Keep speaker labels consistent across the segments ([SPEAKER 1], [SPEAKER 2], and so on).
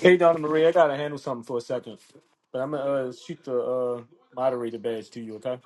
[SPEAKER 1] Hey, Donna Marie, I gotta handle something for a second, but I'm gonna uh, shoot the uh, moderator badge to you, okay?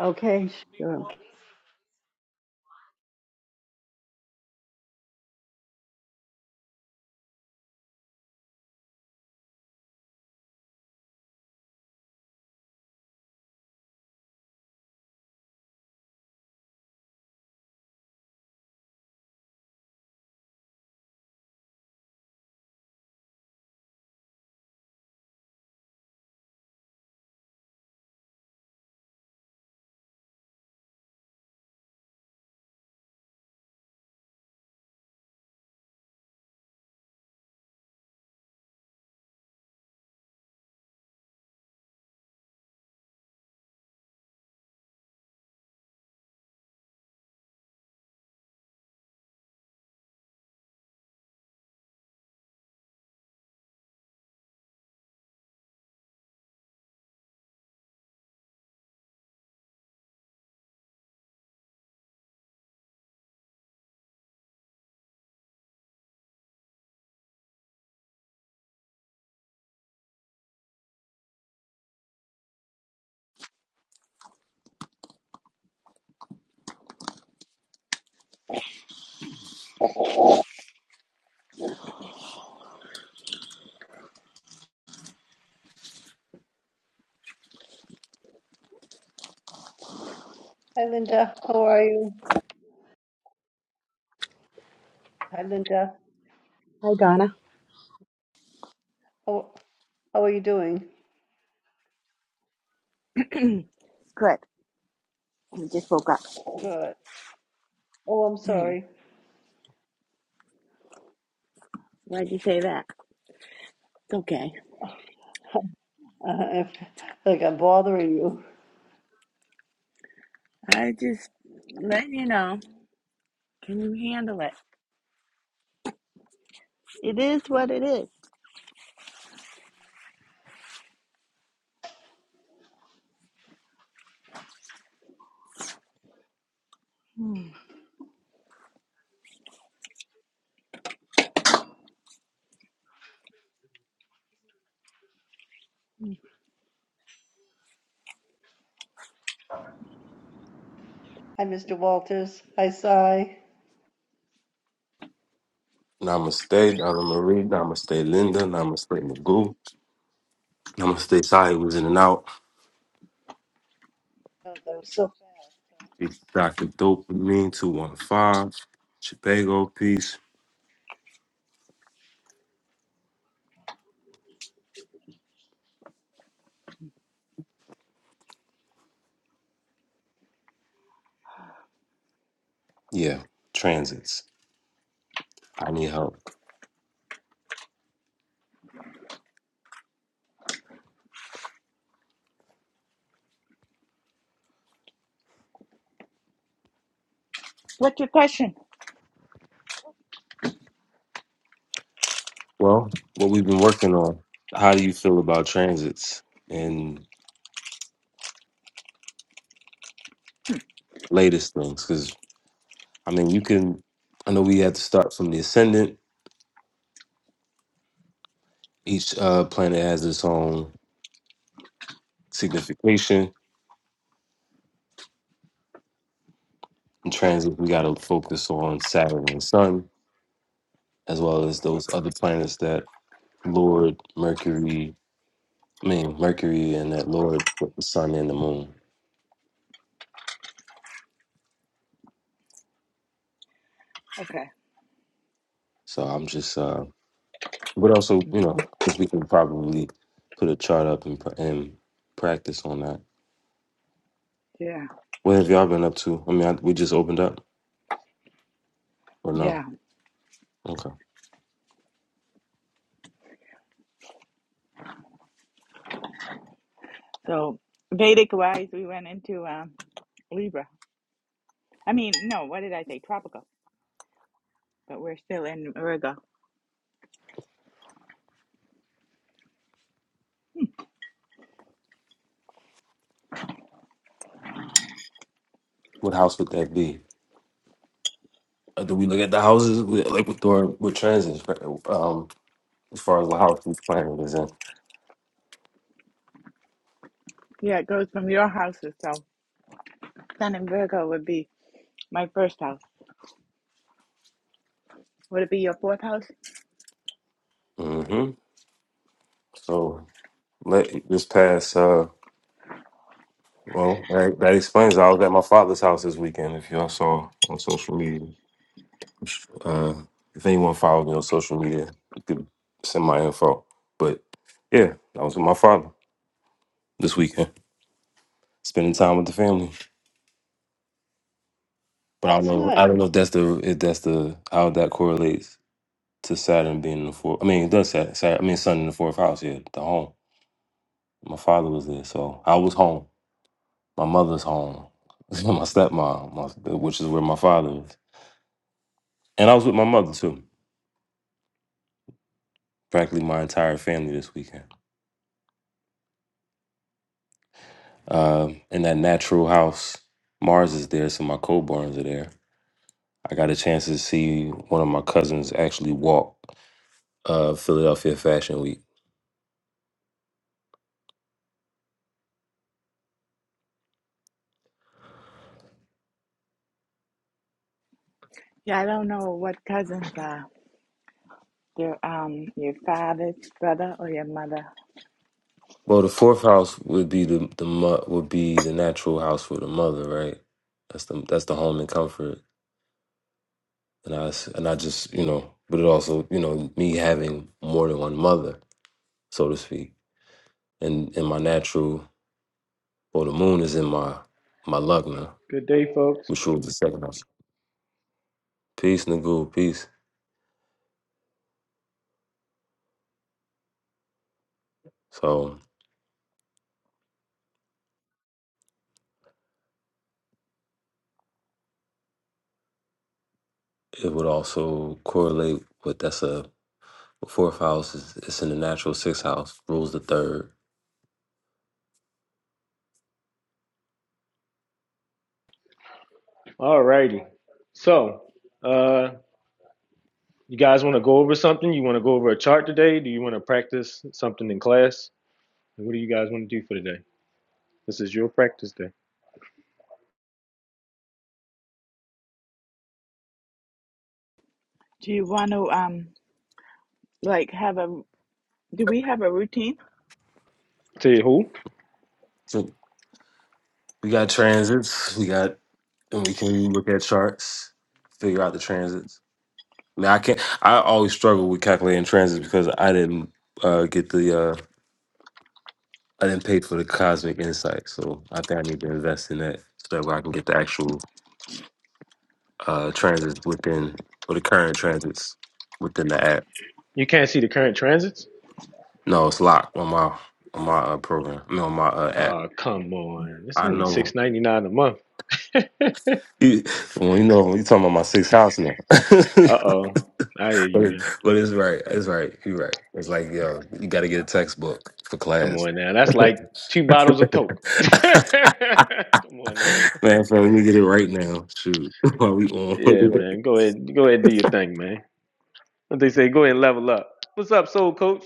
[SPEAKER 2] Hi Linda, how are you? Hi Linda,
[SPEAKER 3] Hi, Donna.
[SPEAKER 2] how how are you doing?
[SPEAKER 3] Good. You just woke up.
[SPEAKER 2] Good. Oh, I'm
[SPEAKER 3] Mm,
[SPEAKER 2] sorry.
[SPEAKER 3] Why'd you say that? It's okay.
[SPEAKER 2] Uh, I feel like I'm bothering you.
[SPEAKER 3] I just letting you know. Can you handle it? It is what it is. Mm.
[SPEAKER 2] Hi Mr. Walters. Hi Cy.
[SPEAKER 4] Namaste, Donna Marie. Namaste, Linda. Namaste, Magoo. Namaste, Sai was in and out.
[SPEAKER 2] Oh, that was so fast.
[SPEAKER 4] It's Dr. Dopamine 215. Chicago, peace. Yeah, transits. I need help.
[SPEAKER 3] What's your question?
[SPEAKER 4] Well, what we've been working on, how do you feel about transits and latest things? Because, I mean, you can, I know we had to start from the ascendant. Each uh, planet has its own signification. In transits, we got to focus on Saturn and Sun as well as those other planets that lord Mercury, I mean Mercury, and that lord with the sun and the moon.
[SPEAKER 3] Okay.
[SPEAKER 4] So I'm just, uh, but also you know, because we can probably put a chart up and, pra- and practice on that.
[SPEAKER 3] Yeah.
[SPEAKER 4] What have y'all been up to? I mean, I, we just opened up, or
[SPEAKER 3] Yeah.
[SPEAKER 4] no? Okay,
[SPEAKER 3] So Vedic wise, we went into um, Libra. I mean, no, what did I say? Tropical. But we're still in Virgo.
[SPEAKER 4] what house would that be? Uh, do we look at the houses We- like with door with transits, right? um, as far as the house each planet is in?
[SPEAKER 3] Yeah, it goes from your houses. So Sun in Virgo would be my first house. Would it be your fourth house?
[SPEAKER 4] hmm So let this pass. Well, that, that explains. I was at my father's house this weekend. If y'all saw on social media, uh, if anyone follows me on social media, you could send my info. But yeah, I was with my father this weekend, spending time with the family. But I don't
[SPEAKER 2] That's
[SPEAKER 4] know.
[SPEAKER 2] nice.
[SPEAKER 4] I don't know if that's the if that's the how that correlates to Saturn being in the fourth. I mean, it does Saturn. Saturn I mean, Sun in the fourth house. Yeah, the home. My father was there, so I was home. My mother's home. my stepmom, my, which is where my father is, and I was with my mother too. practically my entire family this weekend. Um, in that natural house, Mars is there, so my co-borns are there. I got a chance to see one of my cousins actually walk uh, Philadelphia Fashion Week.
[SPEAKER 3] Yeah, I don't know what cousins are. your um your father's brother or your mother.
[SPEAKER 4] Well, the fourth house would be the the mo- would be the natural house for the mother, right? That's the that's the home and comfort, and I s- and I just you know, but it also you know me having more than one mother, so to speak, and and my natural well the moon is in my my lugna, which rules the second house. Peace, Nagul, peace. So it would also correlate with that's a fourth house is it's in the natural sixth house, rules the third.
[SPEAKER 1] Alrighty. So, uh, you guys want to go over something? You want to go over a chart today? Do you want to practice something in class? What do you guys want to do for today? This is your practice day.
[SPEAKER 3] Do you want to um like have a do we have a routine?
[SPEAKER 1] Tell you who?
[SPEAKER 4] So we got transits, we got and we can look at charts, figure out the transits. Now I can't I always struggle with calculating transits because I didn't uh, get the uh I didn't pay for the cosmic insight. So I think I need to invest in that so that way I can get the actual uh transits within or the current transits within the app.
[SPEAKER 1] You can't see the current transits?
[SPEAKER 4] No, it's locked on my on my uh, program. I mean, on my uh, app.
[SPEAKER 1] Oh, come on. It's
[SPEAKER 4] I
[SPEAKER 1] only
[SPEAKER 4] know.
[SPEAKER 1] six ninety nine a month. uh
[SPEAKER 4] You, well, you know, you talking about my sixth house now. but
[SPEAKER 1] oh. I hear you, man.
[SPEAKER 4] but it's right. It's right. You're right. It's like yo, you got to get a textbook for
[SPEAKER 1] Come
[SPEAKER 4] class.
[SPEAKER 1] on now. That's like two bottles of Coke. come on
[SPEAKER 4] Man, so let me get it right now. Shoot, while we on.
[SPEAKER 1] Yeah, man. Go ahead. Go ahead and do your thing, man. What they say, go ahead and level up. What's up, Soul Coach?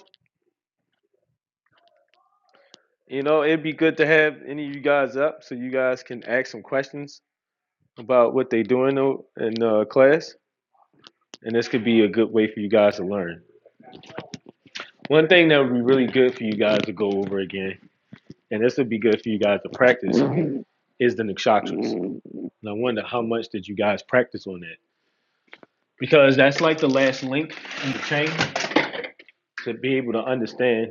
[SPEAKER 1] You know, it'd be good to have any of you guys up so you guys can ask some questions about what they doing o- in uh, class. And this could be a good way for you guys to learn. One thing that would be really good for you guys to go over again, and this would be good for you guys to practice, is the nakshatras. And I wonder how much did you guys practice on that? Because that's like the last link in the chain to be able to understand.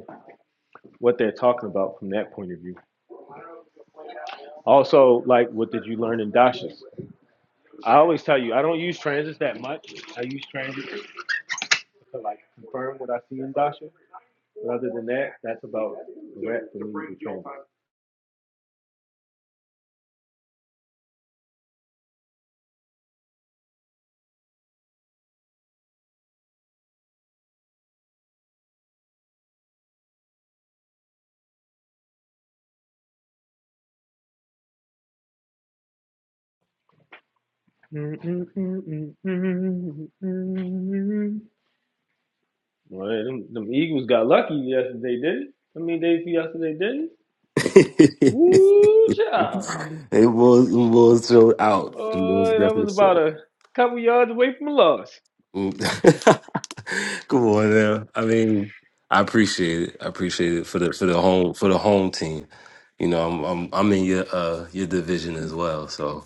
[SPEAKER 1] what they're talking about from that point of view. Also, like what did you learn in dashes? I always tell you I don't use transits that much. I use transits to like confirm what I see in dasha. But other than that, that's about the rap for me transits. Well, them, them Eagles got lucky yesterday, didn't? it? I mean, days yesterday, didn't? it? Woo, child!
[SPEAKER 4] hey, was them boys, show out. Them was
[SPEAKER 1] Boy, that
[SPEAKER 4] definitely
[SPEAKER 1] was
[SPEAKER 4] so.
[SPEAKER 1] about a couple yards away from a loss.
[SPEAKER 4] Mm. Come on now. I mean, I appreciate it. I appreciate it for the for the home for the home team. You know, I'm I'm I'm in your uh your division as well. So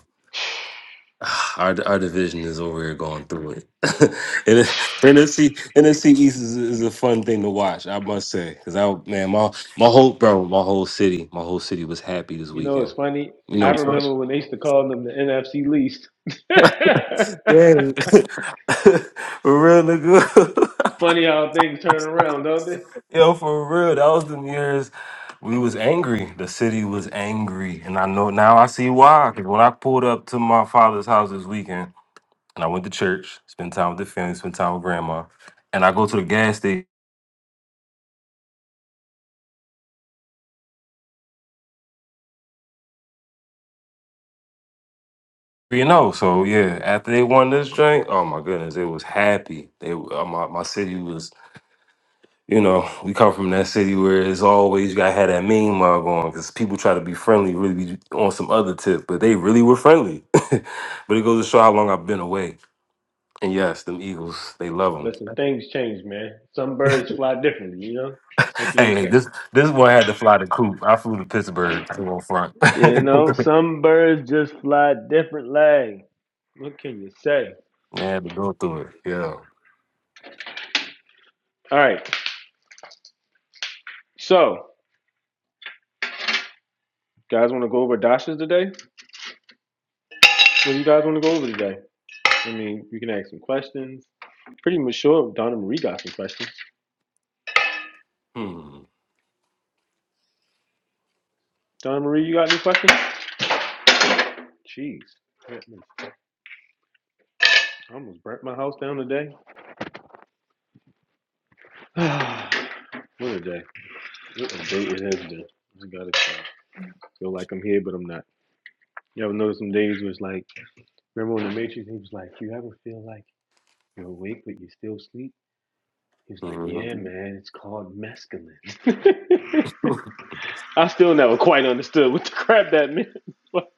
[SPEAKER 4] ah, our our division is over here going through it. and it- NFC NFC East is, is a fun thing to watch, I must say. Cause I man, my my whole bro, my whole city, my whole city was happy this
[SPEAKER 1] You know,
[SPEAKER 4] weekend.
[SPEAKER 1] it's funny.
[SPEAKER 4] You
[SPEAKER 1] I
[SPEAKER 4] know, You know, it's
[SPEAKER 1] remember when they used to call them the NFC least.
[SPEAKER 4] Dang. for real nigga.
[SPEAKER 1] funny how things turn around, don't they?
[SPEAKER 4] Yo, for real, that was them years we was angry. The city was angry, and I know now I see why. Because when I pulled up to my father's house this weekend, and I went to church, spent time with the family, spent time with grandma, and I go to the gas station, you know. So yeah, after they won this drink, oh my goodness, it was happy. They uh, my my city was. You know, we come from that city where it's always you gotta have that mean mug on because people try to be friendly, really be on some other tip, but they really were friendly. but it goes to show how long I've been away And yes, them Eagles, they love them.
[SPEAKER 1] Listen, things change, man. Some birds fly differently, you know? What can you
[SPEAKER 4] Hey,
[SPEAKER 1] say?
[SPEAKER 4] this this one had to fly the coop. I flew to Pittsburgh to go front. I
[SPEAKER 1] You know, some birds just fly differently. What can you say?
[SPEAKER 4] had to go through it. Yeah.
[SPEAKER 1] All right. So, guys want to go over dashes today? What do you guys want to go over today? I mean, you can ask some questions. Pretty much sure Donna Marie got some questions.
[SPEAKER 4] Hmm.
[SPEAKER 1] Donna Marie, you got any questions? Jeez. Let me I almost burnt my house down today. what a day. What a day it has been. Just gotta feel like I'm here, but I'm not. You ever notice some days where it's like, remember when the Matrix, he was like, you ever feel like you're awake but you still sleep? He was like, yeah, man, it's called mescaline.
[SPEAKER 4] Mhm.
[SPEAKER 1] I still never quite understood what the crap that meant. but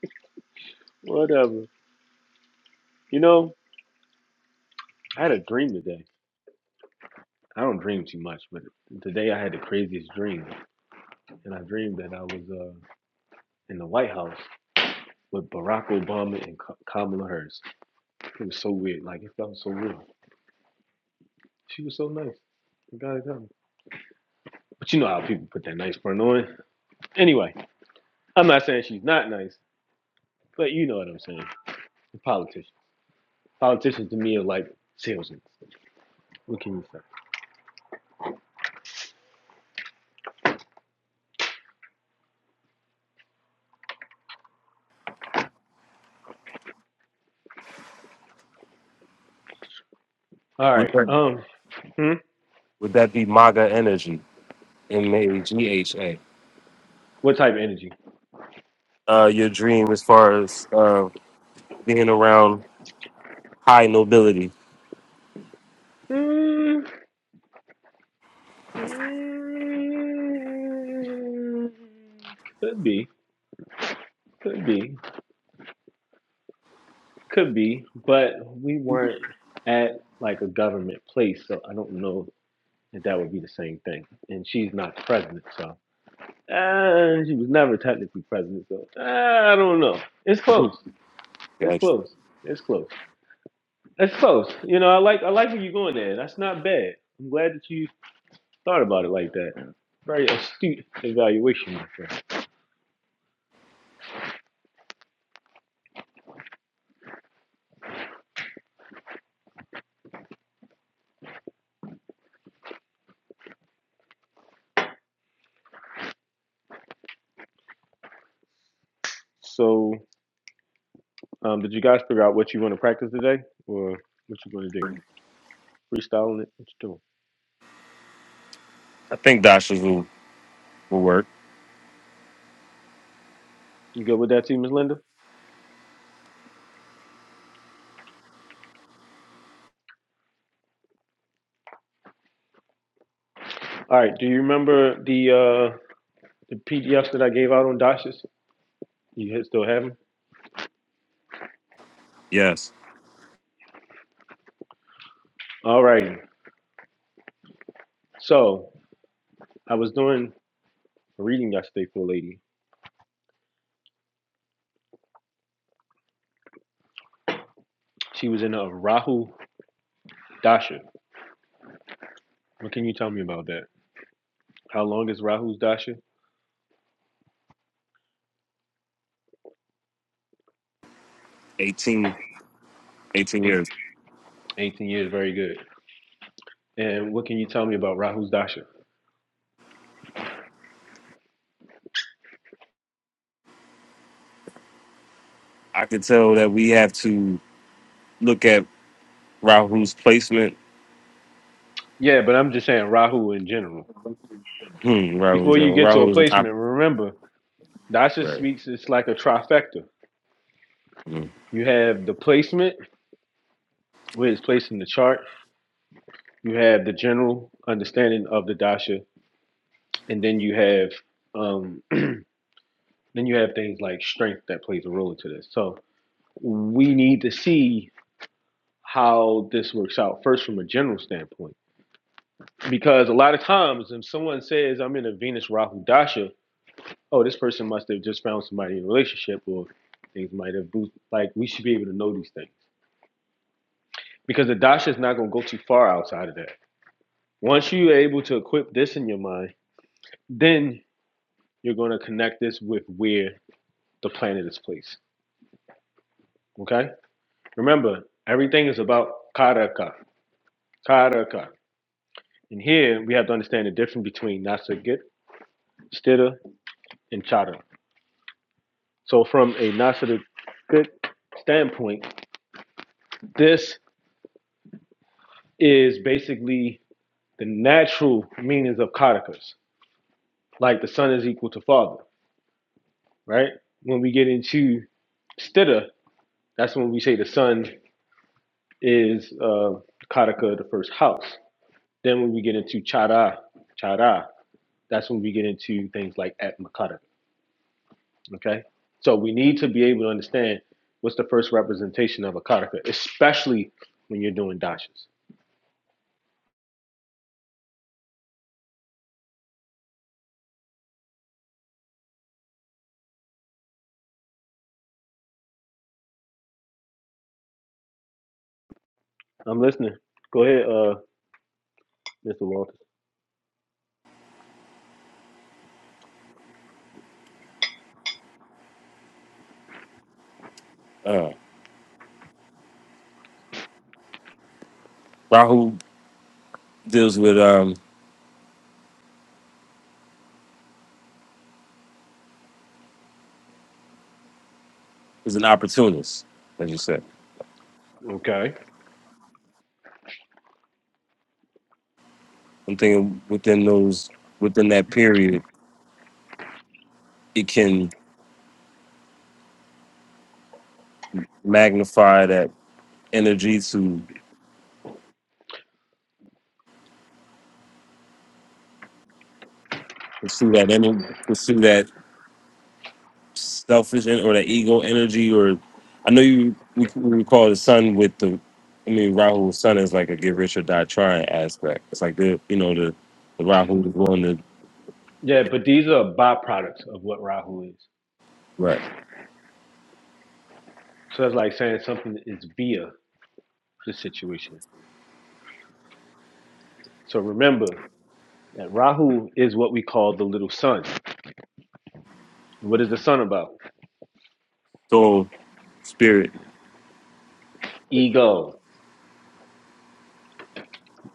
[SPEAKER 1] Whatever. You know, I had a dream today. I don't dream too much, but today I had the craziest dream. And I dreamed that I was uh, in the White House with Barack Obama and Kamala Harris. It was so weird. Like it felt so real. She was so nice. You gotta come. But you know how people put that nice front on. Anyway, I'm not saying she's not nice, but you know what I'm saying. The politician. Politicians to me are like salesmen. What can you say? All
[SPEAKER 4] Would
[SPEAKER 1] right.
[SPEAKER 4] that
[SPEAKER 1] Um. hmm?
[SPEAKER 4] would that be MAGA energy? M A G H A.
[SPEAKER 1] What type of energy?
[SPEAKER 4] Uh, your dream as far as uh, being around high nobility.
[SPEAKER 1] Mm, mm, could be. Could be. Could be, but we weren't at like a government place, so I don't know if that would be the same thing. And she's not president, so uh, she was never technically president, so uh, I don't know. It's
[SPEAKER 4] Mhm.
[SPEAKER 1] close. It's
[SPEAKER 4] Gotcha.
[SPEAKER 1] close. It's close. It's close. You know, I like I like where you're going there. That's not bad. I'm glad that you thought about it like that. Very astute evaluation, my friend. So, um, did you guys figure out what you want to practice today, or what you going to do? Freestyling it? What you doing?
[SPEAKER 4] I think Dasha's will, will work.
[SPEAKER 1] You good with that, too, Miss Linda? All right. Do you remember the uh, the PDFs that I gave out on Dashes? You ha- still have them?
[SPEAKER 4] Yes.
[SPEAKER 1] All righty. So I was doing a reading yesterday for a lady. She was in a Rahu Dasha. What can you tell me about that? How long is Rahu's Dasha?
[SPEAKER 4] 18, 18
[SPEAKER 1] Eight,
[SPEAKER 4] years.
[SPEAKER 1] 18 years. Very good. And what can you tell me about Rahu's Dasha?
[SPEAKER 4] I could tell that we have to look at Rahu's placement
[SPEAKER 1] Yeah, but I'm just saying Rahu in general.
[SPEAKER 4] Hmm, Rahu's
[SPEAKER 1] Before
[SPEAKER 4] in.
[SPEAKER 1] you get to a
[SPEAKER 4] Rahu's an op-
[SPEAKER 1] placement, remember Dasha
[SPEAKER 4] right.
[SPEAKER 1] speaks. It's like a trifecta.
[SPEAKER 4] Mm.
[SPEAKER 1] You have the placement, where it's placed in the chart. You have the general understanding of the dasha, and then you have um, then you have things like strength that plays a role into this. So we need to see how this works out first from a general standpoint, because a lot of times if someone says I'm in a Venus Rahu dasha, oh this person must have just found somebody in a relationship, or things might have boosted. Like we should be able to know these things because the dasha is not going to go too far outside of that. Once you're able to equip this in your mind, then you're going to connect this with where the planet is placed. Okay? Remember, everything is about karaka. Karaka. And here we have to understand the difference between nasagit, stira, and chara. So from a nasa nasagit standpoint, this is basically the natural meanings of karakas. Like the son is equal to father, right? When we get into stira, that's when we say the son is uh, karaka, the first house. Then when we get into chara, chara, that's when we get into things like at makara. Okay, so we need to be able to understand what's the first representation of a karaka, especially when you're doing dashes. I'm listening. Go ahead, uh, Mr. Walter.
[SPEAKER 4] Uh, Rahu deals with um is an opportunist, as you said.
[SPEAKER 1] Okay.
[SPEAKER 4] I'm thinking within those within that period, it can magnify that energy to pursue that energy, pursue that selfish en- or that ego energy. Or I know you we, we recall the sun with the. I mean, Rahu's sun is like a get rich or die trying aspect. It's like the you know the the Rahu is going to
[SPEAKER 1] Yeah, but these are byproducts of what Rahu is.
[SPEAKER 4] right
[SPEAKER 1] So that's like saying something is via the situation. So remember that Rahu is what we call the little sun. What is the sun about?
[SPEAKER 4] soul spirit
[SPEAKER 1] Ego.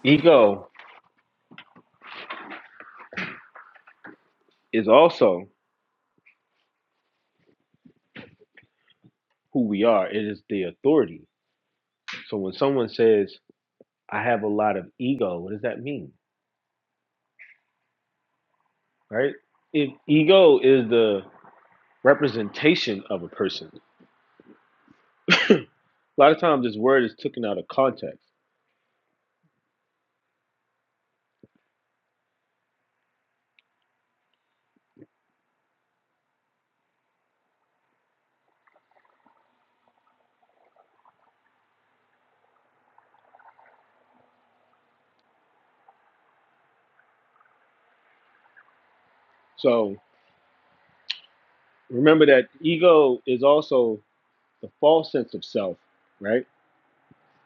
[SPEAKER 1] Ego is also who we are. It is the authority. So when someone says, I have a lot of ego, what does that mean? Right? If ego is the representation of a person, a lot of times this word is taken out of context. So remember that ego is also the false sense of self, right?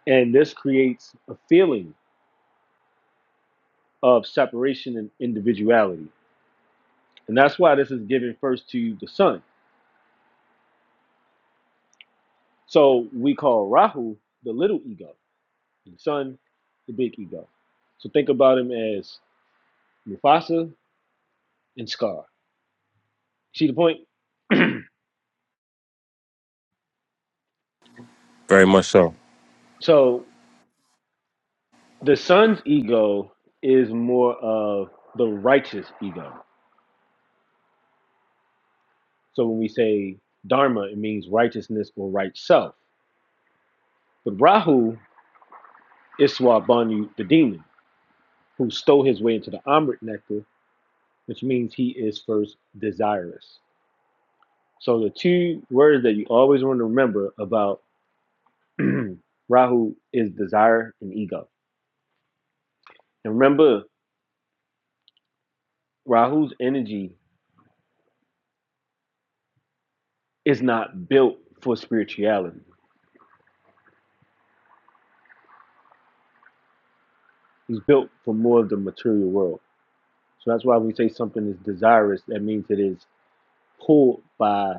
[SPEAKER 1] And this creates a feeling of separation and individuality. And that's why this is given first to the sun. So we call Rahu the little ego and Son, the big ego. So think about him as Mufasa and Scar. See the point?
[SPEAKER 4] Very much so.
[SPEAKER 1] So the son's ego is more of the righteous ego. So when we say Dharma, it means righteousness or right self. But Rahu is Swabanu, the demon, who stole his way into the Amrit nectar, which means he is first desirous. So the two words that you always want to remember about Rahu is desire and ego. And remember, Rahu's energy is not built for spirituality. He's built for more of the material world. So that's why we say something is desirous, that means it is pulled by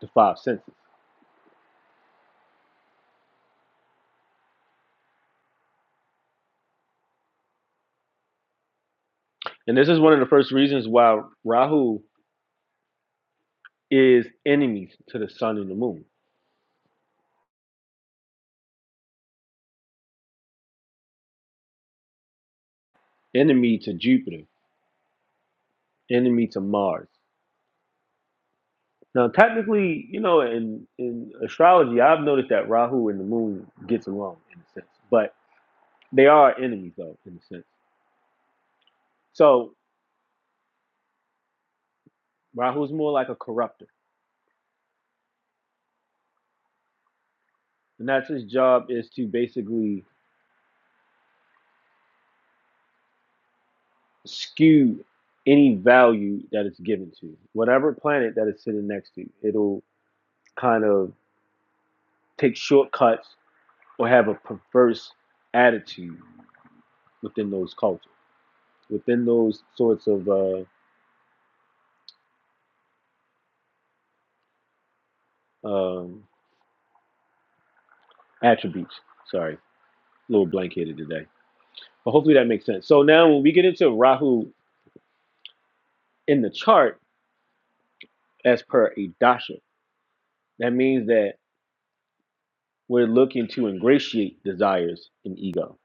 [SPEAKER 1] the five senses. And this is one of the first reasons why Rahu is enemies to the sun and the moon, enemy to Jupiter, enemy to Mars. Now, technically, you know, in, in astrology, I've noticed that Rahu and the moon gets along in a sense, but they are enemies, though, in a sense. So Rahu's more like a corrupter, and that's his job is to basically skew any value that it's given to whatever planet that it's sitting next to. It'll kind of take shortcuts or have a perverse attitude within those cultures, within those sorts of uh, um, attributes. Sorry, a little blank headed today, but hopefully that makes sense. So now when we get into Rahu in the chart, as per a dasha, that means that We're looking to ingratiate desires and ego.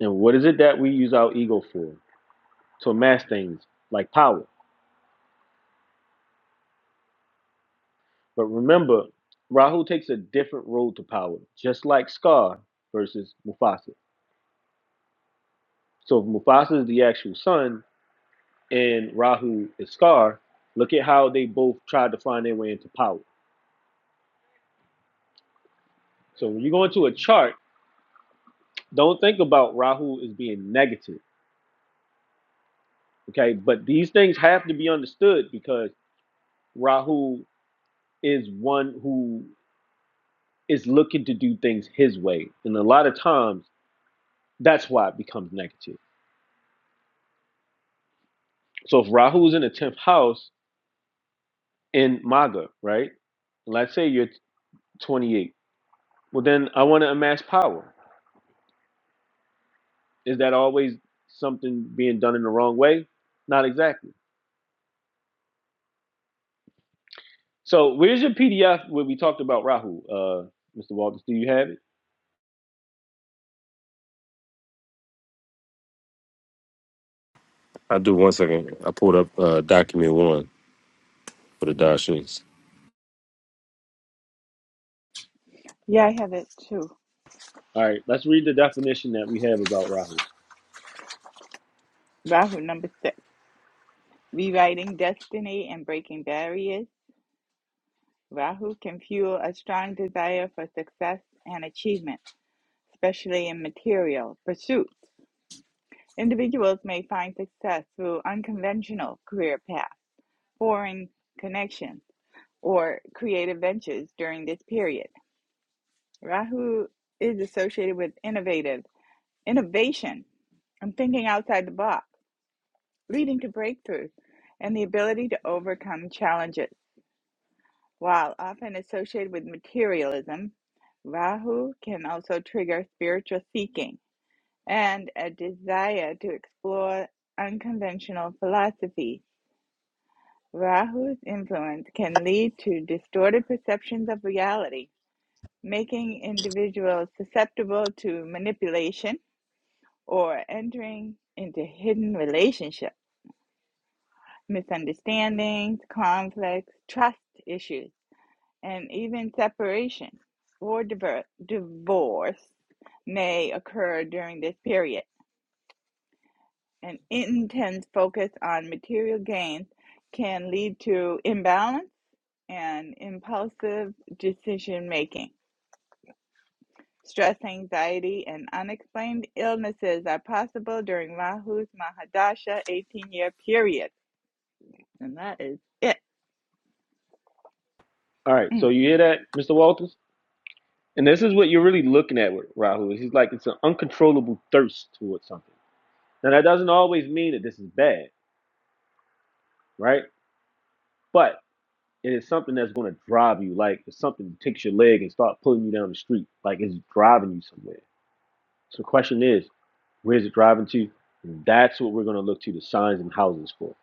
[SPEAKER 1] And what is it that we use our ego for? To amass things like power. But remember, Rahu takes a different road to power, just like Scar versus Mufasa. So if Mufasa is the actual son and Rahu is Scar, look at how they both tried to find their way into power. So when you go into a chart, don't think about Rahu as being negative. Okay. But these things have to be understood because Rahu is one who is looking to do things his way. And a lot of times that's why it becomes negative. So if Rahu's in the 10th house in Maga, right? Let's say you're 28. Well, then I want to amass power. Is that always something being done in the wrong way? Not exactly. So where's your PDF where we talked about Rahu? Uh, Mr. Walters, do you have it?
[SPEAKER 4] I do one second. I pulled up uh, document one for the Don
[SPEAKER 3] Yeah, I have it too.
[SPEAKER 1] All right, let's read the definition that we have about Rahu.
[SPEAKER 3] Rahu number six. Rewriting destiny and breaking barriers. Rahu can fuel a strong desire for success and achievement, especially in material pursuits. Individuals may find success through unconventional career paths, foreign connections, or creative ventures during this period. Rahu is associated with innovative innovation. and thinking outside the box, leading to breakthroughs and the ability to overcome challenges. While often associated with materialism, Rahu can also trigger spiritual seeking and a desire to explore unconventional philosophy. Rahu's influence can lead to distorted perceptions of reality, making individuals susceptible to manipulation or entering into hidden relationships, misunderstandings, conflicts, trust issues, and even separation or divorce may occur during this period. An intense focus on material gains can lead to imbalance and impulsive decision making. Stress, anxiety, and unexplained illnesses are possible during Rahu's Mahadasha 18 year period And that is it.
[SPEAKER 1] All right, so
[SPEAKER 3] Mm.
[SPEAKER 1] you hear that, Mr. Walters? And this is what you're really looking at with Rahu. He's like it's an uncontrollable thirst towards something. Now that doesn't always mean that this is bad, right? But it is something that's going to drive you. Like it's something that takes your leg and start pulling you down the street. Like it's driving you somewhere. So the question is, where is it driving to? And that's what we're going to look to the signs and houses for.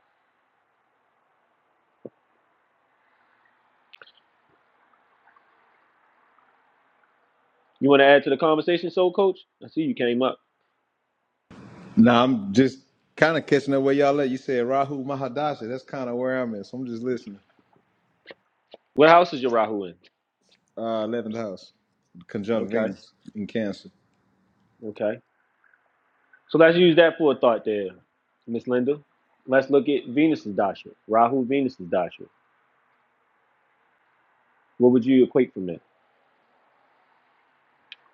[SPEAKER 1] You want to add to the conversation, Soul Coach? I see you came up.
[SPEAKER 5] Now I'm just kind of catching up where y'all at. You said Rahu Mahadasha. That's kind of where I'm at. So I'm just listening.
[SPEAKER 1] What house is your Rahu in?
[SPEAKER 5] Uh, eleventh house, conjunct
[SPEAKER 1] Okay,
[SPEAKER 5] Venus in Cancer.
[SPEAKER 1] okay. So let's use that for a thought there, Miss Linda. Let's look at Venus's dasha, Rahu Venus's dasha. What would you equate from that?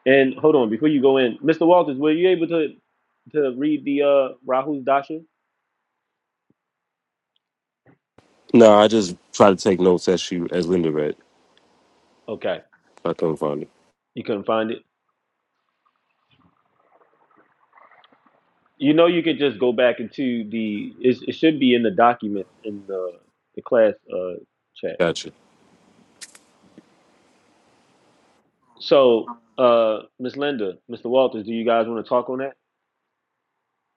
[SPEAKER 1] And hold on, before you go in, Mr. Walters, were you able to to read the uh Rahu's dasha?
[SPEAKER 4] No, I just try to take notes as she as Linda read.
[SPEAKER 1] Okay,
[SPEAKER 4] I couldn't find it.
[SPEAKER 1] you couldn't find it. You know, you could just go back into the. It, it should be in the documents in the the class uh chat.
[SPEAKER 4] Gotcha.
[SPEAKER 1] So, uh, Miss Linda, Mr. Walters, do you guys want to talk on that?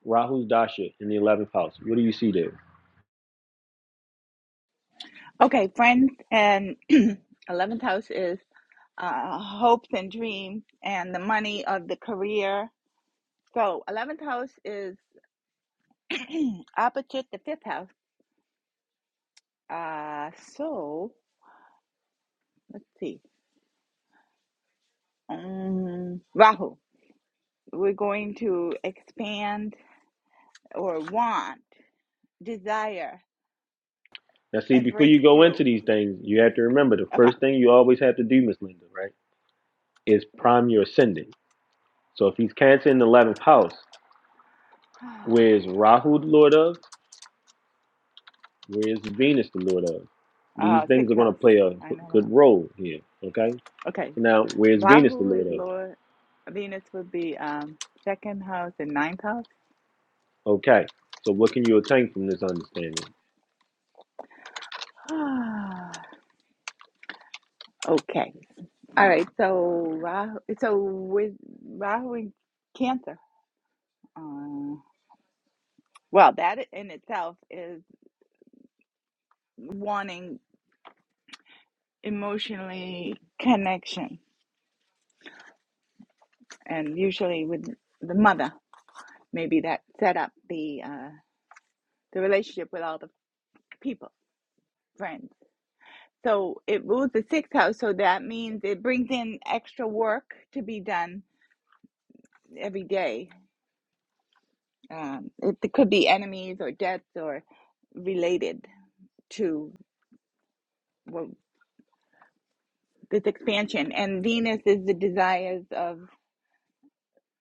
[SPEAKER 1] Rahu's dasha in the eleventh house. What do you see there?
[SPEAKER 3] Okay, friends, and 11th house is uh, hopes and dreams and the money of the career. So, 11th house is opposite the 5th house. Uh, so, let's see. Um, Rahu, we're going to expand or want, desire,
[SPEAKER 1] Now, see,
[SPEAKER 3] and
[SPEAKER 1] before you go
[SPEAKER 3] breakthrough.
[SPEAKER 1] into these things, you have to remember the
[SPEAKER 3] Okay,
[SPEAKER 1] first thing you always have to do, Miss Linda, right, is
[SPEAKER 3] yeah.
[SPEAKER 1] prime your ascendant. So if he's Cancer in the 11th house, where is Rahu the lord of? Where is Venus the lord of? These
[SPEAKER 3] Uh,
[SPEAKER 1] things are
[SPEAKER 3] 6th
[SPEAKER 1] going to
[SPEAKER 3] house.
[SPEAKER 1] play a
[SPEAKER 3] I know that.
[SPEAKER 1] good role here, okay?
[SPEAKER 3] Okay,
[SPEAKER 1] So now, where's Venus the
[SPEAKER 3] Rahu
[SPEAKER 1] lord
[SPEAKER 3] is
[SPEAKER 1] of?
[SPEAKER 3] Lord. Venus would be um second house and ninth house.
[SPEAKER 1] Okay, so what can you attain from this understanding?
[SPEAKER 3] okay. All right. So Rahu. So with Rahu in Cancer. Uh, well, that in itself is wanting emotionally connection, and usually with the mother, maybe that set up the uh, the relationship with all the people, friends. So it rules the sixth house, so that means it brings in extra work to be done every day. Um, it, it could be enemies or debts or related to well, this expansion. And Venus is the desires of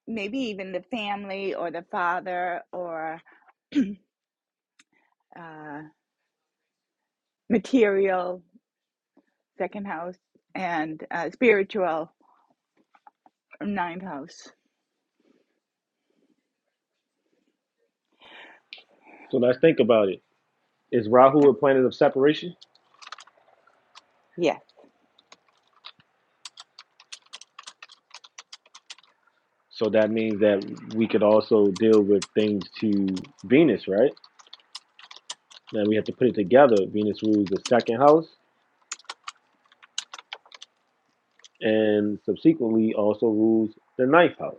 [SPEAKER 3] maybe even the family or the father or uh, material second house and uh, spiritual ninth house.
[SPEAKER 1] So let's think about it. Is Rahu
[SPEAKER 3] Yeah.
[SPEAKER 1] a planet of separation?
[SPEAKER 3] Yeah.
[SPEAKER 1] So that means that we could also deal with things to Venus, right? Now we have to put it together. Venus rules the second house and subsequently also rules the ninth house.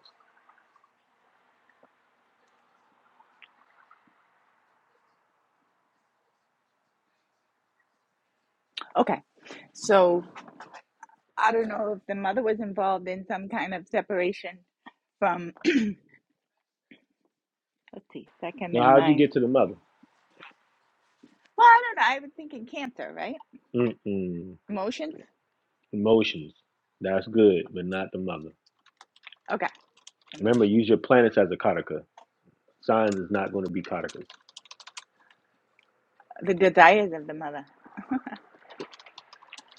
[SPEAKER 3] Okay. So. I don't know if the mother was involved in some kind of separation from, let's see, second
[SPEAKER 1] Now,
[SPEAKER 3] and
[SPEAKER 1] how'd you
[SPEAKER 3] ninth.
[SPEAKER 1] get to the mother?
[SPEAKER 3] Well, I don't know. I was thinking cancer, right?
[SPEAKER 1] Mm-mm.
[SPEAKER 3] Emotions?
[SPEAKER 1] Emotions. That's good, but not the mother.
[SPEAKER 3] Okay,
[SPEAKER 1] Remember, use
[SPEAKER 3] emotions.
[SPEAKER 1] your planets as a kataka. Signs is not going to be katakas.
[SPEAKER 3] The desires of the mother.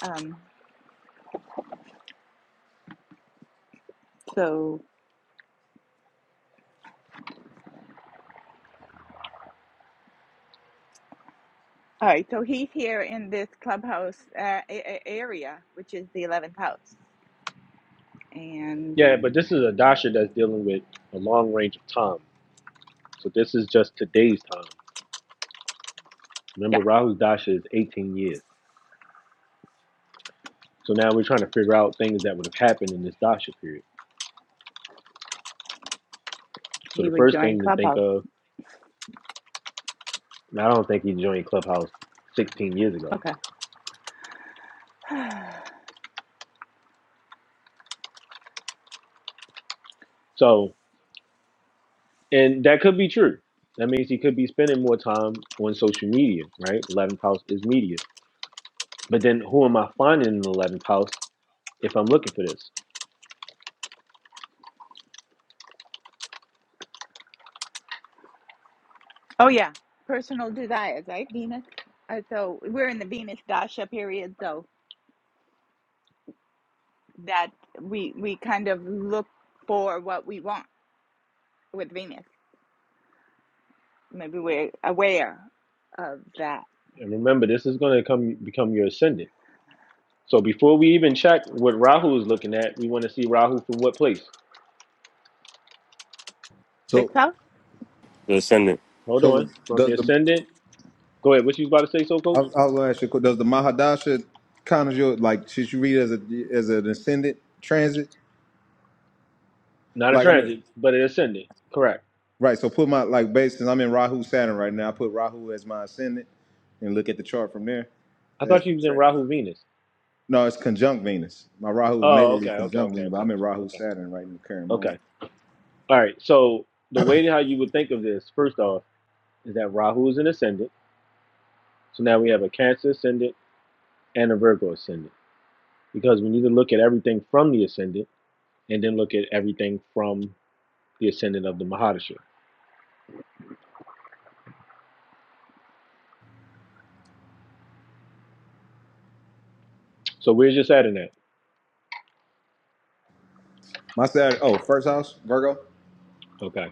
[SPEAKER 3] Um, so, all right, so he's here in this clubhouse uh, a- a- area, which is the 11th house. And
[SPEAKER 1] Yeah, but this is a dasha that's dealing with a long range of time. So this is just today's time. Remember,
[SPEAKER 3] yeah,
[SPEAKER 1] Rahu's dasha is 18 years. So now we're trying to figure out things that would have happened in this dasha period. So
[SPEAKER 3] he
[SPEAKER 1] the
[SPEAKER 3] would
[SPEAKER 1] first
[SPEAKER 3] join
[SPEAKER 1] thing to think
[SPEAKER 3] clubhouse.
[SPEAKER 1] of I don't think he joined Clubhouse 16 years ago.
[SPEAKER 3] Okay.
[SPEAKER 1] So, and that could be true. That means he could be spending more time on social media, right? 11th house is media. But then who am I finding in the 11th house if I'm looking for this?
[SPEAKER 3] Oh, yeah, personal desires, right? Venus. Uh, so we're in the Venus Dasha period, so. that we we kind of look for what we want with Venus. Maybe we're aware of that.
[SPEAKER 1] And remember, this is going to come become your ascendant. So before we even check what Rahu is looking at, we want to see Rahu from what place?
[SPEAKER 3] Sixth
[SPEAKER 5] So,
[SPEAKER 3] house.
[SPEAKER 4] The ascendant,
[SPEAKER 1] Hold
[SPEAKER 5] so the,
[SPEAKER 1] on. From the
[SPEAKER 5] does the
[SPEAKER 1] ascendant. Go ahead. What you was about to say, so
[SPEAKER 5] I, I
[SPEAKER 1] coach?
[SPEAKER 5] was gonna ask you, a que- does the Mahadasha kind of your like should you read it as a as an ascendant transit?
[SPEAKER 1] Not a
[SPEAKER 5] Like I'm in,
[SPEAKER 1] transit, but an ascendant. Correct.
[SPEAKER 5] right. So put my like based since I'm in Rahu Saturn right now. I put Rahu as my ascendant and look at the chart from there.
[SPEAKER 1] I
[SPEAKER 5] As
[SPEAKER 1] thought
[SPEAKER 5] for
[SPEAKER 1] you was in
[SPEAKER 5] tra-
[SPEAKER 1] Rahu Venus.
[SPEAKER 5] no, it's conjunct Venus. My Rahu is
[SPEAKER 1] Oh, okay,
[SPEAKER 5] natally
[SPEAKER 1] okay,
[SPEAKER 5] conjunct
[SPEAKER 1] okay,
[SPEAKER 5] Venus, but
[SPEAKER 1] okay,
[SPEAKER 5] I'm in Rahu
[SPEAKER 1] okay.
[SPEAKER 5] Saturn right in the current moment.
[SPEAKER 1] Okay. All right. So the way that how you would think of this, first off, is that Rahu is an ascendant. So now we have a Cancer ascendant and a Virgo ascendant because we need to look at everything from the ascendant and then look at everything from the ascendant of the Mahadasha. So we're just adding that.
[SPEAKER 5] My Saturday, oh, first house, Virgo,
[SPEAKER 1] Okay.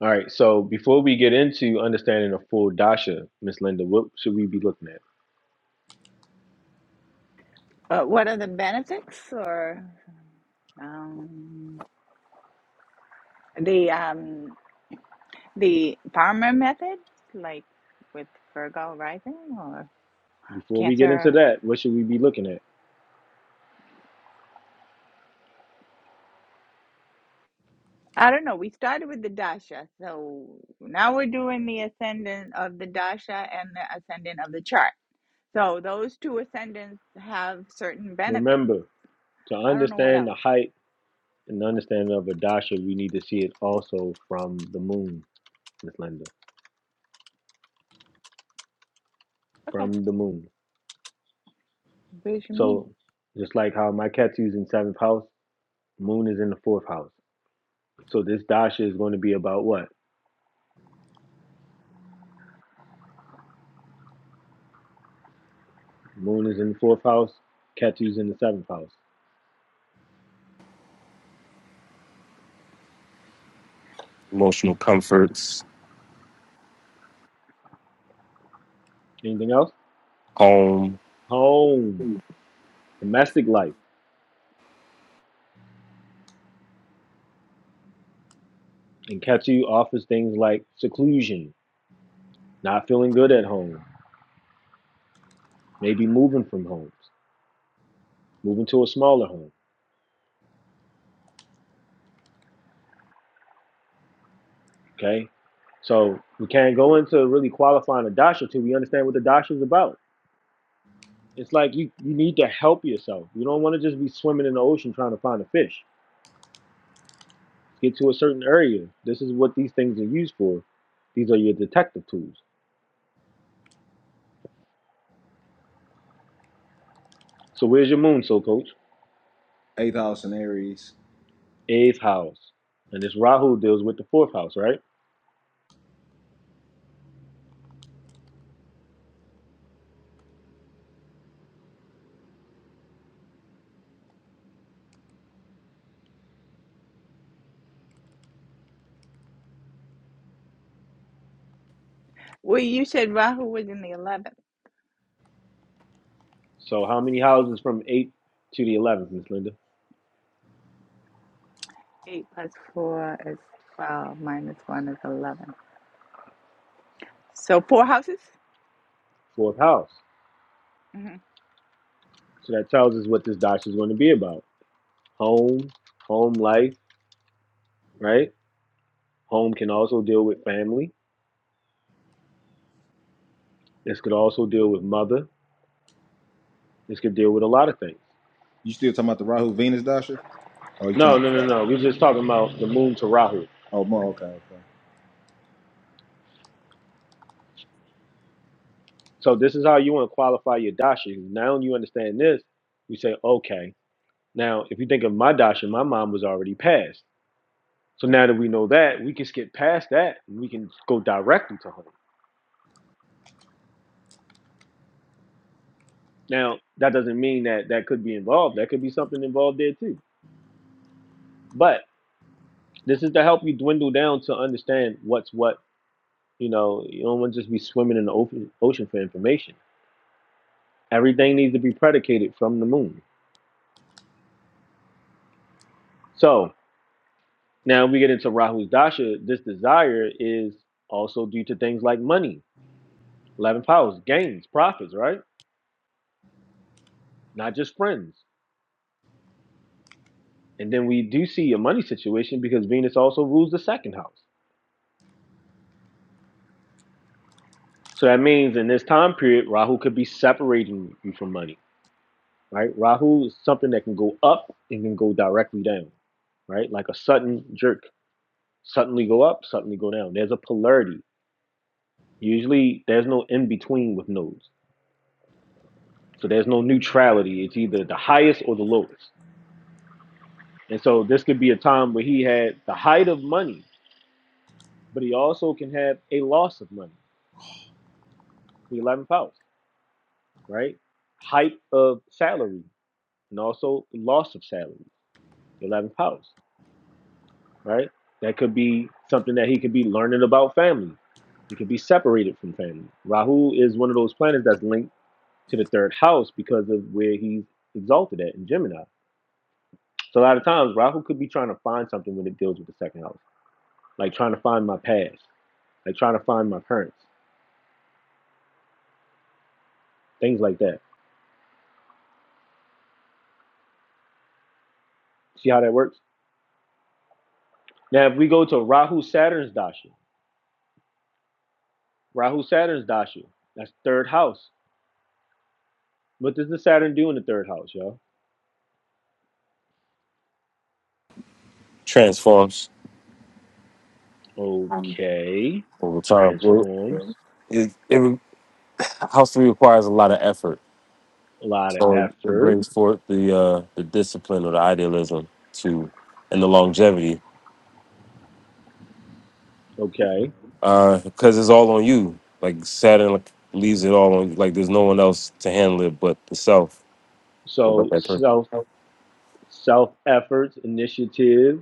[SPEAKER 1] All right. So before we get into understanding a full dasha, Miss Linda, what should we be looking at?
[SPEAKER 3] Uh, what are the benefits or um, the um, the farmer method, like with Virgo rising or
[SPEAKER 1] Before we get into
[SPEAKER 3] Cancer?
[SPEAKER 1] that, what should we be looking at?
[SPEAKER 3] I don't know. We started with the dasha, so now we're doing the ascendant of the dasha and the ascendant of the chart. So those two ascendants have certain benefits.
[SPEAKER 1] Remember, to
[SPEAKER 3] I don't know what
[SPEAKER 1] understand
[SPEAKER 3] else.
[SPEAKER 1] the height and understanding of a dasha, we need to see it also from the moon Miss Linda,
[SPEAKER 3] Okay.
[SPEAKER 1] from the moon.
[SPEAKER 3] Where's your moon?
[SPEAKER 1] So just like how my cat's using seventh house, moon is in the fourth house. So this dasha is going to be about what? Moon is in the fourth house, Ketu's in the seventh house.
[SPEAKER 4] emotional comforts,
[SPEAKER 1] Anything else?
[SPEAKER 4] home
[SPEAKER 1] Home, domestic life. And Ketu offers things like seclusion, not feeling good at home, maybe moving from homes, moving to a smaller home. Okay? So we can't go into really qualifying a dasha till we understand what the dasha is about. It's like you, you need to help yourself. You don't want to just be swimming in the ocean trying to find a fish. Get to a certain area. This is what these things are used for. These are your detective tools. So where's your moon, so coach?
[SPEAKER 5] eighth house, and Aries.
[SPEAKER 1] Eighth house. And this Rahu deals with the fourth house, right?
[SPEAKER 3] Well, you said Rahu was in the 11th.
[SPEAKER 1] So how many houses from eight to the eleventh, Miss Linda?
[SPEAKER 3] 8 plus 4 is 12, minus 1 is 11. So four houses?
[SPEAKER 1] Fourth house.
[SPEAKER 3] hmm
[SPEAKER 1] So that tells us what this dash is going to be about. Home, home life, right? Home can also deal with family. This could also deal with mother. This could deal with a lot of things.
[SPEAKER 5] You still talking about the Rahu Venus Dasha? Oh, you talking
[SPEAKER 1] No,
[SPEAKER 5] about
[SPEAKER 1] no, no,
[SPEAKER 5] Saturn?
[SPEAKER 1] no. We're just talking about the moon to Rahu
[SPEAKER 5] Oh, mo-
[SPEAKER 1] right now.
[SPEAKER 5] okay, okay.
[SPEAKER 1] So this is how you want to qualify your dasha. Now you understand this. You say, okay. Now, if you think of my dasha, my mom was already passed. So now that we know that, we can skip past that. And we can go directly to home. Now, that doesn't mean that that could be involved. That could be something involved there too. But this is to help you dwindle down to understand what's what. You know, you don't want to just be swimming in the open ocean for information. Everything needs to be predicated from the moon. So Now, we get into Rahu's Dasha, this desire is also due to things like money, 11 powers, gains, profits, right? Not just friends. And then we do see a money situation because Venus also rules the second house. So that means in this time period, Rahu could be separating you from money, right? Rahu is something that can go up and can go directly down, right? Like a sudden jerk, suddenly go up, suddenly go down. There's a polarity. Usually there's no in between with nodes. So there's no neutrality. It's either the highest or the lowest. And so this could be a time where he had the height of money, but he also can have a loss of money, the 11th house, right? Height of salary and also loss of salary, 11th house, right? That could be something that he could be learning about family. He could be separated from family. Rahu is one of those planets that's linked to the third house because of where he's exalted at in Gemini. So a lot of times Rahu could be trying to find something when it deals with the second house like trying to find my past, like trying to find my parents, things like that. See how that works? Now, if we go to Rahu Saturn's Dasha, Rahu Saturn's Dasha, that's third house. What does the Saturn do in the third house, y'all?
[SPEAKER 4] transforms
[SPEAKER 1] Okay,
[SPEAKER 4] over time. Well,
[SPEAKER 1] transforms
[SPEAKER 4] It, it house three requires a lot of effort,
[SPEAKER 1] a lot of
[SPEAKER 4] so it
[SPEAKER 1] effort.
[SPEAKER 4] brings forth the uh, the discipline or the idealism to and the longevity
[SPEAKER 1] Okay,
[SPEAKER 4] because it's all on you. Like Saturn like, leaves it all on you. Like there's no one else to handle it but the self or but
[SPEAKER 1] so
[SPEAKER 4] that person.
[SPEAKER 1] self self efforts, initiative,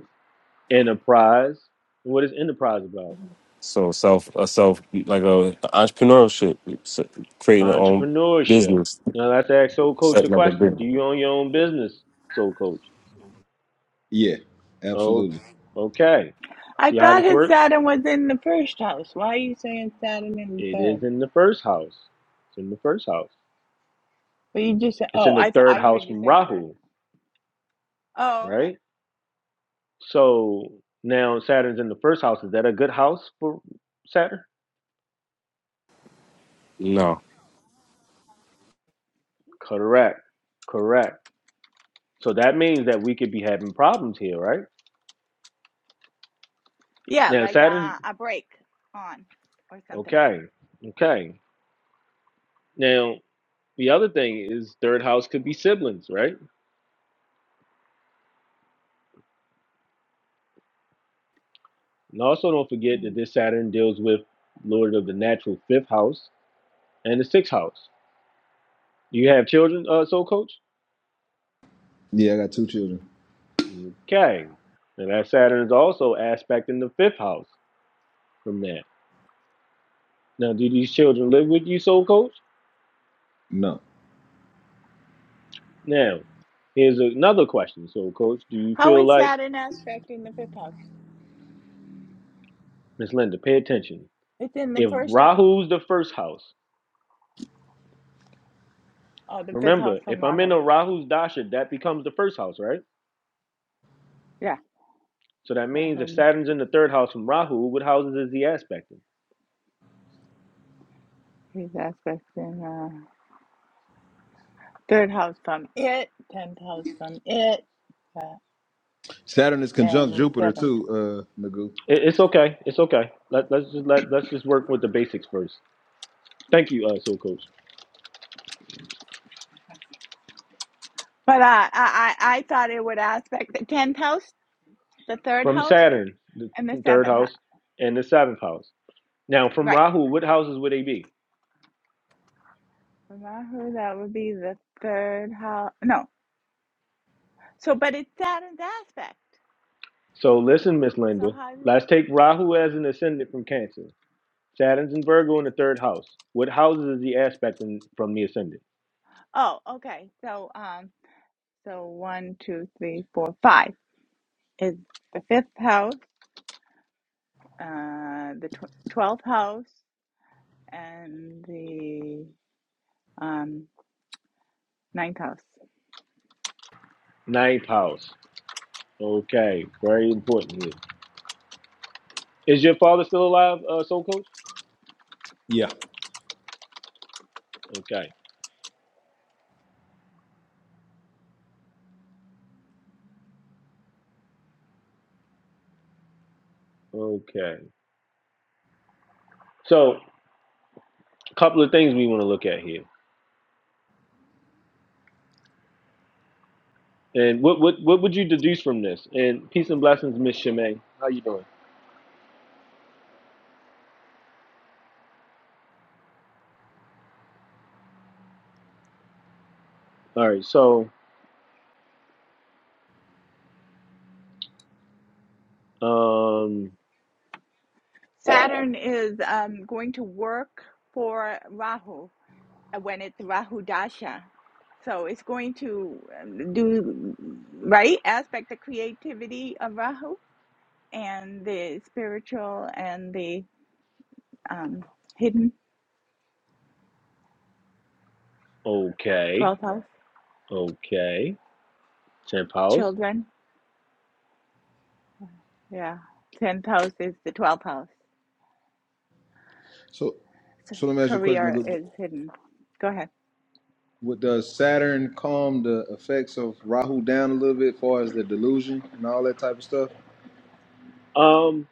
[SPEAKER 1] enterprise. What is enterprise about?
[SPEAKER 4] So self, a self, like a entrepreneurship, s- creating their own
[SPEAKER 1] Entrepreneurship.
[SPEAKER 4] business,
[SPEAKER 1] Now let's ask Soul Coach the
[SPEAKER 4] setting up a
[SPEAKER 1] question:
[SPEAKER 4] business.
[SPEAKER 1] Do you own your own business, Soul Coach?
[SPEAKER 5] Yeah,
[SPEAKER 1] Oh,
[SPEAKER 5] absolutely.
[SPEAKER 1] okay.
[SPEAKER 3] I
[SPEAKER 1] See how
[SPEAKER 3] thought
[SPEAKER 1] this
[SPEAKER 3] his
[SPEAKER 1] works?
[SPEAKER 3] Saturn was in the first house. Why are you saying Saturn in the
[SPEAKER 1] It
[SPEAKER 3] third?
[SPEAKER 1] is in the first house. It's in the first house.
[SPEAKER 3] Well, you just said,
[SPEAKER 1] It's
[SPEAKER 3] oh,
[SPEAKER 1] in the
[SPEAKER 3] I, th-
[SPEAKER 1] third
[SPEAKER 3] I
[SPEAKER 1] house
[SPEAKER 3] heard you
[SPEAKER 1] from
[SPEAKER 3] say third.
[SPEAKER 1] Rahu,
[SPEAKER 3] Oh, okay.
[SPEAKER 1] right? So now Saturn's in the first house. Is that a good house for Saturn?
[SPEAKER 4] No,
[SPEAKER 1] Correct. Correct. So that means that we could be having problems here, right?
[SPEAKER 3] Yeah,
[SPEAKER 1] Now
[SPEAKER 3] like
[SPEAKER 1] Saturn,
[SPEAKER 3] uh, a break on or something.
[SPEAKER 1] okay, okay. Now the other thing is third house could be siblings, right? And also don't forget that
[SPEAKER 3] Hmm.
[SPEAKER 1] this Saturn deals with Lord of the natural fifth house and the sixth house. Do you have children, uh, Soul Coach?
[SPEAKER 5] Yeah, I got two children.
[SPEAKER 1] Okay. And that Saturn is also aspecting the fifth house from that. Now, do these children live with you, Soul Coach?
[SPEAKER 5] No.
[SPEAKER 1] Now, here's another question, Soul Coach. Do you
[SPEAKER 3] How
[SPEAKER 1] feel
[SPEAKER 3] is
[SPEAKER 1] like,
[SPEAKER 3] Saturn aspect in the fifth house?
[SPEAKER 1] Miss Linda, pay attention.
[SPEAKER 3] It's in the
[SPEAKER 1] If
[SPEAKER 3] first house.
[SPEAKER 1] Rahu's the first house,
[SPEAKER 3] Oh, the fifth house
[SPEAKER 1] remember,
[SPEAKER 3] from
[SPEAKER 1] if I'm in
[SPEAKER 3] Rahu.
[SPEAKER 1] a Rahu's Dasha, that becomes the first house, right?
[SPEAKER 3] Yeah,
[SPEAKER 1] So that means
[SPEAKER 3] Rahu,
[SPEAKER 1] if
[SPEAKER 3] and
[SPEAKER 1] Saturn's in the third house from Rahu, what houses is he aspecting?
[SPEAKER 3] his aspect in. Third house from it, tenth house from it, uh,
[SPEAKER 5] Saturn is conjunct
[SPEAKER 3] and the
[SPEAKER 5] Jupiter,
[SPEAKER 3] seventh.
[SPEAKER 5] too, uh, Nagu.
[SPEAKER 1] It, it's okay. It's okay. Let, let's just let let's just work with the basics first. Thank you, uh, Soul Coach.
[SPEAKER 3] But I, I, I I thought it would aspect the tenth house, the third
[SPEAKER 1] from
[SPEAKER 3] house,
[SPEAKER 1] Saturn, the
[SPEAKER 3] and the
[SPEAKER 1] third
[SPEAKER 3] seventh house.
[SPEAKER 1] house, and the seventh house. Now, from
[SPEAKER 3] Right.
[SPEAKER 1] Rahu, what houses would they be?
[SPEAKER 3] From Rahu, that would be the third house. No. So, but it's Saturn's aspect.
[SPEAKER 1] So, listen, Miss
[SPEAKER 3] So
[SPEAKER 1] Linda,
[SPEAKER 3] how? do-
[SPEAKER 1] let's take Rahu as an ascendant from Cancer. Saturn's in Virgo in the third house. What houses is he aspecting from the ascendant?
[SPEAKER 3] Oh, okay. So, um, so one, two, three, four, five is the fifth house, uh, the tw- twelfth house, and the um ninth house.
[SPEAKER 1] Ninth house. Okay, very important here. Is your father still alive, uh, Soul Coach?
[SPEAKER 5] Yeah.
[SPEAKER 1] Okay, okay. So, a couple of things we want to look at here. And what, what what would you deduce from this? And peace and blessings, Miss Shimei. How you doing? All right, so Um.
[SPEAKER 3] Saturn is um, going to work for Rahu uh, when it's Rahu Dasha. So it's going to um, do, right, aspect the creativity of Rahu and the spiritual and the um, hidden
[SPEAKER 1] Okay.
[SPEAKER 3] 12th house,
[SPEAKER 1] Okay. Ten powers.
[SPEAKER 3] children. Yeah. 10th house is the 12th house.
[SPEAKER 5] So,
[SPEAKER 3] So
[SPEAKER 5] so let me ask you a question,
[SPEAKER 3] career
[SPEAKER 5] Nagu.
[SPEAKER 3] is hidden. Go ahead.
[SPEAKER 5] What, does Saturn calm the effects of Rahu down a little bit as far as the delusion and all that type of stuff?
[SPEAKER 1] Um.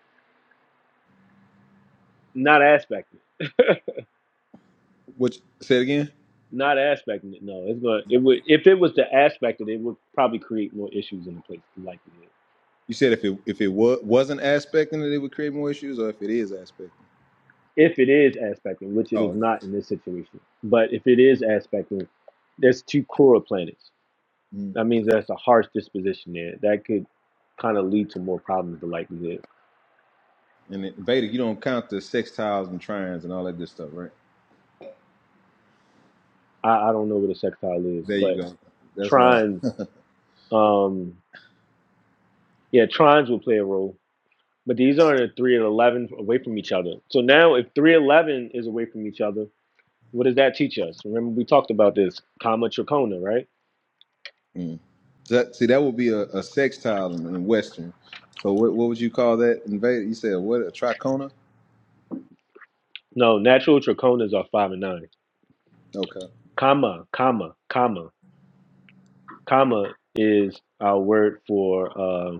[SPEAKER 1] Not aspected.
[SPEAKER 5] Which, say it again?
[SPEAKER 1] Not aspecting it. No, it's gonna. It would. If it was to aspect it, it would probably create more issues in the place Likely,
[SPEAKER 5] You said if it if it wa- wasn't aspecting it, it would create more issues, or if it is aspecting?
[SPEAKER 1] If it is aspecting, which it is
[SPEAKER 5] Oh,
[SPEAKER 1] not in this situation, but if it is aspecting, there's two coral planets.
[SPEAKER 5] yeah.
[SPEAKER 1] That means there's a harsh disposition there that could kind of lead to more problems. The likelihood.
[SPEAKER 5] And it, Vedic, you don't count the sextiles and trines and all that good stuff, right?
[SPEAKER 1] I, I don't know what a sextile is,
[SPEAKER 5] There you
[SPEAKER 1] but
[SPEAKER 5] go. That's what
[SPEAKER 1] trines. Um. Yeah, trines will play a role But these aren't a three and eleven away from each other. So now, if three and eleven is away from each other, what does that teach us? Remember, we talked about this comma trachona, right?
[SPEAKER 5] I. Mm. So that, see, that would be a, a sextile in, in Western. So what what would you call that in Vedic? You said what a tricona?
[SPEAKER 1] No, natural trachonas are five and nine.
[SPEAKER 5] Okay.
[SPEAKER 1] Comma, comma, comma, comma is our word for uh,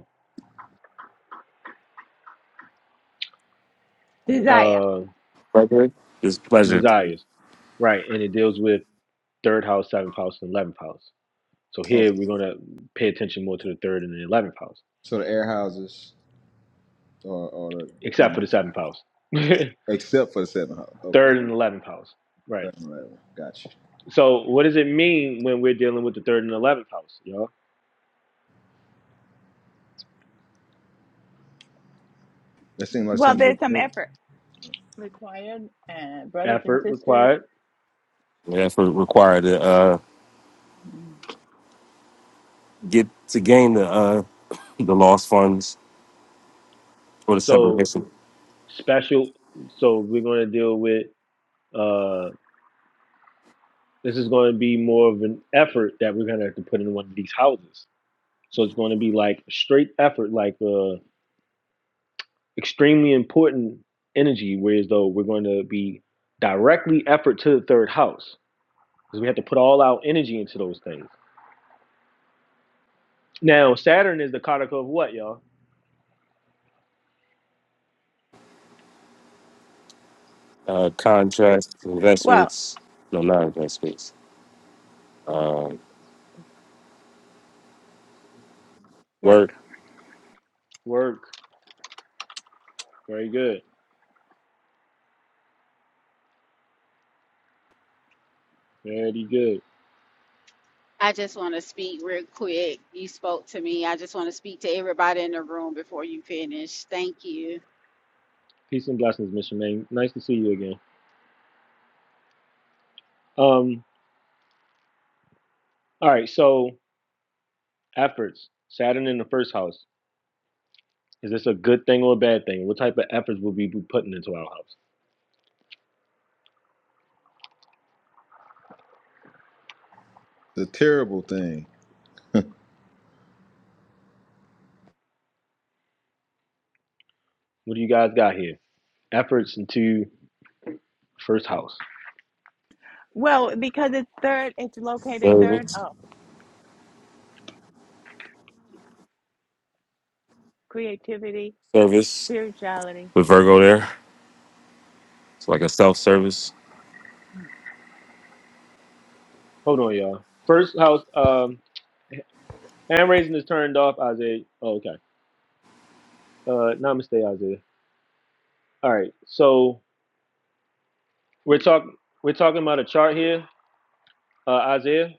[SPEAKER 3] Desire.
[SPEAKER 1] uh,
[SPEAKER 4] pleasure. It's pleasure.
[SPEAKER 1] desires, right? And it deals with third house, seventh house, and eleventh house. So
[SPEAKER 5] Oh,
[SPEAKER 1] here we're gonna pay attention more to the third and the eleventh house,
[SPEAKER 5] so the air houses or or the
[SPEAKER 1] except
[SPEAKER 5] comma,
[SPEAKER 1] for the seventh house, third
[SPEAKER 5] except for the seven house. Okay.
[SPEAKER 1] and eleventh house, right?
[SPEAKER 5] Seven, right, Got you.
[SPEAKER 1] So what does it mean when we're dealing with the third and eleventh house, y'all?
[SPEAKER 5] That seemed like
[SPEAKER 3] Well,
[SPEAKER 5] something.
[SPEAKER 3] there's some
[SPEAKER 5] different.
[SPEAKER 3] effort required, uh, brothers and
[SPEAKER 1] Effort
[SPEAKER 3] sisters.
[SPEAKER 1] required.
[SPEAKER 4] The effort required to uh,
[SPEAKER 3] Mm.
[SPEAKER 4] get to gain the uh, the lost funds or the
[SPEAKER 1] So
[SPEAKER 4] separation,
[SPEAKER 1] special. So we're going to deal with. Uh, this is going to be more of an effort that we're going to have to put in one of these houses. So it's going to be like straight effort, like uh, extremely important energy. Whereas though we're going to be directly effort to the third house because we have to put all our energy into those things. Now Saturn is the cardinal of what, y'all?
[SPEAKER 4] uh, contracts,
[SPEAKER 3] Well,
[SPEAKER 4] investments. No, not investments. Uh, work,
[SPEAKER 3] work.
[SPEAKER 1] Work. Very good. Very good.
[SPEAKER 6] I just want to speak real quick. You spoke to me. I just want to speak to everybody in the room before you finish. Thank you,
[SPEAKER 1] Peace and blessings, Mr. Ming. Nice to see you again. Um, all right, so efforts. Saturn in the first house. Is this a good thing or a bad thing? What type of efforts will we be putting into our house?
[SPEAKER 5] The terrible thing.
[SPEAKER 1] What do you guys got here? Efforts into first house.
[SPEAKER 3] Well, because it's third, it's located third
[SPEAKER 4] service,
[SPEAKER 3] up. Creativity,
[SPEAKER 4] service.
[SPEAKER 3] spirituality.
[SPEAKER 4] with Virgo there. It's like a self service.
[SPEAKER 1] Hold on, y'all. First house, um, hand raising is turned off, Isaiah. Oh, okay. Uh namaste, Isaiah. All right. So we're talking we're talking about a chart here, uh Isaiah.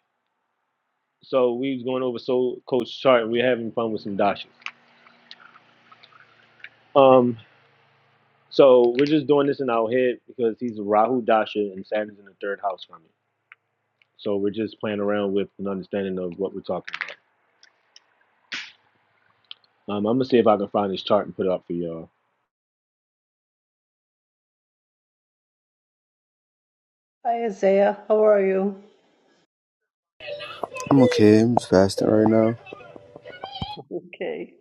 [SPEAKER 1] So we was going over soul coach chart and we're having fun with some dashes. Um, So we're just doing this in our head because he's Rahu Dasha and Saturn's in the third house from it. So we're just playing around with an understanding of what we're talking about. Um, I'm gonna see if I can find this chart and put it up for y'all.
[SPEAKER 2] Hi Isaiah, how are you?
[SPEAKER 7] I'm okay. I'm just fasting right now.
[SPEAKER 2] Okay.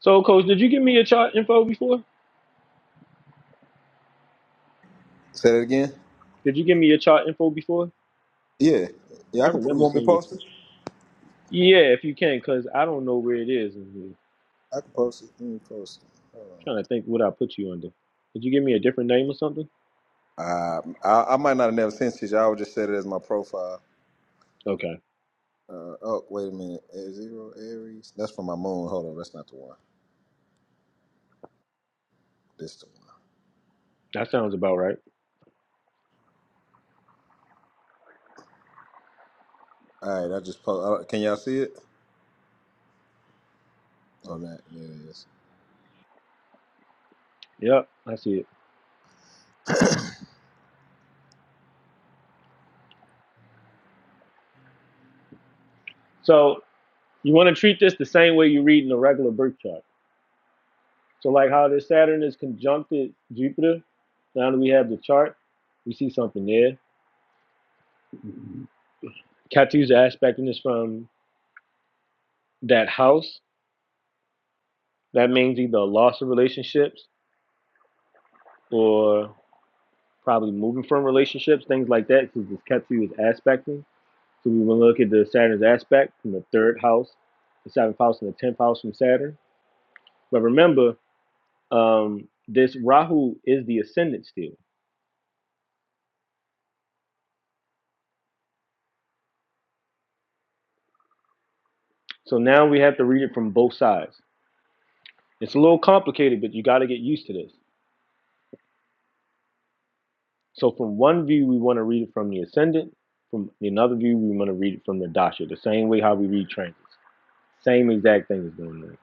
[SPEAKER 1] So, Coach, did you give me your chart info before?
[SPEAKER 5] Say that again.
[SPEAKER 1] Did you give me your chart info before?
[SPEAKER 5] Yeah. Yeah. I
[SPEAKER 1] I
[SPEAKER 5] can. You
[SPEAKER 1] remember
[SPEAKER 5] want me to
[SPEAKER 1] seeing it.
[SPEAKER 5] post it?
[SPEAKER 1] Yeah, if you can, cause I don't know where it is. I'm
[SPEAKER 5] I can post it. Let me post it. Hold on.
[SPEAKER 1] trying to think what I put you under. Did you give me a different name or something?
[SPEAKER 5] Um, I, I might not have never sent it. to you. I would just set it as my profile.
[SPEAKER 1] Okay,
[SPEAKER 5] Uh, oh, wait a minute. Air zero Aries. That's for my moon. Hold on, that's not the one. This the one.
[SPEAKER 1] that sounds about right.
[SPEAKER 5] All right, I just post. Can y'all see it? Oh, that yeah, it is.
[SPEAKER 1] Yep, I see it. So you want to treat this the same way you read in a regular birth chart. So like how this Saturn is conjuncted Jupiter, now that we have the chart, we see something there. Catu's aspecting is from that house. That means either loss of relationships or probably moving from relationships, things like that, because this Ketu is aspecting. So we will look at the Saturn's aspect from the third house, the seventh house, and the tenth house from Saturn. But remember, um, this Rahu is the ascendant still. So now we have to read it from both sides. It's a little complicated, but you got to get used to this. So from one view, we want to read it from the ascendant. From another view, we want to read it from the dasha, the same way how we read transits. Same exact thing is going on.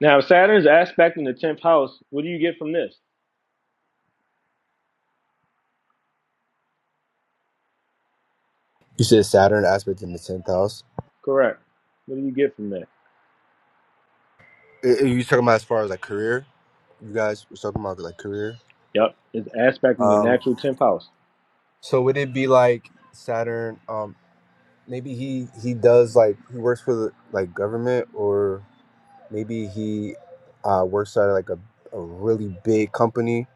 [SPEAKER 1] Now, if Saturn's aspect in the 10th house, what do you get from this?
[SPEAKER 7] You said Saturn aspect in the tenth house.
[SPEAKER 1] Correct. What do you get from that?
[SPEAKER 7] Are are you talking about as far as like career? You guys were talking about like career.
[SPEAKER 1] Yep, it's aspect in the
[SPEAKER 7] Um,
[SPEAKER 1] natural 10th house.
[SPEAKER 7] so would it be like Saturn? Um, maybe he he does like he works for the like government, or maybe he uh, works at like a, a really big company.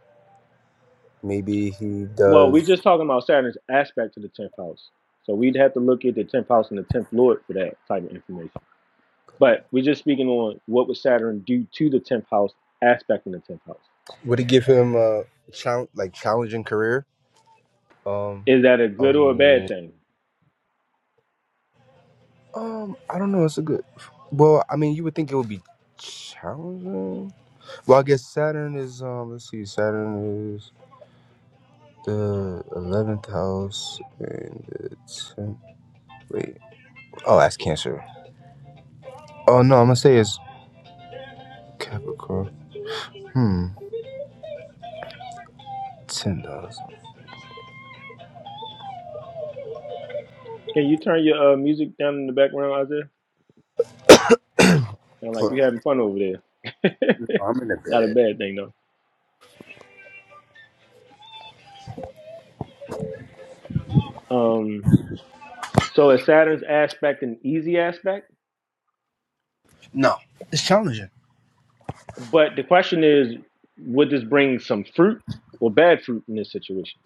[SPEAKER 7] Maybe he
[SPEAKER 1] Well,
[SPEAKER 7] does.
[SPEAKER 1] we're just talking about Saturn's aspect to the 10th house. So we'd have to look at the 10th house and the 10th lord for that type of information. But we're just speaking on what would Saturn do to the 10th house aspect in the 10th house.
[SPEAKER 7] Would it give him a challenge like challenging career? Um,
[SPEAKER 1] Is that a good or a
[SPEAKER 7] a
[SPEAKER 1] bad thing?
[SPEAKER 7] Um, I don't know. It's a good. Well, I mean, you would think it would be challenging. Well, I guess Saturn is. Um, let's see. Saturn is the eleventh house and the tenth. Wait. Oh, that's Cancer. Oh no, I'm gonna say it's Capricorn. Hmm. Ten dollars.
[SPEAKER 1] Can you turn your uh, music down in the background, Isaiah? Sound like
[SPEAKER 7] Hold on.
[SPEAKER 1] you having fun over there.
[SPEAKER 7] I'm in a
[SPEAKER 1] Not a
[SPEAKER 7] bed.
[SPEAKER 1] bad thing though. Um, so is Saturn's aspect an easy aspect?
[SPEAKER 7] No, it's challenging.
[SPEAKER 1] But the question is, would this bring some fruit or bad fruit in this situation?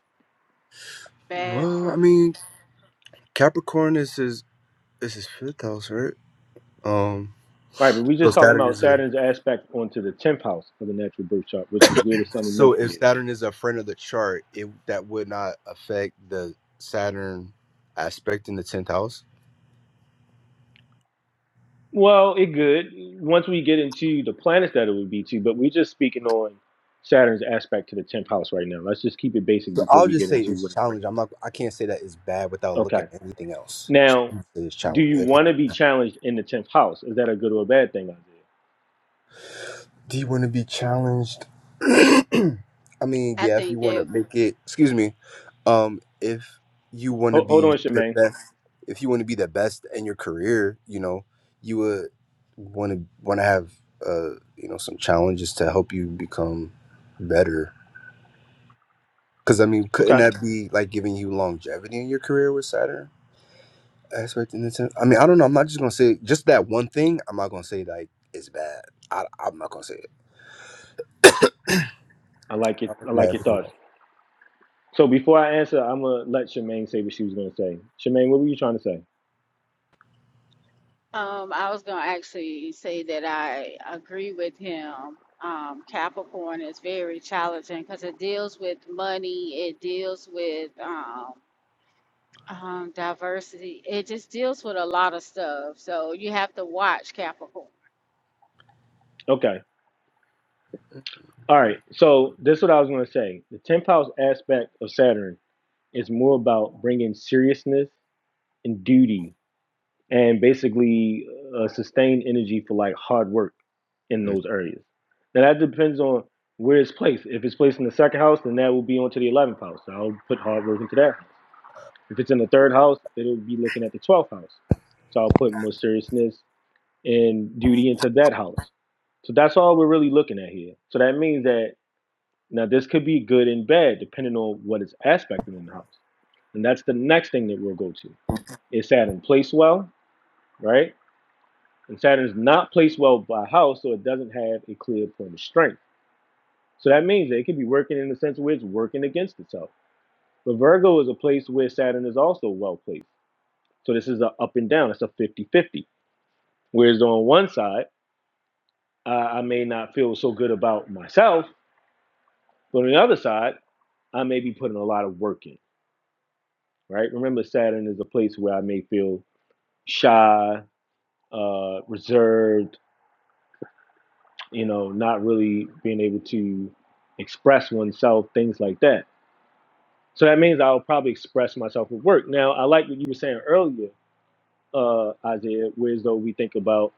[SPEAKER 6] Bad
[SPEAKER 7] Well,
[SPEAKER 6] for.
[SPEAKER 7] I mean, Capricorn is his is his fifth house, right? Um.
[SPEAKER 1] Right, but we're
[SPEAKER 7] So
[SPEAKER 1] just talking
[SPEAKER 7] Saturn
[SPEAKER 1] about
[SPEAKER 7] is a
[SPEAKER 1] Saturn's aspect onto the tenth house of the natural birth chart, which is where the Sun and
[SPEAKER 7] So if
[SPEAKER 1] Mercury is.
[SPEAKER 7] Saturn is a friend of the chart, it that would not affect the Saturn aspect in the tenth house.
[SPEAKER 1] Well, it could once we get into the planets that it would be to, but we're just speaking on Saturn's aspect to the tenth house right now. Let's just keep it basic
[SPEAKER 7] So
[SPEAKER 1] before
[SPEAKER 7] I'll
[SPEAKER 1] we
[SPEAKER 7] just
[SPEAKER 1] get
[SPEAKER 7] say
[SPEAKER 1] into what
[SPEAKER 7] it's
[SPEAKER 1] it's
[SPEAKER 7] challenge.
[SPEAKER 1] bringing.
[SPEAKER 7] I'm not. I can't say that it's bad without
[SPEAKER 1] Okay.
[SPEAKER 7] looking at anything else. So
[SPEAKER 1] Now,
[SPEAKER 7] I'm gonna say it's
[SPEAKER 1] do you
[SPEAKER 7] challenge.
[SPEAKER 1] want to be challenged in the tenth house? Is that a good or a bad thing, Isaiah?
[SPEAKER 7] Do you want to be challenged? I mean,
[SPEAKER 6] I
[SPEAKER 7] yeah, if you
[SPEAKER 6] think
[SPEAKER 7] want to
[SPEAKER 6] that
[SPEAKER 7] make it, excuse me, um, if you want to
[SPEAKER 1] Hold, hold
[SPEAKER 7] be
[SPEAKER 1] on,
[SPEAKER 7] the
[SPEAKER 1] Shemaine.
[SPEAKER 7] best, if you want to be the best in your career, you know, you would want to want to have, uh, you know, some challenges to help you become better. Because I mean, couldn't
[SPEAKER 1] Okay.
[SPEAKER 7] that be like giving you longevity in your career with Saturn aspect in the sense? I mean, I don't know. I'm not just gonna say just that one thing. I'm not gonna say like it's bad. I, I'm not gonna say it.
[SPEAKER 1] I like it.
[SPEAKER 7] I'm
[SPEAKER 1] I
[SPEAKER 7] looking at
[SPEAKER 1] like your
[SPEAKER 7] everything
[SPEAKER 1] thoughts.
[SPEAKER 7] else.
[SPEAKER 1] So before I answer, I'm gonna let Shemaine say what she was gonna say. Shemaine, what were you trying to say?
[SPEAKER 6] um, I was going to actually say that I agree with him. Um, Capricorn is very challenging because it deals with money. It deals with um, um, diversity. It just deals with a lot of stuff. So you have to watch Capricorn.
[SPEAKER 1] Okay. All right. So this is what I was gonna say. The tenth house aspect of Saturn is more about bringing seriousness and duty and basically uh, sustain energy for like hard work in those areas. Now that depends on where it's placed. If it's placed in the second house, then that will be onto the eleventh house. So I'll put hard work into that. If it's in the third house, it'll be looking at the twelfth house. So I'll put more seriousness and duty into that house. So that's all we're really looking at here. So that means that now this could be good and bad depending on what is aspected in the house. And that's the next thing that we'll go to. Is Saturn placed well, right? And Saturn is not placed well by house, so it doesn't have a clear point of strength. So that means that it could be working in the sense where it's working against itself. But Virgo is a place where Saturn is also well placed. So this is an up and down, it's a fifty-fifty. Whereas on one side, uh, I may not feel so good about myself, but on the other side, I may be putting a lot of work in, right? Remember, Saturn is a place where I may feel shy, uh, reserved, you know, not really being able to express oneself, things like that. So that means I'll probably express myself with work. Now, I like what you were saying earlier, uh, Isaiah, whereas though we think about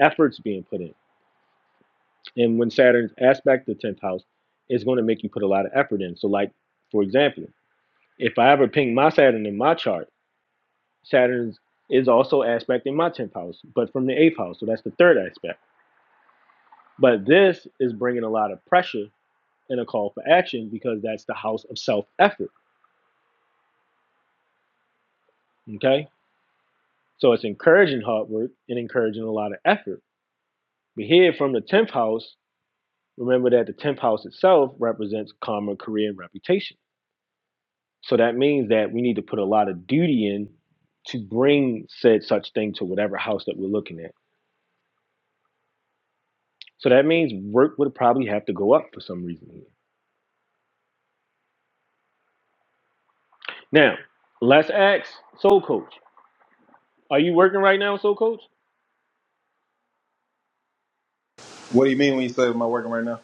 [SPEAKER 1] efforts being put in. And when Saturn's aspect the 10th house, it's going to make you put a lot of effort in. So, like, for example, if I ever ping my Saturn in my chart, Saturn's is also aspect in my 10th house, but from the 8th house. So that's the third aspect. But this is bringing a lot of pressure and a call for action because that's the house of self effort. Okay. So it's encouraging hard work and encouraging a lot of effort We here from the 10th house, remember that the 10th house itself represents karma, career, and reputation. So that means that we need to put a lot of duty in to bring said such thing to whatever house that we're looking at. So that means work would probably have to go up for some reason here. Now, let's ask Soul Coach. Are you working right now, Soul Coach?
[SPEAKER 5] What do you mean when you say am I working right now?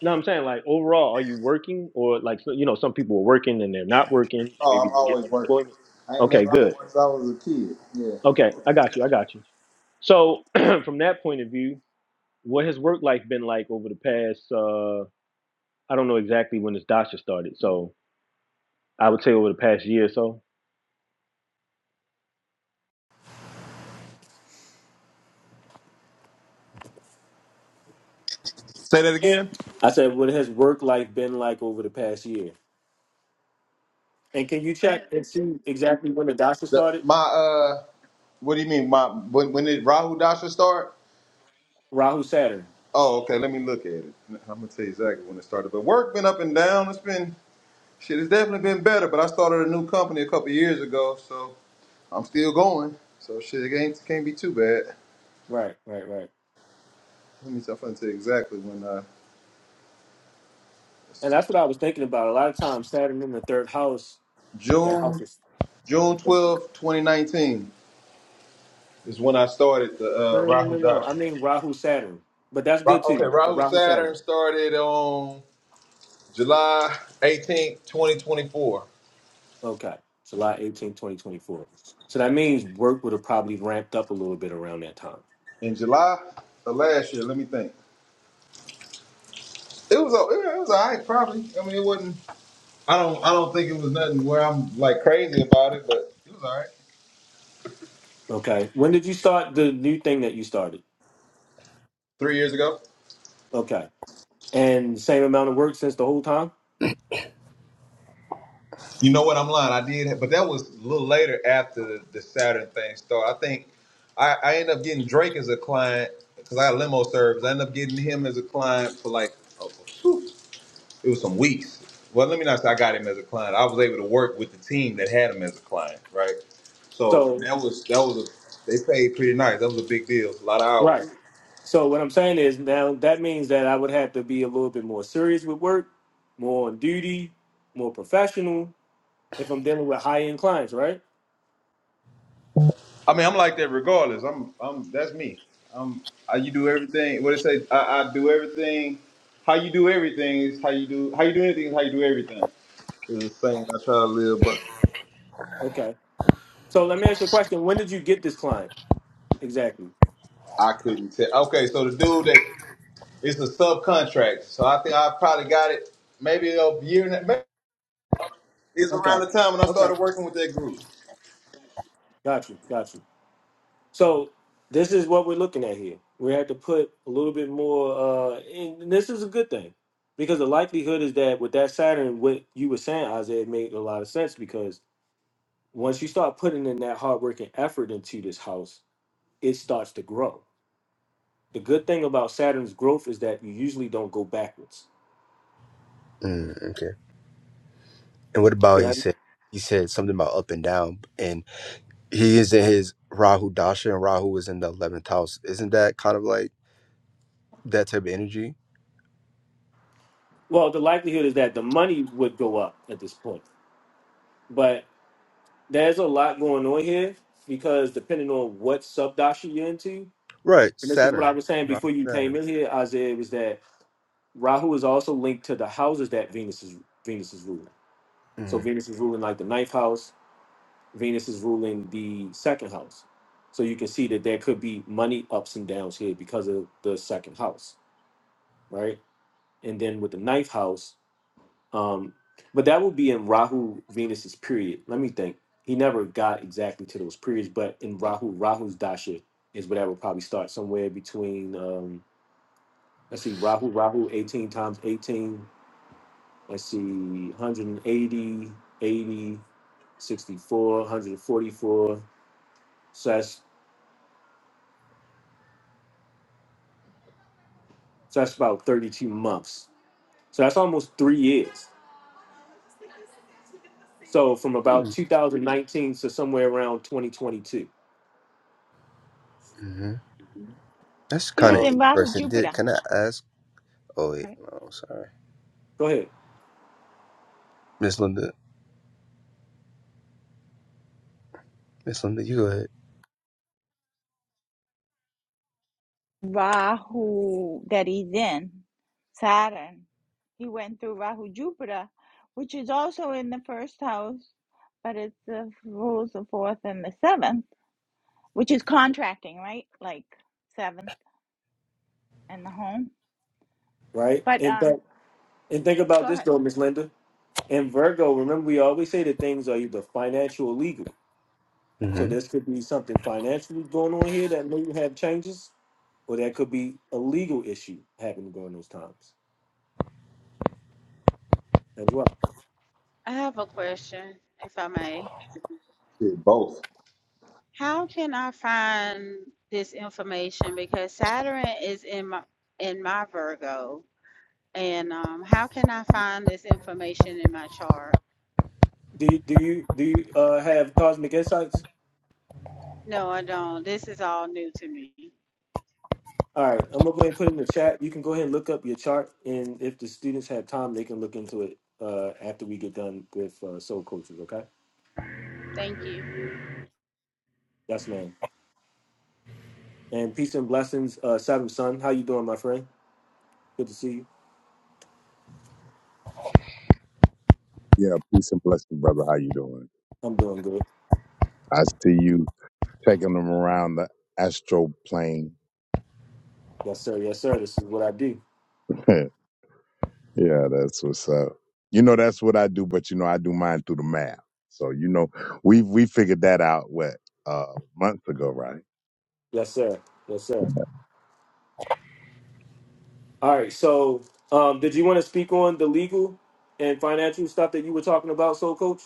[SPEAKER 1] No, I'm saying like overall, are you working or like so- you know some people are working and they're not working, they may
[SPEAKER 5] Oh,
[SPEAKER 1] be
[SPEAKER 5] I'm
[SPEAKER 1] getting
[SPEAKER 5] always working.
[SPEAKER 1] unemployment.
[SPEAKER 5] I ain't
[SPEAKER 1] Okay,
[SPEAKER 5] never. I've been
[SPEAKER 1] good.
[SPEAKER 5] working since I was a kid. Yeah.
[SPEAKER 1] Okay, I got you. I got you. So from that point of view, what has work life been like over the past? Uh, I don't know exactly when this Dasha started, so I would say over the past year or so.
[SPEAKER 5] Say that
[SPEAKER 1] Yeah.
[SPEAKER 5] again.
[SPEAKER 1] I said, what has work life been like over the past year? And can you check and see exactly when the Dasha
[SPEAKER 5] The,
[SPEAKER 1] started?
[SPEAKER 5] my uh, what do you mean? My when when did Rahu Dasha start?
[SPEAKER 1] Rahu Saturn.
[SPEAKER 5] Oh, okay. Let me look at it. I'm gonna tell you exactly when it started. But work been up and down. It's been. Shit, it's definitely been better, but I started a new company a couple years ago, so I'm still going. So shit, it ain't, can't be too bad.
[SPEAKER 1] Right, right, right.
[SPEAKER 5] Let me tell you exactly when. Uh,
[SPEAKER 1] And that's what I was thinking about. A lot of times, Saturn in the third house, that house
[SPEAKER 5] June
[SPEAKER 1] is.
[SPEAKER 5] June
[SPEAKER 1] No,
[SPEAKER 5] 12, 2019 is when I started the uh,
[SPEAKER 1] no, no,
[SPEAKER 5] Rahu
[SPEAKER 1] no, no. I
[SPEAKER 5] Doctrine.
[SPEAKER 1] mean Rahu Saturn. But that's good
[SPEAKER 5] Ra- okay,
[SPEAKER 1] too.
[SPEAKER 5] Rahu
[SPEAKER 1] Rahu
[SPEAKER 5] Saturn
[SPEAKER 1] Saturn.
[SPEAKER 5] started on July 18th, 2024.
[SPEAKER 1] Okay, July eighteenth, 2024. So that means work would have probably ramped up a little bit around that time.
[SPEAKER 5] In July of last year, let me think. It was a- it was all right, probably. I mean, it wasn't. I don't I don't think it was nothing where I'm like crazy about it, but it was all right.
[SPEAKER 1] Okay. When did you start the new thing that you started?
[SPEAKER 5] three years ago.
[SPEAKER 1] Okay. And same amount of work since the whole time?
[SPEAKER 5] You know what? I'm lying. I did, but that was a little later after the, the Saturn thing started. I think I, I ended up getting Drake as a client because I got limo service. I ended up getting him as a client for like oh, whew, it was some weeks. Well, let me not say I got him as a client. I was able to work with the team that had him as a client, right? So
[SPEAKER 1] So,
[SPEAKER 5] that was that was a they paid pretty nice. That was a big deal. It was A lot of hours.
[SPEAKER 1] right. So what I'm saying is now that means that I would have to be a little bit more serious with work, more on duty, more professional if I'm dealing with high end clients, right?
[SPEAKER 5] I mean, I'm like that regardless. I'm, I'm. That's me. I'm. I, you do everything. What it say? I, I do everything. How you do everything is how you do. How you do anything is how you do everything. It's the same. I try to live, but
[SPEAKER 1] Okay. So let me ask you a question. When did you get this client? Exactly.
[SPEAKER 5] I couldn't tell. Okay, so the dude that is the subcontract. So I think I probably got it. Maybe a year. And a, maybe it's around
[SPEAKER 1] Okay.
[SPEAKER 5] the time when I
[SPEAKER 1] Okay.
[SPEAKER 5] started working with that group.
[SPEAKER 1] Got you. Got you. So this is what we're looking at here. We have to put a little bit more, uh, and this is a good thing because the likelihood is that with that Saturn, what you were saying, Isaiah, it made a lot of sense because once you start putting in that hard work and effort into this house, it starts to grow. The good thing about Saturn's growth is that you usually don't go backwards.
[SPEAKER 7] Mm, okay. And what about he
[SPEAKER 1] Right.
[SPEAKER 7] said he said something about up and down and he is in his Rahu Dasha and Rahu is in the eleventh house. Isn't that kind of like that type of energy?
[SPEAKER 1] Well, the likelihood is that the money would go up at this point, but there's a lot going on here because depending on what subdashi you're into,
[SPEAKER 7] Right.
[SPEAKER 1] And this is what
[SPEAKER 7] Saturn.
[SPEAKER 1] I was saying
[SPEAKER 7] Rahu
[SPEAKER 1] before you came
[SPEAKER 7] Saturn.
[SPEAKER 1] in here, Isaiah, was that Rahu is also linked to the houses that Venus is Venus is ruling. So
[SPEAKER 7] Mm.
[SPEAKER 1] Venus is ruling like the ninth house, Venus is ruling the second house. So you can see that there could be money ups and downs here because of the second house, right? And then with the ninth house, um, but that would be in Rahu Venus's period. Let me think. He never got exactly to those periods, but in Rahu, Rahu's dasha is where that would probably start somewhere between. Um, Let's see Rahu, Rahu 18 times 18. let Let's see 180, 144. So that's, so that's about 32 months. So that's almost three years. So from about 2019 to somewhere around 2022.
[SPEAKER 7] Mm-hmm. That's
[SPEAKER 3] He
[SPEAKER 7] kind
[SPEAKER 3] was
[SPEAKER 7] of
[SPEAKER 3] in
[SPEAKER 1] Um,
[SPEAKER 3] Rahu,
[SPEAKER 7] interesting.
[SPEAKER 3] Jupiter,
[SPEAKER 7] Did can I ask? Oh wait,
[SPEAKER 3] Right?
[SPEAKER 7] no, sorry,
[SPEAKER 1] go ahead.
[SPEAKER 7] Miss Linda. Miss Linda, you go ahead.
[SPEAKER 3] Rahu that he's in, Saturn. He went through Rahu, Jupiter, which is also in the first house, but it's the rules the fourth and the seventh, which is contracting, right? Like seventh and the home.
[SPEAKER 1] Right.
[SPEAKER 3] But
[SPEAKER 1] And
[SPEAKER 3] um,
[SPEAKER 1] but and think about
[SPEAKER 3] go
[SPEAKER 1] this
[SPEAKER 3] ahead.
[SPEAKER 1] though, Miss Linda. In Virgo, remember we always say that things are either financial or legal. So
[SPEAKER 7] Mm-hmm.
[SPEAKER 1] this could be something financially going on here that may have changes, or that could be a legal issue happening during those times as well.
[SPEAKER 6] I have a question, if I may.
[SPEAKER 5] Shit, both.
[SPEAKER 6] How can I find this information? Because Saturn is in my in my Virgo, and um, how can I find this information in my chart?
[SPEAKER 1] Do you, do you do you uh, have cosmic insights?
[SPEAKER 6] No, I don't. This is all new to me.
[SPEAKER 1] All right, I'm gonna go ahead and put it in the chat. You can go ahead and look up your chart, and if the students have time, they can look into it uh, after we get done with uh, soul coaches. Okay,
[SPEAKER 6] Thank you.
[SPEAKER 1] yes, ma'am. And peace and blessings, uh, Saddam Son. How you doing, my friend? Good to see you.
[SPEAKER 8] Yeah, peace and blessing, brother. How you doing?
[SPEAKER 1] I'm doing good.
[SPEAKER 8] I see you taking them around the astro plane.
[SPEAKER 1] Yes, sir. Yes, sir. This is what I do.
[SPEAKER 8] yeah, that's what's up. You know, that's what I do, but you know, I do mine through the map. So you know, we we figured that out what uh months ago, right?
[SPEAKER 1] Yes, sir. Yes, sir. All right. So, um, did you want to speak on the legal and financial stuff that you were talking about, so coach?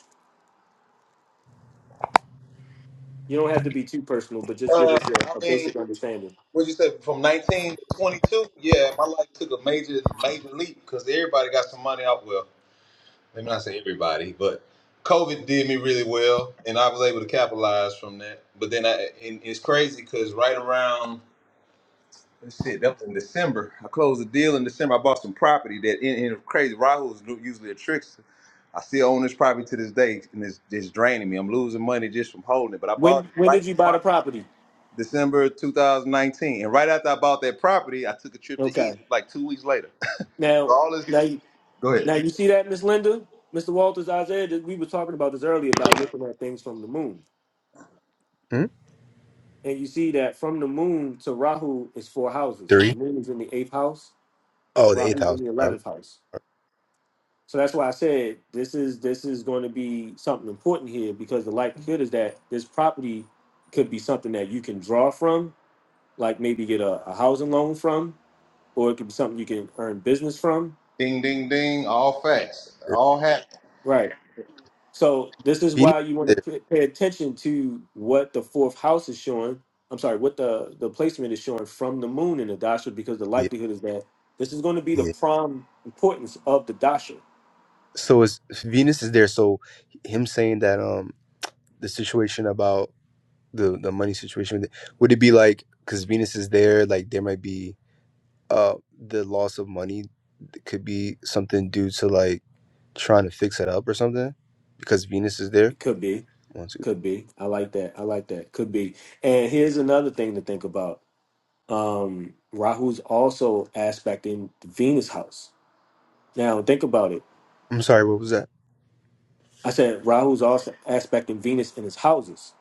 [SPEAKER 1] You don't have to be too personal, but just give
[SPEAKER 5] Uh,
[SPEAKER 1] us a,
[SPEAKER 5] I
[SPEAKER 1] a
[SPEAKER 5] mean,
[SPEAKER 1] basic understanding.
[SPEAKER 5] what you said from 19 to 22? Yeah, my life took a major, major leap because everybody got some money out. Well. let me not say everybody, but COVID did me really well, and I was able to capitalize from that. But then I, and it's crazy because right around let's see, that was in December. I closed a deal in December. I bought some property that, in and and crazy. Rahul's usually a trickster. I still own this property to this day, and it's just draining me. I'm losing money just from holding it. But I bought
[SPEAKER 1] When
[SPEAKER 5] it
[SPEAKER 1] when
[SPEAKER 5] right
[SPEAKER 1] did you
[SPEAKER 5] in
[SPEAKER 1] buy
[SPEAKER 5] my
[SPEAKER 1] the property?
[SPEAKER 5] December 2019, and right after I bought that property, I took a trip to
[SPEAKER 1] Okay.
[SPEAKER 5] Egypt like two weeks later.
[SPEAKER 1] Now,
[SPEAKER 5] All this,
[SPEAKER 1] now, you,
[SPEAKER 5] go ahead.
[SPEAKER 1] now you see that, Miss Linda, Mr. Walters, Isaiah. That we were talking about this earlier about looking at things from the moon,
[SPEAKER 7] hmm
[SPEAKER 1] and you see that from the moon to Rahu is four houses. The
[SPEAKER 7] Three.
[SPEAKER 1] moon is in the eighth house,
[SPEAKER 7] Oh, the
[SPEAKER 1] Rahu
[SPEAKER 7] eighth house.
[SPEAKER 1] in the
[SPEAKER 7] I'm-
[SPEAKER 1] eleventh house. So that's why I said this is this is going to be something important here because the likelihood is that this property could be something that you can draw from, like maybe get a, a housing loan from, or it could be something you can earn business from.
[SPEAKER 5] Ding, ding, ding, all facts. all happened.
[SPEAKER 1] Right. So this is
[SPEAKER 7] Venus.
[SPEAKER 1] why you
[SPEAKER 7] is
[SPEAKER 1] want
[SPEAKER 7] there.
[SPEAKER 1] to pay attention to what the fourth house is showing. I'm sorry, what the the placement is showing from the moon in the dasha because the
[SPEAKER 7] Yeah,
[SPEAKER 1] likelihood is that this is going to be the
[SPEAKER 7] yeah.
[SPEAKER 1] prime importance of the dasha.
[SPEAKER 7] So it's Venus is there. So him saying that um the situation about the the money situation with it. would it be like because venus is there like there might be uh the loss of money that could be something due to like trying to fix it up or something because venus is there
[SPEAKER 1] It could be.
[SPEAKER 7] one two three
[SPEAKER 1] Could be. I like that. I like that. Could be. And here's another thing to think about. Um, Rahu's also aspecting Venus house. Now think about it.
[SPEAKER 7] i'm sorry what was that
[SPEAKER 1] I said Rahu's also aspecting Venus in his houses,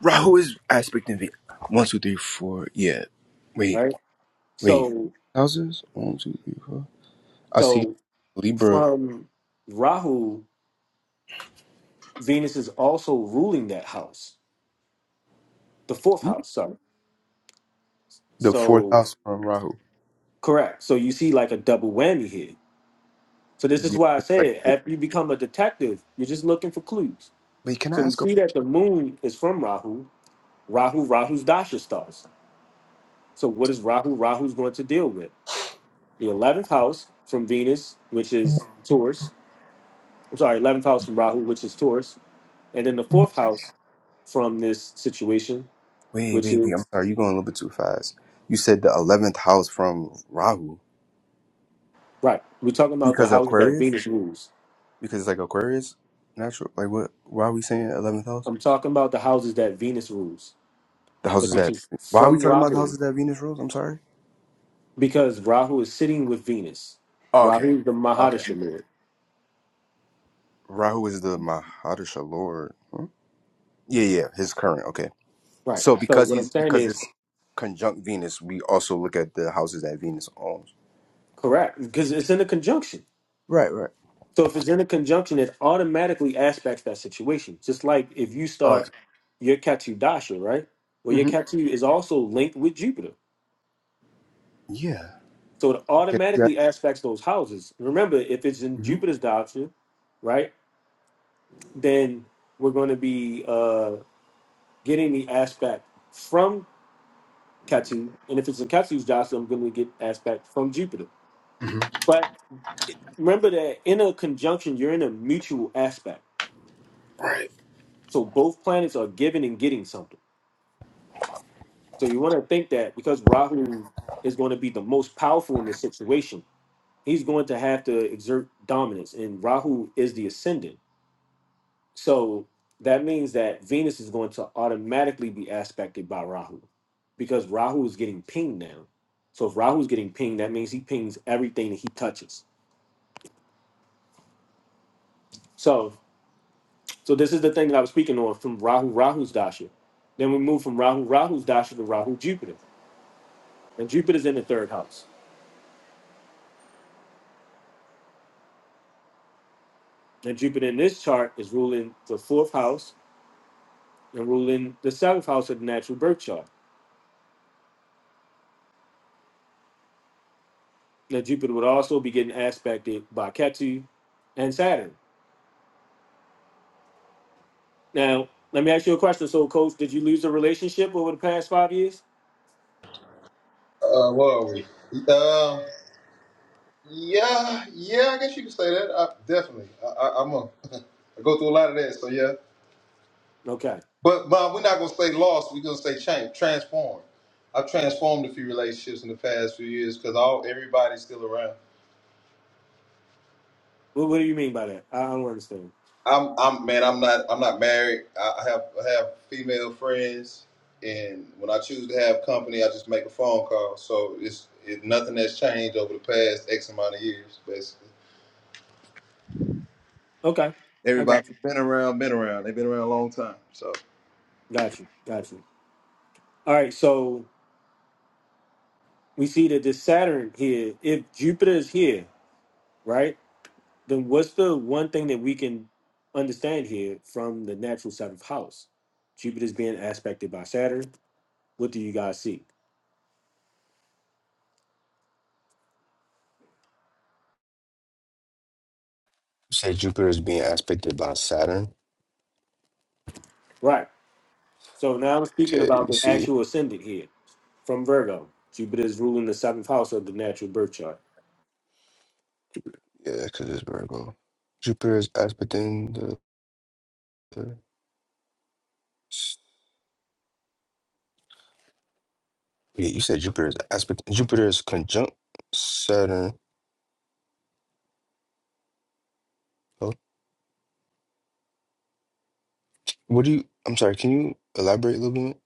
[SPEAKER 7] Rahu is aspect in Venus. One, two, three, four. Yeah. Wait,
[SPEAKER 1] right?
[SPEAKER 7] wait.
[SPEAKER 1] So
[SPEAKER 7] Houses? One, two, three, four. I see
[SPEAKER 1] so
[SPEAKER 7] Libra,
[SPEAKER 1] from Rahu, Venus is also ruling that house, the fourth house, sorry.
[SPEAKER 7] the fourth
[SPEAKER 1] So
[SPEAKER 7] house from Rahu.
[SPEAKER 1] correct. So you see like a double whammy here. So this is
[SPEAKER 7] Yeah,
[SPEAKER 1] why I
[SPEAKER 7] it's like
[SPEAKER 1] said
[SPEAKER 7] four.
[SPEAKER 1] after you become a detective, you're just looking for clues
[SPEAKER 7] Wait, can I
[SPEAKER 1] So we
[SPEAKER 7] ask a
[SPEAKER 1] see that the moon is from Rahu. Rahu, Rahu's dasha stars. So what is Rahu? Rahu's going to deal with the eleventh house from Venus, which is Taurus. I'm sorry, eleventh house from Rahu, which is Taurus, and then the fourth house from this situation,
[SPEAKER 7] Wait,
[SPEAKER 1] which
[SPEAKER 7] wait,
[SPEAKER 1] is
[SPEAKER 7] wait. I'm sorry. You're going a little bit too fast. You said the 11th house from Rahu.
[SPEAKER 1] right. We're talking about the
[SPEAKER 7] Because of
[SPEAKER 1] houses that
[SPEAKER 7] Aquarius?
[SPEAKER 1] Venus rules.
[SPEAKER 7] Because it's like Aquarius? Natural? Like what? Why are we saying 11th house?
[SPEAKER 1] I'm talking about the houses that Venus rules,
[SPEAKER 7] The
[SPEAKER 1] but
[SPEAKER 7] houses
[SPEAKER 1] this
[SPEAKER 7] that.
[SPEAKER 1] is
[SPEAKER 7] Why are we
[SPEAKER 1] from
[SPEAKER 7] talking about the
[SPEAKER 1] Rahu
[SPEAKER 7] houses that Venus rules? I'm sorry.
[SPEAKER 1] because Rahu is sitting with Venus.
[SPEAKER 7] Oh, okay.
[SPEAKER 1] Rahu, is the
[SPEAKER 7] Okay.
[SPEAKER 1] Mahadasha lord.
[SPEAKER 7] Rahu is the Mahadasha Lord. Yeah, yeah. His current. Okay.
[SPEAKER 1] Right.
[SPEAKER 7] So
[SPEAKER 1] So
[SPEAKER 7] because
[SPEAKER 1] what
[SPEAKER 7] he's.
[SPEAKER 1] I'm saying
[SPEAKER 7] Because
[SPEAKER 1] is
[SPEAKER 7] it's conjunct Venus, we also look at the houses that Venus owns.
[SPEAKER 1] Correct, because it's in a conjunction.
[SPEAKER 7] Right, right.
[SPEAKER 1] So if it's in a conjunction, it automatically aspects that situation. Just like if you
[SPEAKER 7] Okay.
[SPEAKER 1] start your Ketu Dasha, right? Well, your
[SPEAKER 7] hmm
[SPEAKER 1] Ketu is also linked with Jupiter.
[SPEAKER 7] Yeah.
[SPEAKER 1] So it
[SPEAKER 7] Okay. Yeah.
[SPEAKER 1] automatically aspects those houses. Remember, if it's in
[SPEAKER 7] hmm
[SPEAKER 1] Jupiter's Dasha, right, then we're going to be uh, getting the aspect from Ketu. And if it's in Ketu's Dasha, I'm going to get aspect from Jupiter.
[SPEAKER 7] hmm
[SPEAKER 1] But remember that in a conjunction, you're in a mutual aspect.
[SPEAKER 7] Right.
[SPEAKER 1] So both planets are giving and getting something. So you want to think that because Rahu is going to be the most powerful in this situation, he's going to have to exert dominance, and Rahu is the ascendant. So that means that Venus is going to automatically be aspected by Rahu because Rahu is getting pinged now. So if Rahu is getting pinged, that means he pings everything that he touches. So so this is the thing that I was speaking on from Rahu Rahu's Dasha. Then we move from Rahu Rahu's Dasha to Rahu Jupiter. And Jupiter's in the third house. Now, Jupiter in this chart is ruling the fourth house and ruling the seventh house of the natural birth chart. Now, Jupiter would also be getting aspected by Ketu and Saturn. Now, let me ask you a question. So, Coach, did you lose a relationship over the past five years?
[SPEAKER 5] Uh, where are we? Uh, yeah, yeah. I guess you could say that. I, definitely. I, I, I'm a. I go through a lot of that. So yeah.
[SPEAKER 1] Okay.
[SPEAKER 5] But but we're not gonna say lost. We're gonna say change, transform. I've transformed a few relationships in the past few years because all everybody's still around.
[SPEAKER 1] Well, what do you mean by that? I I don't understand.
[SPEAKER 5] I'm I'm man. I'm not I'm not married. I I have I have female friends, and when I choose to have company, I just make a phone call. So it's it, nothing that's changed over the past X amount of years, basically.
[SPEAKER 1] Okay. I got
[SPEAKER 5] Everybody's
[SPEAKER 1] you.
[SPEAKER 5] been around, been around. They've been around a long time. So
[SPEAKER 1] Got you. Got you. All right. So, we see that this Saturn here, if Jupiter is here, right? then what's the one thing that we can understand here from the natural seventh house? Jupiter's being aspected by Saturn. What do you guys see?
[SPEAKER 7] You say Jupiter is being aspected by Saturn.
[SPEAKER 1] Right. So now I'm speaking
[SPEAKER 7] Okay, let
[SPEAKER 1] about
[SPEAKER 7] me
[SPEAKER 1] the
[SPEAKER 7] see.
[SPEAKER 1] actual ascendant here from Virgo. Jupiter is ruling the seventh house of the natural birth chart.
[SPEAKER 7] Yeah, because it's Virgo. Jupiter is aspecting the. the yeah, you said Jupiter is aspect. Jupiter is conjunct Saturn. Oh, what do you? I'm sorry. Can you elaborate a little bit?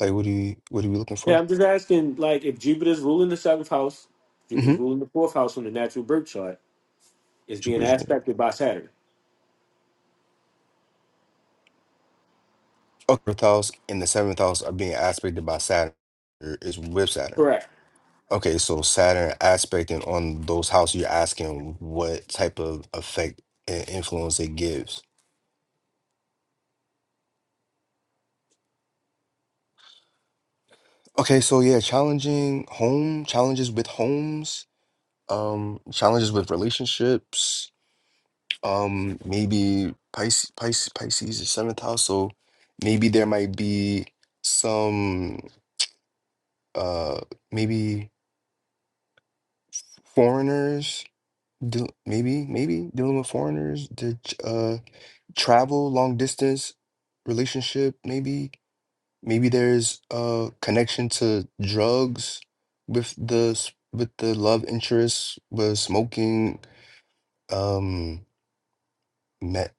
[SPEAKER 7] Like, what do you? What are we looking for?
[SPEAKER 1] Yeah, I'm just asking, like, if Jupiter's ruling the seventh house, Jupiter's
[SPEAKER 7] Mm-hmm.
[SPEAKER 1] ruling the fourth house on the natural birth chart, is being
[SPEAKER 7] Jupiter's okay.
[SPEAKER 1] aspected by Saturn.
[SPEAKER 7] Fourth house and the seventh house are being aspected by Saturn. Or Is with Saturn.
[SPEAKER 1] Correct.
[SPEAKER 7] Okay, so Saturn aspecting on those houses. You're asking what type of effect and influence it gives. Okay, so yeah, challenging home, challenges with homes, um, challenges with relationships, um, maybe Pisces, Pisces, Pisces is seventh house, so maybe there might be some, uh, maybe foreigners, deal maybe, maybe dealing with foreigners, the, ch- uh, travel, long distance relationship, maybe Maybe there's a connection to drugs with the s- with the love interest, with smoking, um, met,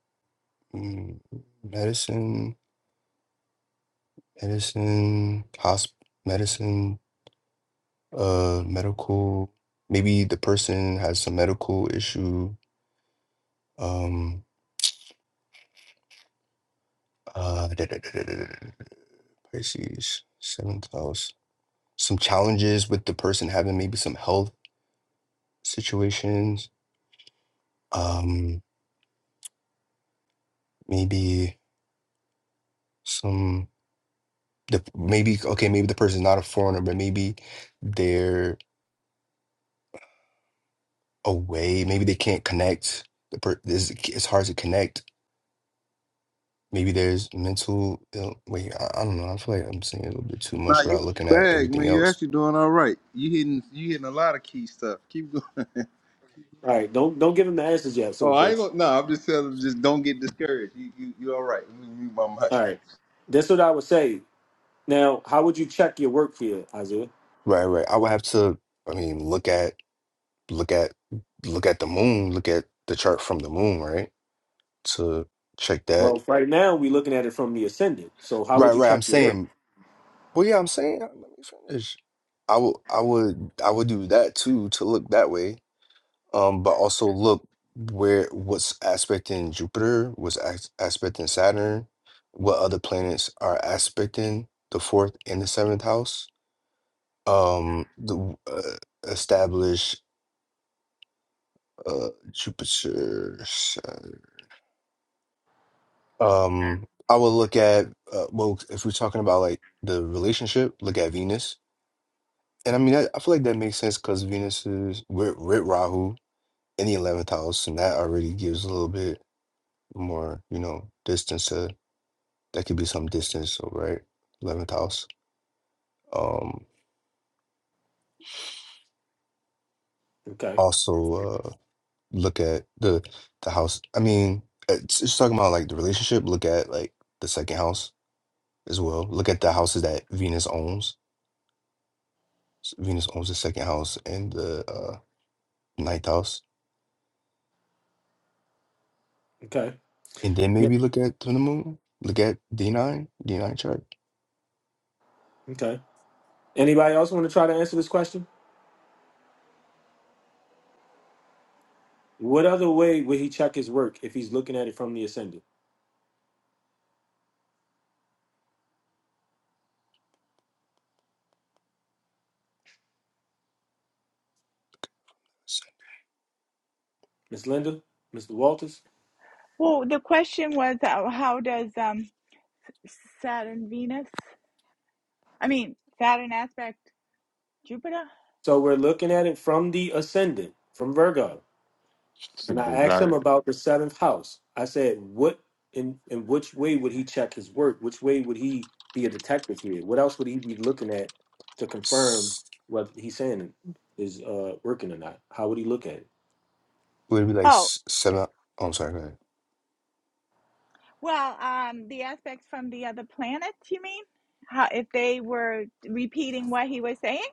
[SPEAKER 7] mm, medicine, medicine, hosp, medicine, uh, medical. Maybe the person has some medical issue. Um, uh, Pisces, seventh house. Some challenges with the person having maybe some health situations. um. maybe some the maybe okay maybe the person's not a foreigner but maybe they're away maybe they can't connect the per this it's hard to connect maybe there's mental ill wait I, I don't know I feel like I'm saying a little bit too
[SPEAKER 5] Nah,
[SPEAKER 7] much
[SPEAKER 5] you
[SPEAKER 7] without
[SPEAKER 5] in
[SPEAKER 7] looking
[SPEAKER 5] your
[SPEAKER 7] at
[SPEAKER 5] bag, man.
[SPEAKER 7] everything
[SPEAKER 5] You
[SPEAKER 7] else
[SPEAKER 5] actually doing all right. You hitting you hitting a lot of key stuff. Keep going.
[SPEAKER 1] All right. Don't don't give him the answers yet, Soul
[SPEAKER 5] Oh, I ain't
[SPEAKER 1] coach.
[SPEAKER 5] gonna no, I'm just telling them just don't get discouraged. You you you all right. Let me mute my
[SPEAKER 1] All
[SPEAKER 5] mic.
[SPEAKER 1] right. That's what I would say. Now, how would you check your work here, Isaiah?
[SPEAKER 7] right right I would have to I mean look at look at look at the moon look at the chart from the moon right to check that
[SPEAKER 1] Well, right now we're looking at it from the ascendant. So how
[SPEAKER 7] right
[SPEAKER 1] would you
[SPEAKER 7] right I'm
[SPEAKER 1] check your work?
[SPEAKER 7] saying Well, yeah, I'm saying, let me finish. I would, I would, I would do that too to look that way. Um, but also look where what's aspecting Jupiter, what's as aspecting Saturn, what other planets are aspecting the fourth and the seventh house. Um, the uh, establish uh Jupiter. Saturn. Um, I would look at uh, well, if we're talking about like the relationship, look at Venus And I mean, I, I feel like that makes sense because Venus is with, with Rahu in the 11th house, and that already gives a little bit more, you know, distance to that could be some distance, so right? 11th house. Um,
[SPEAKER 1] Okay.
[SPEAKER 7] also, uh, look at the the house. I mean, uh, it's, it's talking about like the relationship. Look at like the second house as well. Look at the houses that Venus owns. S- Venus owns the second house and the uh, ninth house.
[SPEAKER 1] Okay.
[SPEAKER 7] And then
[SPEAKER 1] Yep.
[SPEAKER 7] maybe look at the moon. Look at D9, D9 chart.
[SPEAKER 1] Okay. Anybody else want to try to answer this question? What other way would he check his work if he's looking at it from the ascendant? Miss Linda? Mr. Walters?
[SPEAKER 3] Well, the question was, uh, how does um Saturn Venus? I mean, Saturn aspect Jupiter?
[SPEAKER 1] So we're looking at it from the ascendant, from Virgo. And I
[SPEAKER 3] Yeah.
[SPEAKER 1] asked him about the seventh house. I said, what in in which way would he check his work? Which way would he be a detective here? What else would he be looking at to confirm
[SPEAKER 7] s-
[SPEAKER 1] what he's saying is uh, working or not? How would he look at it?
[SPEAKER 7] would it be like
[SPEAKER 3] Oh,
[SPEAKER 7] s- seven? Oh, I'm sorry. Go ahead.
[SPEAKER 3] well, um, the aspects from the other planets, you mean? How, if they were repeating what he was saying?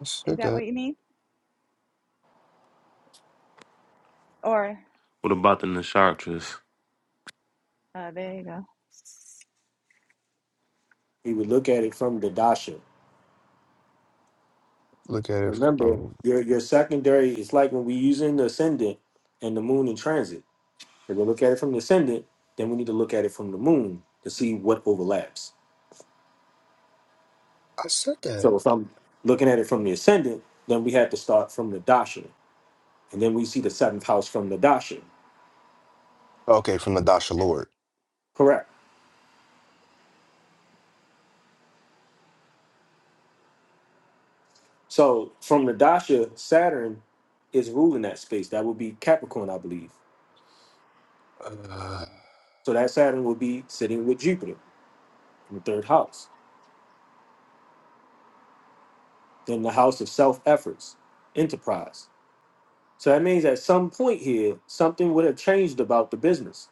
[SPEAKER 7] I
[SPEAKER 3] Is
[SPEAKER 7] said
[SPEAKER 3] that
[SPEAKER 7] that.
[SPEAKER 3] what you mean? Or,
[SPEAKER 4] What about the nakshatras?
[SPEAKER 3] uh, there you go.
[SPEAKER 1] He would look at it from the dasha.
[SPEAKER 7] Look at it
[SPEAKER 1] Remember,
[SPEAKER 7] from.
[SPEAKER 1] your your secondary is like when we using the ascendant and the moon in transit. If we look at it from the ascendant, then we need to look at it from the moon to see what overlaps.
[SPEAKER 7] I said that.
[SPEAKER 1] So if I'm looking at it from the ascendant, then we have to start from the dasha And then we see the seventh house from the Dasha.
[SPEAKER 7] Okay, from the Dasha Lord.
[SPEAKER 1] Correct. So from the Dasha, Saturn is ruling that space. That would be Capricorn, I believe.
[SPEAKER 7] Uh,
[SPEAKER 1] So that Saturn would be sitting with Jupiter in the third house. Then the house of self efforts, enterprise. So that means at some point here, something would have changed about the business.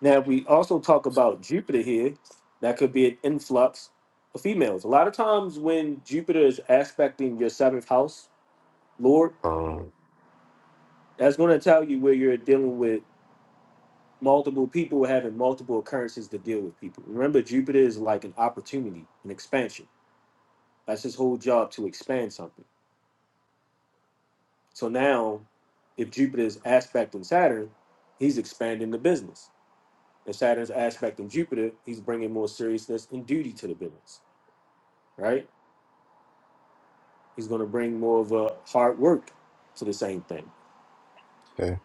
[SPEAKER 1] Now, if we also talk about Jupiter here, that could be an influx of females. A lot of times when Jupiter is aspecting your seventh house, Lord,
[SPEAKER 7] um.
[SPEAKER 1] that's going to tell you where you're dealing with multiple people having multiple occurrences to deal with people. Remember, Jupiter is like an opportunity, an expansion. That's his whole job to expand something. So now, if Jupiter is aspecting Saturn, he's expanding the business. If Saturn's aspecting Jupiter, he's bringing more seriousness and duty to the business, right? He's going to bring more of a hard work to the same thing.
[SPEAKER 7] Okay.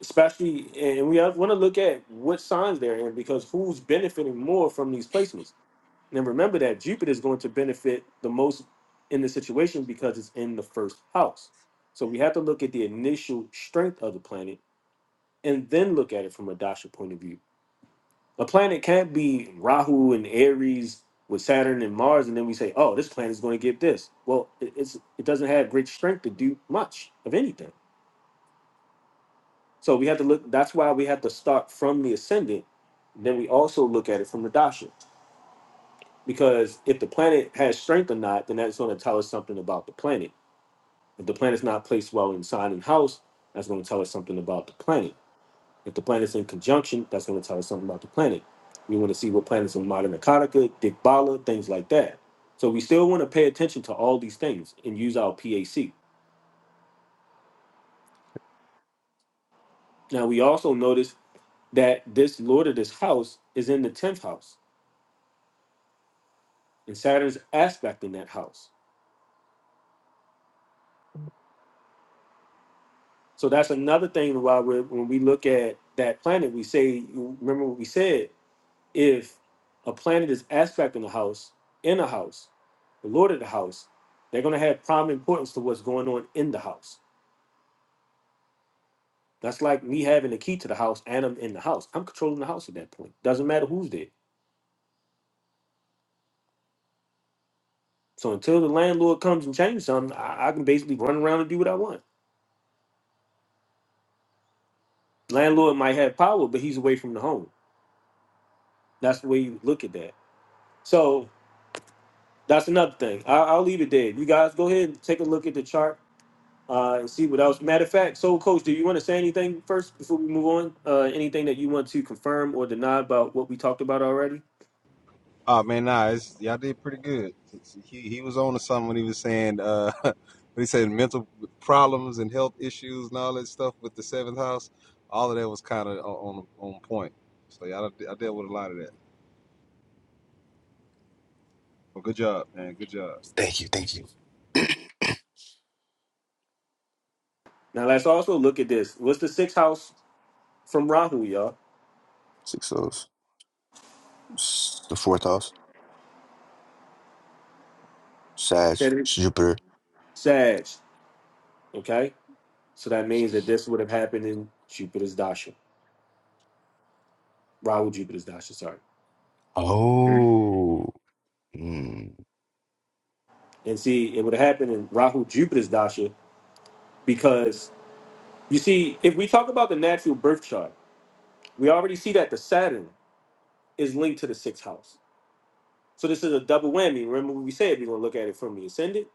[SPEAKER 1] Especially, and we want to look at what signs they're in because who's benefiting more from these placements And remember that Jupiter is going to benefit the most in the situation because it's in the first house. So we have to look at the initial strength of the planet and then look at it from a dasha point of view. A planet can't be Rahu and Aries with Saturn and Mars, and then we say, "Oh, this planet is going to get this." Well, it, it's it doesn't have great strength to do much of anything. So we have to look. That's why we have to start from the ascendant. Then we also look at it from the dasha. because if the planet has strength or not, then that's going to tell us something about the planet. If the planet's not placed well in sign and house, that's going to tell us something about the planet. If the planet's in conjunction, that's going to tell us something about the planet. We want to see what planets are in modern Akataka, Dikbala, things like that. So we still want to pay attention to all these things and use our PAC. Now we also notice that this lord of this house is in the tenth house, and Saturn's aspect in that house. So that's another thing why we when we look at that planet, we say, remember what we said, if a planet is aspect in the house, in a house, the Lord of the house, they're going to have prime importance to what's going on in the house. That's like me having the key to the house and I'm in the house. I'm controlling the house at that point. Doesn't matter who's there. So until the landlord comes and changes something, I, I can basically run around and do what I want. Landlord might have power, but he's away from the home. That's the way you look at that. So That's another thing. I, I'll leave it there. You guys go ahead and take a look at the chart uh, and see what else. Matter of fact, so coach, do you want to say anything first before we move on? Uh, anything that you want to confirm or deny about what we talked about already?
[SPEAKER 5] Oh man, nah, it's, y'all did pretty good. He he was on to something when he was saying uh when he said mental problems and health issues and all that stuff with the seventh house. All of that was kind of on on point. So y'all, I I dealt with a lot of that. Well, good job, man. Good job.
[SPEAKER 7] Thank you. Thank you.
[SPEAKER 1] Now let's also look at this. What's the sixth house from Rahu, y'all?
[SPEAKER 7] Six O's. S- The fourth house. Sag.
[SPEAKER 1] Said-
[SPEAKER 7] Jupiter.
[SPEAKER 1] Sag. Okay, so that means that this would have happened in Jupiter's dasha, Rahu Jupiter's dasha. Sorry,
[SPEAKER 7] Oh. Mm.
[SPEAKER 1] and see, it would have happened in Rahu Jupiter's dasha because you see, if we talk about the natural birth chart. We already see that the Saturn is linked to the sixth house. So this is a double whammy. Remember what we said, we're going to look at it from the ascendant,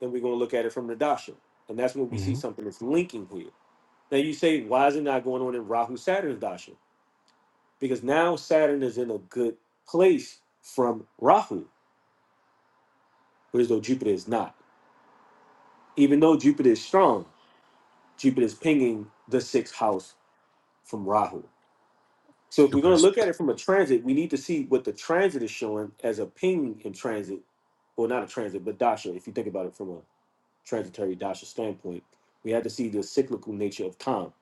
[SPEAKER 1] then we're going to look at it from the dasha. And that's when we see
[SPEAKER 7] hmm
[SPEAKER 1] something that's linking here. Now you say, why is it not going on in Rahu Saturn's dasha? Because now Saturn is in a good place from Rahu, whereas though Jupiter is not. Even though Jupiter is strong, Jupiter is pinging the sixth house from Rahu. So if we're going to
[SPEAKER 7] Jupiter's.
[SPEAKER 1] look at it from a transit, we need to see what the transit is showing as a ping in transit, or not a transit, but dasha. If you think about it from a transitory dasha standpoint, we had to see the cyclical nature of time.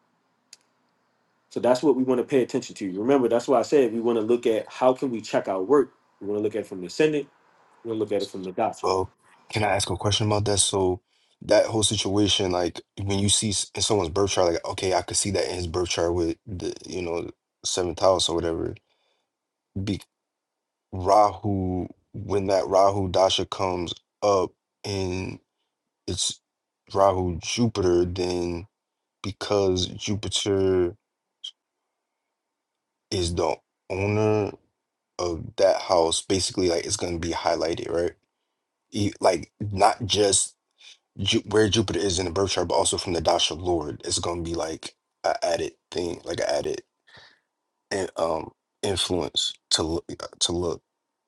[SPEAKER 1] So that's what we want to pay attention to. Remember, that's why I said we want to look at how can we check our work. We want to look at it from the ascendant. We want to look at it from the dasha.
[SPEAKER 7] Well, can I ask a question about that? So that whole situation, like when you see s- in someone's birth chart, like okay, I could see that in his birth chart with the you know seventh house or whatever. Rahu, when that Rahu Dasha comes up and it's Rahu Jupiter, then because Jupiter is the owner of that house, basically, like it's going to be highlighted, right? E- Like, not just Ju- where Jupiter is in the birth chart, but also from the Dasha Lord, it's going to be like a added thing, like an added in- um, influence to look, uh, to look,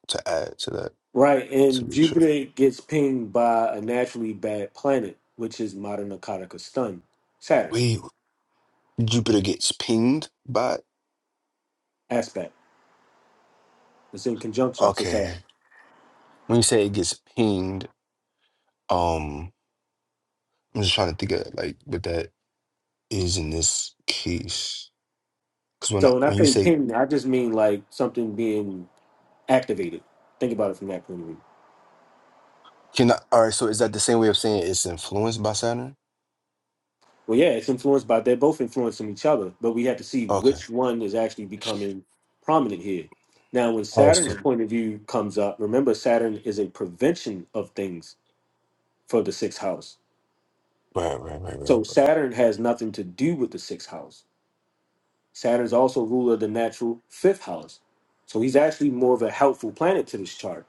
[SPEAKER 7] to add to that,
[SPEAKER 1] Right,
[SPEAKER 7] to
[SPEAKER 1] and
[SPEAKER 7] make sure.
[SPEAKER 1] Jupiter gets pinged by a naturally bad planet, which is modern Akataka stun, Saturn
[SPEAKER 7] Wait, Jupiter gets pinged by
[SPEAKER 1] aspect. It's in conjunction to Saturn.
[SPEAKER 7] okay. When you say it gets pinged, um, I'm just trying to think of like what that is in this case. Because when I
[SPEAKER 1] So when I
[SPEAKER 7] when you
[SPEAKER 1] say
[SPEAKER 7] say
[SPEAKER 1] pinged, I just mean like something being activated. Think about it from that point of view.
[SPEAKER 7] can I, all right, so is that the same way of saying it's influenced by Saturn?
[SPEAKER 1] Well, yeah, it's influenced by they're both influencing each other, but we have to see
[SPEAKER 7] Okay.
[SPEAKER 1] which one is actually becoming prominent here. Now, when
[SPEAKER 7] All right.
[SPEAKER 1] Saturn's
[SPEAKER 7] So
[SPEAKER 1] Yeah. point of view comes up, remember Saturn is a prevention of things for the sixth house.
[SPEAKER 7] right, right, right, right,
[SPEAKER 1] So
[SPEAKER 7] right,
[SPEAKER 1] Saturn has nothing to do with the sixth house. Saturn's also ruler of the natural fifth house. So he's actually more of a helpful planet to this chart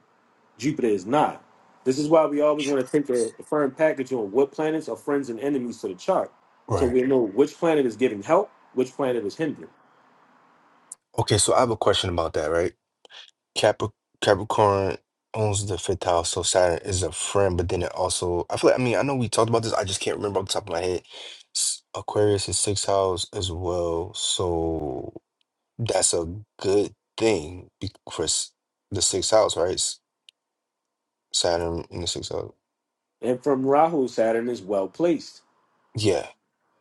[SPEAKER 1] Jupiter is not. This is why we always
[SPEAKER 7] right.
[SPEAKER 1] want to take a, a firm package on what planets are friends and enemies to the chart. So
[SPEAKER 7] Right.
[SPEAKER 1] we know which planet is giving help, which planet is hindering.
[SPEAKER 7] Okay. So I have a question about that. Right. Cap- Capricorn owns the fifth house, so Saturn is a friend, but then it also, I feel like, I mean, I know we talked about this, I just can't remember off the top of my head. S- Aquarius is sixth house as well, so that's a good thing be- for s- the sixth house, right? S- Saturn in the sixth house.
[SPEAKER 1] And from Rahu, Saturn is well placed.
[SPEAKER 7] Yeah.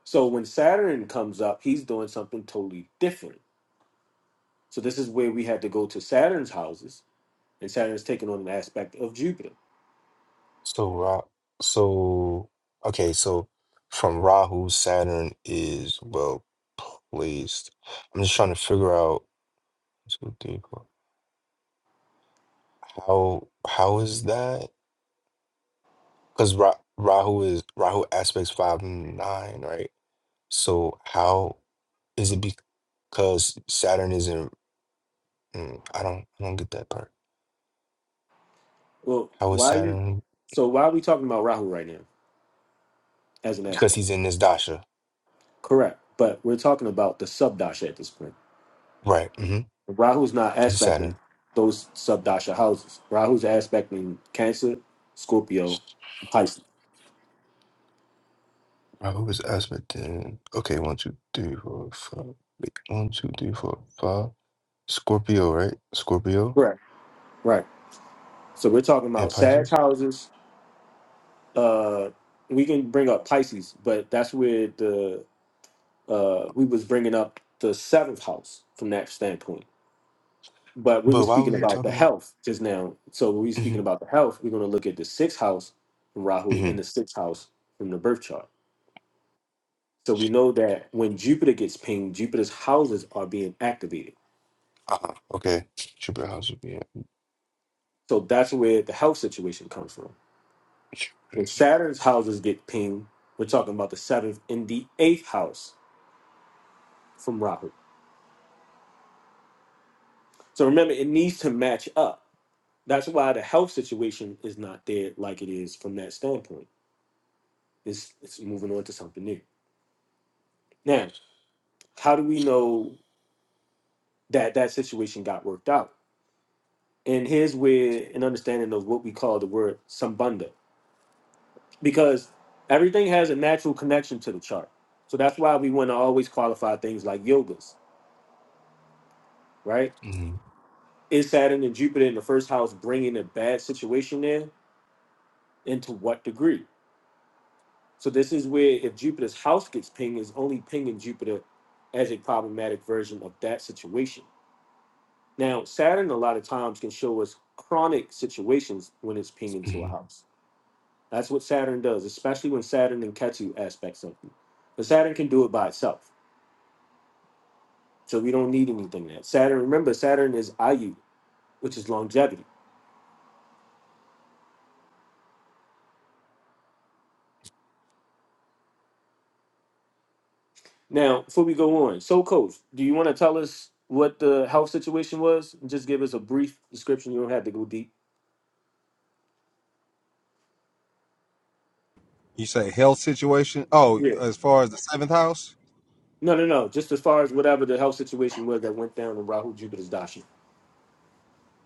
[SPEAKER 1] So when Saturn comes up, he's doing something totally different. So this is where we had to go to Saturn's houses, and Saturn's taking on an aspect of Jupiter.
[SPEAKER 7] So Ra, so okay, so from Rahu, Saturn is well placed. I'm just trying to figure out. How how is that? Because Ra Rahu is Rahu aspects five and nine, right? So how is it because Saturn is in? mm, I don't I don't get that part.
[SPEAKER 1] Well,
[SPEAKER 7] How is
[SPEAKER 1] why are you
[SPEAKER 7] Saturn?
[SPEAKER 1] so why are we talking about Rahu right now as an
[SPEAKER 7] Because
[SPEAKER 1] aspect?
[SPEAKER 7] he's in this dasha,
[SPEAKER 1] Correct. But we're talking about the subdasha at this point.
[SPEAKER 7] right? Mm-hmm.
[SPEAKER 1] Rahu's not
[SPEAKER 7] It's
[SPEAKER 1] aspecting
[SPEAKER 7] Saturn.
[SPEAKER 1] those subdasha houses. Rahu's aspecting Cancer, Scorpio, and Pisces.
[SPEAKER 7] Rahu is aspect in. Okay, one, two, three, four, five. Wait, one, two, three, four, five. Scorpio, right? Scorpio
[SPEAKER 1] Correct. Right. So we're talking
[SPEAKER 7] and
[SPEAKER 1] about Sag
[SPEAKER 7] Pisces.
[SPEAKER 1] houses. Uh, we can bring up Pisces, but that's where the uh, we was bringing up the seventh house from that standpoint. But we were
[SPEAKER 7] But why were
[SPEAKER 1] speaking
[SPEAKER 7] you
[SPEAKER 1] about
[SPEAKER 7] talking
[SPEAKER 1] the
[SPEAKER 7] about?
[SPEAKER 1] health just now. So when we
[SPEAKER 7] hmm
[SPEAKER 1] speaking about the health, we're going to look at the sixth house from Rahu
[SPEAKER 7] hmm
[SPEAKER 1] and the sixth house from the birth chart. So we know that when Jupiter gets pinged, Jupiter's houses are being activated.
[SPEAKER 7] Uh-huh. Okay. Jupiter house would be
[SPEAKER 1] So that's where the health situation comes from.
[SPEAKER 7] in.
[SPEAKER 1] When Saturn's houses get pinged, we're talking about the seventh and the eighth house from Rahu. So remember, it needs to match up. That's why the health situation is not there like it is from that standpoint. It's, it's moving on to something new. Now, how do we know that that situation got worked out? And here's where an understanding of what we call the word sambandha. because everything has a natural connection to the chart. So that's why we want to always qualify things like yogas, right?
[SPEAKER 7] Mhm,
[SPEAKER 1] Is Saturn and Jupiter in the first house bringing a bad situation in, and to what degree? So this is where if Jupiter's house gets pinged, is only pinging Jupiter as a problematic version of that situation. Now Saturn a lot of times can show us chronic situations when it's pinging to a
[SPEAKER 7] mhm.
[SPEAKER 1] house. That's what Saturn does, especially when Saturn and Ketu aspect something. But Saturn can do it by itself So we don't need anything there. Saturn, remember, Saturn is Ayu, which is longevity. Now, before we go on, so coach, do you want to tell us what the health situation was? Just give us a brief description. You don't have to go deep.
[SPEAKER 5] You say health situation? Oh,
[SPEAKER 1] Yeah.
[SPEAKER 5] as far as the seventh house?
[SPEAKER 1] No, no, no. Just as far as whatever the health situation was that went down in Rahu Jupiter's Dashi.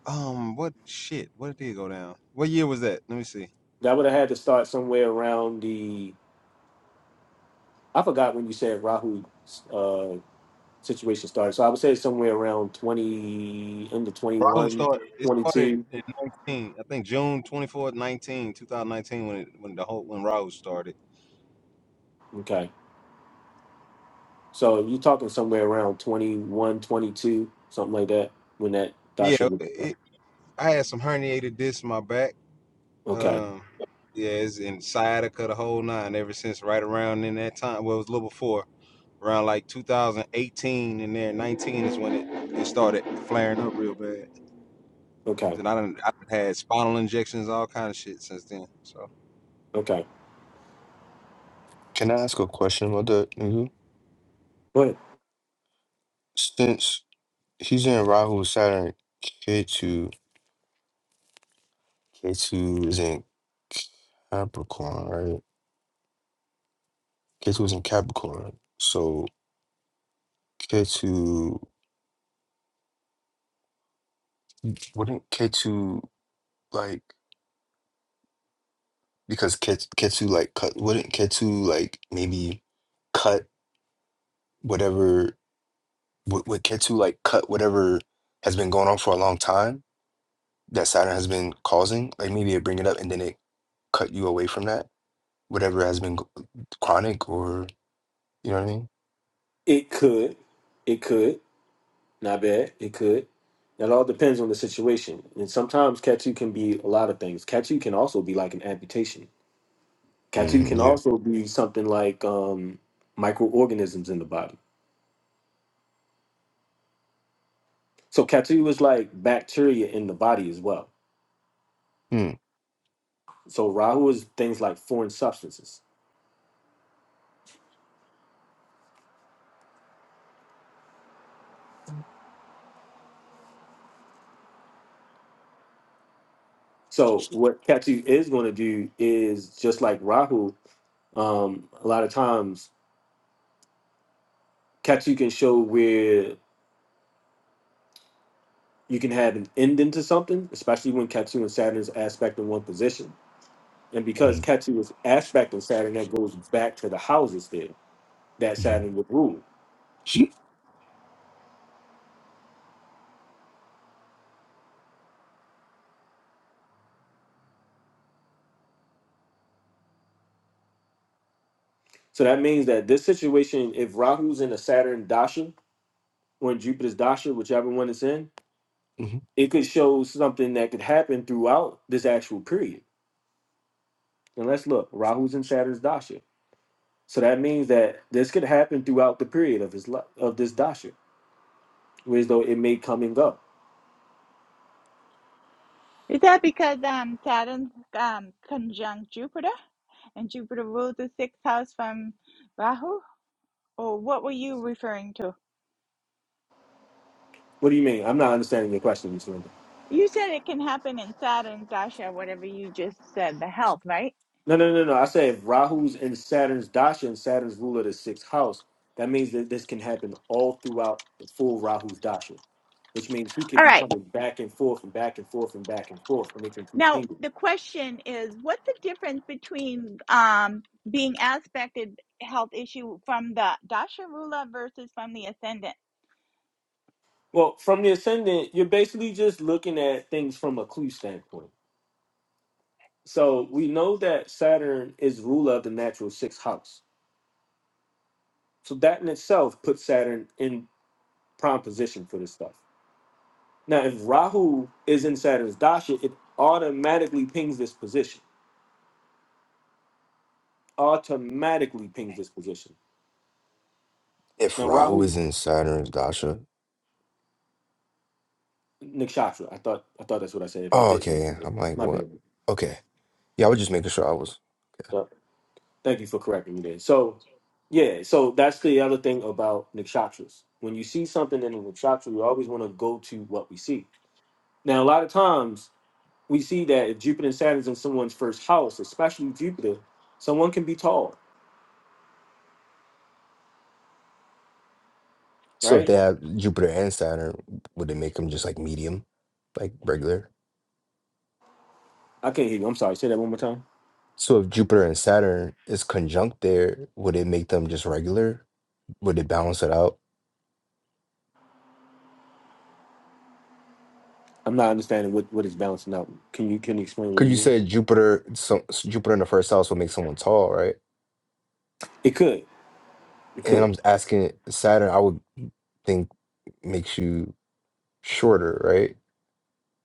[SPEAKER 5] Um, what shit? What did it go down? What year was that? Let me see.
[SPEAKER 1] That would have had to start somewhere around the I forgot when you said Rahu uh situation started. So I would say somewhere around twenty into twenty
[SPEAKER 5] Bravo
[SPEAKER 1] one,
[SPEAKER 5] started. It
[SPEAKER 1] twenty
[SPEAKER 5] started
[SPEAKER 1] two.
[SPEAKER 5] in nineteen. I think June twenty fourth, 19, 2019, when it when the whole when Rahu started.
[SPEAKER 1] Okay. So you're talking somewhere around 21, 22, something like that, when that Dasha
[SPEAKER 5] Yeah,
[SPEAKER 1] would.
[SPEAKER 5] it, I had some herniated discs in my back.
[SPEAKER 1] Okay,
[SPEAKER 5] Um, yeah, it's in sciatica the whole nine ever since right around in that time. Well, it was a little before around like 2018 and there 19 is when it, it started flaring up real bad.
[SPEAKER 1] okay,
[SPEAKER 5] And I done, I done had spinal injections, all kind of shit since then. So
[SPEAKER 1] okay.
[SPEAKER 7] Can I ask a question about that, Nigel?
[SPEAKER 1] But
[SPEAKER 7] Since he's in Rahu Saturn, K2, K2 is in Capricorn, right? K2 is in Capricorn. So K2, wouldn't K2 like, because K, K2 like cut, wouldn't K2 like maybe cut whatever, would, would K2 like cut whatever has been going on for a long time that Saturn has been causing? Like maybe it bring it up and then it cut you away from that, whatever has been chronic or you know what I mean?
[SPEAKER 1] it could, it could, not bad, it could. That all depends on the situation. And sometimes Katu can be a lot of things. Katu can also be like an amputation. Katu
[SPEAKER 7] hmm
[SPEAKER 1] can
[SPEAKER 7] yeah.
[SPEAKER 1] also be something like um, microorganisms in the body. So Katu is like bacteria in the body as well.
[SPEAKER 7] mm
[SPEAKER 1] So Rahu is things like foreign substances. So what Ketu is going to do is just like Rahu. Um, a lot of times, Ketu can show where you can have an ending to something, especially when Ketu and Saturn is aspect in one position. And because
[SPEAKER 7] mm
[SPEAKER 1] Ketu is aspect in Saturn, that goes back to the houses there that
[SPEAKER 7] mm
[SPEAKER 1] Saturn would rule. So that means that this situation, if Rahu's in a Saturn dasha or in Jupiter's dasha, whichever one it's in,
[SPEAKER 7] hmm
[SPEAKER 1] it could show something that could happen throughout this actual period. And let's look. Rahu's in Saturn's dasha. So that means that this could happen throughout the period of his life, of this dasha, whereas though it may come and go.
[SPEAKER 3] Is that because um, Saturn um, conjunct Jupiter and Jupiter rules the sixth house from Rahu? Or what were you referring to?
[SPEAKER 1] What do you mean? I'm not understanding your question, Mr. Linda.
[SPEAKER 3] You said it can happen in Saturn, Dasha, whatever you just said, the health, right?
[SPEAKER 1] No, no, no, no. I said if Rahu's in Saturn's dasha and Saturn's ruler of the sixth house, that means that this can happen all throughout the full Rahu's dasha, which means he could
[SPEAKER 3] All
[SPEAKER 1] be
[SPEAKER 3] right.
[SPEAKER 1] coming back and forth and back and forth and back and forth, and it can keep
[SPEAKER 3] Now,
[SPEAKER 1] pinging.
[SPEAKER 3] the question is, what's the difference between um, being aspected health issue from the dasha versus from the ascendant?
[SPEAKER 1] Well, from the ascendant, you're basically just looking at things from a clue standpoint. So we know that Saturn is ruler of the natural sixth house So that in itself puts Saturn in prime position for this stuff. Now, if Rahu is in Saturn's dasha, it automatically pings this position. Automatically pings this position.
[SPEAKER 7] If
[SPEAKER 1] Now,
[SPEAKER 7] Rahu
[SPEAKER 1] Rahu
[SPEAKER 7] is in Saturn's dasha,
[SPEAKER 1] nakshatra. I thought I thought that's what I said. If I
[SPEAKER 7] oh okay.
[SPEAKER 1] didn't,
[SPEAKER 7] yeah. I'm like,
[SPEAKER 1] my
[SPEAKER 7] what?
[SPEAKER 1] bad.
[SPEAKER 7] Okay, yeah. I was just making sure I was.
[SPEAKER 1] But thank you for correcting me there. So, yeah. So that's the other thing about nakshatras. When you see something in a nakshatra, we always want to go to what we see. Now, a lot of times we see that if Jupiter and Saturn is in someone's first house, especially Jupiter, someone can be tall,
[SPEAKER 7] So if
[SPEAKER 1] right?
[SPEAKER 7] they have Jupiter and Saturn, would it make them just like medium, like regular?
[SPEAKER 1] I can't hear you. I'm sorry. Say that one more time.
[SPEAKER 7] So if Jupiter and Saturn is conjunct there, would it make them just regular? Would it balance it out?
[SPEAKER 1] I'm not understanding what, what is balancing out. Can you can you explain a little
[SPEAKER 7] Because you
[SPEAKER 1] more?
[SPEAKER 7] said Jupiter, so so Jupiter in the first house will make someone tall, right?
[SPEAKER 1] It could. It
[SPEAKER 7] And
[SPEAKER 1] could.
[SPEAKER 7] I'm asking Saturn, I would think makes you. Shorter, right?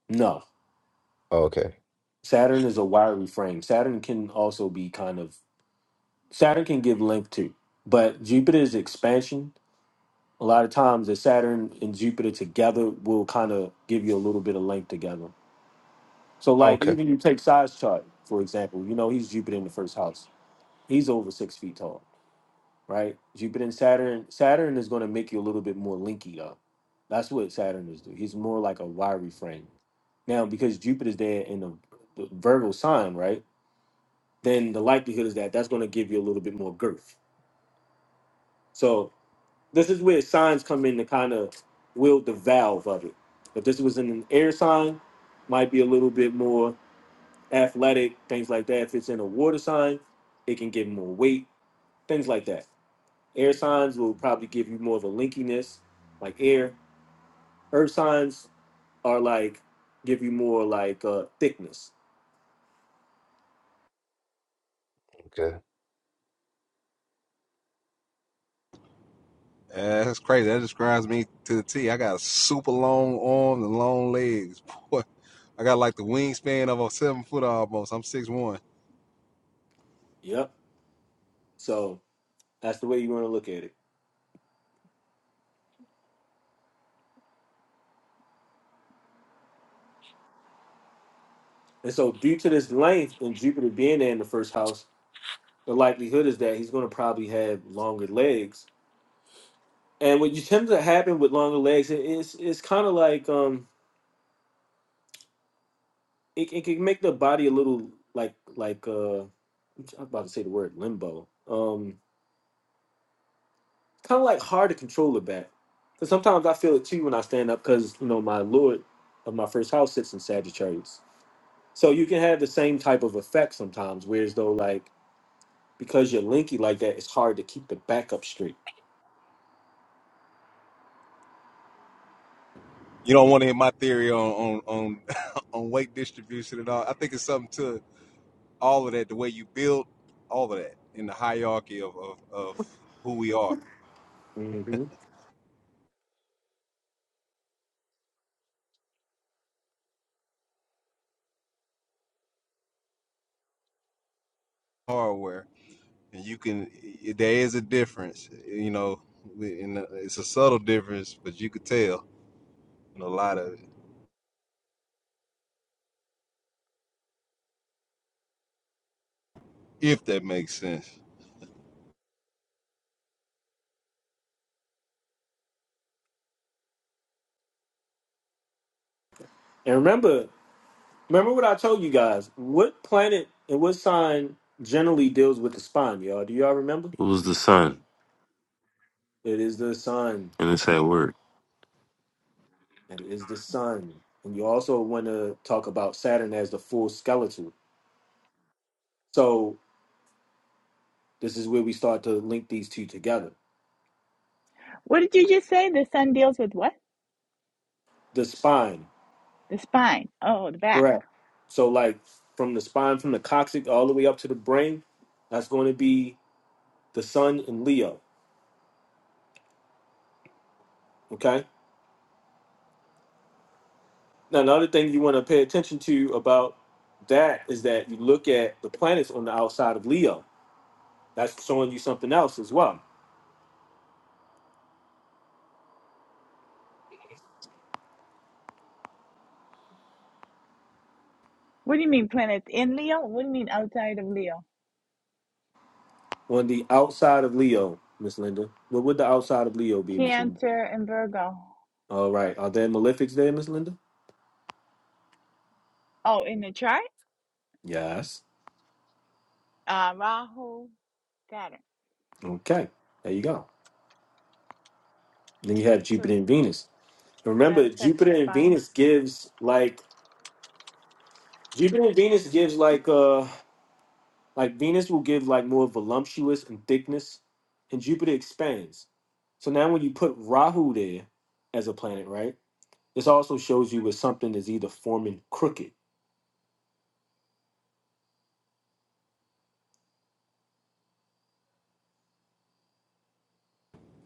[SPEAKER 1] No.
[SPEAKER 7] Oh, okay.
[SPEAKER 1] Saturn is a wiry frame. Saturn can also be kind of Saturn can give length too. But Jupiter's expansion, a lot of times the Saturn and Jupiter together will kind of give you a little bit of length together. So like
[SPEAKER 7] Okay.
[SPEAKER 1] even you take size chart, for example, you know he's Jupiter in the first house He's over six feet tall, right? Jupiter and Saturn. Saturn is going to make you a little bit more linky up. That's what Saturn is doing. He's more like a wiry frame. Now, because Jupiter's there in the, the Virgo sign, right? Then the likelihood is that that's going to give you a little bit more girth. So this is where signs come in to kind of wield the valve of it. If this was in an air sign, might be a little bit more athletic, things like that. If it's in a water sign, it can give more weight, things like that. Air signs will probably give you more of a linkiness, like air. Earth signs are like give you more like uh, thickness.
[SPEAKER 7] Okay.
[SPEAKER 5] yeah, that's crazy. That describes me to the T. I got super long arms and long legs. Boy, I got like the wingspan of a seven foot almost. I'm six one.
[SPEAKER 1] Yep. So that's the way you want to look at it. And so due to this length and Jupiter being there in the first house, the likelihood is that he's going to probably have longer legs. And what you tend to happen with longer legs, it- it's it's kind of like um, it, it can make the body a little like like uh, I'm about to say the word limbo. Um, kind of like hard to control it back. Because sometimes I feel it too when I stand up because, you know, my Lord of my first house sits in Sagittarius. So you can have the same type of effect sometimes, whereas though, like, because you're linky like that, it's hard to keep the back up straight.
[SPEAKER 5] You don't want to hear my theory on on on, on weight distribution and all. I think it's something to all of that, the way you build all of that in the hierarchy of of, of who we are,
[SPEAKER 1] hmm
[SPEAKER 5] hardware. and you can there is a difference you know and uh, it's a subtle difference but you could tell in a lot of it if that makes sense
[SPEAKER 1] And remember, remember what I told you guys. What planet and what sign generally deals with the spine, y'all? Do y'all remember?
[SPEAKER 4] It was the sun,
[SPEAKER 1] It is the sun.
[SPEAKER 4] and it's at work.
[SPEAKER 1] It is the sun. And you also want to talk about Saturn as the full skeleton. So This is where we start to link these two together.
[SPEAKER 3] What did you just say? The sun deals with what?
[SPEAKER 1] The spine,
[SPEAKER 3] The spine. Oh, the back.
[SPEAKER 1] correct. So, like from the spine, from the coccyx all the way up to the brain, that's going to be the sun and Leo. Okay. Now, another thing you want to pay attention to about that is that you look at the planets on the outside of Leo. That's showing you something else as well.
[SPEAKER 3] What do you mean planets in Leo? What do you mean outside of Leo?
[SPEAKER 1] On the outside of Leo, Miss Linda, what would the outside of Leo be, Miss Linda?
[SPEAKER 3] Cancer and Virgo.
[SPEAKER 1] All right. Are there malefics there, Miss Linda?
[SPEAKER 3] Oh, in the chart?
[SPEAKER 1] Yes.
[SPEAKER 3] Uh, Rahu, Saturn.
[SPEAKER 1] Okay. There you go. Then you have Jupiter
[SPEAKER 3] So
[SPEAKER 1] and Venus.
[SPEAKER 3] that
[SPEAKER 1] Remember,
[SPEAKER 3] affects the
[SPEAKER 1] Jupiter and
[SPEAKER 3] spine.
[SPEAKER 1] Venus gives like Jupiter and Venus gives like uh like Venus will give like more voluptuous and thickness, and Jupiter expands. So now when you put Rahu there as a planet, right? This also shows you where something is either forming crooked.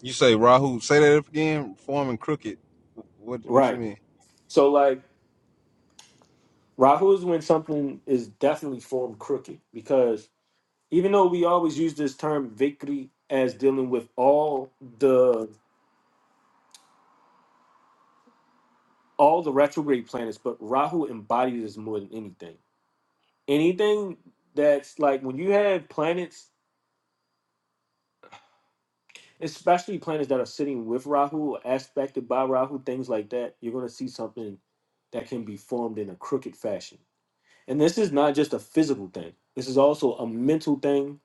[SPEAKER 5] you say rahu say that again form and crooked what what you
[SPEAKER 1] Right.
[SPEAKER 5] mean
[SPEAKER 1] So like Rahu is when something is definitely formed crooked because even though we always use this term vikri as dealing with all the all the retrograde planets, but Rahu embodies this more than anything. Anything that's like when you have planets, especially planets that are sitting with Rahu, or aspected by Rahu, things like that, you're going to see something that can be formed in a crooked fashion. And this is not just a physical thing, this is also a mental thing,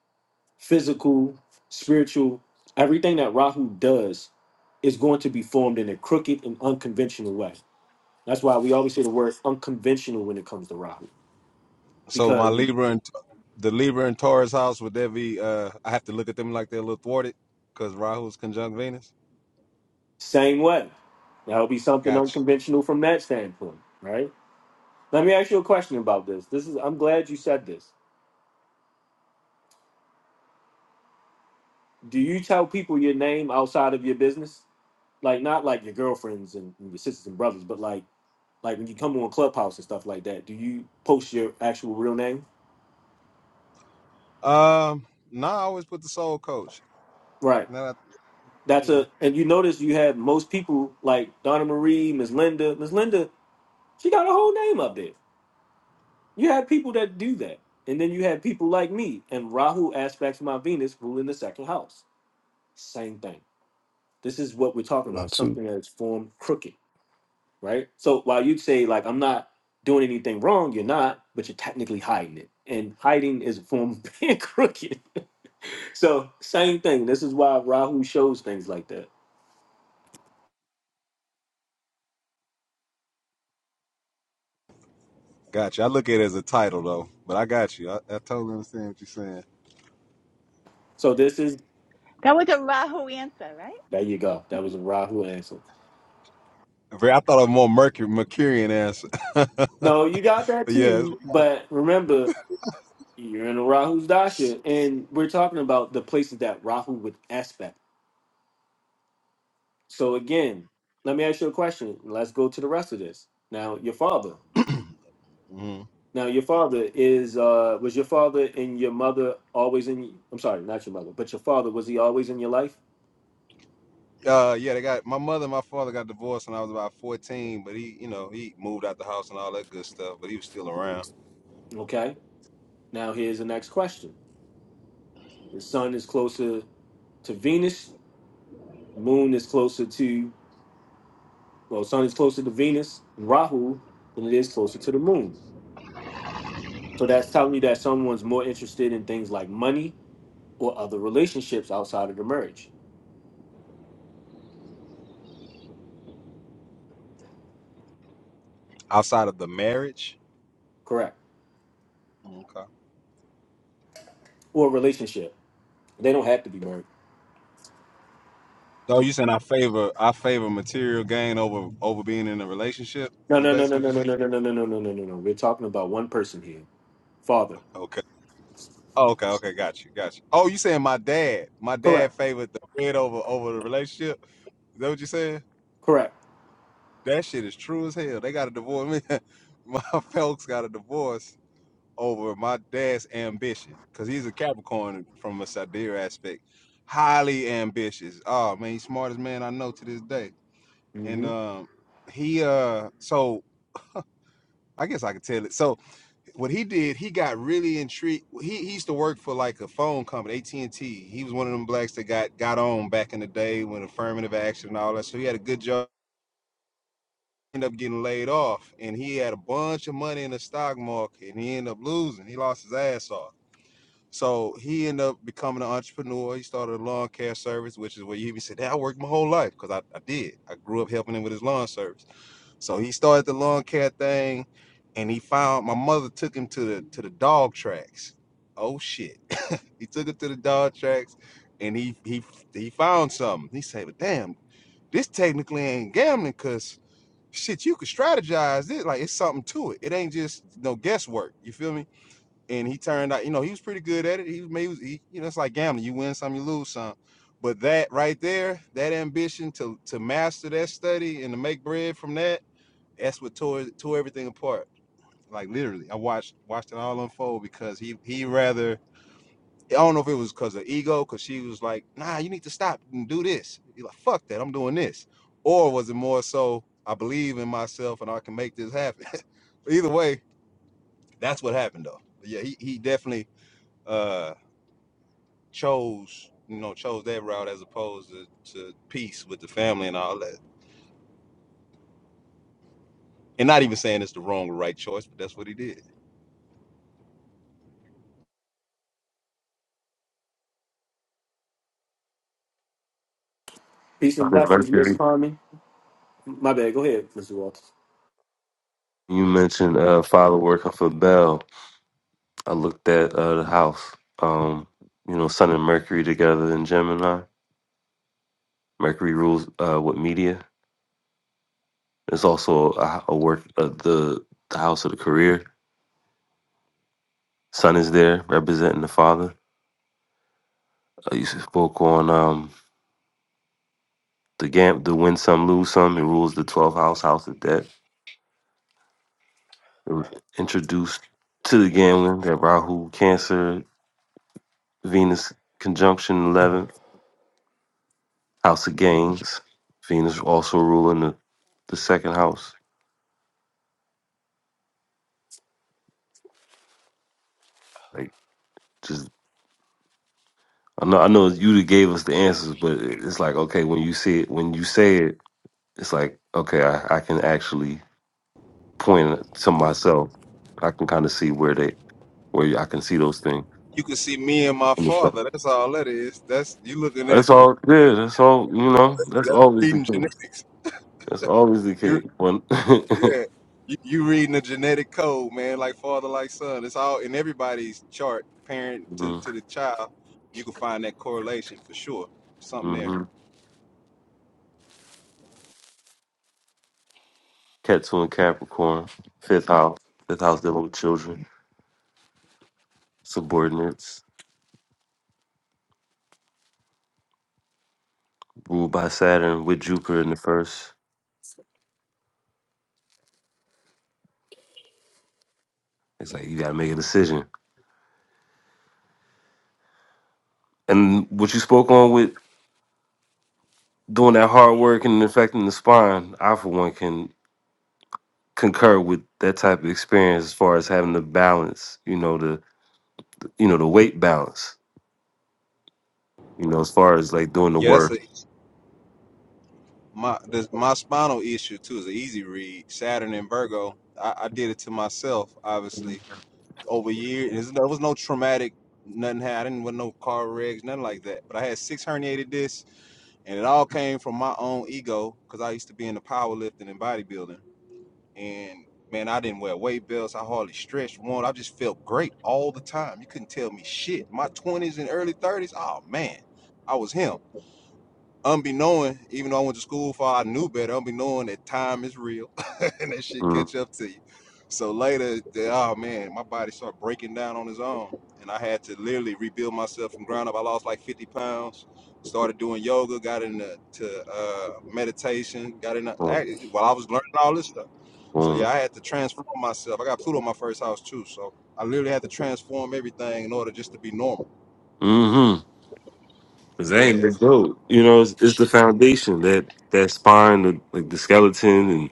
[SPEAKER 1] physical, spiritual. Everything that Rahu does is going to be formed in a crooked and unconventional way. That's why we always say the word unconventional when it comes to Rahu
[SPEAKER 5] so my
[SPEAKER 1] because
[SPEAKER 5] libra and the libra and taurus house would that be uh i have to look at them like they're a little thwarted because rahu's conjunct venus
[SPEAKER 1] Same way. That'll be something
[SPEAKER 5] gotcha
[SPEAKER 1] unconventional from that standpoint, right? Let me ask you a question about this. This is I'm glad you said this. Do you tell people your name outside of your business? Like not like your girlfriends and, and your sisters and brothers, but like like when you come on Clubhouse and stuff like that, do you post your actual real name?
[SPEAKER 5] um no nah, i always put the soul coach
[SPEAKER 1] Right.
[SPEAKER 5] now that,
[SPEAKER 1] That's
[SPEAKER 5] yeah
[SPEAKER 1] a and you notice you have most people like Donna Marie, Miss Linda. Miss Linda, she got her whole name up there. You have people that do that. And then you have people like me and Rahu aspects of my Venus ruling the second house. Same thing. This is what we're talking about,
[SPEAKER 7] Not too.
[SPEAKER 1] something that's formed crooked, right? So while you'd say, like, I'm not doing anything wrong, you're not, but you're technically hiding it. And hiding is a form of being crooked. So same thing. This is why Rahu shows things like that.
[SPEAKER 5] gotcha i look at it as a title though but i got you i, I totally understand what you're saying
[SPEAKER 1] So this is
[SPEAKER 3] That was a Rahu answer, right?
[SPEAKER 1] there you go. That was a Rahu answer.
[SPEAKER 5] Very- I thought of a more Mercury, Mercurian answer. but
[SPEAKER 1] No, you got that
[SPEAKER 5] yeah.
[SPEAKER 1] too. But remember, You're in a Rahu's Dasha, and we're talking about the places that Rahu would aspect. So again, let me ask you a question. Let's go to the rest of this. Now, your father.
[SPEAKER 5] it's- Mhm.
[SPEAKER 1] Now, your father is uh was your father and your mother always in I'm sorry, not your mother, but your father, was he always in your life?
[SPEAKER 5] Uh, yeah, they got my mother and my father got divorced when I was about 14, but he, you know, he moved out the house and all that good stuff, but he was still around
[SPEAKER 1] Okay. Now here's the next question. The sun is closer to Venus, moon is closer to well, sun is closer to Venus and Rahu than it is closer to the moon. So that's telling you that someone's more interested in things like money or other relationships outside of the marriage.
[SPEAKER 5] outside of the marriage.
[SPEAKER 1] Correct.
[SPEAKER 5] Okay.
[SPEAKER 1] Or a relationship. They don't have to be married.
[SPEAKER 5] So you saying I favor I favor material gain over over being in a relationship?
[SPEAKER 1] No,
[SPEAKER 5] Is
[SPEAKER 1] no, no, no,
[SPEAKER 5] basically what
[SPEAKER 1] no,
[SPEAKER 5] you
[SPEAKER 1] no,
[SPEAKER 5] saying?
[SPEAKER 1] no, no, no, no, no, no, no, no, no. We're talking about one person here. Father.
[SPEAKER 5] Okay. Oh, okay, okay, got you, got you. Oh, you saying my dad? My dad
[SPEAKER 1] Correct.
[SPEAKER 5] favored the bread over over the relationship? Is that what you saying?
[SPEAKER 1] Correct.
[SPEAKER 5] That shit is true as hell. They got a divorce. Me, my folks got a divorce over my dad's ambition because he's a Capricorn from a Sadir aspect, highly ambitious. Oh man, he's smartest man I know to this day. And
[SPEAKER 1] hmm
[SPEAKER 5] um, he uh, so I guess I could tell it. So what he did, he got really intrigued. He, he used to work for like a phone company, AT and T. He was one of them blacks that got got on back in the day when affirmative action and all that. So he had a good job ended up getting laid off and he had a bunch of money in the stock market and he ended up losing. He lost his ass off. So he ended up becoming an entrepreneur. He started a lawn care service, which is where you even said, "Hey, I worked my whole life because I, I did. I grew up helping him with his lawn service. So he started the lawn care thing and he found my mother took him to the to the dog tracks. Oh shit. He took him to the dog tracks and he he he found something. He said, But damn, this technically ain't gambling because shit, you could strategize it. Like it's something to it. It ain't just no guesswork. You feel me? And he turned out, you know, he was pretty good at it. He was, he was he, you know, it's like gambling. You win some, you lose some. But that right there, that ambition to to master that study and to make bread from that, that's what tore tore everything apart. Like literally, I watched watched it all unfold because he he rather I don't know if it was because of ego, because she was like, nah, you need to stop and do this. you are like, fuck that, I'm doing this. Or was it more so, I believe in myself and I can make this happen? Either way, that's what happened though. But yeah, he, he definitely uh, chose, you know, chose that route as opposed to, to peace with the family and all that. And not even saying it's the wrong or right choice, but that's what he did.
[SPEAKER 1] Peace
[SPEAKER 4] Sun
[SPEAKER 1] and
[SPEAKER 4] and
[SPEAKER 1] blessings, Miss
[SPEAKER 4] Mercury.
[SPEAKER 1] Carmen. My bad. Go ahead, Mr. Walters.
[SPEAKER 4] You mentioned uh, father working for Bell. I looked at uh, the house. Um, you know, Sun and Mercury together in Gemini. Mercury rules uh, with media. It's also a, a work uh, the the house of the career. Sun is there representing the father. Uh, you spoke on um, the gam the win some lose some. It rules the 12th house, house of debt It was introduced to the gambling that Rahu, Cancer, Venus conjunction
[SPEAKER 7] hmm
[SPEAKER 4] 11th, house of gains. Venus also ruling the, the second house. Like, just, I know, I know you that gave us the answers, but it's like, okay, when you see it, when you say it, it's like, okay, I, I can actually point to myself. I can kind of see where they, where I can see those things.
[SPEAKER 5] You can see me and my father. That's all that is. That's you looking
[SPEAKER 4] That's
[SPEAKER 5] at the
[SPEAKER 4] all. Yeah, that's all. You know, that's
[SPEAKER 5] that's
[SPEAKER 4] always the
[SPEAKER 5] breeding
[SPEAKER 4] case.
[SPEAKER 5] genetics.
[SPEAKER 4] That's always the case. When
[SPEAKER 5] Yeah, you, you reading the genetic code, man, like father, like son. It's all in everybody's chart, parent to, to the child. You can find that correlation for sure. Something there.
[SPEAKER 4] Mm-hmm. Cat two and Capricorn, fifth house, fifth house dealing with children, subordinates, ruled by Saturn with Jupiter in the first. It's like you gotta make a decision. And what you spoke on with doing that hard work and affecting the spine, I for one can concur with that type of experience as far as having the balance, you know, the you know, the weight balance, you know, as far as like doing the
[SPEAKER 5] Yeah, that's
[SPEAKER 4] work.
[SPEAKER 5] a my this, my spinal issue too is an easy read. Saturn and Virgo. I, I did it to myself, obviously, over years. There's- There was no traumatic, nothing had. I didn't with no car wrecks, nothing like that. But I had six herniated discs, and it all came from my own ego because I used to be in the powerlifting and bodybuilding. and man, I didn't wear weight belts. I hardly stretched one. I just felt great all the time. You couldn't tell me shit. My twenties and early thirties, oh man, I was him unbeknown, even though I went to school for, I knew better. Unbeknown that time is real, and that shit
[SPEAKER 4] Mm-hmm.
[SPEAKER 5] catch up to you. So later, the, oh man, my body started breaking down on its own, and I had to literally rebuild myself from ground up. I lost like 50 pounds. Started doing yoga, got into to, uh, meditation, got into act- while I was learning all this stuff. So yeah, I had to transform myself. I got Pluto in my first house too, so I literally had to transform everything in order just to be normal.
[SPEAKER 4] Mm-hmm. Cause that ain't the
[SPEAKER 5] Yes.
[SPEAKER 4] goat. You know, it's, it's the foundation that that spine, the, like the skeleton, and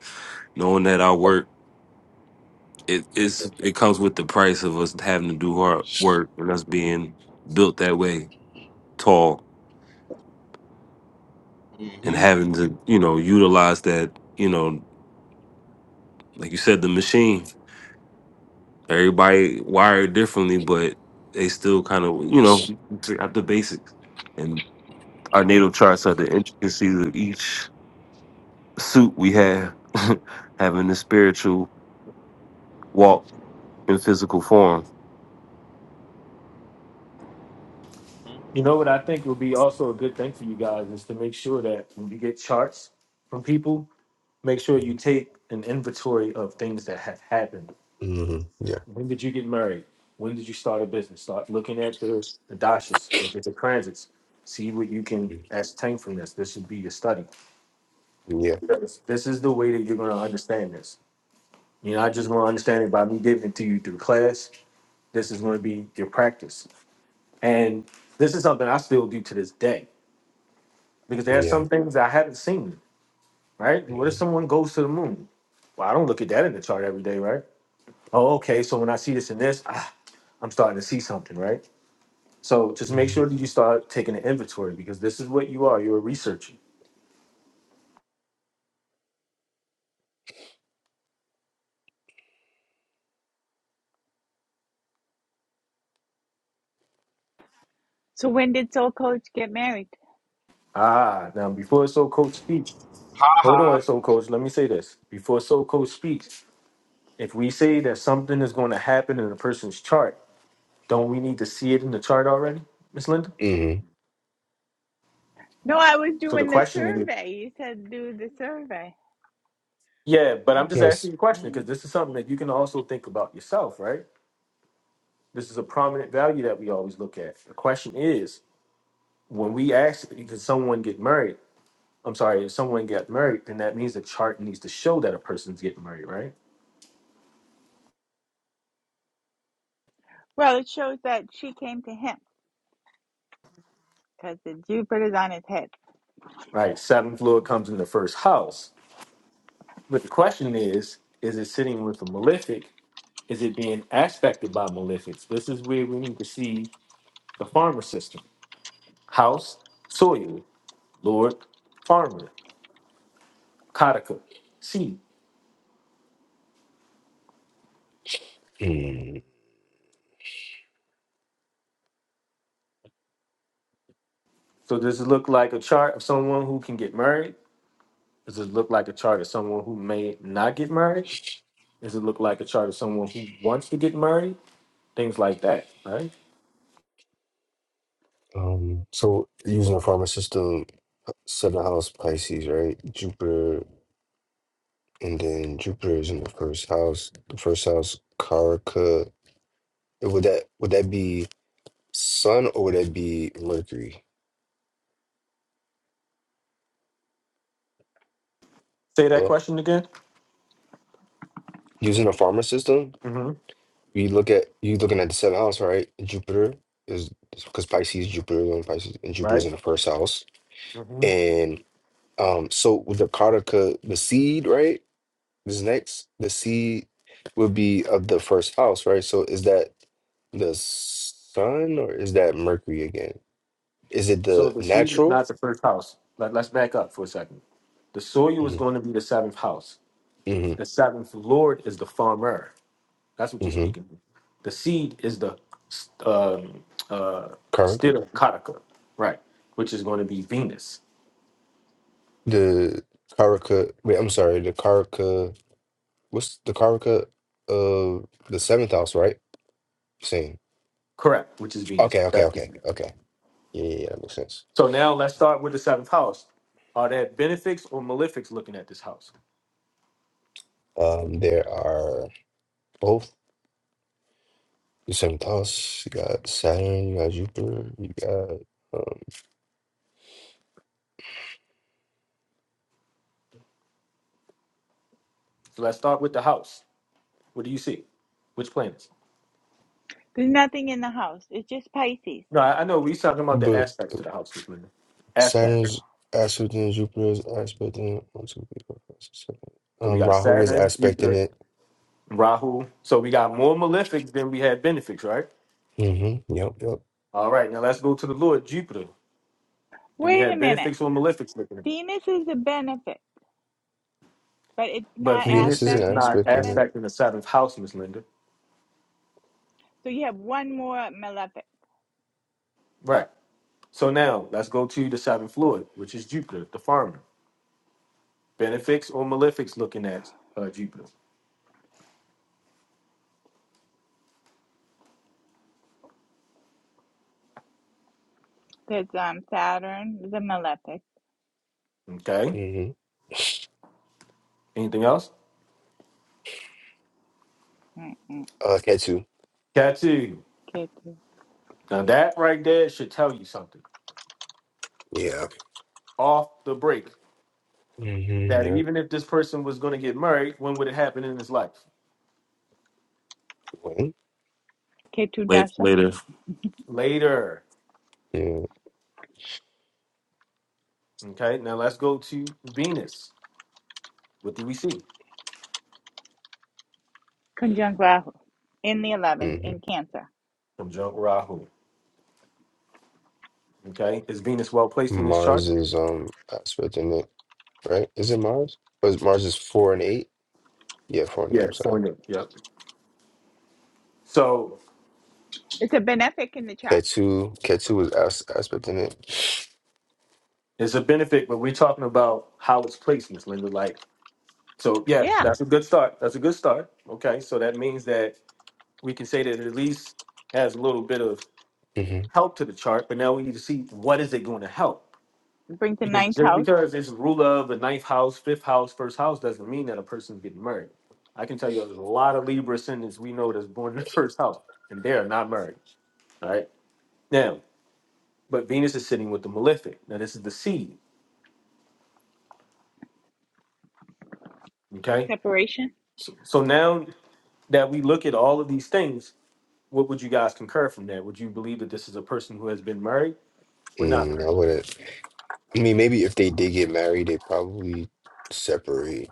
[SPEAKER 4] knowing that our work it is it comes with the price of us having to do hard work and us being built that way, tall,
[SPEAKER 5] hmm
[SPEAKER 4] and having to you know utilize that you know like you said the machine. Everybody wired differently, but they still kind of you know figure out the basics. And our natal charts are the intricacies of each suit we have, having the spiritual walk in physical form
[SPEAKER 1] You know what I think would be also a good thing for you guys is to make sure that when you get charts from people, make sure you take an inventory of things that have happened
[SPEAKER 7] Yeah.
[SPEAKER 1] When did you get married? When did you start a business? Start looking at the, the dashes, look at the transits, see what you can
[SPEAKER 7] Mhm.
[SPEAKER 1] ascertain from this. This should be your study.
[SPEAKER 7] Yeah.
[SPEAKER 1] Yes. This is the way that you're going to understand this. You're not just going to understand it by me giving it to you through class. This is going to be your practice. And this is something I still do to this day because there are
[SPEAKER 7] Yeah.
[SPEAKER 1] some things I haven't seen, right? What if someone goes to the moon? Well, I don't look at that in the chart every day, right? Oh, okay. So when I see this and this, ah, I'm starting to see something, right? So just make
[SPEAKER 7] Mm-hmm.
[SPEAKER 1] sure that you start taking an inventory because this is what you are. You're a researcher.
[SPEAKER 3] So when did Soul Coach get married?
[SPEAKER 1] Ah, now before Soul Coach speaks, hold on, Soul Coach. Let me say this. Before Soul Coach speaks, if we say that something is going to happen in a person's chart, don't we need to see it in the chart already, Miss Linda?
[SPEAKER 7] Mm-hmm.
[SPEAKER 3] No, I was
[SPEAKER 1] So the
[SPEAKER 3] doing the
[SPEAKER 1] question is,
[SPEAKER 3] survey. You said do the survey.
[SPEAKER 1] yeah, but I'm just
[SPEAKER 3] Mm.
[SPEAKER 1] asking
[SPEAKER 7] Yes.
[SPEAKER 1] you a question because
[SPEAKER 3] Mm.
[SPEAKER 1] this is something that you can also think about yourself, right? This is a prominent value that we always look at. The question is, when we ask, can someone get married? I'm sorry, if someone got married, then that means the chart needs to show that a person's getting married, right?
[SPEAKER 3] Well, it shows that she came to him because the Jupiter's on his head.
[SPEAKER 1] Right. Saturn fluid comes in the first house. But the question is, is it sitting with a malefic? Is it being aspected by malefics? This is where we need to see the farmer system. House, soil, Lord, farmer, Kataka, seed.
[SPEAKER 7] Mm.
[SPEAKER 1] So does it look like a chart of someone who can get married? Does it look like a chart of someone who may not get married? Does it look like a chart of someone who wants to get married? things like that, right?
[SPEAKER 7] Um, so using the farmer system, seven house Pisces, right? Jupiter, and then Jupiter is in the first house. The first house, Karaka. Would that would that be Sun or would that be Mercury?
[SPEAKER 1] Say that
[SPEAKER 7] Hello?
[SPEAKER 1] question again.
[SPEAKER 7] Using the farmer system,
[SPEAKER 1] hmm
[SPEAKER 7] You look at you looking at the seventh house, right? Jupiter is because Pisces, Jupiter is on Pisces, and Jupiter is
[SPEAKER 1] Right.
[SPEAKER 7] in the first house.
[SPEAKER 1] hmm
[SPEAKER 7] And um, so with the Kartika, the seed, right? This next, the seed would be of the first house, right? So is that the sun or is that Mercury again? Is it
[SPEAKER 1] So
[SPEAKER 7] the
[SPEAKER 1] the seed is
[SPEAKER 7] natural?
[SPEAKER 1] not the first house. Let, let's back up for a second. The soil is
[SPEAKER 7] hmm
[SPEAKER 1] going to be the seventh house.
[SPEAKER 7] hmm
[SPEAKER 1] The seventh Lord is the farmer. That's what you're
[SPEAKER 7] hmm
[SPEAKER 1] speaking. of. The seed is the um, uh,
[SPEAKER 7] Karaka?
[SPEAKER 1] stira kataka, right? Which is going to be Venus.
[SPEAKER 7] The Karaka. Wait, I'm sorry. The Karaka. What's the Karaka of the seventh house, right? Same.
[SPEAKER 1] Correct. Which is Venus.
[SPEAKER 7] Okay, okay,
[SPEAKER 1] That's the
[SPEAKER 7] okay,
[SPEAKER 1] thing.
[SPEAKER 7] okay. Yeah, yeah, yeah, that makes sense.
[SPEAKER 1] So now let's start with the seventh house. Are there benefics or malefics looking at this house?
[SPEAKER 7] Um, there are both the seventh house. You got Saturn, you got Jupiter, you got um,
[SPEAKER 1] So let's start with the house. What do you see? Which planets?
[SPEAKER 3] There's nothing in the house. It's just Pisces.
[SPEAKER 1] No, I, I know we talking about the
[SPEAKER 7] but
[SPEAKER 1] aspects to the house, Miss Linda. Aspect.
[SPEAKER 7] Saturn's aspecting Jupiter is aspecting it. One, two, three, four, five, six, seven.
[SPEAKER 1] So we
[SPEAKER 7] Um,
[SPEAKER 1] got
[SPEAKER 7] Rahu is
[SPEAKER 1] Saturn,
[SPEAKER 7] aspecting
[SPEAKER 1] Jupiter,
[SPEAKER 7] it.
[SPEAKER 1] Rahu. So we got more malefics than we had benefics, right?
[SPEAKER 7] Mm-hmm. Yep, yep.
[SPEAKER 1] All right, now let's go to the Lord, Jupiter. Do we
[SPEAKER 3] Wait
[SPEAKER 1] have
[SPEAKER 3] a minute.
[SPEAKER 1] benefics or malefics looking at?
[SPEAKER 3] Venus is a benefit, but it's
[SPEAKER 1] But
[SPEAKER 3] not
[SPEAKER 7] Venus
[SPEAKER 1] Venus
[SPEAKER 7] is an
[SPEAKER 3] aspect
[SPEAKER 1] is
[SPEAKER 3] in the
[SPEAKER 1] not
[SPEAKER 7] aspecting
[SPEAKER 3] seventh.
[SPEAKER 7] it.
[SPEAKER 1] aspect in the seventh house, Miss Linda.
[SPEAKER 3] So you have one more malefic
[SPEAKER 1] Right. So now let's go to the seventh Lord, which is Jupiter, the farmer. Benefics or malefics looking at uh, Jupiter.
[SPEAKER 3] because um, Saturn is a malefic.
[SPEAKER 1] Okay.
[SPEAKER 7] Mm-hmm.
[SPEAKER 1] Anything else?
[SPEAKER 3] Mm-mm.
[SPEAKER 7] Uh, Ketu.
[SPEAKER 1] Tattoo.
[SPEAKER 3] Ketu.
[SPEAKER 1] Now that right there should tell you something.
[SPEAKER 7] Yeah.
[SPEAKER 1] off the break
[SPEAKER 7] Mm-hmm.
[SPEAKER 1] that
[SPEAKER 7] Yep.
[SPEAKER 1] even if this person was going to get married, when would it happen in his life?
[SPEAKER 7] When?
[SPEAKER 3] Ketu
[SPEAKER 4] late,
[SPEAKER 3] Dasha.
[SPEAKER 4] later.
[SPEAKER 1] Later.
[SPEAKER 7] Yeah.
[SPEAKER 1] Okay, now let's go to Venus. What do we see?
[SPEAKER 3] Conjunct Rahu in the 11th in
[SPEAKER 7] Mm-hmm.
[SPEAKER 3] Cancer.
[SPEAKER 1] Conjunct Rahu. Okay, is Venus well placed in this chart?
[SPEAKER 7] Mars is um aspecting it. Right? Is it Mars? Because Mars is four and eight. Yeah, Fournier. I'm
[SPEAKER 1] Yes. Four
[SPEAKER 7] sorry.
[SPEAKER 1] new. Yep. So
[SPEAKER 3] It's a benefic in the chart.
[SPEAKER 7] Ketu, Ketu was as- aspect in it.
[SPEAKER 1] it's a benefit, but we're talking about how it's placed, Miss Linda. Like, so yeah,
[SPEAKER 3] Yeah.
[SPEAKER 7] hmm
[SPEAKER 1] that's a good start. That's a good start. Okay, so that means that we can say that it at least has a little bit of
[SPEAKER 7] hmm
[SPEAKER 1] help to the chart, but now we need to see what is it going to help.
[SPEAKER 3] It brings the
[SPEAKER 1] Because
[SPEAKER 3] ninth
[SPEAKER 1] just
[SPEAKER 3] house.
[SPEAKER 1] because it's rule of the ninth house, fifth house, first house doesn't mean that a person's getting married. I can tell you there's a lot of Libra ascendants we know that's born in the first house, and they are not married. All right. Now, but Venus is sitting with the malefic. Now, this is the seed. Okay.
[SPEAKER 3] Separation?
[SPEAKER 1] So, so now that we look at all of these things, what would you guys concur from that? Would you believe that this is a person who has been married or not
[SPEAKER 7] Mm, I
[SPEAKER 1] married?
[SPEAKER 7] wouldn't. I mean, maybe if they did get married, they probably separate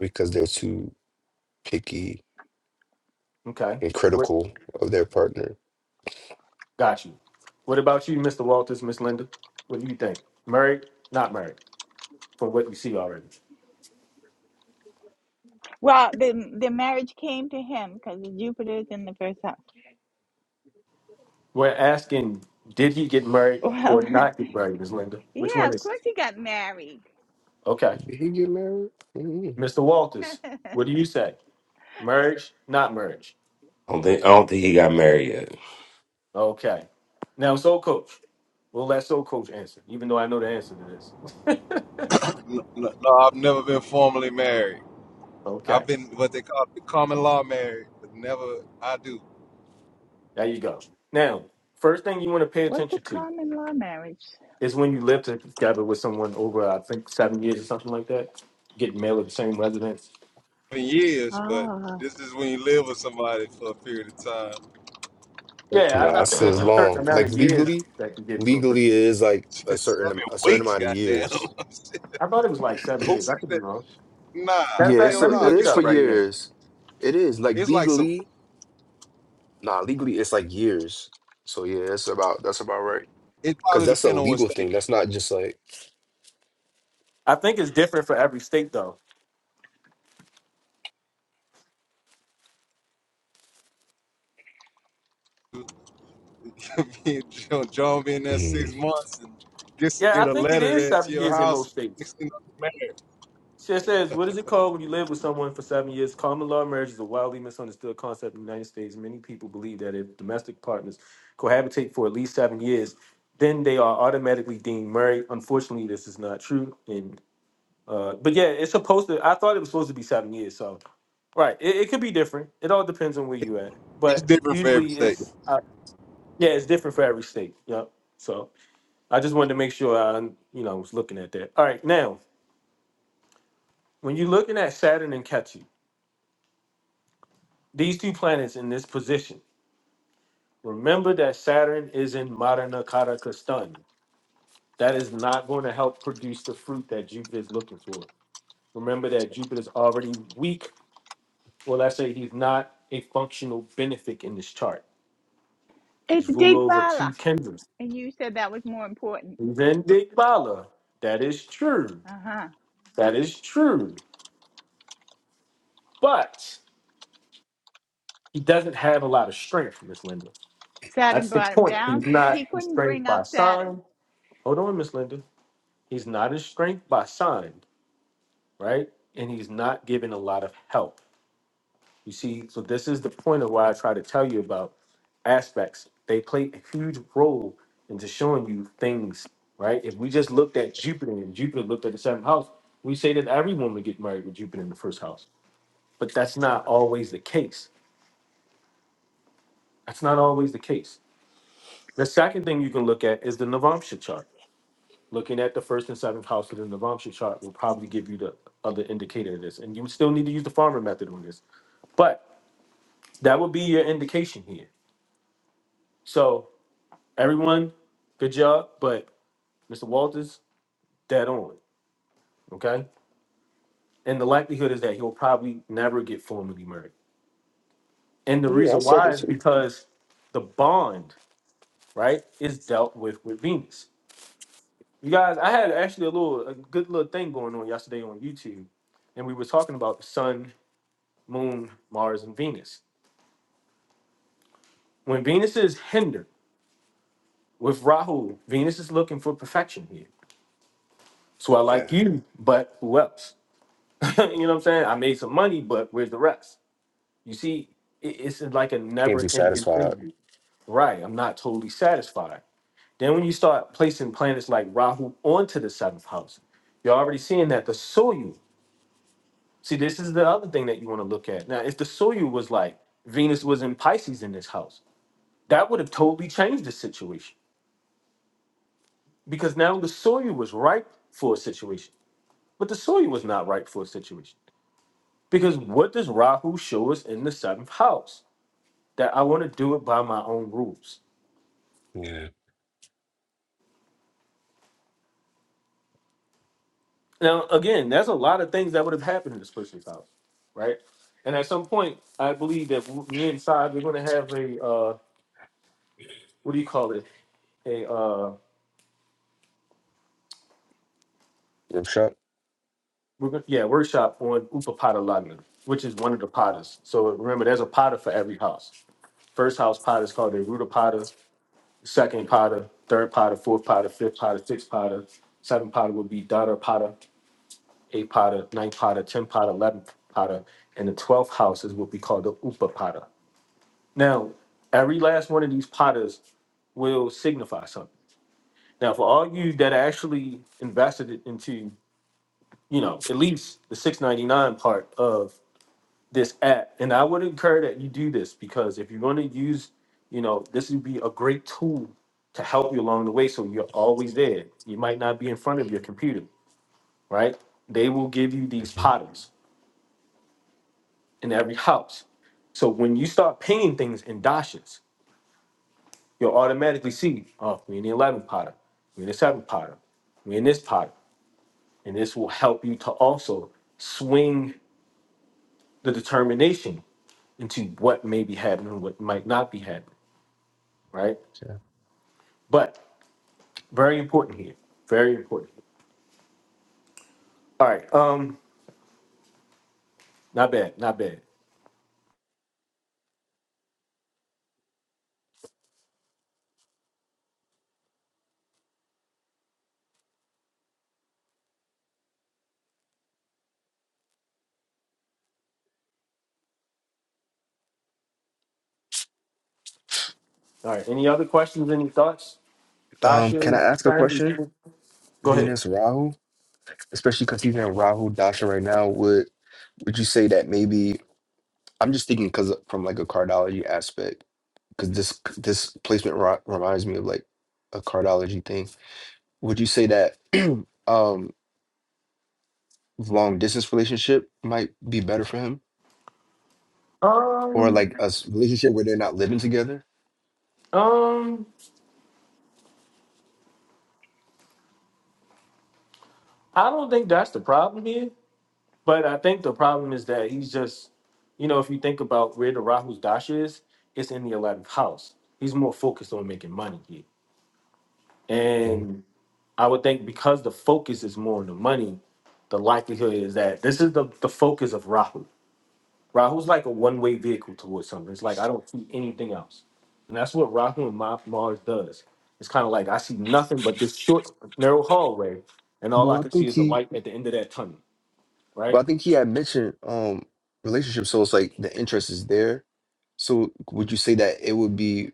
[SPEAKER 7] because they're too picky
[SPEAKER 1] Okay.
[SPEAKER 7] and
[SPEAKER 1] What
[SPEAKER 7] critical of their partner.
[SPEAKER 1] got you? What about you, Mr. Walters, Miss Linda? What do you think? Married, not married? from what we see already.
[SPEAKER 3] Well, the the marriage came to him because Jupiter is in the first house.
[SPEAKER 1] We're asking, did he get married
[SPEAKER 3] Well,
[SPEAKER 1] or not get married, Ms. Linda? Which
[SPEAKER 3] yeah,
[SPEAKER 1] one
[SPEAKER 3] of
[SPEAKER 1] is it?
[SPEAKER 3] course he got married.
[SPEAKER 1] Okay.
[SPEAKER 7] Did he get married? mm
[SPEAKER 1] Mr. Walters, what do you say? Marriage, not marriage?
[SPEAKER 4] I don't think I don't think he got married yet.
[SPEAKER 1] Okay. Now, Soul Coach, we'll let Soul Coach answer, even though I know the answer to this.
[SPEAKER 5] No, no, no, I've never been formally married. I've
[SPEAKER 1] okay.
[SPEAKER 5] been what they call the common law married, but never I do.
[SPEAKER 1] There you go. Now, first thing you want to pay
[SPEAKER 3] What's a
[SPEAKER 1] attention to
[SPEAKER 3] common law marriage?
[SPEAKER 1] is when you live together with someone over, I think, seven years or something like that, getting married at the same residence.
[SPEAKER 5] In years, but
[SPEAKER 3] Ah,
[SPEAKER 5] this is when you live with somebody for a period of time. But it's
[SPEAKER 1] Yeah,
[SPEAKER 7] Nah,
[SPEAKER 1] I, I
[SPEAKER 5] not
[SPEAKER 7] it's
[SPEAKER 1] think
[SPEAKER 7] a
[SPEAKER 5] seven,
[SPEAKER 1] it's a certain
[SPEAKER 7] long.
[SPEAKER 1] amount
[SPEAKER 7] Like
[SPEAKER 1] of years
[SPEAKER 7] legally,
[SPEAKER 1] that can get to a person.
[SPEAKER 7] legally it is like a certain
[SPEAKER 5] seven
[SPEAKER 7] am- a certain
[SPEAKER 5] weeks,
[SPEAKER 7] amount of
[SPEAKER 5] goddamn.
[SPEAKER 7] years.
[SPEAKER 1] I thought it was like seven
[SPEAKER 5] Who
[SPEAKER 1] years.
[SPEAKER 5] said
[SPEAKER 1] I could be
[SPEAKER 5] that?
[SPEAKER 1] wrong. Matter
[SPEAKER 5] Nah,
[SPEAKER 1] of
[SPEAKER 7] Yeah,
[SPEAKER 1] fact,
[SPEAKER 5] hell
[SPEAKER 7] so
[SPEAKER 1] let me
[SPEAKER 7] it
[SPEAKER 5] nah.
[SPEAKER 1] look it
[SPEAKER 7] is
[SPEAKER 5] Get some.
[SPEAKER 7] for
[SPEAKER 1] up right here.
[SPEAKER 7] years. It is like
[SPEAKER 5] It's like some.
[SPEAKER 7] legally. Nah, legally it's like years. So yeah, it's about that's about right.
[SPEAKER 5] It
[SPEAKER 7] Because
[SPEAKER 5] probably
[SPEAKER 7] that's a
[SPEAKER 5] depend on what
[SPEAKER 7] legal
[SPEAKER 5] state.
[SPEAKER 7] thing. That's not just like,
[SPEAKER 1] I think it's different for every state, though.
[SPEAKER 5] you be in. John, John be in there six
[SPEAKER 7] mm.
[SPEAKER 5] months and gets to
[SPEAKER 1] Yeah, I
[SPEAKER 5] get a
[SPEAKER 1] think it
[SPEAKER 5] letter
[SPEAKER 1] is
[SPEAKER 5] there to
[SPEAKER 1] seven
[SPEAKER 5] your
[SPEAKER 1] years in
[SPEAKER 5] house.
[SPEAKER 1] most
[SPEAKER 5] And
[SPEAKER 1] states.
[SPEAKER 5] next thing you know, you're married.
[SPEAKER 1] So It says, "What is it called when you live with someone for seven years?" Common law marriage is a wildly misunderstood concept in the United States. Many people believe that if domestic partners cohabitate for at least seven years, then they are automatically deemed married. Unfortunately, this is not true. And uh, but yeah, it's supposed to. I thought it was supposed to be seven years. So right, it, it could be different. It all depends on where you at.
[SPEAKER 5] It's
[SPEAKER 1] But
[SPEAKER 5] different for every
[SPEAKER 1] usually,
[SPEAKER 5] state.
[SPEAKER 1] it's Yeah, it's different for every state. Yep. So I just wanted to make sure I, you know, was looking at that. All right, now when you're looking at Saturn and Ketu, these two planets in this position, remember that Saturn is in Madana Karaka stun. That is not going to help produce the fruit that Jupiter is looking for. Remember that Jupiter is already weak, or let's say he's not a functional benefic in this chart.
[SPEAKER 3] it's
[SPEAKER 1] He's ruled over two
[SPEAKER 3] Digbala.
[SPEAKER 1] kingdoms.
[SPEAKER 3] And you said that was more important.
[SPEAKER 1] Then Digbala. That is true.
[SPEAKER 3] Uh huh.
[SPEAKER 1] That is true. But He doesn't have a lot of strength, Miss Linda.
[SPEAKER 3] Saturn
[SPEAKER 1] That's the
[SPEAKER 3] brought him
[SPEAKER 1] point. He's
[SPEAKER 3] down.
[SPEAKER 1] not
[SPEAKER 3] He couldn't
[SPEAKER 1] constrained
[SPEAKER 3] bring
[SPEAKER 1] by
[SPEAKER 3] up Saturn.
[SPEAKER 1] sign. Hold on, Miss Linda. He's not constrained by sign, right? And he's not given a lot of help. You see, so this is the point of why I try to tell you about aspects. They play a huge role into showing you things, right? If we just looked at Jupiter and Jupiter looked at the seventh house, we say that everyone would get married with Jupiter in the first house. But that's not always the case. That's not always the case The second thing you can look at is the Navamsha chart. Looking at the first and seventh house of the Navamsha chart will probably give you the other indicator of this. And you still need to use the farmer method on this. But that would be your indication here. So everyone, good job. But Mr. Walters, dead on. Okay. And the likelihood is that he'll probably never get formally married. And the
[SPEAKER 7] yeah, I
[SPEAKER 1] reason
[SPEAKER 7] said
[SPEAKER 1] why
[SPEAKER 7] it
[SPEAKER 1] is
[SPEAKER 7] too.
[SPEAKER 1] because the bond, right, is dealt with with Venus. You guys, I had actually a little a good little thing going on yesterday on YouTube, and we were talking about the sun, moon, Mars, and Venus. When Venus is hindered with Rahu, Venus is looking for perfection here. So I
[SPEAKER 7] Yeah.
[SPEAKER 1] like you, but who else? you know what I'm saying? I made some money, but where's the rest? You see, it- it's like a
[SPEAKER 7] Can't be
[SPEAKER 1] never-ending
[SPEAKER 7] satisfied.
[SPEAKER 1] thing. Right, I'm not totally satisfied. Then when you start placing planets like Rahu onto the seventh house, you're already seeing that the soil. See, this is the other thing that you want to look at. Now, if the soil was like Venus was in Pisces in this house, that would have totally changed the situation because now the soil was ripe for a situation, but the soil was not ripe for a situation because what does Rahu show us in the seventh house? That I want to do it by my own rules.
[SPEAKER 7] Yeah.
[SPEAKER 1] Now, again, there's a lot of things that would have happened in this person's house, right? And at some point, I believe that me and Side, we're going to have a uh, what do you call it? A uh,
[SPEAKER 7] Rip shot.
[SPEAKER 1] We're gonna, yeah, workshop on Upapata Lagna, which is one of the potters. So remember, there's a potter for every house. First house potter is called a rooter potter. Second potter, third potter, fourth potter, fifth potter, sixth potter, seventh potter would be daughter potter, eighth potter, ninth potter, tenth potter, eleventh potter, and the twelfth house is what we call the Upa Now, every last one of these potters will signify something. Now, for all you that actually invested it into, you know, at least the 699 part of this app. And I would encourage that you do this because if you're going to use, you know, this would be a great tool to help you along the way. So you're always there. You might not be in front of your computer, right? They will give you these
[SPEAKER 7] hmm
[SPEAKER 1] patterns in every house. So when you start painting things in dashes, you'll automatically see, oh, we in the 11th pattern, we in the 7th pattern, we in this pattern. And this will help you to also swing the determination into what may be happening, what might not be happening, right?
[SPEAKER 7] Yeah.
[SPEAKER 1] But very important here. Very important. All right. Um, not bad. Not bad. All right. Any other questions? Any thoughts?
[SPEAKER 7] Um, can
[SPEAKER 1] Dasha,
[SPEAKER 7] I ask a
[SPEAKER 1] Clarence,
[SPEAKER 7] question?
[SPEAKER 1] any- go ahead.
[SPEAKER 7] Venus Rahu, especially because he's in Rahu Dasha right now, would would you say that maybe I'm just thinking because from like a cardology aspect, because this this placement ri- reminds me of like a cardology thing. Would you say that um long distance relationship might be better for him? or
[SPEAKER 1] Um,
[SPEAKER 7] like a s- relationship where they're not living together.
[SPEAKER 1] um, I don't think that's the problem here. But I think the problem is that he's just, you know, if you think about where the Rahu's Dasha is, it's in the eleventh house. He's more focused on making money here,
[SPEAKER 7] Mhm.
[SPEAKER 1] and I would think because the focus is more on the money, the likelihood is that this is the the focus of Rahu Rahu's like a one way vehicle towards something. It's like I don't see anything else, and that's what Rahu and Ma- Mars does. It's kind of like I see nothing but this short narrow hallway, and all I
[SPEAKER 7] Well, I
[SPEAKER 1] can see
[SPEAKER 7] think
[SPEAKER 1] is the
[SPEAKER 7] he,
[SPEAKER 1] light at the end of that tunnel. Right?
[SPEAKER 7] well, I think he had mentioned um relationship, so it's like the interest is there. So would you say that it would be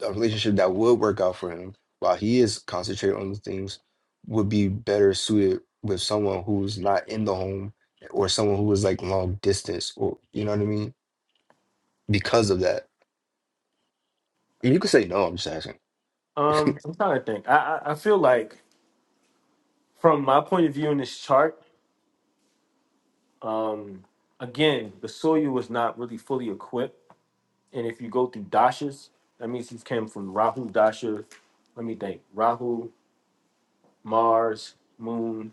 [SPEAKER 7] a relationship that would work out for him while he is concentrated on the things would be better suited with someone who's not in the home or someone who is like long distance or you know what I mean? Because of that. And you could say no, I'm just asking.
[SPEAKER 1] Um, I'm trying to think. I I, I feel like from my point of view in this chart, um, again the Soyu was not really fully equipped, and if you go through dashas, that means he came from Rahu dasha. Let me think. Rahu, Mars, Moon.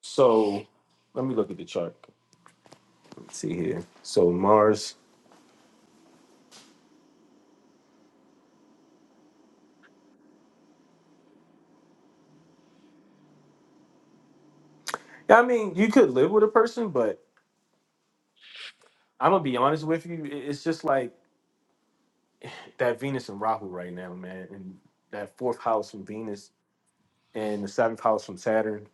[SPEAKER 1] So let me look at the chart. Let's see here. So Mars. Yeah, I mean, you could live with a person, but I'm gonna be honest with you. i- It's just like that Venus and Rahu right now, man, and that fourth house from Venus and the seventh house from Saturn.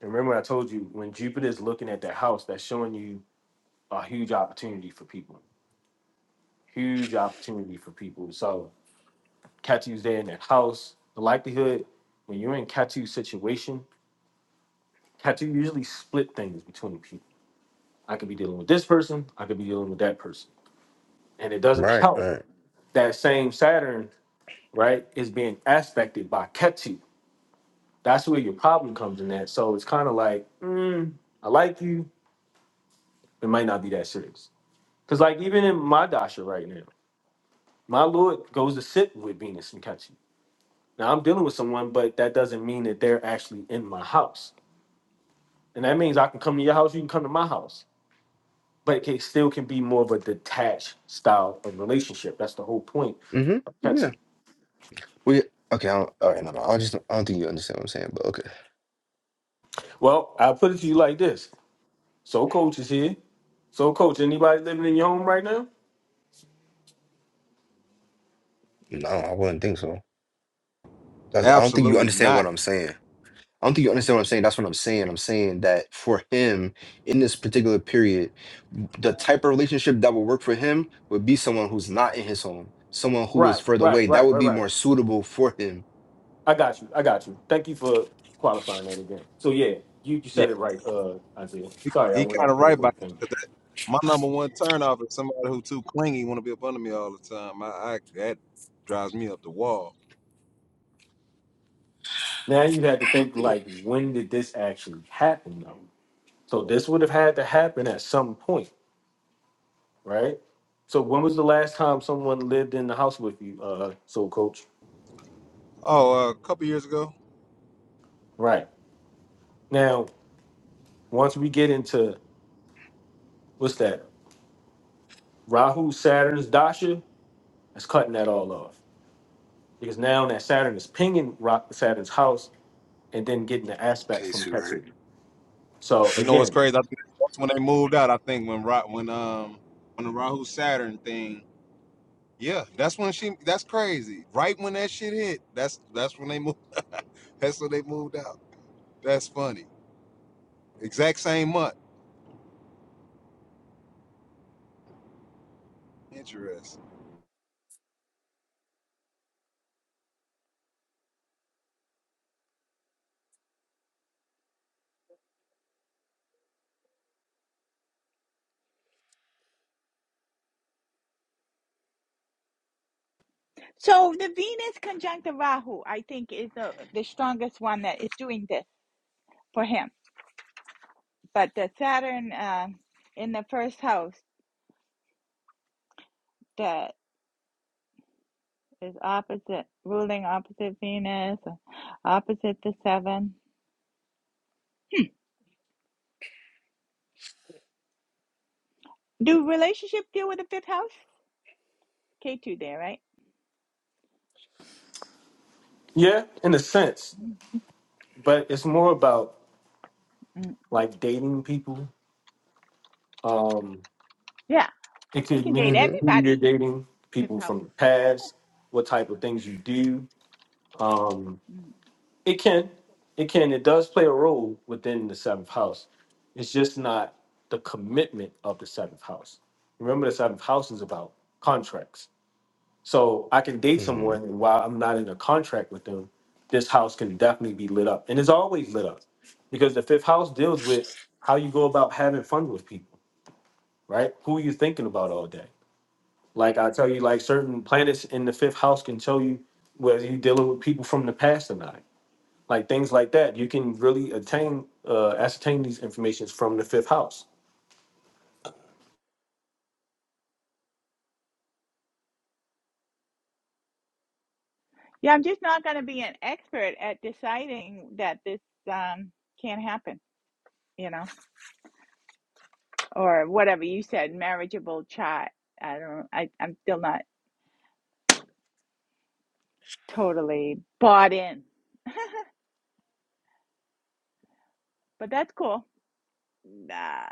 [SPEAKER 1] And remember, I told you when Jupiter is looking at that house, that's showing you a huge opportunity for people. Huge opportunity for people. So Ketu's there in that house. The likelihood when you're in Ketu's situation, Ketu usually split things between people I could be dealing with this person. I could be dealing with that person. And it doesn't
[SPEAKER 7] Right,
[SPEAKER 1] help
[SPEAKER 7] right.
[SPEAKER 1] that same Saturn, right, is being aspected by Ketu. That's where your problem comes in at. So it's kind of like, I like you. It might not be that serious. Because, like, even in my Dasha right now, my Lord goes to sit with Venus and Ketu. Now, I'm dealing with someone, but that doesn't mean that they're actually in my house. And that means I can come to your house, you can come to my house. But it can, still can be more of a detached style of relationship. That's the whole point of
[SPEAKER 7] Mm-hmm. Yeah.
[SPEAKER 1] Ketu.
[SPEAKER 7] We okay, I don't, all right, no, no, I just I don't think you understand what I'm saying, but okay.
[SPEAKER 1] Well, I put it to you like this. So coach is here. So coach, anybody living in your home right now?
[SPEAKER 7] No, I wouldn't think so. That's, I don't think you
[SPEAKER 5] Absolutely
[SPEAKER 7] understand what
[SPEAKER 5] not.
[SPEAKER 7] I'm saying. I don't think you understand what I'm saying. That's what I'm saying. I'm saying that for him in this particular period, the type of relationship that would work for him would be someone who's not in his home, someone who is
[SPEAKER 1] Right,
[SPEAKER 7] further
[SPEAKER 1] right,
[SPEAKER 7] away. That
[SPEAKER 1] right,
[SPEAKER 7] would
[SPEAKER 1] right,
[SPEAKER 7] be
[SPEAKER 1] right.
[SPEAKER 7] more suitable for him.
[SPEAKER 1] I got you. I got you. Thank you for qualifying that again. So yeah, you, you said it right, uh, Isaiah.
[SPEAKER 5] He,
[SPEAKER 1] Sorry, I
[SPEAKER 5] he
[SPEAKER 1] went
[SPEAKER 5] kind of
[SPEAKER 1] off on a
[SPEAKER 5] right
[SPEAKER 1] little
[SPEAKER 5] about that,
[SPEAKER 1] thing.
[SPEAKER 5] 'cause that. My number one turnoff is somebody who too clingy, want to be up under me all the time. I, I that drives me up the wall.
[SPEAKER 1] Now you had to think like when did this actually happen though? So this would have had to happen at some point, right? So when was the last time someone lived in the house with you, uh, so coach?
[SPEAKER 5] Oh, uh, a couple years ago,
[SPEAKER 1] Right. Now, once we get into what's that? Rahu, Saturn's dasha is cutting that all off because now that Saturn is pinging Ra- Saturn's house and then getting the aspects from
[SPEAKER 7] Casey, right?
[SPEAKER 1] Ketu. So
[SPEAKER 5] you know what's
[SPEAKER 1] again,
[SPEAKER 5] crazy? I think that's when they moved out. I think when Ra- when um when the Rahu Saturn thing. Yeah, that's when she. That's crazy. Right when that shit hit, that's that's when they moved. that's when they moved out. That's funny. Exact same month. Interesting.
[SPEAKER 3] So the Venus conjunct the Rahu, I think, is the, the strongest one that is doing this for him. But the Saturn um in the first house. the is opposite ruling opposite Venus, uh, opposite the seven. Do relationship deal with the fifth house? K two there, right?
[SPEAKER 1] yeah, in a sense,
[SPEAKER 3] mm
[SPEAKER 1] but it's more about
[SPEAKER 3] mm.
[SPEAKER 1] like dating people. Um,
[SPEAKER 3] Yeah,
[SPEAKER 1] it
[SPEAKER 3] you
[SPEAKER 1] could
[SPEAKER 3] can date
[SPEAKER 1] mean
[SPEAKER 7] hmm
[SPEAKER 1] who you're
[SPEAKER 3] everybody.
[SPEAKER 1] dating,
[SPEAKER 3] Fifth
[SPEAKER 1] people
[SPEAKER 3] house.
[SPEAKER 1] from the past, what type of things you do. Um,
[SPEAKER 3] Mm.
[SPEAKER 1] It can. It can. It does play a role within the seventh house. It's just not the commitment of the seventh house. Remember, the seventh house is about contracts. So I can date
[SPEAKER 7] mm-hmm.
[SPEAKER 1] someone, and while I'm not in a contract with them, this house can definitely be lit up. And it's always lit up because the fifth house deals with how you go about having fun with people, right? Who are you thinking about all day? Like I tell you, like certain planets in the fifth house can tell you whether you're dealing with people from the past or not like things like that. You can really attain uh, ascertain these informations from the fifth house.
[SPEAKER 3] Yeah, I'm just not gonna be an expert at deciding that this um can't happen, you know, or whatever you said, marriageable chat. I don't. I I'm still not totally bought in, but that's cool. Nah,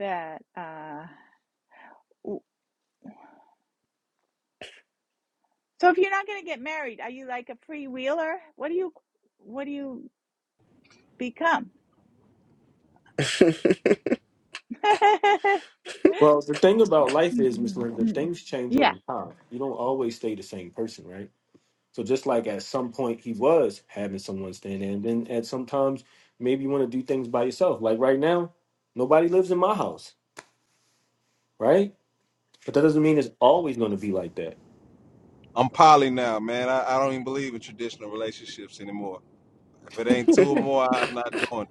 [SPEAKER 3] that uh. So if you're not going to get married, are you like a free wheeler? What do you what do you become?
[SPEAKER 1] Well, the thing about life is, Miss
[SPEAKER 3] Mm,
[SPEAKER 1] Linda,
[SPEAKER 3] mm.
[SPEAKER 1] things change
[SPEAKER 3] yeah,
[SPEAKER 1] over time. You don't always stay the same person, right? So just like at some point he was having someone stand in, then at some times maybe you want to do things by yourself. Like right now, nobody lives in my house, right? But that doesn't mean it's always going to be like that.
[SPEAKER 5] I'm poly now, man. I, I don't even believe in traditional relationships anymore. If it ain't two or more, I'm not doing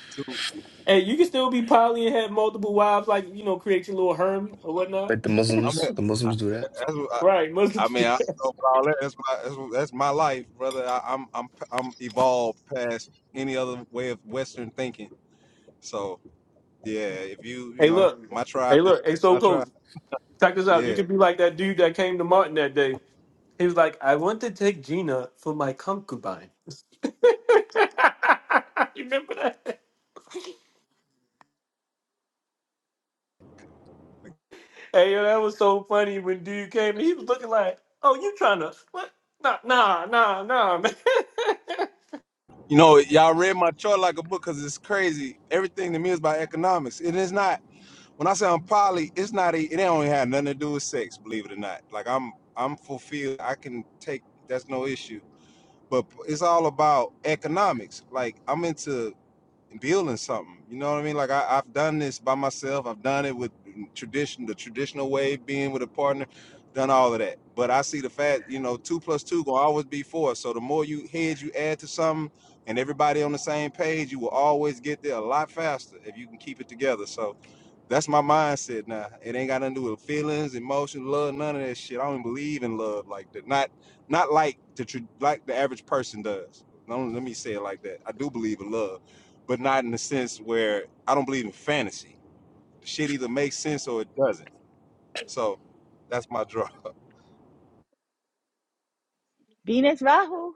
[SPEAKER 5] it. Two,
[SPEAKER 1] Hey, you can still be poly and have multiple wives, like you know, create your little harem or whatnot,
[SPEAKER 7] like the
[SPEAKER 5] I'm.
[SPEAKER 7] Muslims, the
[SPEAKER 5] I,
[SPEAKER 7] Muslims do that.
[SPEAKER 5] that's what I,
[SPEAKER 1] right?
[SPEAKER 5] I
[SPEAKER 1] Muslims
[SPEAKER 5] mean.
[SPEAKER 1] do.
[SPEAKER 5] I don't know about all that. That's my that's, what- that's my life, brother. I, I'm I'm I'm evolved past any other way of Western thinking. So yeah, if you you
[SPEAKER 1] Hey,
[SPEAKER 5] know
[SPEAKER 1] look,
[SPEAKER 5] my tribe
[SPEAKER 1] Hey,
[SPEAKER 5] is
[SPEAKER 1] look, hey, so
[SPEAKER 5] my
[SPEAKER 1] coach,
[SPEAKER 5] tribe.
[SPEAKER 1] Check this out. You
[SPEAKER 5] Yeah,
[SPEAKER 1] could be like that dude that came to Martin that day. He was like, I want to take Gina for my concubine. you remember that? Hey, yo, that was so funny when dude came and he was looking like, oh, you trying to, what? Nah, nah, nah, nah, man.
[SPEAKER 5] you know y'all read my chart like a book because it's crazy. Everything to me is about economics, and it's not. When I say I'm poly, it's not. e- It don't have nothing to do with sex, believe it or not. Like I'm I'm fulfilled. I can take. That's no issue but it's all about economics. Like I'm into building something. You know what I mean? Like I, I've done this by myself. I've done it with tradition, the traditional way, being with a partner, done all of that. But I see the fact, you know, two plus two gonna always be four. So the more you heads you add to something, and everybody on the same page, you will always get there a lot faster if you can keep it together. So that's my mindset now. It ain't got nothing to do with feelings, emotions, love, none of that shit. I don't even believe in love like that. Not, not like the tr- like the average person does. Don't, let me say it like that. I do believe in love but not in the sense where I don't believe in fantasy. The Shit either makes sense or it doesn't. So that's my draw.
[SPEAKER 3] Venus Rahu,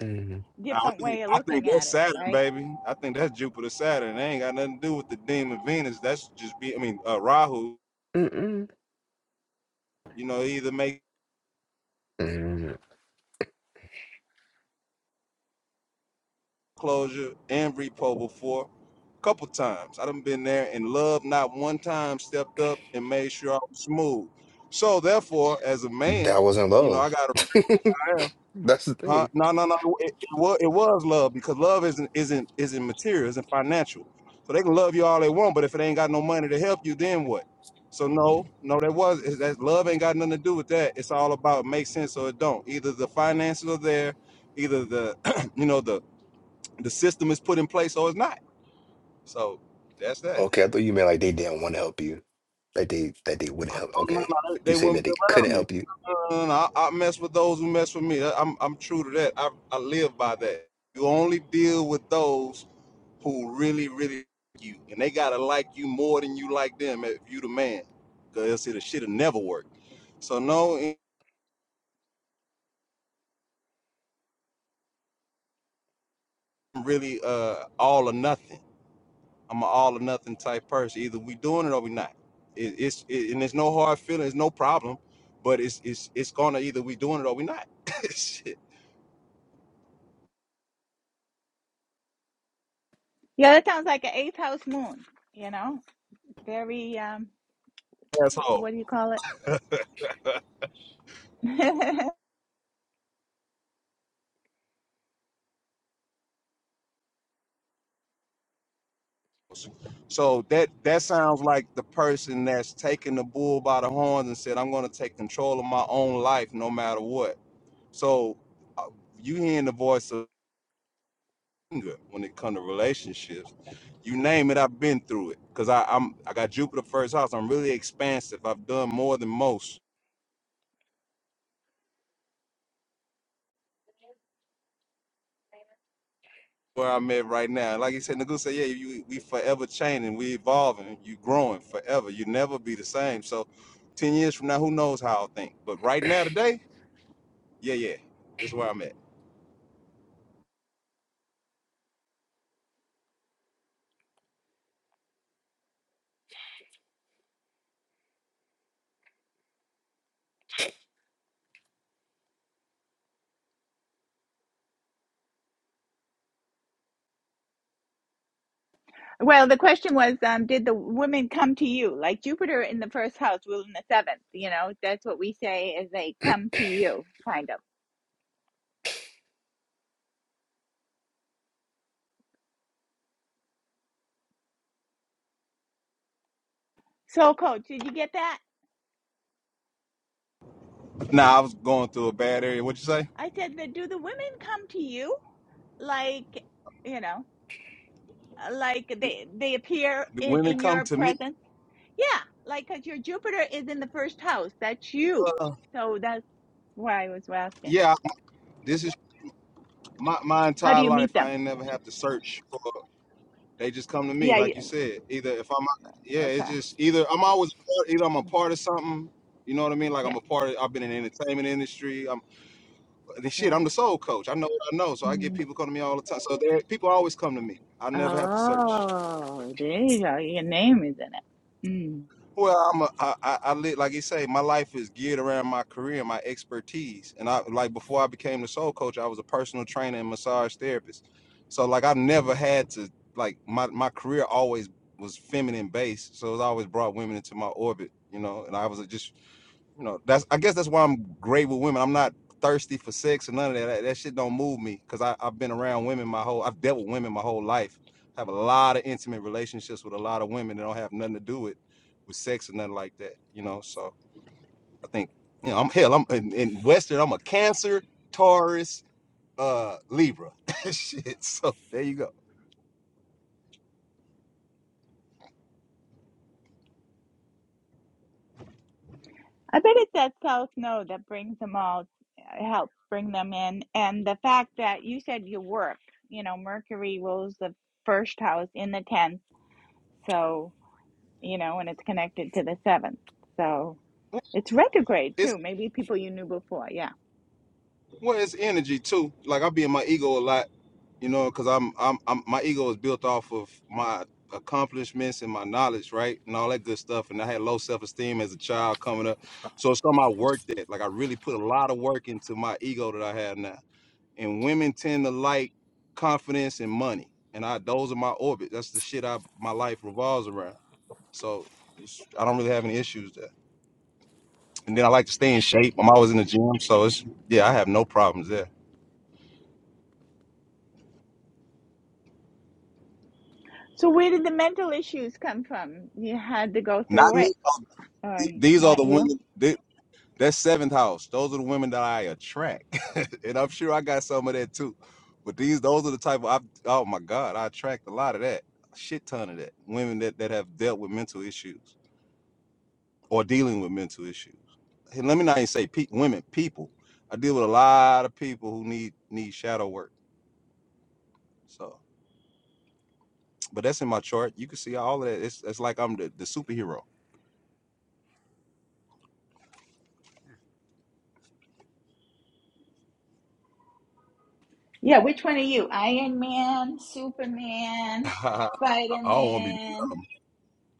[SPEAKER 7] hmm
[SPEAKER 5] I
[SPEAKER 3] different
[SPEAKER 5] think
[SPEAKER 3] way of
[SPEAKER 5] I think
[SPEAKER 3] looking at
[SPEAKER 5] that's
[SPEAKER 3] it,
[SPEAKER 5] Saturn,
[SPEAKER 3] right?
[SPEAKER 5] baby. I think that's Jupiter, Saturn. They ain't got nothing to do with the demon Venus. That's just be. I mean, uh, Rahu.
[SPEAKER 7] Mm-mm.
[SPEAKER 5] You know, he either make
[SPEAKER 7] Mm.
[SPEAKER 5] closure and repo before. a Couple times I done been there and love not one time stepped up and made sure I was smooth. So therefore, as a man,
[SPEAKER 7] That wasn't
[SPEAKER 5] you know I
[SPEAKER 7] love.
[SPEAKER 5] got to.
[SPEAKER 7] That's the
[SPEAKER 5] Huh?
[SPEAKER 7] thing.
[SPEAKER 5] No, no, no. It, it was it was love because love isn't isn't isn't material, isn't financial. So they can love you all they want, but if it ain't got no money to help you, then what? So no, no, that was is that love ain't got nothing to do with that. It's all about make sense or it don't. Either the finances are there, either the you know the the system is put in place or it's not. So that's that.
[SPEAKER 7] Okay, I thought you meant like they didn't want to help That they that they wouldn't help.
[SPEAKER 5] Oh no, no,
[SPEAKER 7] Okay,
[SPEAKER 5] they, they
[SPEAKER 7] you saying that
[SPEAKER 5] wouldn't be
[SPEAKER 7] they couldn't
[SPEAKER 5] around me.
[SPEAKER 7] help you?
[SPEAKER 5] No, no, no, no, I, I mess with those who mess with me. I, I'm I'm true to that. I I live by that. You only deal with those who really, really like you, and they gotta like you more than you like them if you the man, cause else it'll shit'll never work. So no, I'm really uh all or nothing. I'm an all or nothing type person. Either we doing it or we not. It, it's it, and there's no hard feelings, no problem, but it's it's it's gonna either we doing it or we not. Shit.
[SPEAKER 3] Yeah, that sounds like an eighth house moon, you know? Very um
[SPEAKER 5] So
[SPEAKER 3] what do you call it?
[SPEAKER 5] so that that sounds like the person that's taking the bull by the horns and said, I'm gonna take control of my own life no matter what So uh, you hearing the voice of anger when it comes to relationships. You name it, I've been through it. Cause I, I'm I got Jupiter first house. I'm really expansive. I've done more than most where I'm at right now. Like you said, Nagu said, yeah, you, we forever changing, we evolving, you growing forever. You never be the same. So ten years from now, who knows how I'll think. But right now today, yeah, yeah. This is where I'm at.
[SPEAKER 3] well, the question was um did the women come to you? Like Jupiter in the first house, ruling the seventh, you know? That's what we say is they come to you kind of. So coach, did you get that?
[SPEAKER 5] Now I was going through a bad area. What you say?
[SPEAKER 3] I said, "But do the women come to you? Like, you know, uh, like
[SPEAKER 5] Do,
[SPEAKER 3] they they appear
[SPEAKER 5] do
[SPEAKER 3] in
[SPEAKER 5] women
[SPEAKER 3] in
[SPEAKER 5] come
[SPEAKER 3] your
[SPEAKER 5] to me?
[SPEAKER 3] presence? Yeah, like because your Jupiter is in the first house. That's you.
[SPEAKER 5] Uh,
[SPEAKER 3] So that's why I was asking.
[SPEAKER 5] yeah, this is My my
[SPEAKER 3] How do
[SPEAKER 5] entire
[SPEAKER 3] you meet
[SPEAKER 5] life, I
[SPEAKER 3] them?
[SPEAKER 5] ain't never have to search for. They just come to me,
[SPEAKER 3] Yeah.
[SPEAKER 5] like you
[SPEAKER 3] You,
[SPEAKER 5] said. Either if I'm, yeah, it's
[SPEAKER 3] okay.
[SPEAKER 5] just either I'm always part, either I'm a part of something. You know what I mean? Like
[SPEAKER 3] Yeah.
[SPEAKER 5] I'm a part of. I've been in the entertainment industry. I'm and shit.
[SPEAKER 3] Yeah.
[SPEAKER 5] I'm the soul coach. I know what I know, so I get
[SPEAKER 3] Mm.
[SPEAKER 5] people come to me all the time. So there, people always come to me. I never have to search.
[SPEAKER 3] Oh, there you go. Your name is in it. Mm.
[SPEAKER 5] Well, I'm a, I, I, I live, like you say, my life is geared around my career and my expertise. And I, like, before I became the soul coach, I was a personal trainer and massage therapist. So, like, I've never had to, like, my, my career always was feminine based. So, it always brought women into my orbit, you know, and I was just you know, that's I guess that's why I'm great with women. I'm not thirsty for sex or none of that. That, that shit don't move me because I've been around women my whole I've dealt with women my whole life. I have a lot of intimate relationships with a lot of women that don't have nothing to do with with sex or nothing like that. You know, so I think you know I'm hell. I'm in, in Western. I'm a Cancer, Taurus, uh, Libra. shit. So there you go.
[SPEAKER 3] I bet it's that south node that brings them all, uh, helps bring them in. And the fact that you said you work, you know, Mercury rules the first house in the 10th. So, you know, and it's connected to the 7th. So it's retrograde
[SPEAKER 5] It's
[SPEAKER 3] too. Maybe people you knew before. Yeah.
[SPEAKER 5] well, it's energy too. Like I be in my ego a lot you know, because I'm, I'm, I'm, my ego is built off of my accomplishments and my knowledge, right, and all that good stuff. And I had low self esteem as a child coming up, so it's something I worked at. Like I really put a lot of work into my ego that I have now. And women tend to like confidence and money, and I those are my orbit. That's the shit I my life revolves around. So it's, I don't really have any issues there. And then I like to stay in shape. I'm always in the gym, so it's yeah, I have no problems there.
[SPEAKER 3] So where did the mental issues come from? You had to go
[SPEAKER 5] Not
[SPEAKER 3] through
[SPEAKER 5] me.
[SPEAKER 3] it, or
[SPEAKER 5] These are
[SPEAKER 3] not
[SPEAKER 5] the
[SPEAKER 3] you?
[SPEAKER 5] women. That's seventh house. Those are the women that I attract, and I'm sure I got some of that too. But these, those are the type of. I, oh my God, I attract a lot of that, a shit ton of that. Women that that have dealt with mental issues or dealing with mental issues. And let me not even say pe- women, people. I deal with a lot of people who need need shadow work. So, but that's in my chart. You can see all of that. It's it's like I'm the, the superhero.
[SPEAKER 3] Yeah. Which one are you? Iron Man, Superman,
[SPEAKER 5] I
[SPEAKER 3] Spider
[SPEAKER 5] don't want to be. um,
[SPEAKER 3] Man?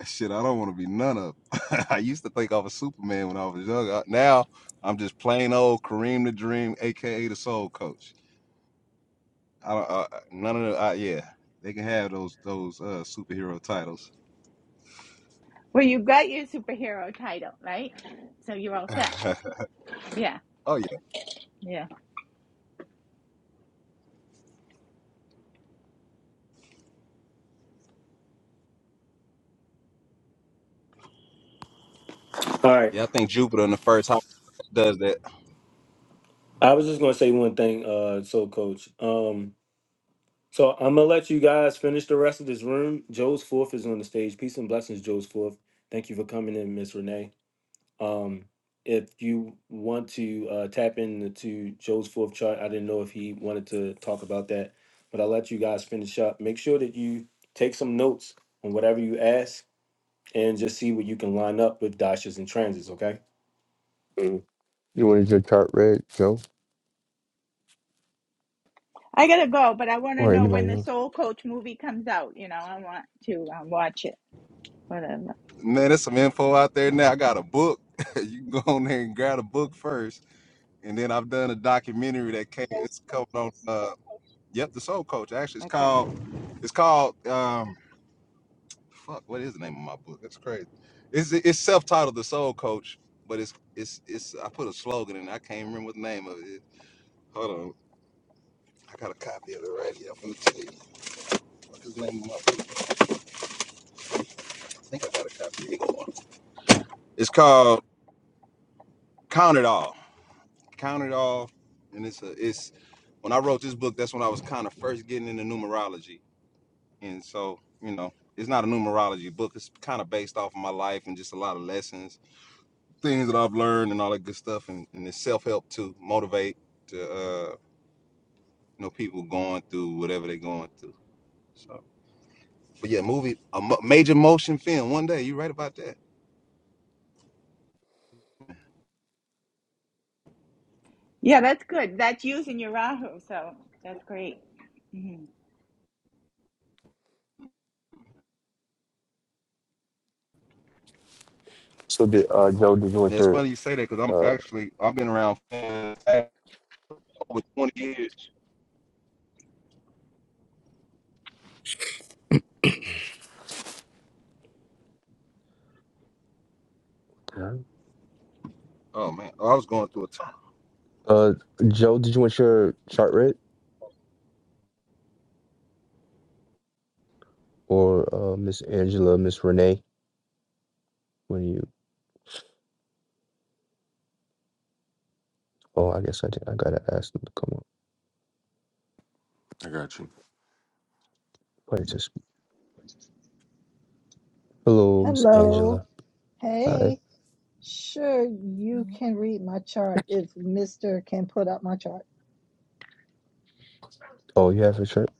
[SPEAKER 5] Shit, I don't want to be none of. 'em. I used to think I was Superman when I was young. I- Now I'm just plain old Kareem the Dream, aka the Soul Coach. I don't. Uh, none of the. I, yeah, they can have those those uh, superhero titles.
[SPEAKER 3] Well, you got your superhero title, right? So you're all set. Yeah,
[SPEAKER 5] oh yeah,
[SPEAKER 3] yeah.
[SPEAKER 1] All right.
[SPEAKER 5] yeah. I think Jupiter in the first house does that.
[SPEAKER 1] I was just going to say one thing, uh, so coach. Um, so I'm going to let you guys finish the rest of this room. Joe's fourth is on the stage. Peace and blessings, Joe's fourth. Thank you for coming in, Miss Renee. Um, if you want to uh, tap into Joe's fourth chart, I didn't know if he wanted to talk about that, but I'll let you guys finish up. Make sure that you take some notes on whatever you ask and just see what you can line up with dashes and transits, okay?
[SPEAKER 7] Mm. You wanted your chart read, Joe,
[SPEAKER 3] I gotta go, but I want to
[SPEAKER 7] or
[SPEAKER 3] know when
[SPEAKER 7] anybody
[SPEAKER 3] the
[SPEAKER 7] else?
[SPEAKER 3] Soul Coach movie comes out. You know, I want to um, watch it. Whatever.
[SPEAKER 5] Man, there's some info out there now. I got a book. you can go on there and grab a book first, and then I've done a documentary that came. It's coming on. Uh, yep, the Soul Coach. Actually, it's
[SPEAKER 3] Okay.
[SPEAKER 5] called. It's called. Um, Fuck, what is the name of my book? That's crazy. It's it's self-titled The Soul Coach, but it's it's it's I put a slogan in. it. I can't remember what the name of it. is. Hold on. I got a copy of it right here. I'm gonna tell you. What is the name of my book? I think I got a copy. Here you go. It's called Count It All. Count It All. And it's a it's when I wrote this book, that's when I was kind of first getting into numerology. And so, you know, it's not a numerology book. It's kind of based off of my life and just a lot of lessons things that I've learned and all that good stuff, and, and the self help to motivate to uh, you know people going through whatever they're going through. So, but yeah, movie a mo- major motion film. One day, you're right about that.
[SPEAKER 3] Yeah, that's good. That's using your Rahu, so that's great. Mhm.
[SPEAKER 7] So did uh, Joe? Did you
[SPEAKER 5] Yeah,
[SPEAKER 7] want
[SPEAKER 5] it's
[SPEAKER 7] your
[SPEAKER 5] funny you say that because I'm
[SPEAKER 7] uh,
[SPEAKER 5] actually I've been around for over 20 years.
[SPEAKER 7] Huh?
[SPEAKER 5] Oh man, Oh, I was going through a time.
[SPEAKER 7] uh, Joe? Did you want your chart read, or uh, Miss Angela, Miss Renee? When you? Oh, I guess I did. I gotta ask them to come up.
[SPEAKER 4] I got you.
[SPEAKER 7] Wait to speak. Hello, Miss
[SPEAKER 9] Hello.
[SPEAKER 7] Angela. Hi.
[SPEAKER 9] Hey. Sure, you can read my chart if Mr. can put up my chart.
[SPEAKER 7] Oh, you have a chart.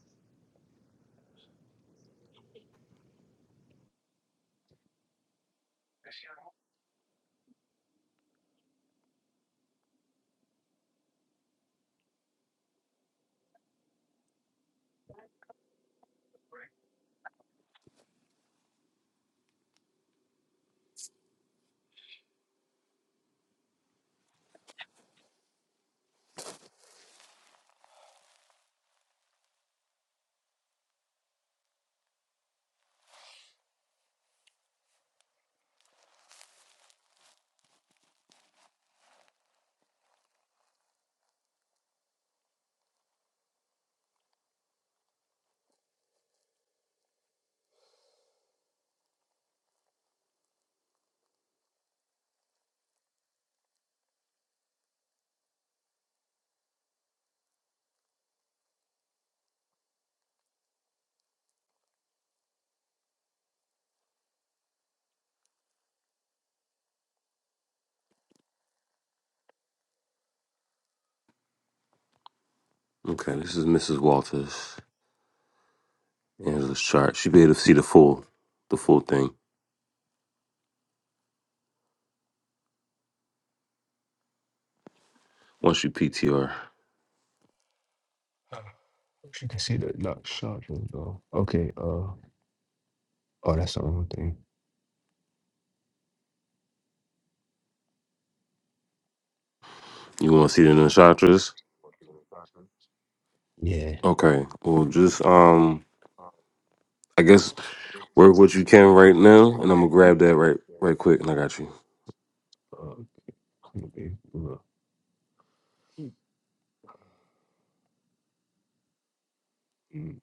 [SPEAKER 4] Okay, this is Mrs. Walters. Angela's chart. She be able to see the full, the full thing once you PTR.
[SPEAKER 7] Uh, You can see that not charging though. Okay. Uh. Oh, that's the wrong thing.
[SPEAKER 4] You want to see the nakshatras?
[SPEAKER 7] Yeah.
[SPEAKER 4] Okay. Well, just um, I guess
[SPEAKER 7] I guess
[SPEAKER 4] work what you can
[SPEAKER 7] where we
[SPEAKER 4] right
[SPEAKER 7] can
[SPEAKER 4] now,
[SPEAKER 7] right
[SPEAKER 4] and I'm
[SPEAKER 7] now.
[SPEAKER 4] gonna grab that right, right quick, and I got you.
[SPEAKER 7] Uh, okay, look. Mm,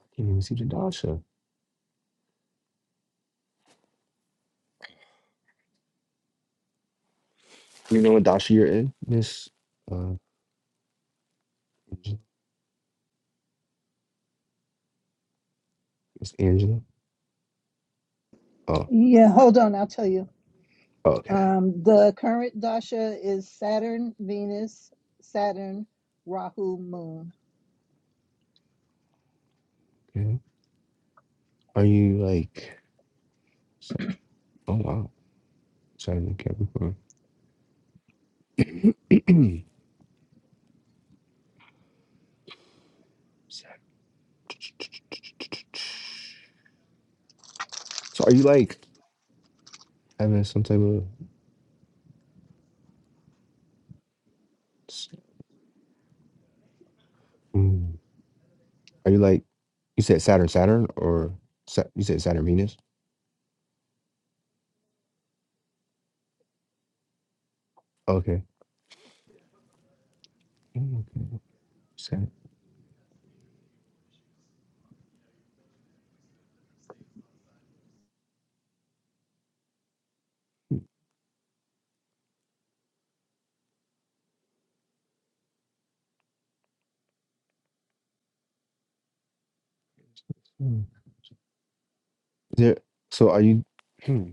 [SPEAKER 7] I can't even see the Dasha. You know what Dasha you're in, Miss uh Miss Angela? Oh,
[SPEAKER 9] Yeah, hold on, I'll tell you.
[SPEAKER 7] okay.
[SPEAKER 9] Um, the current dasha is Saturn, Venus, Saturn, Rahu, Moon.
[SPEAKER 7] Okay. Are you like Sa- oh wow. Saturn and Capricorn. so are you like having some type of s- mm, are you like you said Saturn Saturn or Sa- you said Saturn Venus? Okay. Mm, okay. Sen- mm. There, so are you? Hmm.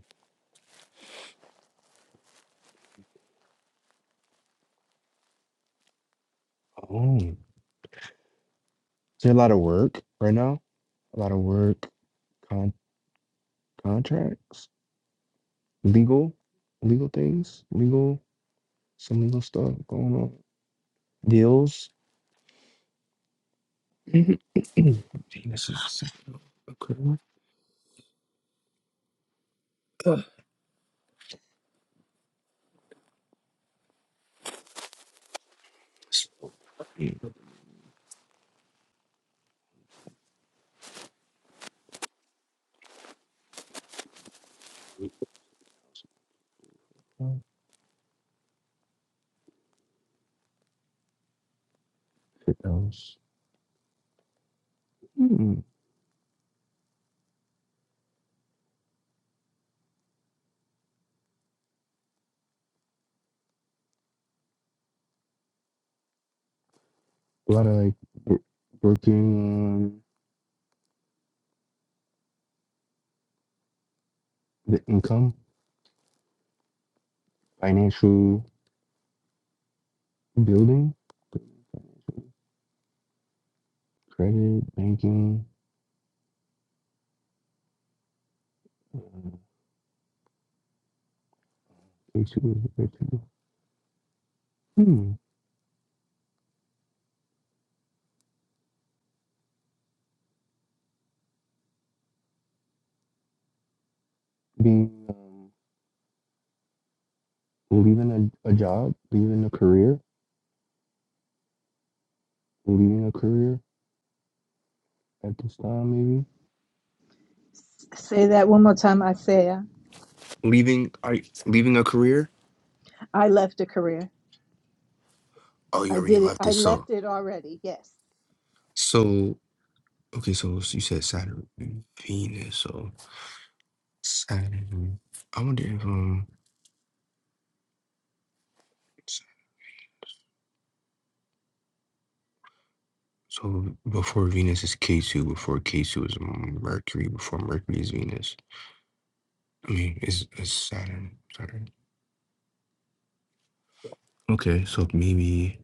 [SPEAKER 7] Oh, is there a lot of work right now? A lot of work, con- contracts, legal, legal things, legal, some legal stuff going on, deals. Mhm. Venus is a Okay. Ugh. Spring. What else? Hmm. A lot of like wo- working on the income, financial building, credit, banking. Mm, They should be there too. Hmm. Being um, leaving a, a job, leaving a career, leaving a career at this time, maybe.
[SPEAKER 9] Say that one more time, Isaiah.
[SPEAKER 7] Leaving are you, leaving a career?
[SPEAKER 9] I left a career.
[SPEAKER 7] Oh, you
[SPEAKER 9] I
[SPEAKER 7] already
[SPEAKER 9] did it.
[SPEAKER 7] left
[SPEAKER 9] I
[SPEAKER 7] it. So
[SPEAKER 9] left it already. Yes.
[SPEAKER 7] so okay, so you said Saturn and Venus, so Saturn. I wonder if um so before Venus is K2, before K2 is um, Mercury, before Mercury is Venus. I mean, is is Saturn. Saturn. Okay, so maybe.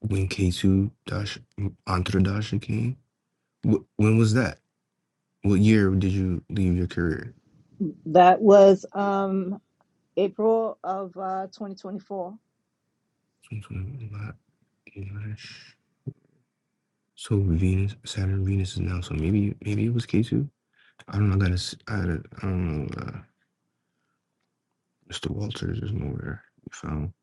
[SPEAKER 7] When K2 Dash entre dash came? Wh- When was that? What year did you leave your career?
[SPEAKER 9] That was um April of uh 2024.
[SPEAKER 7] twenty-five Dash. So Venus, Saturn, Venus is now. So maybe, maybe it was K2. I don't know. I gotta, s- I, gotta, I don't know. Uh, Mr. Walters is nowhere. We found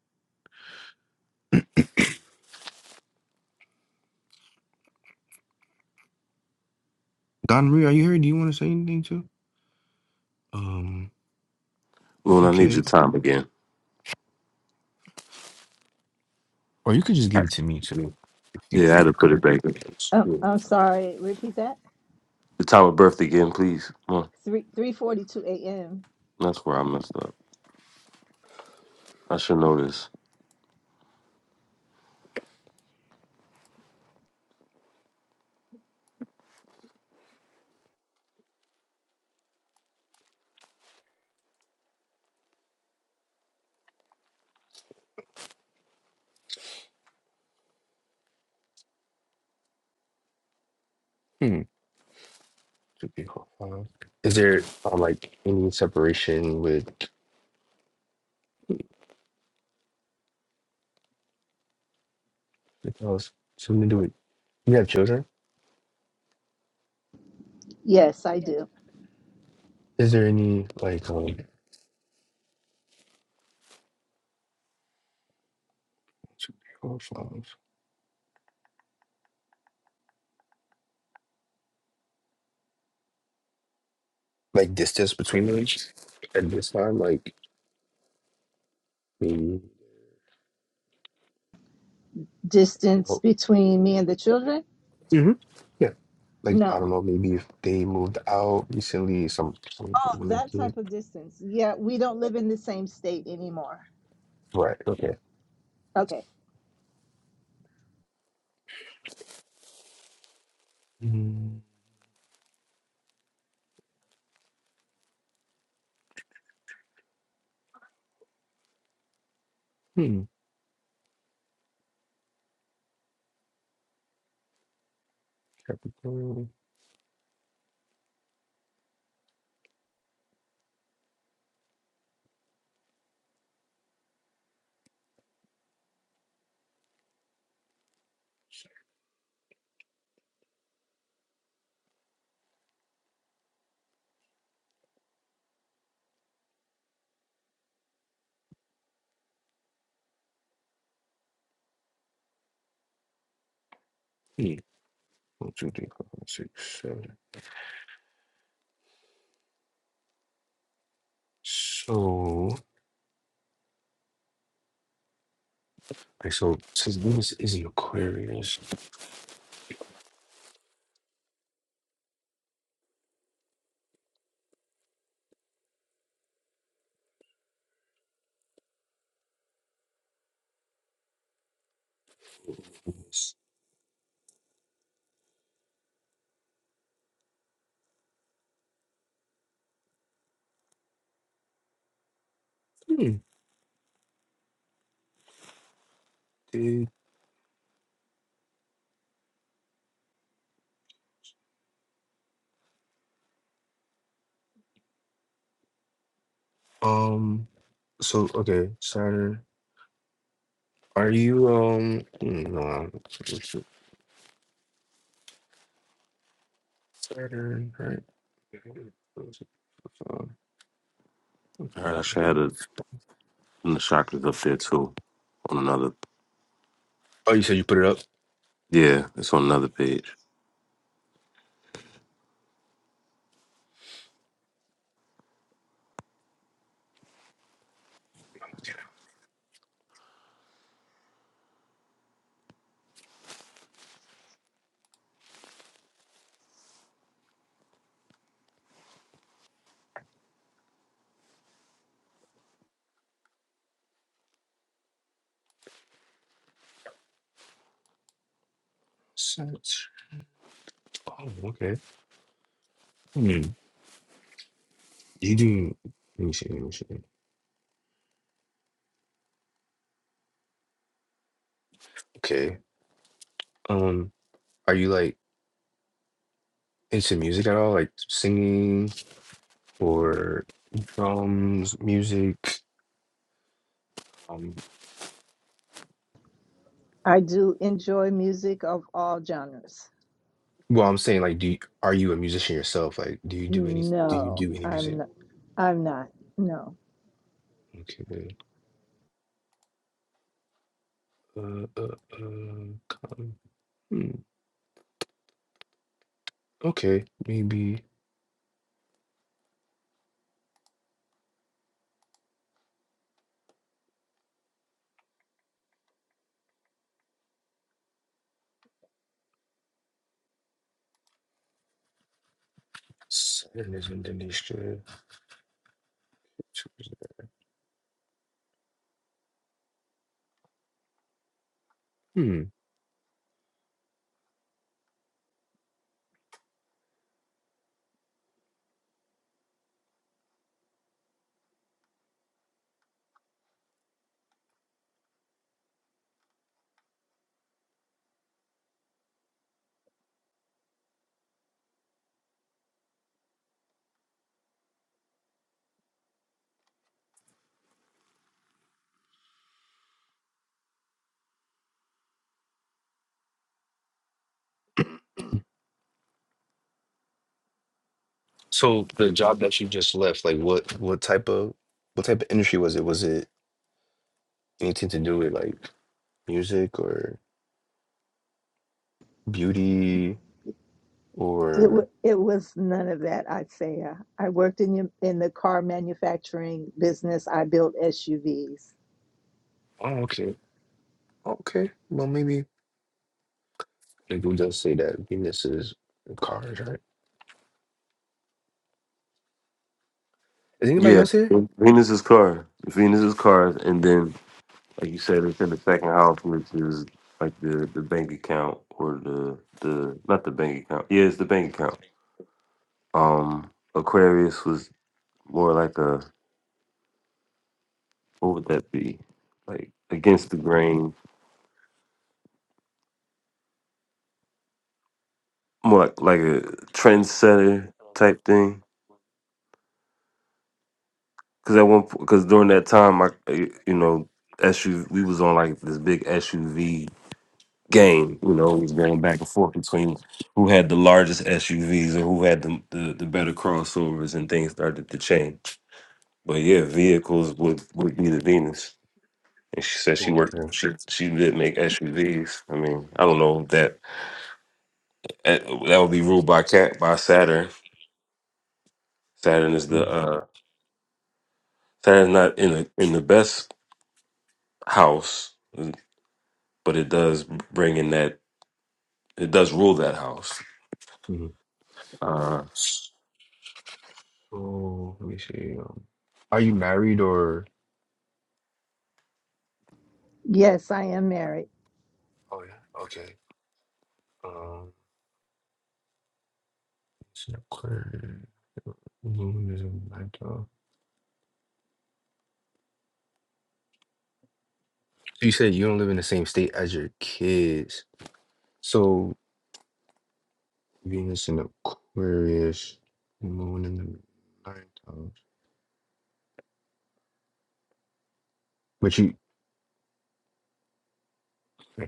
[SPEAKER 7] Don Marie. Are you here? Do you want to say anything too? Um.
[SPEAKER 4] Luna, I need your
[SPEAKER 7] Okay.
[SPEAKER 4] time again.
[SPEAKER 7] Or you could just give it to me too, if you
[SPEAKER 4] Yeah, I had
[SPEAKER 7] if
[SPEAKER 4] to
[SPEAKER 7] you're
[SPEAKER 4] put it back.
[SPEAKER 7] comfortable.
[SPEAKER 9] Oh,
[SPEAKER 4] Yeah.
[SPEAKER 9] I'm sorry. Repeat that.
[SPEAKER 4] The time of birth again, please. Come on.
[SPEAKER 9] 3 3:42 a.m.
[SPEAKER 4] That's where I messed up. I should know this.
[SPEAKER 7] Hmm. Should be cool. Uh, Is there um, like any separation with Like, Oh, s- something to do with you have children?
[SPEAKER 9] Yes, I do.
[SPEAKER 7] Is there any like um two, three, four, five, like distance between them at this time? Like maybe
[SPEAKER 9] distance
[SPEAKER 7] oh,
[SPEAKER 9] between me and the children?
[SPEAKER 7] hmm yeah. Like I
[SPEAKER 9] No.
[SPEAKER 7] don't know, maybe if they moved out recently, some some
[SPEAKER 9] Oh,
[SPEAKER 7] when the
[SPEAKER 9] that
[SPEAKER 7] kid
[SPEAKER 9] type of distance. Yeah, we don't live in the same state anymore.
[SPEAKER 7] right, okay.
[SPEAKER 9] Okay.
[SPEAKER 7] Mm, Hmm. Capricorn. Hmm. One, two, three, four, five, six, seven. So like so since Venus is in Aquarius, hmm, did um So okay, Saturn. Are you um no Saturn, right?
[SPEAKER 4] All right, I should have. And the chakra's up there too. On another
[SPEAKER 7] Oh, you said you put it up?
[SPEAKER 4] yeah, it's on another page.
[SPEAKER 7] Saturn. Oh, okay. Hmm. You do let me see, let me see. Okay. Um, are you like into music at all? Like singing or drums, music? Um
[SPEAKER 9] I do enjoy music of all genres.
[SPEAKER 7] well I'm saying like do you, are you a musician yourself? Like do you do any do you
[SPEAKER 9] No,
[SPEAKER 7] do any
[SPEAKER 9] I'm
[SPEAKER 7] music?
[SPEAKER 9] not. I'm not. No.
[SPEAKER 7] Okay. Uh, uh, uh, come. Hmm. Okay, maybe seven is Indonesia. two is- Hmm. So the job that you just left, like what what type of what type of industry was it? Was it anything to do with like music or beauty
[SPEAKER 9] It,
[SPEAKER 7] or?
[SPEAKER 9] w- it was none of that, Isaiah. I worked in, the- in the car manufacturing business. I built SUVs.
[SPEAKER 7] Oh, okay, okay. Well, maybe like who does say that Venus is cars, right? Is anybody
[SPEAKER 4] Yeah.
[SPEAKER 7] else here?
[SPEAKER 4] Venus is Cars. Venus is Cars and then like you said, it's in the second house which is like the, the bank account or the the not the bank account. Yeah, it's the bank account. Um Aquarius was more like a what would that be? Like against the grain. More like, like a trendsetter type thing. Cause at one because during that time I you know SUV we was on like this big SUV game. You know, it was going back and forth between who had the largest SUVs and who had the the, the better crossovers, and things started to change. But yeah, vehicles would would be the Venus. And she said she
[SPEAKER 7] Oh,
[SPEAKER 4] worked.
[SPEAKER 7] okay.
[SPEAKER 4] She she did make SUVs. I mean, I don't know if that eh, that would be ruled by cat by Saturn. Saturn is the uh Saturn's not in the in the best house, but it does bring in that it does rule that house.
[SPEAKER 7] Mm-hmm.
[SPEAKER 4] Uh,
[SPEAKER 7] So let me see. Um, are you married or?
[SPEAKER 9] Yes, I am married.
[SPEAKER 7] Oh yeah. Okay. Um, so clear. Aluminum, metal. So you said you don't live in the same state as your kids. So Venus in Aquarius, Moon in the ninth house. But you okay.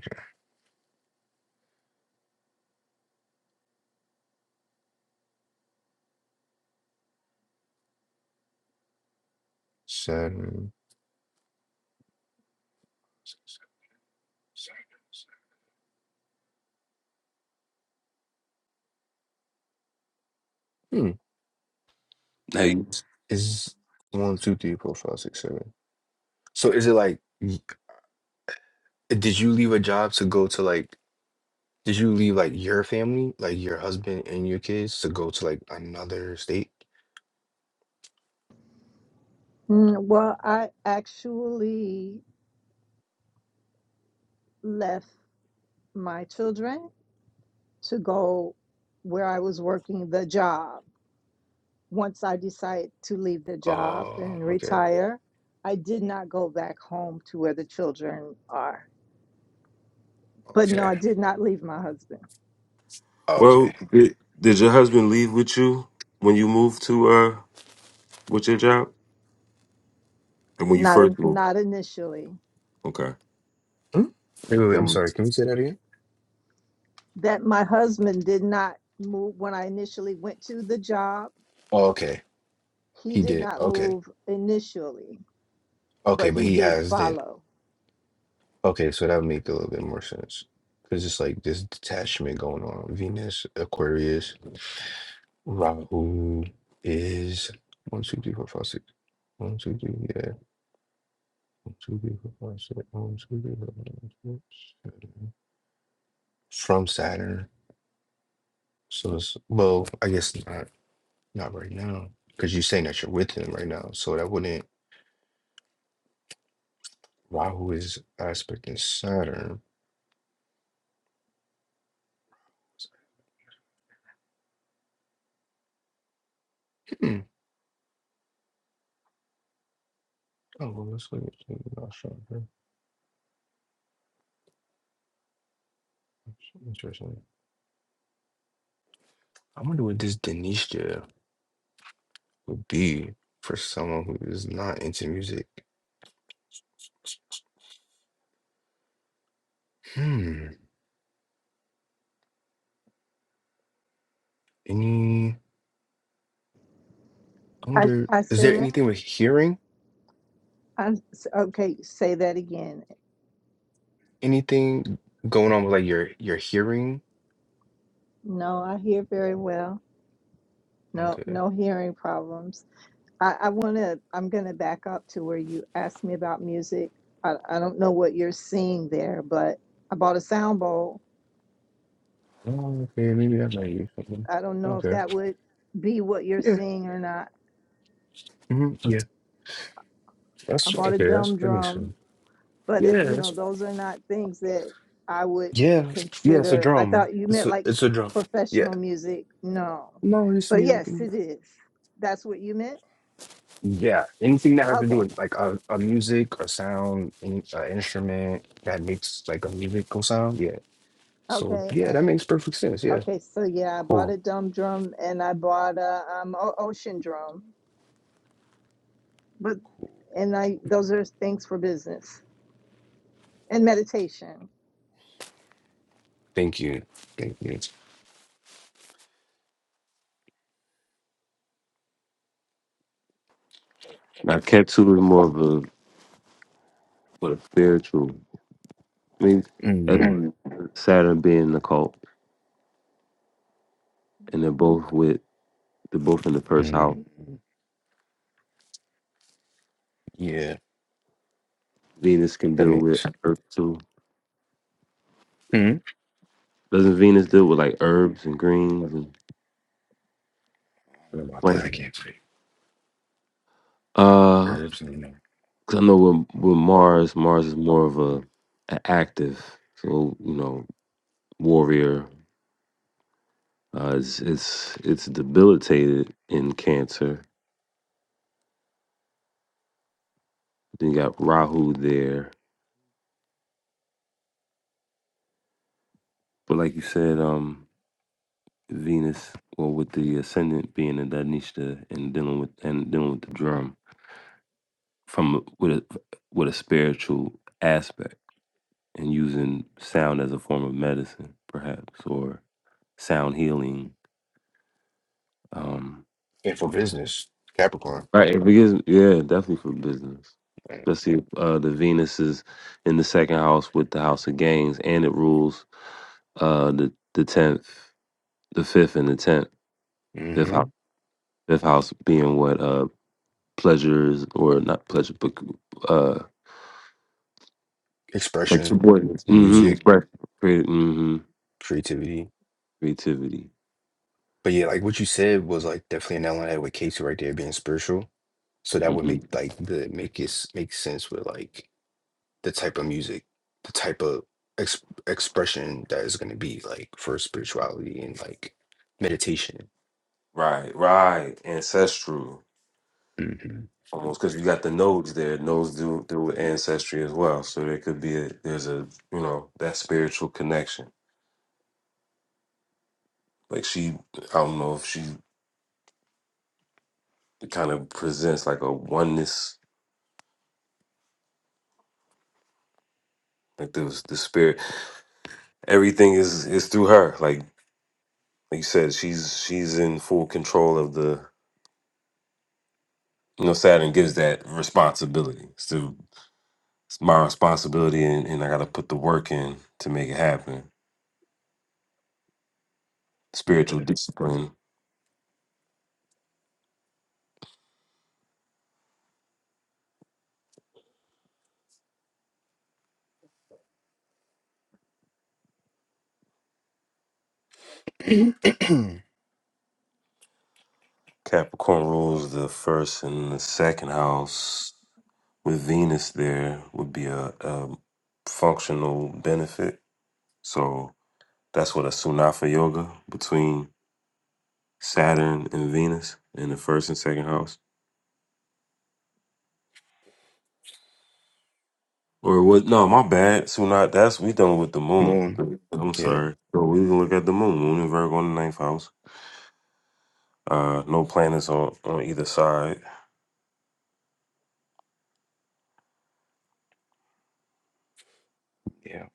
[SPEAKER 7] Saturn. Saturn. Saturn. Hmm.
[SPEAKER 4] now,
[SPEAKER 7] Is one, two, three, four, five, six, seven. So is it like y- did you leave a job to go to like did you leave like your family, like your husband and your kids to go to like another state?
[SPEAKER 9] Mm, Well, I actually left my children to go where I was working the job. Once I decided to leave the job
[SPEAKER 7] Oh,
[SPEAKER 9] and
[SPEAKER 7] okay.
[SPEAKER 9] retire, I did not go back home to where the children are. But no,
[SPEAKER 7] Okay.
[SPEAKER 9] I did not leave my husband.
[SPEAKER 7] Oh,
[SPEAKER 4] Well,
[SPEAKER 7] okay.
[SPEAKER 4] did, did your husband leave with you when you moved to uh with your job and when you
[SPEAKER 9] Not
[SPEAKER 4] first
[SPEAKER 9] in,
[SPEAKER 4] moved?
[SPEAKER 9] not initially.
[SPEAKER 4] Okay,
[SPEAKER 7] Hmm? Wait, wait,
[SPEAKER 4] it
[SPEAKER 7] wait. I'm
[SPEAKER 4] was.
[SPEAKER 7] sorry. Can we say that again?
[SPEAKER 9] That my husband did not move when I initially went to the job.
[SPEAKER 7] Oh, okay.
[SPEAKER 9] He
[SPEAKER 7] He
[SPEAKER 9] did
[SPEAKER 7] did.
[SPEAKER 9] not
[SPEAKER 7] Okay.
[SPEAKER 9] move initially,
[SPEAKER 7] Okay,
[SPEAKER 9] but
[SPEAKER 7] but
[SPEAKER 9] he
[SPEAKER 7] he
[SPEAKER 9] did
[SPEAKER 7] has then.
[SPEAKER 9] follow.
[SPEAKER 7] Okay, so that would make a little bit more sense. Because it's like this detachment going on. Venus, Aquarius, Rahu is one, two, three, four, five, six. One, two, three, yeah. One, two, three, four, five, six. One, two, three, four, five, six, seven. From Saturn. So it's, well, I guess not, not right now. Because you're saying that you're with him right now. So that wouldn't. Rahu is aspecting Saturn. It's like, Hmm. Oh, well, let's look at something else right Interesting. I wonder what this Denisha would be for someone who is not into music. Hmm. Any? I
[SPEAKER 9] I
[SPEAKER 7] wonder.
[SPEAKER 9] I
[SPEAKER 7] Is there
[SPEAKER 9] said,
[SPEAKER 7] anything with hearing?
[SPEAKER 9] I okay. Say that again.
[SPEAKER 7] Anything going on with like your your hearing?
[SPEAKER 9] No, I hear very well. No,
[SPEAKER 7] Okay.
[SPEAKER 9] no hearing problems. I, I want to, I'm going to back up to where you asked me about music. I, I don't know what you're seeing there, but I bought a sound bowl.
[SPEAKER 7] Oh, okay. Maybe that might be something.
[SPEAKER 9] I don't know if
[SPEAKER 7] Okay.
[SPEAKER 9] that would be what you're
[SPEAKER 7] Yeah.
[SPEAKER 9] seeing or not.
[SPEAKER 7] hmm Yeah.
[SPEAKER 9] I
[SPEAKER 7] That's
[SPEAKER 9] bought
[SPEAKER 7] okay.
[SPEAKER 9] a
[SPEAKER 7] That's
[SPEAKER 9] dumb
[SPEAKER 7] that makes
[SPEAKER 9] drum,
[SPEAKER 7] sense.
[SPEAKER 9] but it,
[SPEAKER 7] Yeah.
[SPEAKER 9] you know,
[SPEAKER 7] That's,
[SPEAKER 9] those are not things that I would
[SPEAKER 7] yeah. Yeah. It's a
[SPEAKER 9] consider. I
[SPEAKER 7] drum.
[SPEAKER 9] thought you
[SPEAKER 7] It's
[SPEAKER 9] meant
[SPEAKER 7] a
[SPEAKER 9] like
[SPEAKER 7] it's
[SPEAKER 9] p-
[SPEAKER 7] a drum. Yeah.
[SPEAKER 9] professional music. No,
[SPEAKER 7] No, just
[SPEAKER 9] but
[SPEAKER 7] music.
[SPEAKER 9] yes,
[SPEAKER 7] and-
[SPEAKER 9] it is. That's what you meant?
[SPEAKER 7] Yeah, anything that has to do
[SPEAKER 9] Okay.
[SPEAKER 7] with like a, a music, a sound, an instrument that makes like a musical sound. Yeah. So yeah,
[SPEAKER 9] Okay.
[SPEAKER 7] that makes perfect sense. Yeah.
[SPEAKER 9] Okay, so yeah, I bought a
[SPEAKER 7] Cool.
[SPEAKER 9] dumb drum and I bought a um o- ocean drum. But
[SPEAKER 7] Cool. Cool.
[SPEAKER 9] and I
[SPEAKER 7] Cool.
[SPEAKER 9] those
[SPEAKER 7] Cool.
[SPEAKER 9] are things for business and meditation.
[SPEAKER 7] Thank you. Thank you.
[SPEAKER 4] I kept to it more of a, what a spiritual. I mean,
[SPEAKER 7] mm
[SPEAKER 4] that- Saturn being in the cult, and they're both with they're both in the first house.
[SPEAKER 7] mm Yeah,
[SPEAKER 4] Venus can
[SPEAKER 7] that
[SPEAKER 4] deal with
[SPEAKER 7] makes.
[SPEAKER 4] Earth too.
[SPEAKER 7] hmm
[SPEAKER 4] Doesn't Venus deal with like herbs and greens and
[SPEAKER 7] I don't know about that.
[SPEAKER 4] plants?
[SPEAKER 7] I can't say
[SPEAKER 4] Uh,
[SPEAKER 7] herbs and you know.
[SPEAKER 4] 'cause I know with, with Mars, Mars is more of a, a active, so you know, warrior. Uh, it's it's it's debilitated in Cancer. Then you got Rahu there, but like you said, um, Venus. Well, with the ascendant being in Dhanishta and dealing with and dealing with the drum from with a with a spiritual aspect and using sound as a form of medicine, perhaps, or sound healing. Um,
[SPEAKER 7] And for business, Capricorn.
[SPEAKER 4] right. It begins, yeah, definitely for business. Especially us Uh, the Venus is in the second house with the House of Gains, and it rules Uh, the the tenth, the fifth, and the tenth, fifth
[SPEAKER 7] Mm-hmm.
[SPEAKER 4] house, fifth house being what uh pleasures or not pleasure, but uh like
[SPEAKER 7] Expression,
[SPEAKER 4] subordinates. Mm-hmm.
[SPEAKER 7] music,
[SPEAKER 4] Express creative. Mm-hmm.
[SPEAKER 7] creativity.
[SPEAKER 4] Creativity.
[SPEAKER 7] But yeah, like what you said was like definitely an Ellen Edward Casey right there being spiritual. So that would
[SPEAKER 4] Mm-hmm.
[SPEAKER 7] make like the make it s- make sense with like the type of music, the type of ex- expression that is going to be like for spirituality and like meditation.
[SPEAKER 4] Right, right. Ancestral.
[SPEAKER 7] hmm
[SPEAKER 4] Almost because you got the nodes there. Nodes do do with ancestry as well. So there could be a there's a you know that spiritual connection. Like she, I don't know if she kind of presents like a oneness, like the the spirit everything is is through her. Like like you said, she's she's in full control of the you know, Saturn gives that responsibility. It's, the, it's my responsibility and, and I gotta put the work in to make it happen.
[SPEAKER 7] Yeah.
[SPEAKER 4] Spiritual discipline. Capricorn rules the first and the second house with Venus there would be a, a functional benefit. So that's what a Sunafa yoga between Saturn and Venus in the first and second house Or what? No, my bad. Sunat, that's we done with the moon.
[SPEAKER 7] Moon.
[SPEAKER 4] I'm
[SPEAKER 7] Yeah.
[SPEAKER 4] sorry. So we can look at the moon. Moon and Virgo in the ninth house. Uh, no planets on on either side.
[SPEAKER 7] Yeah.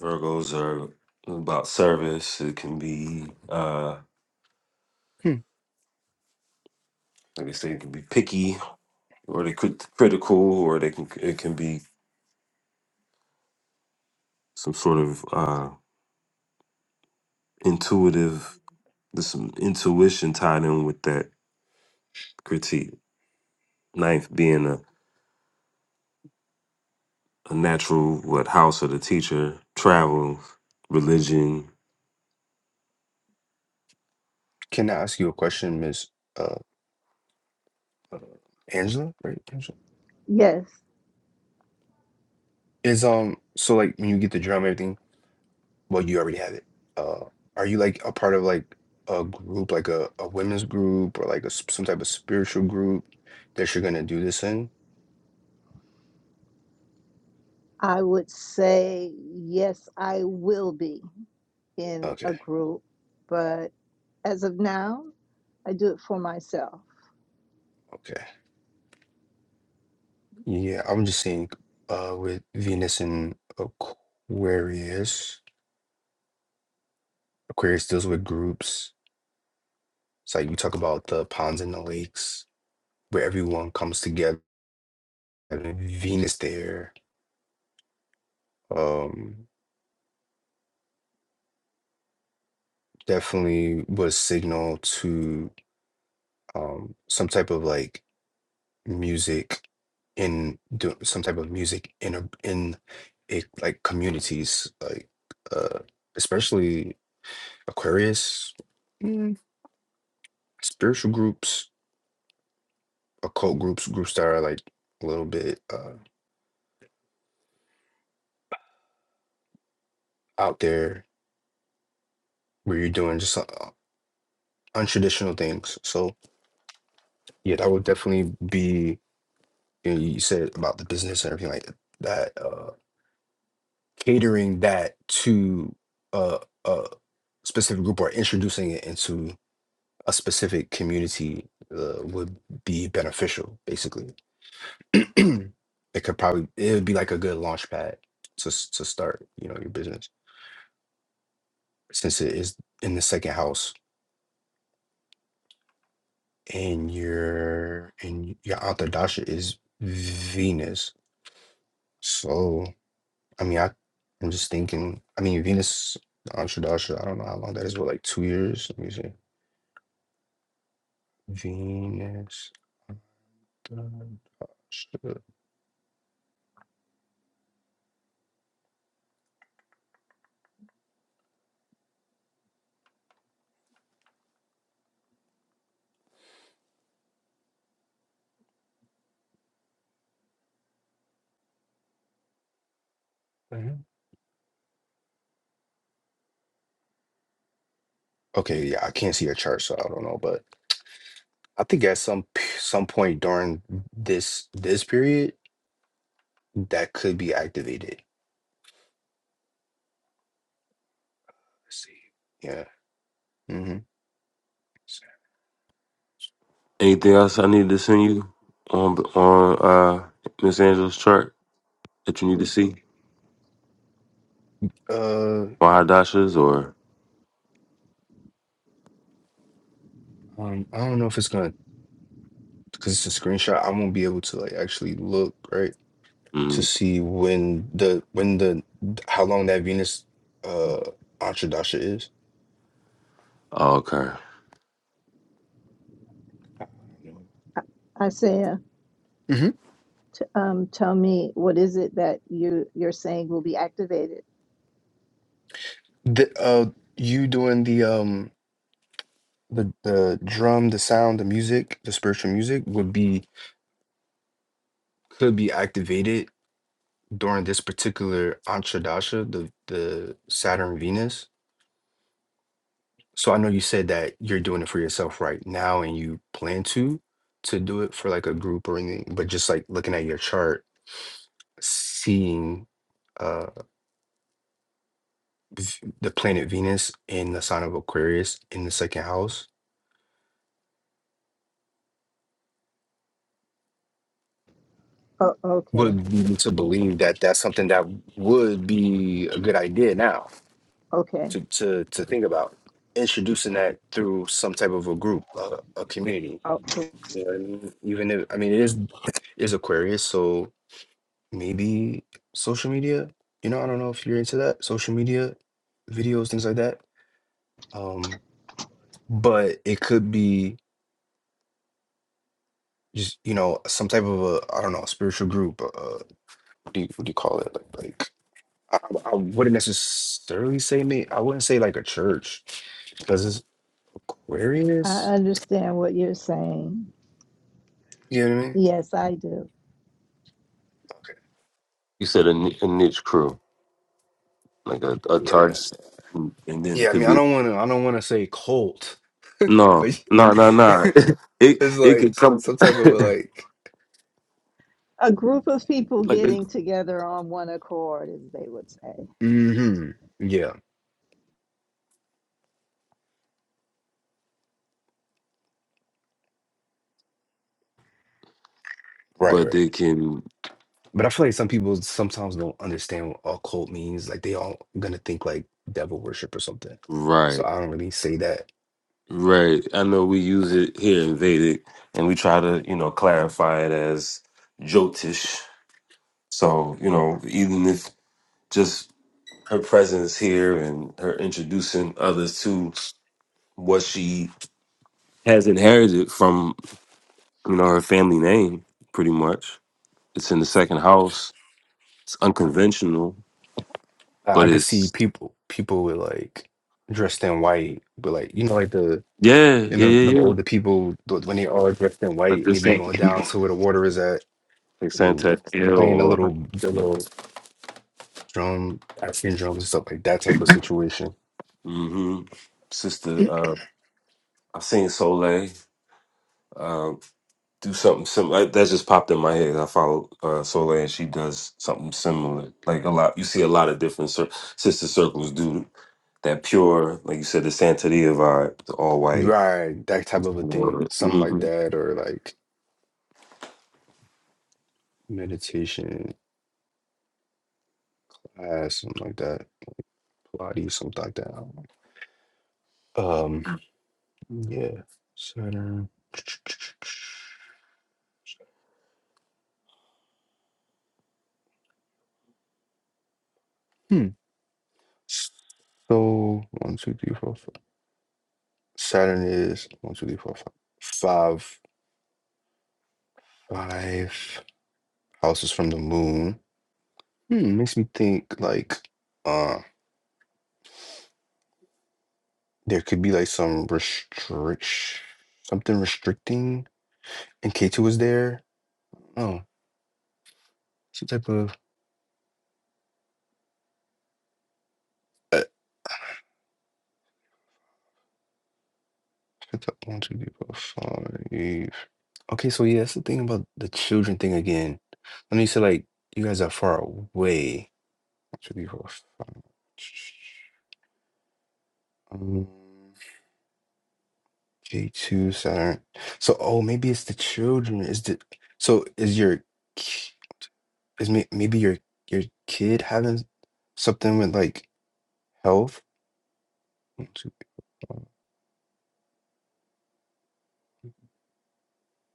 [SPEAKER 4] Virgos are about service. It can be, uh,
[SPEAKER 7] Hmm.
[SPEAKER 4] like I say, it can be picky, or they could critical, or they can it can be some sort of uh intuitive. There's some intuition tied in with that critique. Ninth being a, a natural what house of the teacher, travel, religion,
[SPEAKER 7] Can I ask you a question, Miss uh, uh, Angela? Right, Angela.
[SPEAKER 9] Yes,
[SPEAKER 7] Is um so like when you get the drum everything Well, you already have it. Uh, are you like a part of like a group, like a, a women's group or like a, s- some type of spiritual group that you're gonna do this in?
[SPEAKER 9] I would say yes, I will be in
[SPEAKER 7] Okay,
[SPEAKER 9] a group, but as of now, I do it for myself.
[SPEAKER 7] okay. Yeah, I'm just seeing uh with Venus and Aquarius. Aquarius deals with groups. It's like you talk about the ponds and the lakes where everyone comes together. and Venus there um definitely was signal to um some type of like music in do some type of music in a in a like communities like uh especially Aquarius mm, spiritual groups occult groups groups that are like a little bit uh out there where you're doing just uh, untraditional things so yeah that would definitely be you, know, you said about the business and everything like that uh catering that to uh a specific group or introducing it into a specific community uh, would be beneficial. Basically, it could probably it would be like a good launch pad to s- to start you know your business since it is in the second house and your and your author dasha is Venus. So I mean I I'm just thinking I mean Venus Antra dasha I don't know how long that is but like two years let me see Venus Antra Dasha. Okay, yeah, I can't see a chart, so I don't know, but I think at some p- some point during this this period, that could be activated. Let's see. Yeah. hmm
[SPEAKER 4] Anything else I need to send you on on uh Miss Angela's chart that you need to see?
[SPEAKER 7] Uh,
[SPEAKER 4] My dashes or
[SPEAKER 7] um, I don't know if it's gonna because it's a screenshot. I won't be able to like actually look right to
[SPEAKER 4] mm,
[SPEAKER 7] see when the when the how long that Venus uh Antradasha is.
[SPEAKER 4] oh, okay.
[SPEAKER 7] I don't
[SPEAKER 9] I- Isaiah,
[SPEAKER 7] know. hmm
[SPEAKER 9] t- um, tell me what is it that you you're saying will be activated?
[SPEAKER 7] The uh, you doing the um the the drum, the sound, the music, the spiritual music would be could be activated during this particular Antradasha, the the Saturn Venus. So I know you said that you're doing it for yourself right now and you plan to to do it for like a group or anything, but just like looking at your chart, seeing uh v- the planet Venus in the sign of Aquarius in the second house
[SPEAKER 9] Oh, okay,
[SPEAKER 7] would lead me to believe that that's something that would be a good idea now.
[SPEAKER 9] okay.
[SPEAKER 7] to to to think about introducing that through some type of a group, a, a community.
[SPEAKER 9] Oh,
[SPEAKER 7] You know what I mean? Even if I mean it is is Aquarius, so maybe social media. You know, I don't know if you're into that social media videos, things like that. Um, but it could be just you know some type of a I don't know spiritual group. Uh, what do you what do you call it? Like like I, I wouldn't necessarily say me. I wouldn't say like a church because it's
[SPEAKER 9] I
[SPEAKER 7] Aquarius.
[SPEAKER 9] understand what you're
[SPEAKER 7] um,
[SPEAKER 9] saying.
[SPEAKER 7] You know what I mean?
[SPEAKER 9] Yes, I do.
[SPEAKER 4] You said a, ni- a niche crew, like a, a
[SPEAKER 7] Okay. Yeah.
[SPEAKER 4] target, and then it
[SPEAKER 7] Yeah, I
[SPEAKER 4] could
[SPEAKER 7] mean, I
[SPEAKER 4] be
[SPEAKER 7] don't want to I don't want to say cult, but
[SPEAKER 4] no, no, no,
[SPEAKER 7] it's
[SPEAKER 4] no. It it could
[SPEAKER 7] like
[SPEAKER 4] come
[SPEAKER 7] some type of a like
[SPEAKER 9] A group of people
[SPEAKER 4] like,
[SPEAKER 9] getting together on one accord, as they would say.
[SPEAKER 7] hmm Yeah. Right,
[SPEAKER 4] but it
[SPEAKER 7] right.
[SPEAKER 4] can
[SPEAKER 7] But I feel like some people sometimes don't understand what all cult means. Like they all gonna think like devil worship or something. So
[SPEAKER 4] right,
[SPEAKER 7] I don't really say that.
[SPEAKER 4] right. I know we use it here in Vedic, and we try to you know clarify it as Jyotish. So you know, even if just her presence here and her introducing others to what she has inherited from you know her family name pretty much it's in the second house it's unconventional
[SPEAKER 7] I,
[SPEAKER 4] but
[SPEAKER 7] I could see
[SPEAKER 4] it's
[SPEAKER 7] people people with like dressed in white, but like you know, like the
[SPEAKER 4] yeah
[SPEAKER 7] you
[SPEAKER 4] yeah
[SPEAKER 7] know
[SPEAKER 4] yeah
[SPEAKER 7] them
[SPEAKER 4] yeah
[SPEAKER 7] older people th- when they are dressed in
[SPEAKER 4] like
[SPEAKER 7] white,
[SPEAKER 4] this
[SPEAKER 7] maybe
[SPEAKER 4] thing
[SPEAKER 7] going down to where the water is at.
[SPEAKER 4] like
[SPEAKER 7] and
[SPEAKER 4] santa Hill
[SPEAKER 7] playing a
[SPEAKER 4] or
[SPEAKER 7] little the little drum, African drums and stuff like that type of situation.
[SPEAKER 4] hmm sister uh i've seen soleil uh, do something similar Like, that just popped in my head i follow uh soleil and she does something similar like a lot you see a lot of different cir- sister circles do that pure, like you said, the Santeria vibe, the all white.
[SPEAKER 7] Right, that type of a thing. Something like
[SPEAKER 4] hmm
[SPEAKER 7] that, or like meditation class, something like that. Pilates, something like that. I don't know. Um, yeah. Saturn. Hmm. So one, two, three, four, five. Saturn is one, two, three, four, five. Five, five houses from the moon. Hmm, makes me think like. uh. there could be like some restrict something restricting and K2 was there. Oh, some type of uh, it's like one, two, three, four, five. Okay, so yeah, that's the thing about the children thing again. When you say like you guys are far away. One, two, three, four, five. Um, K2 Saturn. So oh maybe it's the children. Is the so is your ki- is may, maybe your your kid having something with like health?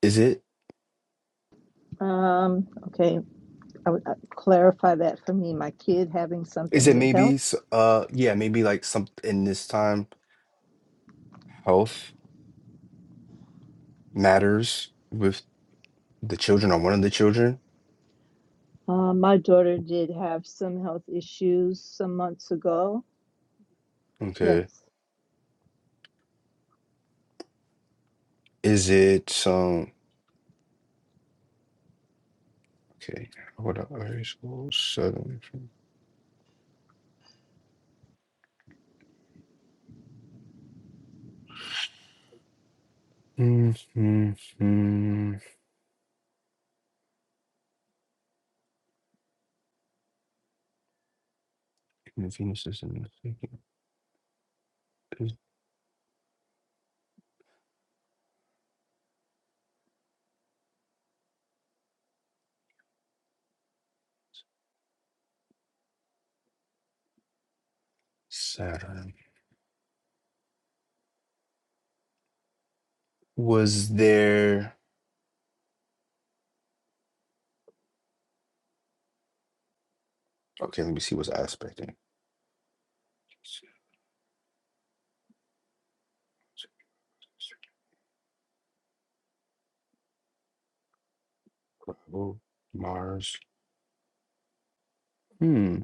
[SPEAKER 7] Is it
[SPEAKER 9] Um, okay, I would uh, clarify that for me. My kid having something
[SPEAKER 7] is it
[SPEAKER 9] with
[SPEAKER 7] maybe
[SPEAKER 9] health.
[SPEAKER 7] s- uh yeah, maybe like some in this time health matters with the children or one of the children?
[SPEAKER 9] Uh, my daughter did have some health issues some months ago. Yes.
[SPEAKER 7] Okay. Is it some okay, what up? Aries school seven Mm-hmm. Venus is in the second is Saturn. Was there okay, let me see what's aspecting. Mars. Hmm.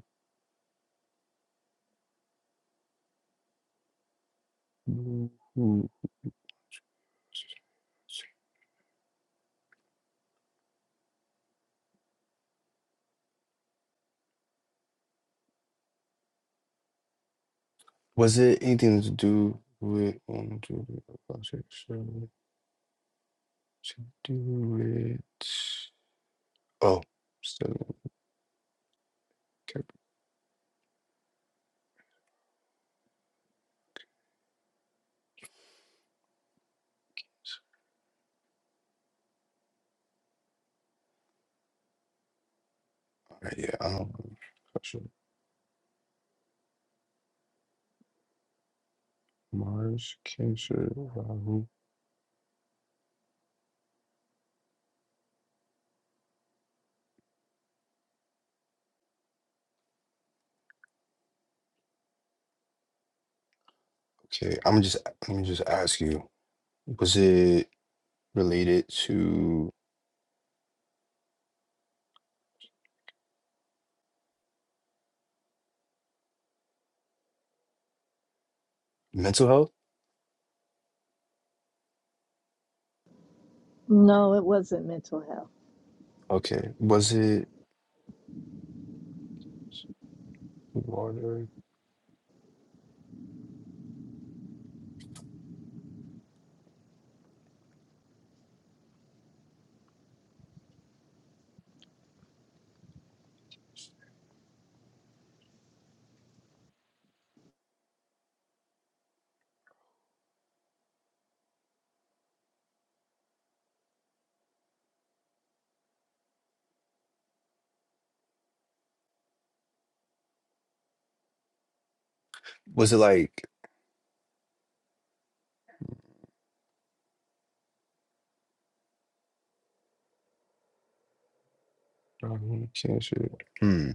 [SPEAKER 7] Was it anything to do with um do it about it, so to do it? Oh, still in Capricorn. All right, yeah. Um, Sasha, Mars, Cancer, Rahu. Okay, I'm just let me just ask you. Was it related to mental health?
[SPEAKER 9] No, it wasn't mental health.
[SPEAKER 7] Okay. Was it water? Was it like Rahu, Cancer? Hmm.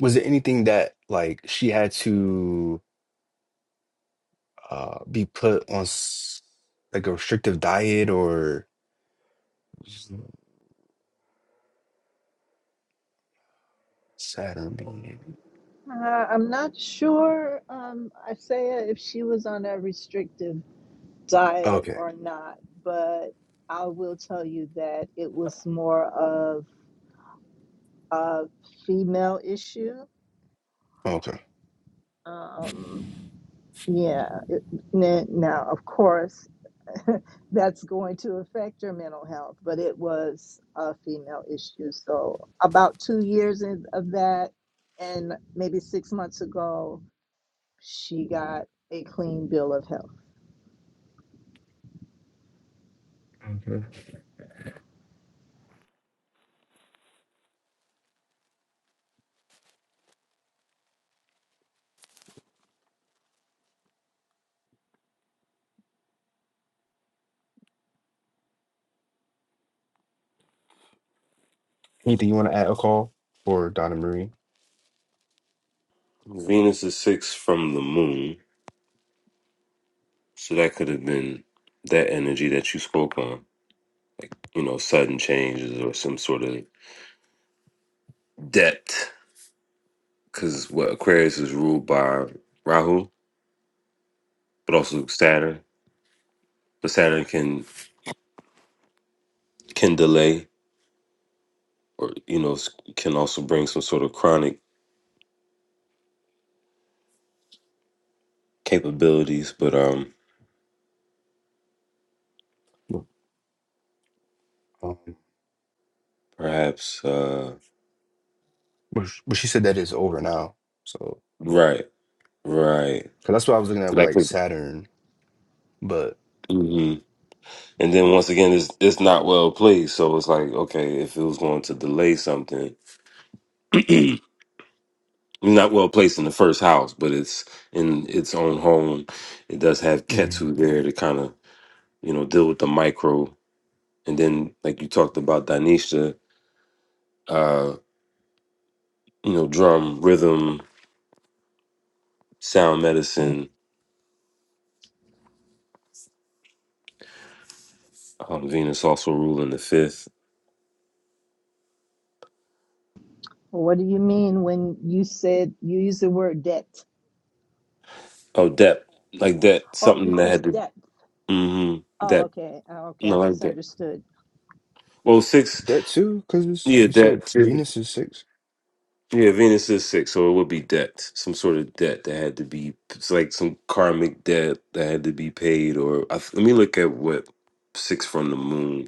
[SPEAKER 7] Was it anything that like she had to? uh, be put on s- like a restrictive diet or Saturn being.
[SPEAKER 9] Uh, I'm not sure, um, Isaiah, if she was on a restrictive diet
[SPEAKER 7] Okay.
[SPEAKER 9] or not, but I will tell you that it was more of a female issue.
[SPEAKER 7] Okay.
[SPEAKER 9] Um, yeah, it, n- now of course that's going to affect your mental health, but it was a female issue. So about two years in, of that, and maybe six months ago, she got a clean bill of health.
[SPEAKER 7] hmm Anything you want to add, Akal or Donna Marie?
[SPEAKER 4] Venus is six from the moon, so that could have been that energy that you spoke on, like you know, sudden changes or some sort of depth. Because what Aquarius is ruled by Rahu, but also Saturn. But Saturn can can delay, or you know, s- can also bring some sort of chronic capabilities. But um,
[SPEAKER 7] No. Um,
[SPEAKER 4] perhaps uh,
[SPEAKER 7] but, sh- but she said that is over now. So,
[SPEAKER 4] right, right.
[SPEAKER 7] cause that's what I was looking
[SPEAKER 4] So
[SPEAKER 7] at with
[SPEAKER 4] that
[SPEAKER 7] like
[SPEAKER 4] could.
[SPEAKER 7] Saturn, but
[SPEAKER 4] mm-hmm. And then once again, it's it's not well placed. So it's like, okay, if it was going to delay something, not well placed in the first house, but it's in its own home. It does have
[SPEAKER 7] Mhm.
[SPEAKER 4] Ketu there to kind of you know deal with the micro, and then like you talked about Danisha, uh, you know, drum rhythm, sound medicine. Um, Venus also ruling the fifth.
[SPEAKER 9] Well, What do you mean when you said you used the word debt?
[SPEAKER 4] Oh, depth like that,
[SPEAKER 9] Oh,
[SPEAKER 4] something
[SPEAKER 9] you
[SPEAKER 4] that had
[SPEAKER 9] said
[SPEAKER 4] to
[SPEAKER 9] debt.
[SPEAKER 4] mm-hmm,
[SPEAKER 9] Oh,
[SPEAKER 4] depth.
[SPEAKER 9] okay. Oh, okay. I
[SPEAKER 4] No, like that.
[SPEAKER 9] misunderstood.
[SPEAKER 4] Well, six,
[SPEAKER 7] that too, because
[SPEAKER 4] yeah,
[SPEAKER 7] you said
[SPEAKER 4] that.
[SPEAKER 7] Venus is six.
[SPEAKER 4] Yeah, Venus is six, so it would be debt, some sort of debt that had to be, it's like some karmic debt that had to be paid. Or I, let me look at what six from the moon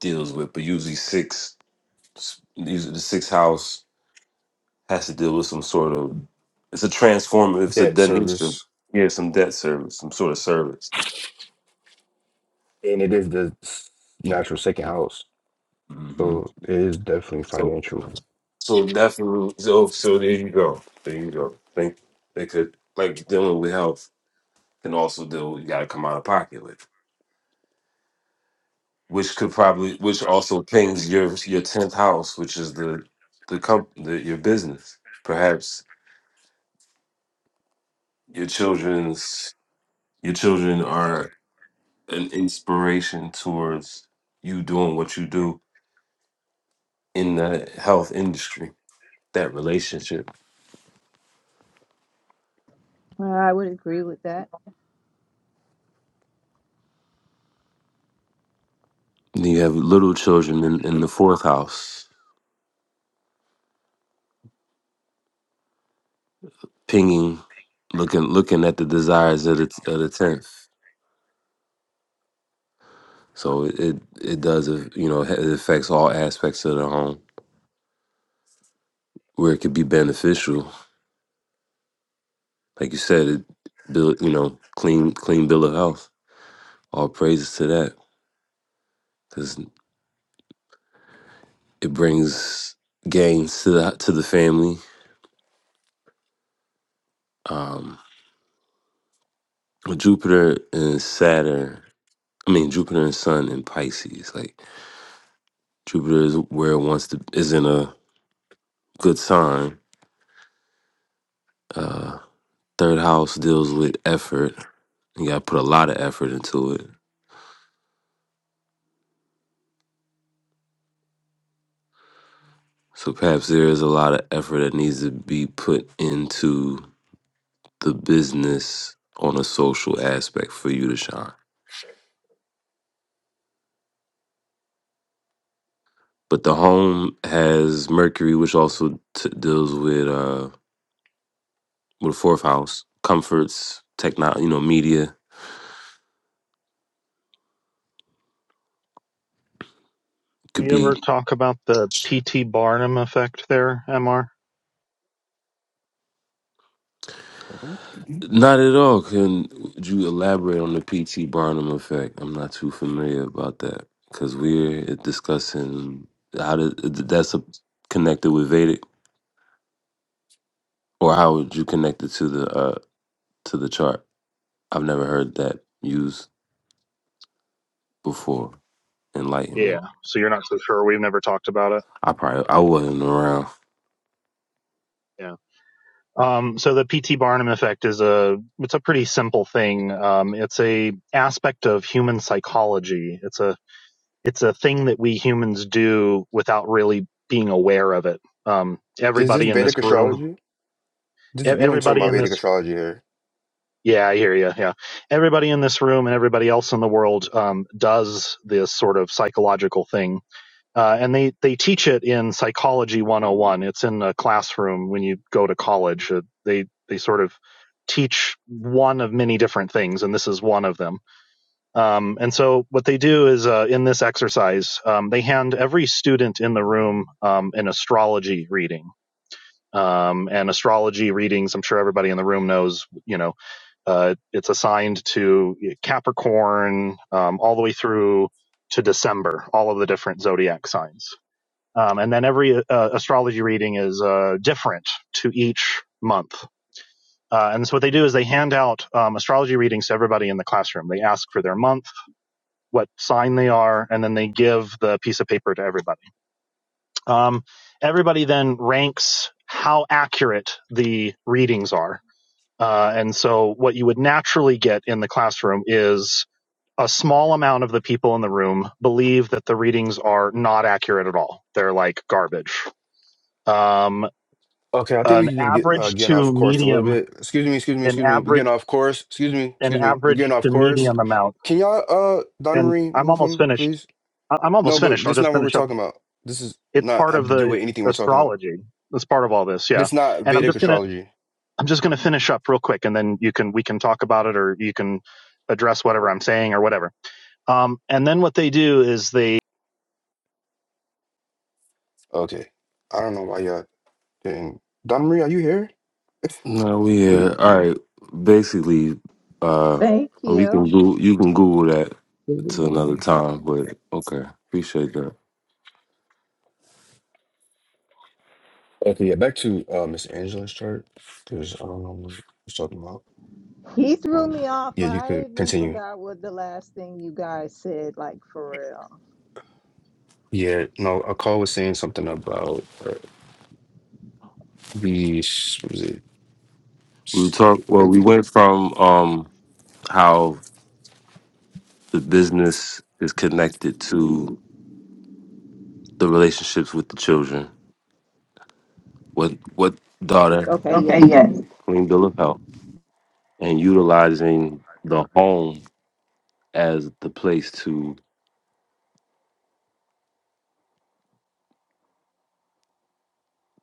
[SPEAKER 4] deals with, but usually six, usually the sixth house has to deal with some sort of, it's a transformative, it's a
[SPEAKER 7] Debt
[SPEAKER 4] debt nature.
[SPEAKER 7] service,
[SPEAKER 4] Yeah, some debt service, some sort of service.
[SPEAKER 7] and it is the s- natural second house.
[SPEAKER 4] hmm
[SPEAKER 7] So it is definitely
[SPEAKER 4] So,
[SPEAKER 7] financial.
[SPEAKER 4] so definitely, so, so there you go. There you go. Think they could, like dealing with health can also deal, you got to come out of pocket with. which could probably which also pings your your tenth house, which is the the company the, your business. Perhaps your children's your children are an inspiration towards you doing what you do in the health industry. That relationship.
[SPEAKER 9] I would agree with that.
[SPEAKER 4] And you have little children in, in the fourth house, pinging, looking looking at the desires of the of the tenth. So it it does uh, you know it affects all aspects of the home where it could be beneficial like you said, it build you know clean clean bill of health. All praises to that because it brings gains to the to the family. Um, with Jupiter and Saturn, I mean Jupiter and Sun in Pisces. Like Jupiter is where it wants to is in a good sign. Uh, third house deals with effort. You got to put a lot of effort into it. So perhaps there is a lot of effort that needs to be put into the business on a social aspect for you to shine. But the home has Mercury, which also t- deals with uh with the fourth house, comforts, technology, you know, media could
[SPEAKER 10] We ever
[SPEAKER 4] be
[SPEAKER 10] talk about the P.T. Barnum effect there, MR?
[SPEAKER 7] Mhm.
[SPEAKER 4] not at all. Can would you elaborate on the PT Barnum effect? I'm not too familiar about that because we're discussing how to, that's a, connected with Vedic, or how would you connect it to the uh to the chart? I've never heard that used before. Enlighten me.
[SPEAKER 10] Yeah. So you're not so sure. We've never talked about it.
[SPEAKER 4] I probably I wasn't around.
[SPEAKER 10] Yeah. Um, so the P.T. Barnum effect is a it's a pretty simple thing. Um, it's a aspect of human psychology. It's a it's a thing that we humans do without really being aware of it. Um,
[SPEAKER 7] Is this
[SPEAKER 10] everybody in this
[SPEAKER 7] Vedic
[SPEAKER 10] room,
[SPEAKER 7] astrology?
[SPEAKER 10] e-
[SPEAKER 7] This we only talking
[SPEAKER 10] everybody
[SPEAKER 7] about
[SPEAKER 10] in
[SPEAKER 7] Vedic
[SPEAKER 10] this
[SPEAKER 7] astrology here.
[SPEAKER 10] yeah, I hear you. Yeah, everybody in this room and everybody else in the world um, does this sort of psychological thing Uh, and they, they teach it in Psychology 101. It's in the classroom when you go to college. Uh, they, they sort of teach one of many different things, and this is one of them. Um, and so what they do is uh, in this exercise, um, they hand every student in the room um, an astrology reading. Um, and astrology readings, I'm sure everybody in the room knows, you know, uh, it's assigned to Capricorn um, all the way through to December, all of the different zodiac signs. Um, and then every uh, astrology reading is uh, different to each month. Uh, and so what they do is they hand out um, astrology readings to everybody in the classroom. They ask for their month, what sign they are, and then they give the piece of paper to everybody. Um, everybody then ranks how accurate the readings are. Uh, and so what you would naturally get in the classroom is a small amount of the people in the room believe that the readings are not accurate at all. They're like garbage. Um,
[SPEAKER 7] Okay, I think
[SPEAKER 10] an
[SPEAKER 7] we can just get uh,
[SPEAKER 10] average
[SPEAKER 7] getting
[SPEAKER 10] to
[SPEAKER 7] off course a little
[SPEAKER 10] medium,
[SPEAKER 7] bit. Excuse me, excuse me,
[SPEAKER 10] an
[SPEAKER 7] excuse me. We're
[SPEAKER 10] average,
[SPEAKER 7] getting off course. Excuse me,
[SPEAKER 10] an
[SPEAKER 7] excuse me. We're
[SPEAKER 10] average
[SPEAKER 7] getting off
[SPEAKER 10] to
[SPEAKER 7] course.
[SPEAKER 10] medium amount.
[SPEAKER 7] Can y'all, uh, Donna
[SPEAKER 10] And
[SPEAKER 7] Marie,
[SPEAKER 10] I'm
[SPEAKER 7] move
[SPEAKER 10] almost
[SPEAKER 7] him,
[SPEAKER 10] finished.
[SPEAKER 7] please?
[SPEAKER 10] I- I'm almost
[SPEAKER 7] No, but
[SPEAKER 10] finished. I'll
[SPEAKER 7] this is
[SPEAKER 10] just
[SPEAKER 7] not what we're
[SPEAKER 10] finish up.
[SPEAKER 7] talking about. This is
[SPEAKER 10] It's
[SPEAKER 7] not
[SPEAKER 10] part
[SPEAKER 7] have
[SPEAKER 10] of
[SPEAKER 7] to do
[SPEAKER 10] the
[SPEAKER 7] with anything we're talking about.
[SPEAKER 10] astrology. That's part of all this. Yeah.
[SPEAKER 7] This not
[SPEAKER 10] And I'm
[SPEAKER 7] Vedic
[SPEAKER 10] just going to,
[SPEAKER 7] astrology.
[SPEAKER 10] I'm just going to finish up real quick and then you can, we can talk about it or you can address whatever I'm saying or whatever. Um, and then what they do is they.
[SPEAKER 7] Okay, I don't know why y'all didn't. Donna Marie, are you here?
[SPEAKER 4] No, we
[SPEAKER 7] What do you?
[SPEAKER 4] had all right. Basically, uh,
[SPEAKER 9] Thank
[SPEAKER 4] I mean, you
[SPEAKER 9] you.
[SPEAKER 4] can Google, you can Google that
[SPEAKER 7] what- what
[SPEAKER 4] to
[SPEAKER 7] you-
[SPEAKER 4] another time. But okay, appreciate that.
[SPEAKER 7] Okay, yeah. Back to uh, Miss Angela's chart because I don't know what we're talking about.
[SPEAKER 9] He threw
[SPEAKER 7] Um,
[SPEAKER 9] me off.
[SPEAKER 7] yeah, you
[SPEAKER 9] I
[SPEAKER 7] could
[SPEAKER 9] even
[SPEAKER 7] continue.
[SPEAKER 9] forgot what the last thing you guys said, like for real.
[SPEAKER 7] Yeah, no, a call was saying something about uh, the s- was it
[SPEAKER 4] We talk.
[SPEAKER 7] look
[SPEAKER 4] Well,
[SPEAKER 7] at
[SPEAKER 4] we
[SPEAKER 7] this.
[SPEAKER 4] went from um how the business is connected to the relationships with the children. What what
[SPEAKER 9] Yes.
[SPEAKER 4] daughter
[SPEAKER 9] Okay,
[SPEAKER 4] Okay,
[SPEAKER 9] yes.
[SPEAKER 4] yes. clean bill of health and utilizing the home as the place to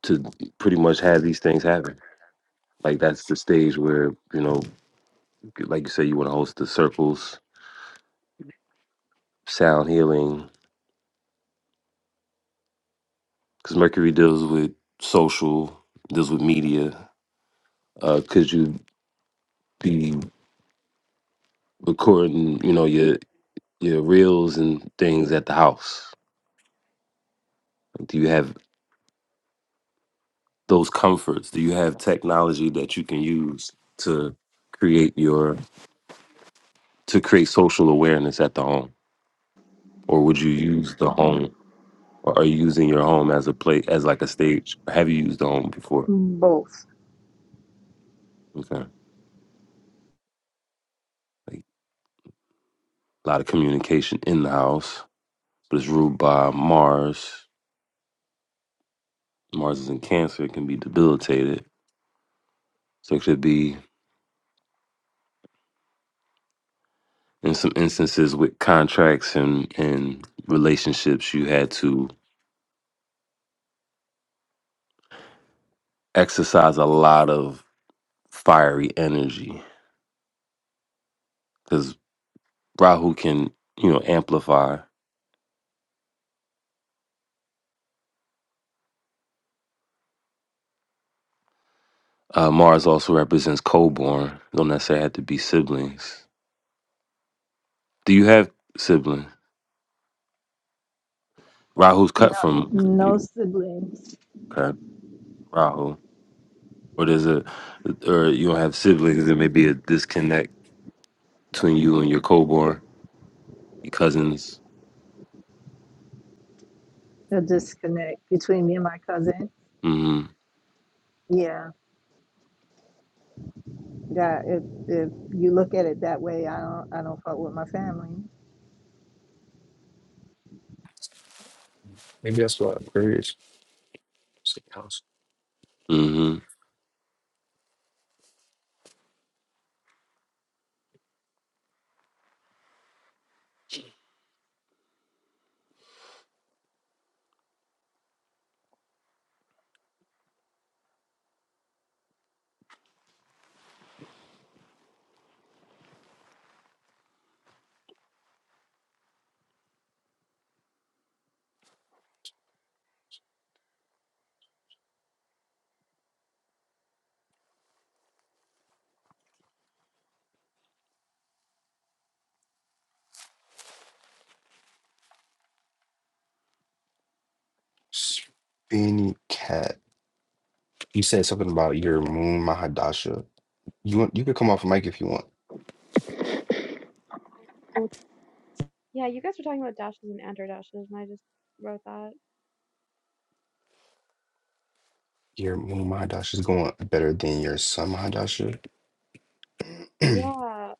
[SPEAKER 4] to pretty much have these things happen. Like that's the stage where you know, like you say, you want to host the circles, sound healing, because Mercury deals with social, deals with media. Uh, could you be recording, you know, your your reels and things at the house? Like, Do you have those comforts? Do you have technology that you can use to create your to create social awareness at the home, or would you use the home? Or are you using your home as a play as like a stage? Have you used the home before?
[SPEAKER 9] Both.
[SPEAKER 4] Okay. Like, a lot of communication in the house, but it's ruled by Mars. Mars is in Cancer, it can be debilitated. So it could be in some instances with contracts and, and relationships, you had to exercise a lot of fiery energy because Rahu can, you know, amplify. Uh, Mars also represents co-born. Don't necessarily have to be siblings. Do you have siblings? Rahu's
[SPEAKER 9] No
[SPEAKER 4] cut from
[SPEAKER 9] no siblings.
[SPEAKER 4] okay. Rahu. or there's a or you'll have siblings there may be a disconnect between you and your co-born your cousins
[SPEAKER 9] A disconnect between me and my cousin.
[SPEAKER 4] mm-hmm
[SPEAKER 9] Yeah. Yeah. If if you look at it that way, I don't I don't fuck with my family.
[SPEAKER 7] maybe that's what Aquarius it's like house
[SPEAKER 4] mm-hmm,
[SPEAKER 7] spinny cat. You said something about your moon Mahadasha. You want you could come off mic if you want.
[SPEAKER 11] Yeah, you guys were talking about dashes and anterdashes, and I just wrote that.
[SPEAKER 7] Your moon Mahadasha is going better than your sun Mahadasha.
[SPEAKER 11] Yeah,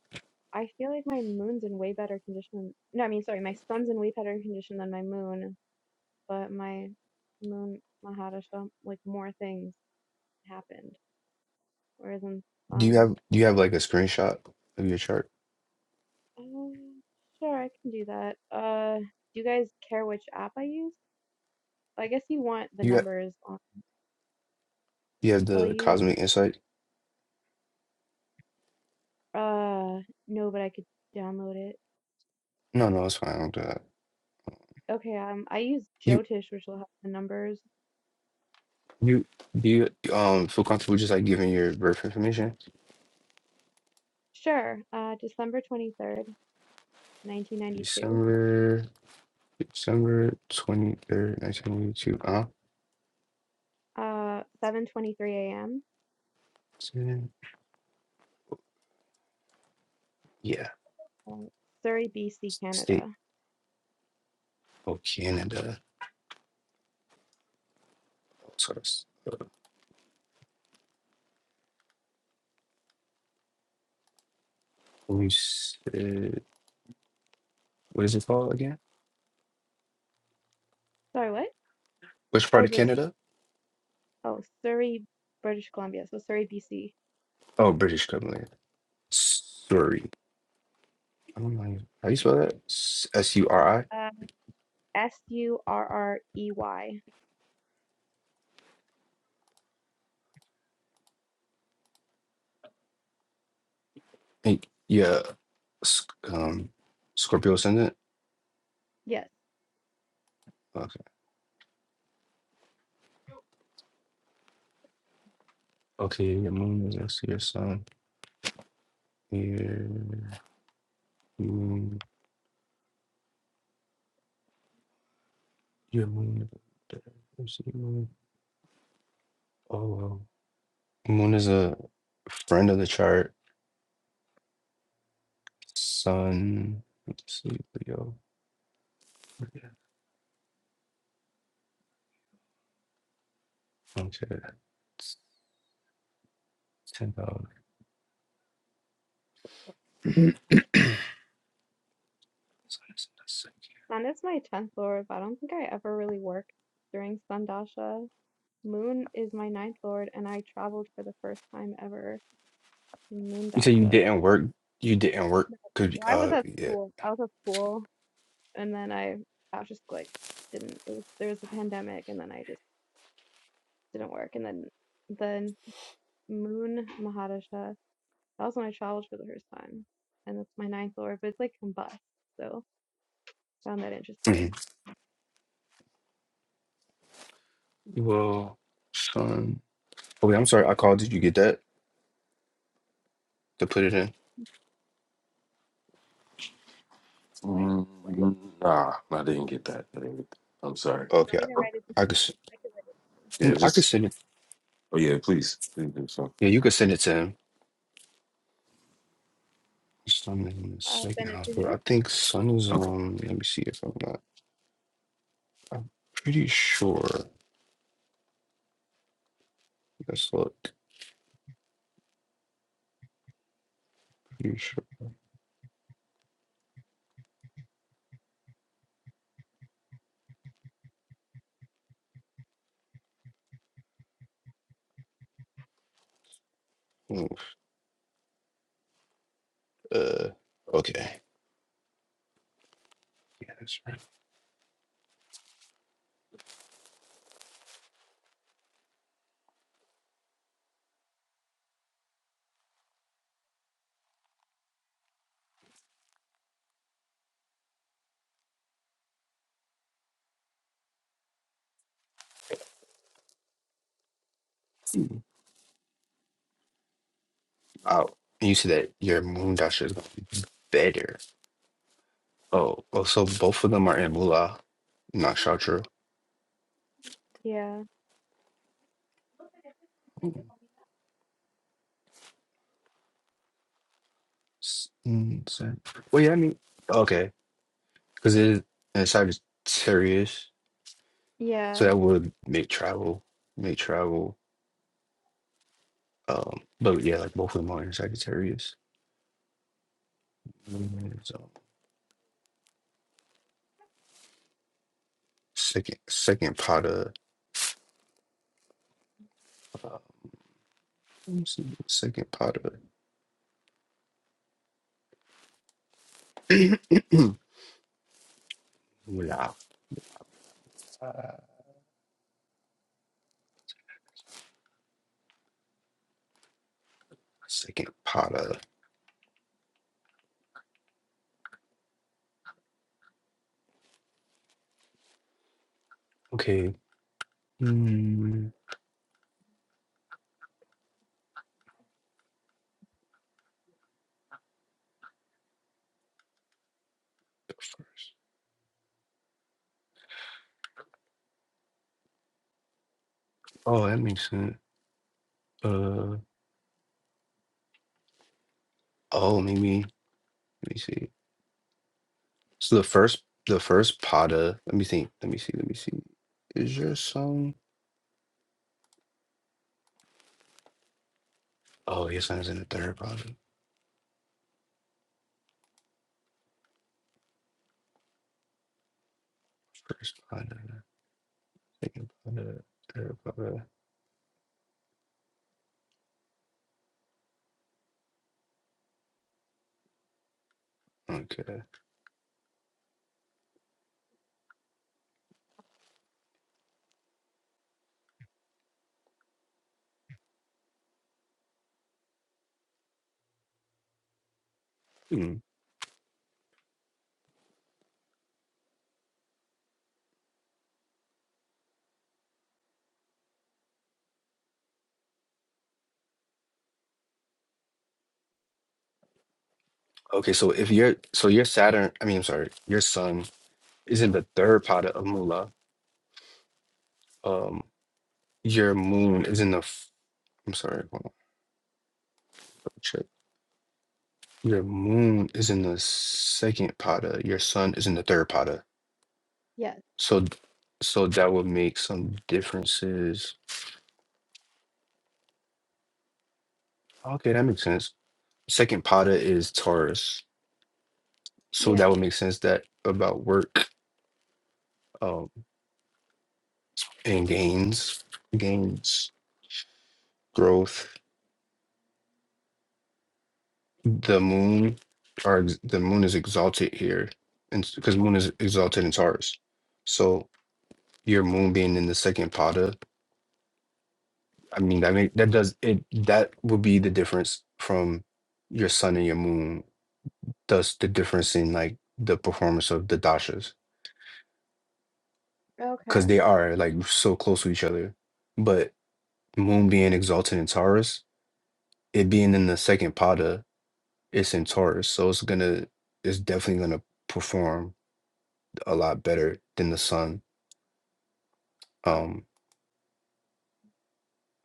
[SPEAKER 11] I feel like my moon's in way better condition. No, I mean, sorry, my sun's in way better condition than my moon, but my moon Mahadasha, like more things happened, whereas in
[SPEAKER 7] Do you
[SPEAKER 11] sun,
[SPEAKER 7] have do you have like a screenshot of your chart?
[SPEAKER 11] um, sure, I can do that. Uh, do you guys care which app I use? I guess you want the
[SPEAKER 7] You have
[SPEAKER 11] numbers on,
[SPEAKER 7] you have
[SPEAKER 11] so I'll
[SPEAKER 7] the
[SPEAKER 11] use,
[SPEAKER 7] cosmic insight?
[SPEAKER 11] uh, no, but I could download it.
[SPEAKER 7] No, no, it's fine. I don't do that.
[SPEAKER 11] Okay, um, I use
[SPEAKER 7] You
[SPEAKER 11] Jyotish, which will have the numbers.
[SPEAKER 7] you do you um feel comfortable just like giving your birth information?
[SPEAKER 11] Sure. Uh, December 23rd, 1992,
[SPEAKER 7] December December twenty third, nineteen eighty two. Uh,
[SPEAKER 11] uh, 7:23 a.m.,
[SPEAKER 7] yeah,
[SPEAKER 11] uh, Surrey, BC,
[SPEAKER 7] state
[SPEAKER 11] Canada.
[SPEAKER 7] of Canada. So it's, uh, we said, what is it called again?
[SPEAKER 11] Sorry, what?
[SPEAKER 7] Which part
[SPEAKER 11] Oh,
[SPEAKER 7] of
[SPEAKER 11] this.
[SPEAKER 7] Canada?
[SPEAKER 11] Oh, Surrey, British Columbia. So Surrey, BC.
[SPEAKER 7] Oh, British Columbia. Surrey. I don't know how do you spell that. S U R I.
[SPEAKER 11] Uh, S U R R E Y.
[SPEAKER 7] Hey, Yeah. Sc- Um, Scorpio ascendant.
[SPEAKER 11] Yes.
[SPEAKER 7] Okay. Okay. Your moon is next to your sun. Your moon. Your moon. Let's see, moon. Oh, wow. Moon is a friend of the chart. Sun, let's see, Leo. Okay, it's ten thousand.
[SPEAKER 11] Sun is my 10th lord, but I don't think I ever really worked during Sundasha. Moon is my ninth lord, and I traveled for the first time ever in
[SPEAKER 7] You said you
[SPEAKER 11] Moondasha.
[SPEAKER 7] didn't work. You didn't work because
[SPEAKER 11] Well, I was
[SPEAKER 7] uh
[SPEAKER 11] at
[SPEAKER 7] yeah.
[SPEAKER 11] school. I was at school. and then I I was just like didn't it was, there was a pandemic and then I just didn't work and then then Moon Mahadasha that was when I traveled for the first time and that's my ninth lore but it's like combust so found that interesting.
[SPEAKER 7] Mhm. Well, Sun. Oh wait, I'm sorry. I called. Did you get that to put it in?
[SPEAKER 11] What? You
[SPEAKER 4] mm nah i didn't get that I didn't get that. i'm sorry
[SPEAKER 7] Okay,
[SPEAKER 11] want me to write it
[SPEAKER 7] I, I could.
[SPEAKER 11] down?
[SPEAKER 7] s-
[SPEAKER 11] I could write it
[SPEAKER 4] yeah
[SPEAKER 7] no, I could
[SPEAKER 4] just
[SPEAKER 7] send it.
[SPEAKER 4] oh yeah please so
[SPEAKER 7] Yeah, you could send it to him. Sun is in the
[SPEAKER 11] down. will
[SPEAKER 7] second
[SPEAKER 11] send it
[SPEAKER 7] house, but
[SPEAKER 11] to
[SPEAKER 7] I think Sun is
[SPEAKER 4] okay
[SPEAKER 7] um. Let me see if I'm not. I'm pretty sure. Let's look. Pretty sure. Ooh, Uh, okay. Yeah, that's right. Oh, you said that your moon dasher is better. Oh, oh, so both of them are in Moolah, not
[SPEAKER 11] who?
[SPEAKER 7] Shatra.
[SPEAKER 11] Yeah.
[SPEAKER 7] Mm, s- mm, so- Well, yeah, I mean, okay, because it is and Sagittarius, so
[SPEAKER 11] Yeah.
[SPEAKER 7] that would make travel, make travel. Um, but yeah, like both of them are in Sagittarius. Mm, So second, second pot of, uh, let me see, second pot of, Moolah, uh, second pot of. Okay. Mm, first. Oh, that makes sense. Uh oh, maybe let me see. So the first the first Pada. Let me think. Let me see. Let me see. Is your song? Oh, your song's in the third Pada. First Pada. Second Pada. Third Pada. Okay. Hmm. Okay. So if your so your Saturn, I mean, I'm sorry, your Sun is in the third Pada of Mula. Um, your Moon is in the. f- I'm sorry. Hold on. Your moon is in the second pada. Your sun is in the third pada.
[SPEAKER 11] Yes.
[SPEAKER 7] So, d- so that would make some differences. Okay, that makes sense. Second pada is Taurus, so that
[SPEAKER 11] Yeah.
[SPEAKER 7] would make sense that about work, um, and gains, gains, growth. The moon, or ex- the moon is exalted here, and because moon is exalted in Taurus, so your moon being in the second pada I mean, that make that does it. That would be the difference from your sun and your moon. Thus, the difference in like the performance of the dashas
[SPEAKER 11] Okay.
[SPEAKER 7] because they are like so close to each other. But moon being exalted in Taurus, it being in the second pada, it's in Taurus, so it's gonna, it's definitely gonna perform a lot better than the sun. Um,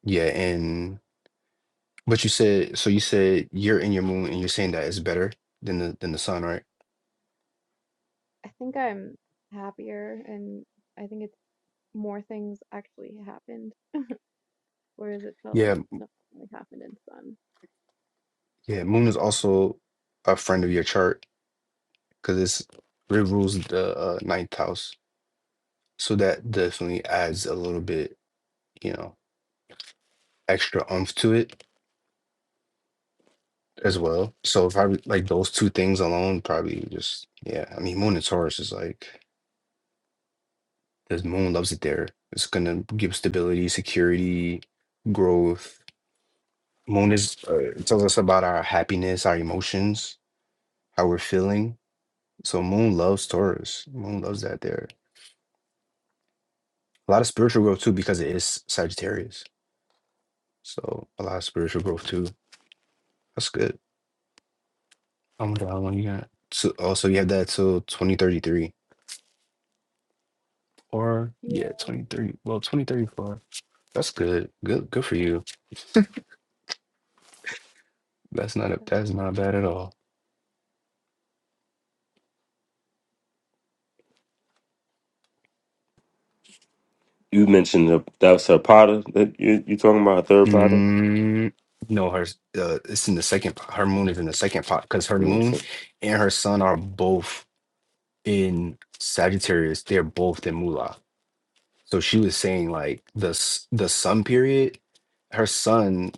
[SPEAKER 7] yeah, and but you said so. You said you're in your moon, and you're saying that it's better than the than the sun, right?
[SPEAKER 11] I think I'm happier and I think it's more things actually happened whereas it felt
[SPEAKER 7] Yeah,
[SPEAKER 11] like nothing really happened in sun.
[SPEAKER 7] Yeah, Moon is also a friend of your chart because it's it rules the uh, ninth house, so that definitely adds a little bit, you know, extra oomph to it as well. So probably like those two things alone, probably just yeah. I mean, Moon and Taurus is like the Moon loves it there. It's gonna give stability, security, growth. Moon is uh, it tells us about our happiness, our emotions, how we're feeling. So Moon loves Taurus. Moon loves that there. A lot of spiritual growth too because it is Sagittarius. So a lot of spiritual growth too. That's good. Oh my god, how long you got? So also you have that till 2033. Or yeah,
[SPEAKER 11] Yeah.
[SPEAKER 7] twenty three. Well, twenty thirty four. That's good. Good good for you. That's not a, that's not bad at all.
[SPEAKER 4] you mentioned the, that's a Potter that you you talking about a third Potter?
[SPEAKER 7] Mm, no, her uh, it's in the second p- her moon is in the second pot because her
[SPEAKER 4] yeah
[SPEAKER 7] moon
[SPEAKER 4] so-
[SPEAKER 7] and her sun are both in Sagittarius. They're both in Mula. So she was saying like the s- the sun period, her sun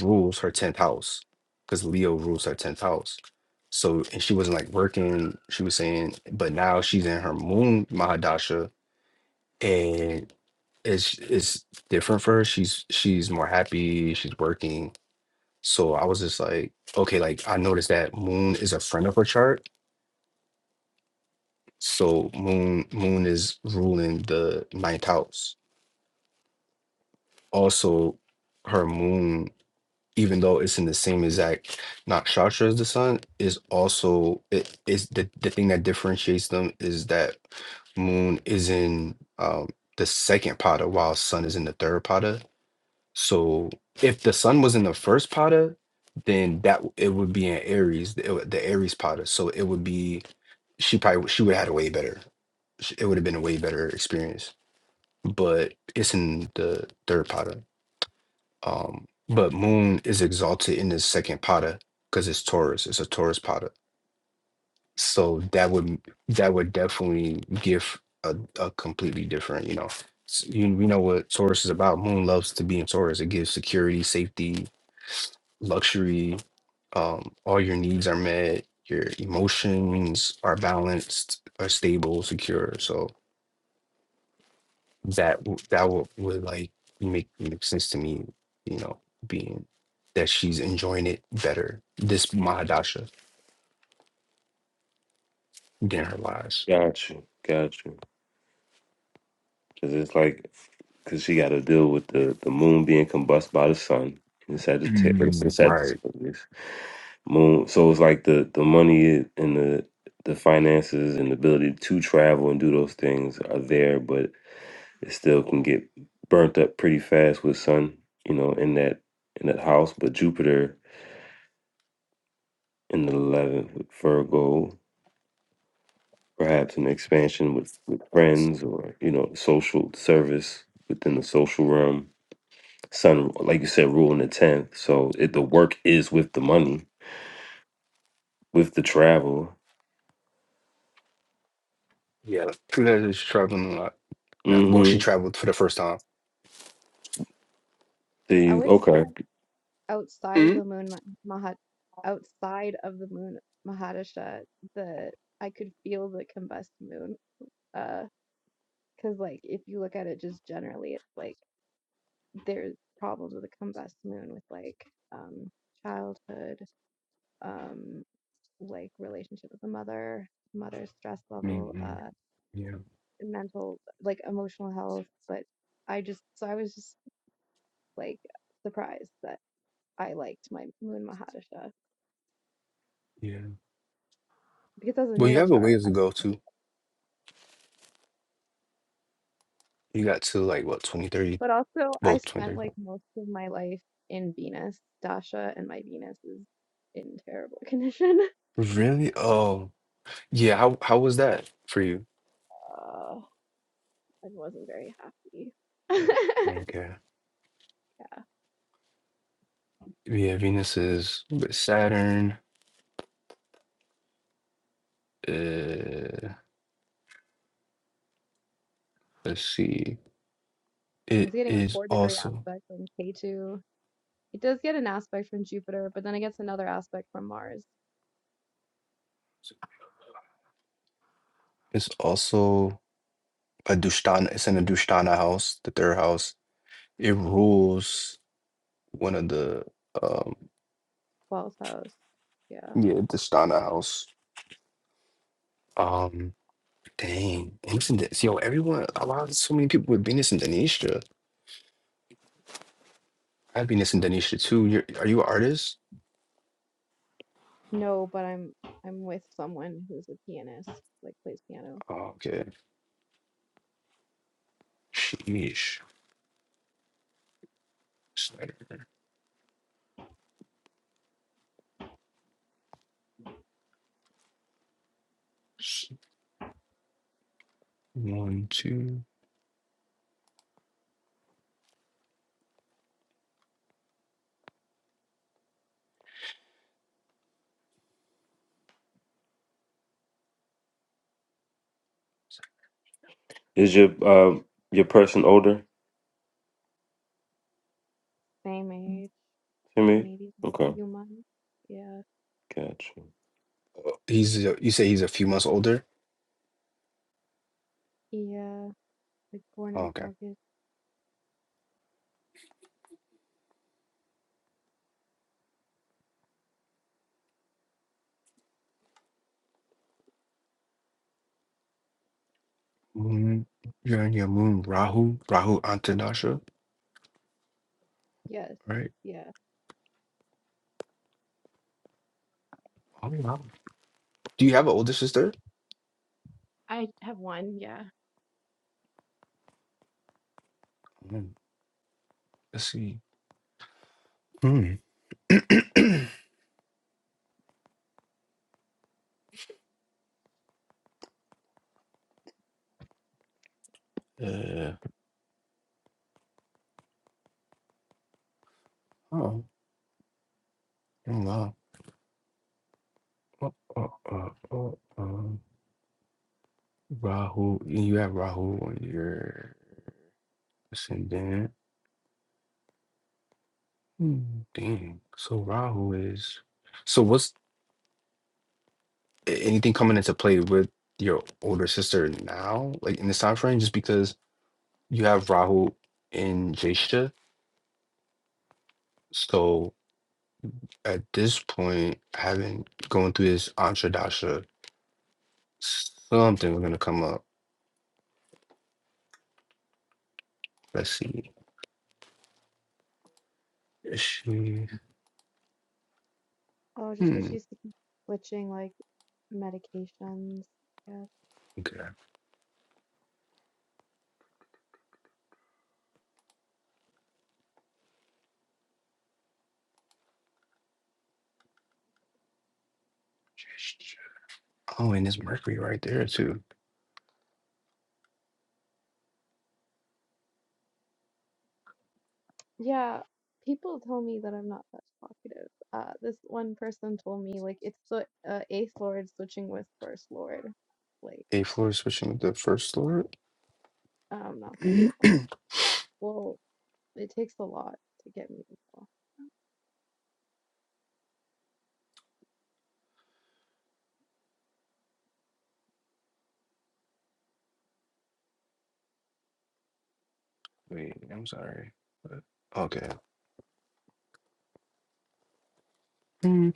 [SPEAKER 7] rules her tenth house because Leo rules her tenth house. So and she wasn't like working. She was saying, but now she's in her moon Mahadasha, and it's it's different for her. She's she's more happy. She's working. So I was just like, okay, like I noticed that moon is a friend of her chart. So moon moon is ruling the ninth house. Also, her moon even though it's in the same exact nakshatra as the sun, is also it is the, the thing that differentiates them is that moon is in um the second pada while sun is in the third pada. So if the sun was in the first pada, then that w- it would be in Aries, the, it would- the Aries pada. So it would be she probably would- she would have had a way better. sh- It would have been a way better experience. But it's in the third pada. Um, but Moon is exalted in his second pada because it's Taurus. It's a Taurus pada. So that would that would definitely give a, a completely different, you know. s- You, you know what Taurus is about. Moon loves to be in Taurus. It gives security, safety, luxury. Um, all your needs are met. Your emotions are balanced, are stable, secure. So that w- that would, would like make make sense to me, you know, being that she's enjoying it better, this Mahadasha than her lives.
[SPEAKER 4] got you got you because it's like because she got to deal with the, the moon being combusted by the sun in Sagittarius. In
[SPEAKER 7] Mm, right.
[SPEAKER 4] Sagittarius. Moon, so it's like the, the money and the the finances and the ability to travel and do those things are there, but it still can get burnt up pretty fast with sun, you know, in that in that house. But Jupiter in the eleventh with Virgo, perhaps an expansion with, with friends or you know social service within the social realm son like you said rule in the 10th so it, the work is with the money with the travel
[SPEAKER 7] Yeah, true that is traveling a lot now. Well, she
[SPEAKER 4] mm-hmm
[SPEAKER 7] traveled for the first time.
[SPEAKER 11] I
[SPEAKER 4] the
[SPEAKER 11] would say
[SPEAKER 4] okay
[SPEAKER 11] like outside of
[SPEAKER 7] mm
[SPEAKER 11] the moon ma- Mahat outside of the moon Mahadasha the I could feel the combust moon uh because like if you look at it just generally it's like there's problems with the combust moon with like um childhood um like relationship with the mother mother's stress level
[SPEAKER 7] Mm-mm.
[SPEAKER 11] uh
[SPEAKER 7] Yeah.
[SPEAKER 11] mental like emotional health but I just so I was just like surprised that I liked my moon Mahadasha
[SPEAKER 7] Yeah.
[SPEAKER 11] because that's a
[SPEAKER 7] Well, you
[SPEAKER 11] natal
[SPEAKER 7] have a
[SPEAKER 11] chart.
[SPEAKER 7] ways to go too. You got to like what twenty thirty,
[SPEAKER 11] But also,
[SPEAKER 7] 30, well,
[SPEAKER 11] I
[SPEAKER 7] 20,
[SPEAKER 11] spent
[SPEAKER 7] thirty.
[SPEAKER 11] like most of my life in Venus, Dasha, and my Venus is in terrible condition.
[SPEAKER 7] Really? Oh, yeah. How how was that for you?
[SPEAKER 11] Uh, I wasn't very happy. yeah,
[SPEAKER 7] Okay. Yeah, Venus is with Saturn. Uh, Let's see.
[SPEAKER 11] it's
[SPEAKER 7] It
[SPEAKER 11] getting a
[SPEAKER 7] is
[SPEAKER 11] four degree
[SPEAKER 7] also
[SPEAKER 11] aspect from K2. It does get an aspect from Jupiter, but then it gets another aspect from Mars,
[SPEAKER 7] it's also a Dushtana. It's in a Dushtana house, the third house. It rules one of the um
[SPEAKER 11] 12th house. Yeah.
[SPEAKER 7] yeah Dushtana house. Um, dang, and it's in this, yo, everyone. A lot of so many people with Venus and Denisha. I have Venus and Denisha too. You're, are you an artist?
[SPEAKER 11] No, but I'm I'm with someone who's a pianist, like plays piano.
[SPEAKER 7] Oh, okay. Sheesh. Snyder. S- One, two.
[SPEAKER 4] is your uh your person older
[SPEAKER 11] Same age.
[SPEAKER 4] to me
[SPEAKER 11] Maybe
[SPEAKER 4] okay
[SPEAKER 11] human. Yeah.
[SPEAKER 4] gotcha
[SPEAKER 7] Oh, He's a- you say he's a few months older.
[SPEAKER 11] Yeah, like born in
[SPEAKER 7] Okay.
[SPEAKER 11] August.
[SPEAKER 7] Moon, you're in your moon, Rahu, Rahu Antanasha,
[SPEAKER 11] Yes.
[SPEAKER 7] right?
[SPEAKER 11] Yeah.
[SPEAKER 7] Oh, wow. Do you have an older sister?
[SPEAKER 11] I have one. Yeah.
[SPEAKER 7] Mm, Let's see. Mm. yeah. Oh, oh, wow. Oh, oh, oh, oh, oh. Rahu, you have Rahu on your ascendant. Mm. Dang. So Rahu is. So what's a- anything coming into play with your older sister now, like in this time frame, just because you have Rahu in Jeshta? So at this point, having going through this Antradasha, something was gonna come up. Let's see. Is she?
[SPEAKER 11] Oh, just so
[SPEAKER 7] Hmm.
[SPEAKER 11] she's to keep switching like medications. Yes.
[SPEAKER 7] Okay. Oh, and there's Mercury right there too.
[SPEAKER 11] Yeah. People tell me that I'm not that talkative. Uh, this one person told me like it's the uh, eighth lord switching with first lord. Like
[SPEAKER 7] A floor is switching with the first floor.
[SPEAKER 11] I'm not that. talk- Well, it takes a lot to get me to talk.
[SPEAKER 7] Wait, I'm sorry. But, okay. Mm,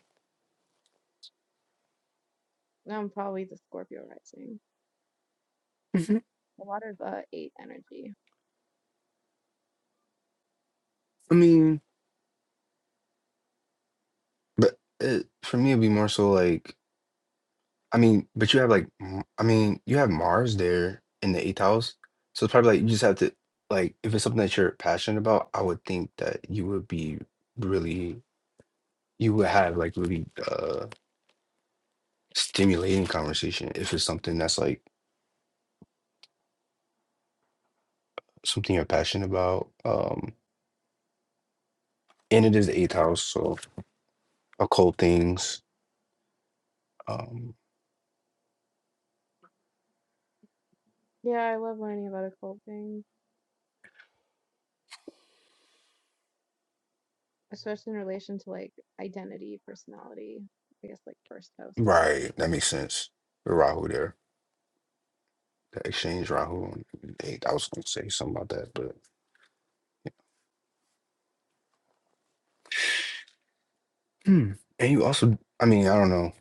[SPEAKER 11] I'm probably the Scorpio rising.
[SPEAKER 7] mhm.
[SPEAKER 11] A lot of uh eight energy.
[SPEAKER 7] I mean, but it, for me, it'd be more so like I mean, but you have like, m- I mean, you have Mars there in the eighth house. So it's probably like you just have to, like, if it's something that you're passionate about, I would think that you would be really, you would have like really uh stimulating conversation if it's something that's like something you're passionate about. Um, and it is the eighth house, so occult things. Um,
[SPEAKER 11] Yeah, I love learning about occult things, especially in relation to like identity, personality, I guess like first house stuff.
[SPEAKER 7] right, that makes sense. The Rahu there, the exchange Rahu on the eighth. I was gonna say something about that, but hmm. and you also, I mean, I don't know.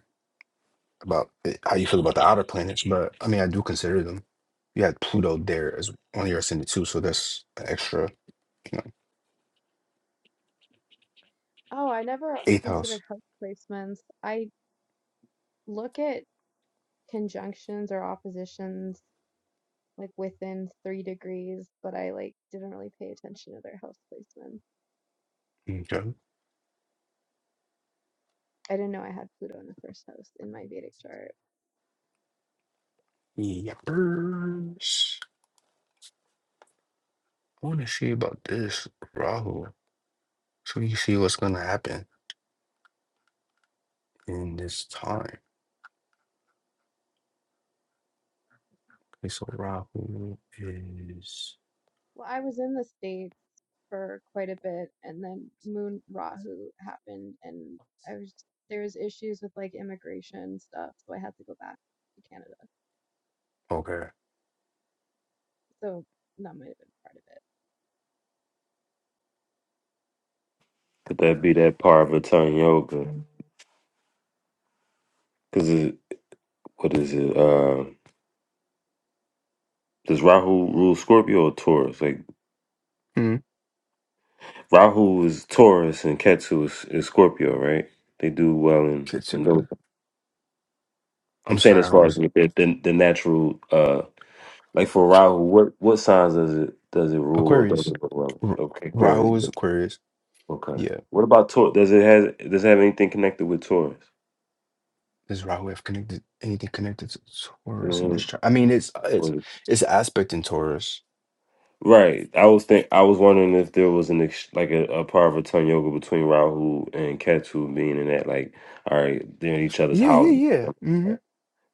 [SPEAKER 7] about it, how you feel about the outer planets, but I mean, I do consider them. You had Pluto there as on your ascendant too, so that's an extra
[SPEAKER 11] Oh, I never
[SPEAKER 7] eighth house.
[SPEAKER 11] considered house placements. I look at conjunctions or oppositions like within three degrees, but I like didn't really pay attention to their house placement.
[SPEAKER 7] Okay.
[SPEAKER 11] I didn't know I had Pluto in the first house in my Vedic chart.
[SPEAKER 7] Yepers. I want to see about this Rahu, so you see what's gonna happen in this time. Okay, so Rahu is
[SPEAKER 11] Well, I was in the States for quite a bit, and then Moon Rahu happened, and I was there was issues with like immigration stuff, so I had to go back to Canada.
[SPEAKER 7] okay.
[SPEAKER 11] So that might have been part of it.
[SPEAKER 4] could that be that part of Italian yoga because it what is it uh does Rahu rule Scorpio or Taurus? Like
[SPEAKER 7] Hmm.
[SPEAKER 4] Rahu is Taurus and Ketu is, is Scorpio, right? They do well in,
[SPEAKER 7] Get
[SPEAKER 4] in
[SPEAKER 7] to it.
[SPEAKER 4] those. I'm
[SPEAKER 7] I'm
[SPEAKER 4] saying
[SPEAKER 7] sorry,
[SPEAKER 4] as
[SPEAKER 7] I don't.
[SPEAKER 4] far
[SPEAKER 7] under-
[SPEAKER 4] as the, the, the natural uh Like for Rahu, what what signs does it does it rule or
[SPEAKER 7] Aquarius.
[SPEAKER 4] doesn't it rule?
[SPEAKER 7] R-
[SPEAKER 4] Okay, Aquarius.
[SPEAKER 7] Rahu is Aquarius.
[SPEAKER 4] Okay.
[SPEAKER 7] Yeah.
[SPEAKER 4] What about Taurus? Does it has does it have anything connected with Taurus?
[SPEAKER 7] This Rahu have connected anything connected to Taurus in
[SPEAKER 4] hmm
[SPEAKER 7] this chart? I mean, it's uh, it's it's aspect in Taurus.
[SPEAKER 4] Right. I was think I was wondering if there was an ex- like a, a part of a ton yoga between Rahu and Ketu being in that like all right they're in each other's
[SPEAKER 7] Yeah, yeah,
[SPEAKER 4] houses,
[SPEAKER 7] yeah. hmm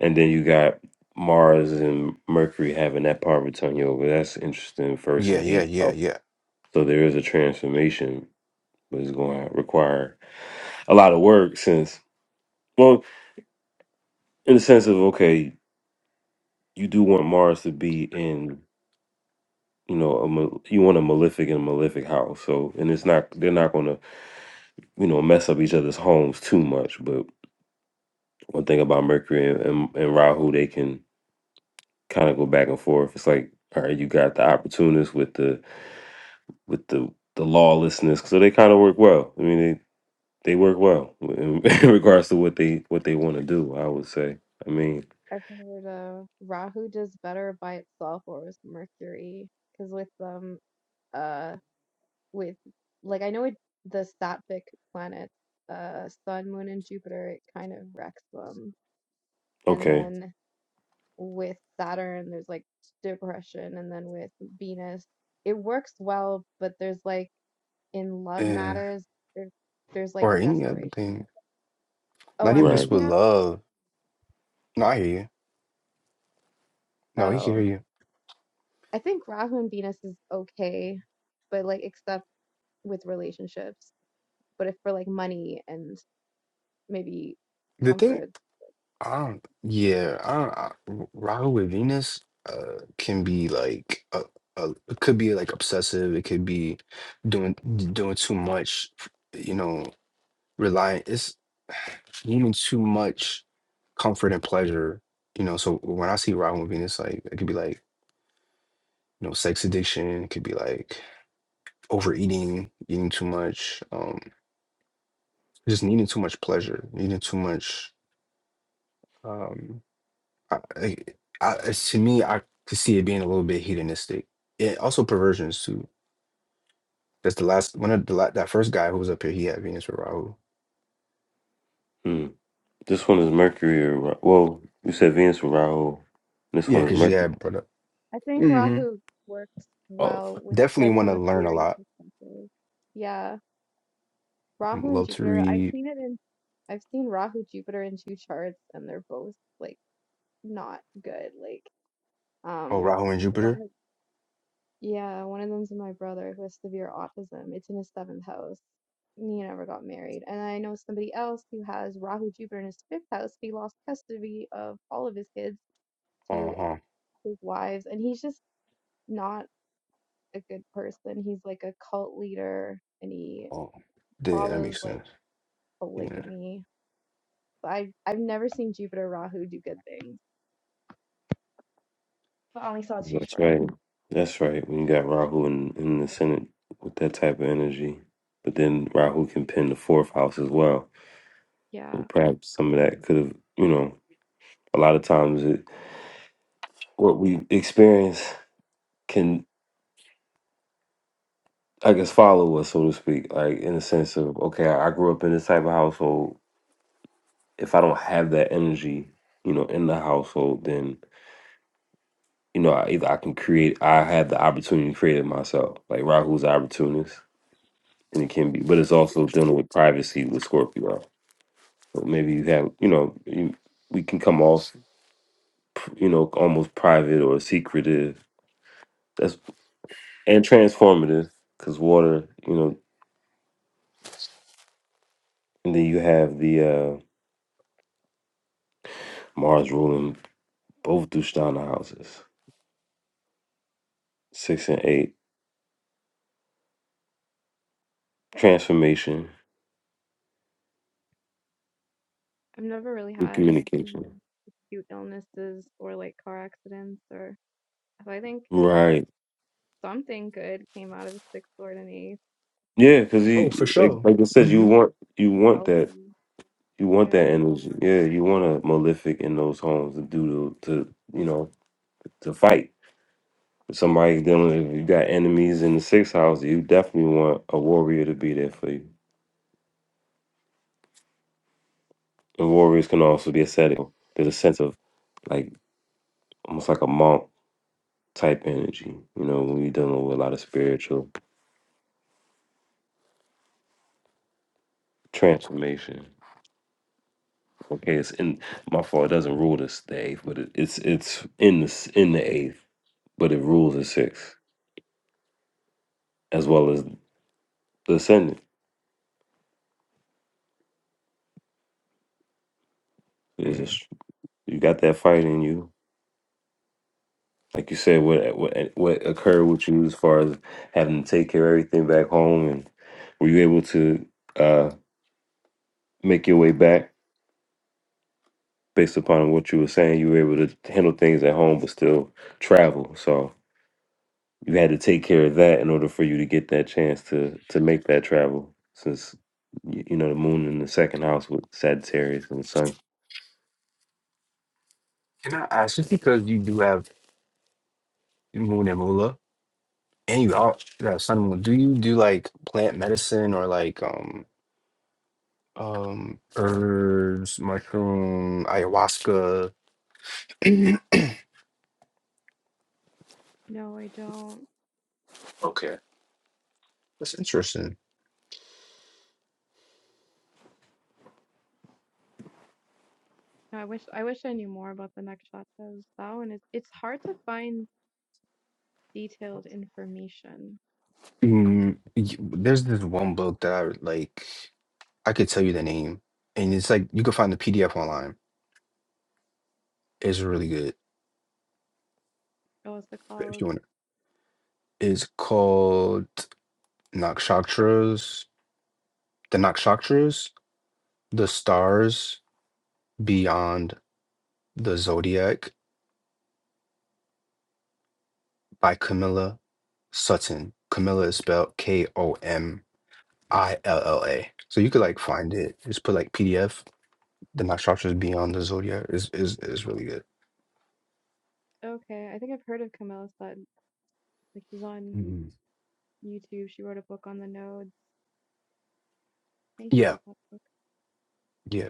[SPEAKER 4] and then you got Mars and Mercury having that Parvatan yoga. That's interesting. First
[SPEAKER 7] Yeah,
[SPEAKER 4] and
[SPEAKER 7] yeah,
[SPEAKER 4] eighth
[SPEAKER 7] yeah,
[SPEAKER 4] house.
[SPEAKER 7] yeah.
[SPEAKER 4] So there is a transformation but it's going to require a lot of work since, well, in the sense of, okay, you do want Mars to be in, you know, a, ma- you want a malefic and a malefic house. So, and it's not, they're not going to, you know, mess up each other's homes too much. But one thing about Mercury and, and, and Rahu, they can kind of go back and forth. It's like, all right, you got the opportunists with the, with the, the lawlessness. So they kind of work well. I mean, they, they work well in, in regards to what they what they want to do. I would say. I mean,
[SPEAKER 11] I've heard uh, Rahu does better by itself or with Mercury, because with um uh with like I know it, the Sattvic planets, uh Sun, Moon, and Jupiter, it kind of wrecks them, and
[SPEAKER 4] okay.
[SPEAKER 11] then. with Saturn, there's like depression, and then with Venus, it works well, but there's like in love
[SPEAKER 7] Eh,
[SPEAKER 11] matters, there's there's like
[SPEAKER 7] Or
[SPEAKER 11] a
[SPEAKER 7] any other thing.
[SPEAKER 11] desperation. Oh,
[SPEAKER 7] Not
[SPEAKER 11] I'm
[SPEAKER 7] even
[SPEAKER 4] Right.
[SPEAKER 7] just
[SPEAKER 11] breaking
[SPEAKER 7] with
[SPEAKER 11] up.
[SPEAKER 7] love. No, I hear you. No, he can hear
[SPEAKER 11] Oh,
[SPEAKER 7] you.
[SPEAKER 11] I think Rahu and Venus is okay, but like except with relationships. But if for like money and maybe
[SPEAKER 7] The thing,
[SPEAKER 11] comfort,
[SPEAKER 7] I don't. Yeah, I don't. I, Rahu with Venus, uh, can be like a, a. It could be like obsessive. It could be doing doing too much. You know, relying. It's needing too much comfort and pleasure. You know, so when I see Robin with Venus, like it could be like, you know, sex addiction, it could be like overeating, eating too much, um, just needing too much pleasure, needing too much. Um, I, I, I, it's- to me, I could see it being a little bit hedonistic. It also perversions too. That's the last one of the la- that first guy who was up here. He had Venus with Rahu.
[SPEAKER 4] Mm. This one is Mercury or Ra- well, you said Venus or Rahu. This
[SPEAKER 7] Yeah,
[SPEAKER 4] one is
[SPEAKER 7] because she
[SPEAKER 4] Mercury.
[SPEAKER 7] had brought up.
[SPEAKER 11] I think
[SPEAKER 7] hmm
[SPEAKER 11] Rahu works
[SPEAKER 4] Oh,
[SPEAKER 11] well with
[SPEAKER 7] Definitely
[SPEAKER 11] like
[SPEAKER 7] want
[SPEAKER 11] from
[SPEAKER 7] to
[SPEAKER 11] a
[SPEAKER 7] learn a
[SPEAKER 11] theory
[SPEAKER 7] lot.
[SPEAKER 11] perspective. Yeah. Rahu and
[SPEAKER 7] Love to
[SPEAKER 11] Jupiter, I've
[SPEAKER 7] read.
[SPEAKER 11] seen it in I've seen Rahu Jupiter in two charts and they're both like not good. Like
[SPEAKER 7] Oh,
[SPEAKER 11] um
[SPEAKER 7] Rahu and
[SPEAKER 11] one
[SPEAKER 7] Jupiter.
[SPEAKER 11] of yeah, one of them's my brother who has severe autism. It's in his seventh house. He never got married. And I know somebody else who has Rahu Jupiter in his fifth house. He lost custody of all of his kids
[SPEAKER 7] Uh
[SPEAKER 11] to
[SPEAKER 7] huh.
[SPEAKER 11] his wives and he's just not a good person. He's like a cult leader and he
[SPEAKER 7] Oh, yeah, that
[SPEAKER 11] follows
[SPEAKER 7] makes
[SPEAKER 11] like
[SPEAKER 7] sense. Yeah.
[SPEAKER 11] polygamy I've I've never seen Jupiter Rahu do good things. But I only saw two
[SPEAKER 4] That's
[SPEAKER 11] charts.
[SPEAKER 4] right. That's right. When you got Rahu in, in the Senate with that type of energy. But then Rahu can pin the fourth house as well. So
[SPEAKER 11] Yeah.
[SPEAKER 4] perhaps some of that could have you know, a lot of times it what we experience can I guess follow us, so to speak. Like in the sense of, okay, I I grew up in this type of household. If I don't have that energy, you know, in the household, then you know, I, either I can create, I have the opportunity to create it myself. Like Rahu's opportunist, and it can be, but it's also dealing with privacy with Scorpio. So maybe you have, you know, you, we can come off, you know, almost private or secretive. That's and transformative because water, you know, and then you have the uh Mars ruling both Dushtana houses, six and eight, transformation
[SPEAKER 11] I've never really
[SPEAKER 4] and
[SPEAKER 11] had any
[SPEAKER 4] communication.
[SPEAKER 11] acute illnesses or like car accidents or so I think
[SPEAKER 4] Right.
[SPEAKER 11] something good came out of sixth lord and eighth.
[SPEAKER 4] Yeah, because
[SPEAKER 7] Oh, for
[SPEAKER 4] he like
[SPEAKER 7] sure.
[SPEAKER 4] like I said, you
[SPEAKER 7] Mm-hmm.
[SPEAKER 4] want you
[SPEAKER 11] Something
[SPEAKER 4] want that
[SPEAKER 11] Healthy.
[SPEAKER 4] You want that
[SPEAKER 11] Yeah.
[SPEAKER 4] energy. Yeah, you want a malefic in those homes to do to, to you know, to fight. If somebody's dealing if you got enemies in the sixth house, you definitely want a warrior to be there for you. And warriors can also be ascetic. There's a sense of like almost like a monk type energy, you know, when you're dealing with a lot of spiritual transformation. Okay, it's in my fault. It doesn't rule this the eighth, but it, it's it's in the s- in the eighth, but it rules the sixth as well as the ascendant. Is a
[SPEAKER 7] Hmm.
[SPEAKER 4] s- You got that fight in you. Like you said, what what what occurred with you as far as having to take care of everything back home, and were you able to uh, make your way back based upon what you were saying? You were able to handle things at home, but still travel. So you had to take care of that in order for you to get that chance to to make that travel. Since y- you know the moon in the second house with Sagittarius and the sun,
[SPEAKER 7] Can I ask just because you do have moon and moolah and you all you have sun and moon, do you do like plant medicine or like um um herbs, mushroom, ayahuasca? Mhm.
[SPEAKER 11] No, I don't.
[SPEAKER 7] Okay. That's interesting.
[SPEAKER 11] No, I wish I wish I knew more about the nakshatras. That one is it's hard to find detailed information.
[SPEAKER 7] Mm, y- there's this one book that I would, like I could tell you the name and it's like you can find the PDF online. It's really good
[SPEAKER 11] Oh, what's it
[SPEAKER 7] if
[SPEAKER 11] called?
[SPEAKER 7] you want. It's called Nakshatras, the Nakshatras The Stars Beyond the Zodiac by Camilla Sutton. Camilla is spelled K O M I L L A. So you could
[SPEAKER 11] Hmm.
[SPEAKER 7] like find it. Just put like PDF. The Night Structures Beyond the Zodiac is is is really good.
[SPEAKER 11] Okay. I think I've heard of Camilla Sutton. Like she's on
[SPEAKER 7] Mhm.
[SPEAKER 11] YouTube. She wrote a book on the nodes. I need to
[SPEAKER 7] Yeah,
[SPEAKER 11] read that book.
[SPEAKER 7] yeah,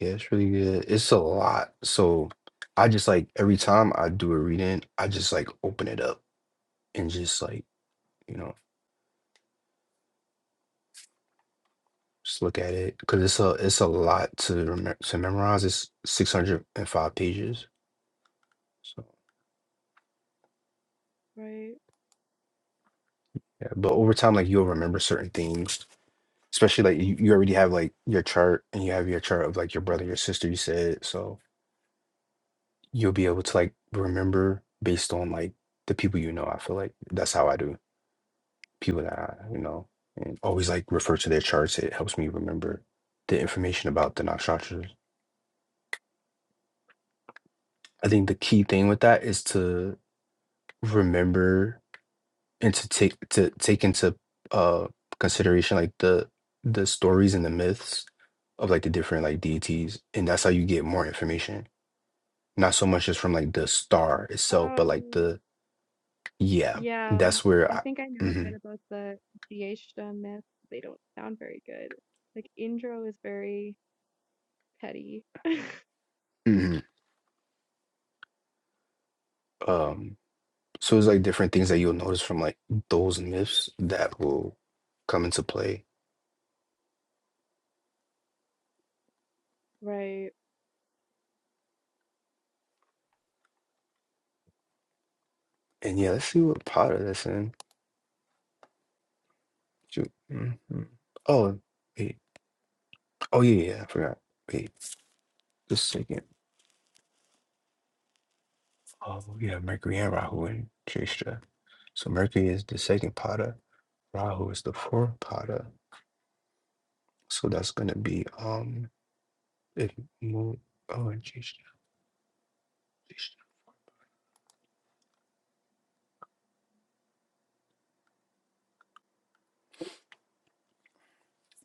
[SPEAKER 7] yeah. It's really good. It's a lot. So I just like every time I do a reading, I just like open it up and just like you know just look at it because it's a it's a lot to remember to memorize. It's six hundred and five pages. So
[SPEAKER 11] Right.
[SPEAKER 7] yeah, but over time, like you'll remember certain things, especially like you, you already have like your chart and you have your chart of like your brother, your sister, you said. So you'll be able to like remember based on like the people you know. I feel like that's how I do people that I, you know, and always like refer to their charts. It helps me remember the information about the nakshatra. I think the key thing with that is to remember and to take to take into uh consideration like the the stories and the myths of like the different like deities and that's how you get more information not so much just from like the star itself but like
[SPEAKER 11] Oh,
[SPEAKER 7] the yeah
[SPEAKER 11] yeah,
[SPEAKER 7] that's where
[SPEAKER 11] I
[SPEAKER 7] I
[SPEAKER 11] think I know a bit
[SPEAKER 7] mhm,
[SPEAKER 11] about the Geishta myth. They don't sound very good. Like Indro is very petty.
[SPEAKER 7] mhm. um so it's like different things that you'll notice from like those myths that will come into play
[SPEAKER 11] Right.
[SPEAKER 7] and yeah let's see what potter that's in Shoot. Mhm. oh wait. oh yeah yeah yeah, I forgot wait just a second Oh, yeah, Mercury and Rahu in Jeshta. So Mercury is the second pada, Rahu is the fourth pada. So that's going to be um, if Moon, oh, in Jeshta, Jeshta.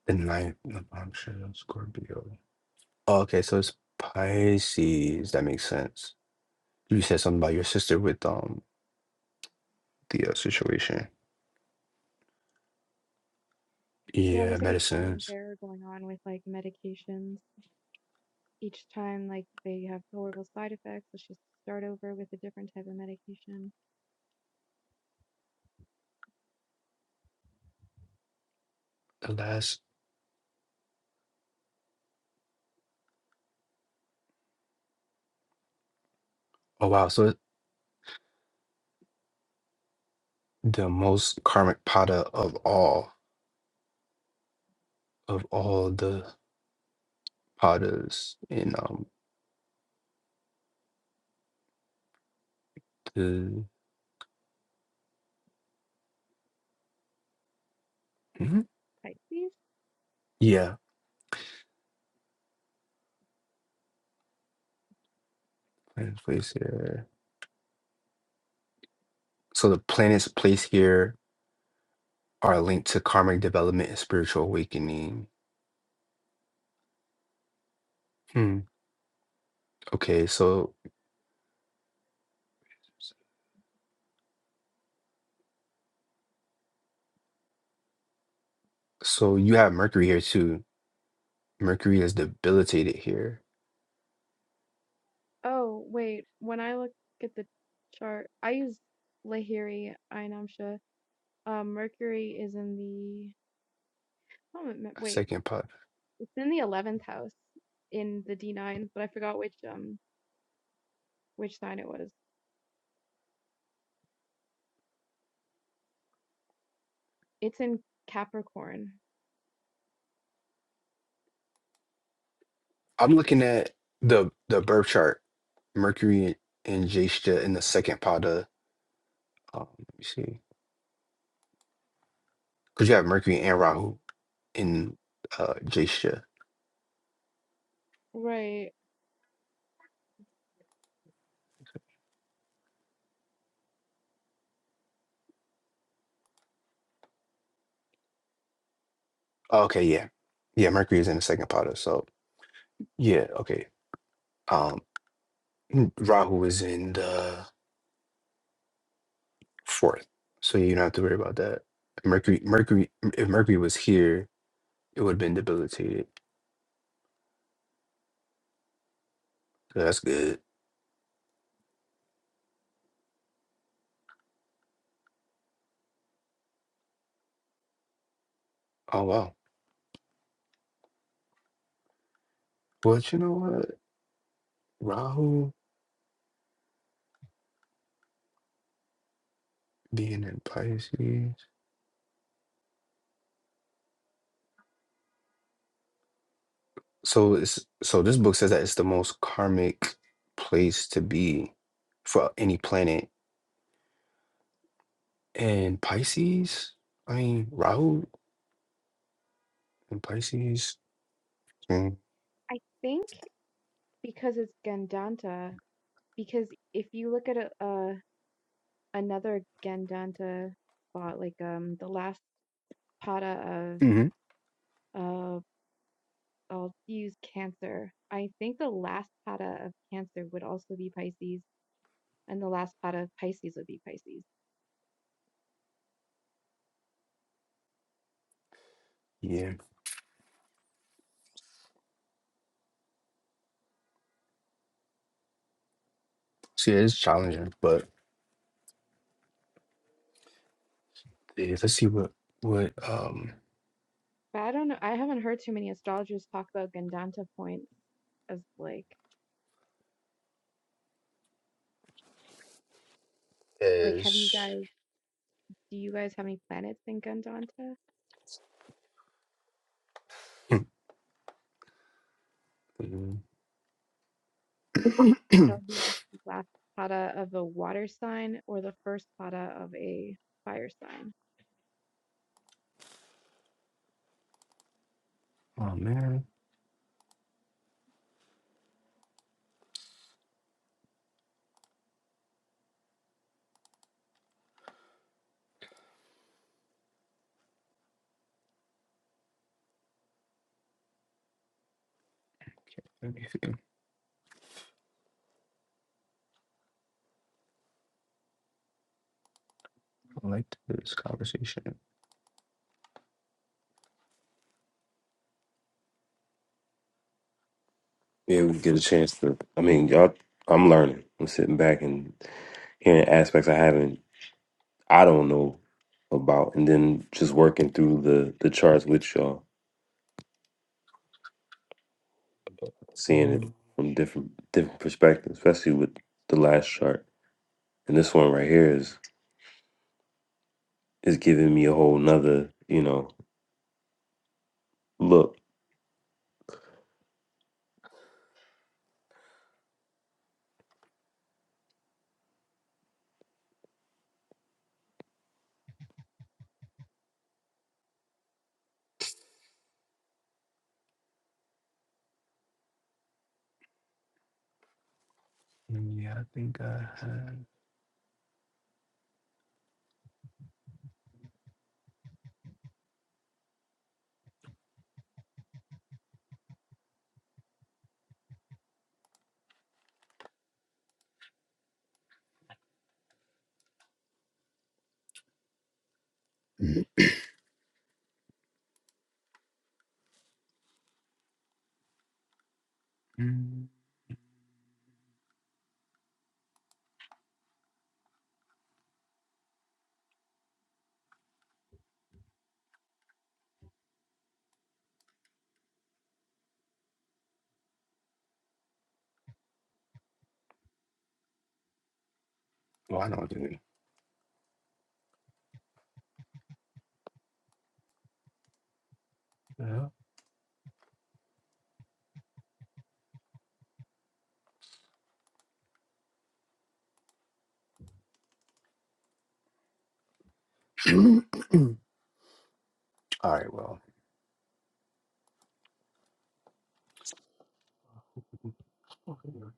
[SPEAKER 7] the ninth of Amshara, Scorpio. Oh, okay, so it's Pisces. That makes sense. You said something about your sister with um the uh, situation.
[SPEAKER 11] Yeah,
[SPEAKER 7] Yeah,
[SPEAKER 11] there's like a trial and
[SPEAKER 7] medicines.
[SPEAKER 11] error going on with like medications. Each time like they have horrible side effects, so she has to start over with a different type of medication.
[SPEAKER 7] The last. Oh wow. So it- the most karmic pada of all of all the padas in um the Mhm.
[SPEAKER 11] Pisces?
[SPEAKER 7] Yeah, planets placed here. So the planets placed here are linked to karmic development and spiritual awakening. Hmm. Okay, so so you have Mercury here too. Mercury is debilitated here.
[SPEAKER 11] Oh, wait, when I look at the chart, I use Lahiri Ainamsha. Um, Mercury is in the oh, it-
[SPEAKER 7] A
[SPEAKER 11] wait,
[SPEAKER 7] Second pot.
[SPEAKER 11] It's in the eleventh house in the D9, but I forgot which um which sign it was. It's in Capricorn.
[SPEAKER 7] I'm looking at the the birth chart. Mercury and Jeshta in the second pada. Um, let me see. Because you have Mercury and Rahu in uh Jeshta.
[SPEAKER 11] Right.
[SPEAKER 7] okay, yeah. Yeah, Mercury is in the second pada. So yeah, okay. Um, Rahu is in the fourth, so you don't have to worry about that. Mercury, Mercury, if Mercury was here, it would have been debilitated. So that's good. Oh wow. But you know what? Rahu being in Pisces, so it's so this book says that it's the most karmic place to be for any planet, and Pisces. I mean, Rahu and Pisces.
[SPEAKER 11] I think because it's Gandanta, because if you look at a, a another Gandanta spot, like um the last pada
[SPEAKER 7] Mm-hmm.
[SPEAKER 11] of of I'll use Cancer. I think the last pada of Cancer would also be Pisces, and the last pada of Pisces would be Pisces.
[SPEAKER 7] Yeah. See, it's challenging, but yeah, let's see what what um
[SPEAKER 11] But I don't know. I haven't heard too many astrologers talk about Gandanta points as like like have you
[SPEAKER 7] is
[SPEAKER 11] guys do you guys have any planets in Gandanta?
[SPEAKER 7] oh
[SPEAKER 11] That'll be like the last pada of a water sign or the first pada of a fire sign.
[SPEAKER 7] man, let me see. I liked this conversation.
[SPEAKER 4] yeah, we get a chance to. I mean, y'all, I'm learning. I'm sitting back and hearing aspects I haven't I don't know about, and then just working through the the charts with y'all, seeing it
[SPEAKER 7] Oh
[SPEAKER 4] from different different perspectives, especially with the last chart. And this one right here is is giving me a whole nother, you know, look.
[SPEAKER 7] yeah, I think I had. Mm. Well, I know what to do. Yeah. All right. Well.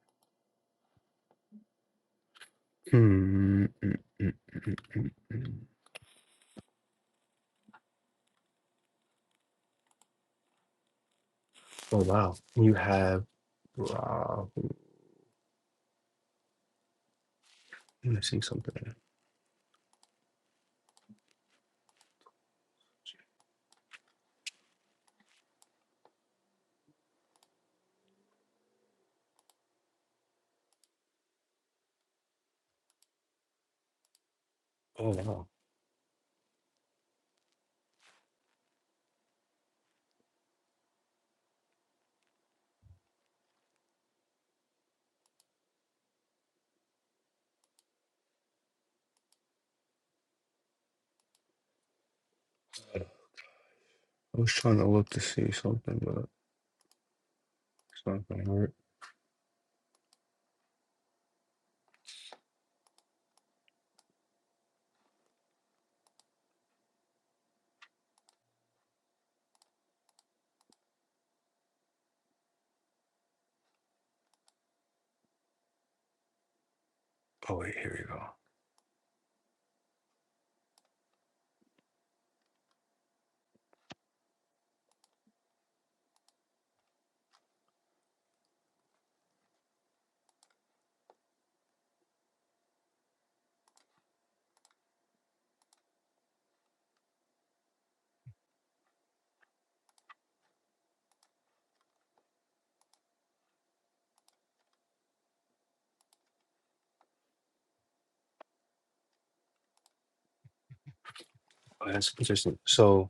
[SPEAKER 7] Hmm, mm, mm, mm, mm, mm. Oh wow, you have. Wow, let me see something. Oh wow, I was trying to look to see something, but it's not gonna work. Oh wait, here we go. Oh, that's interesting. So.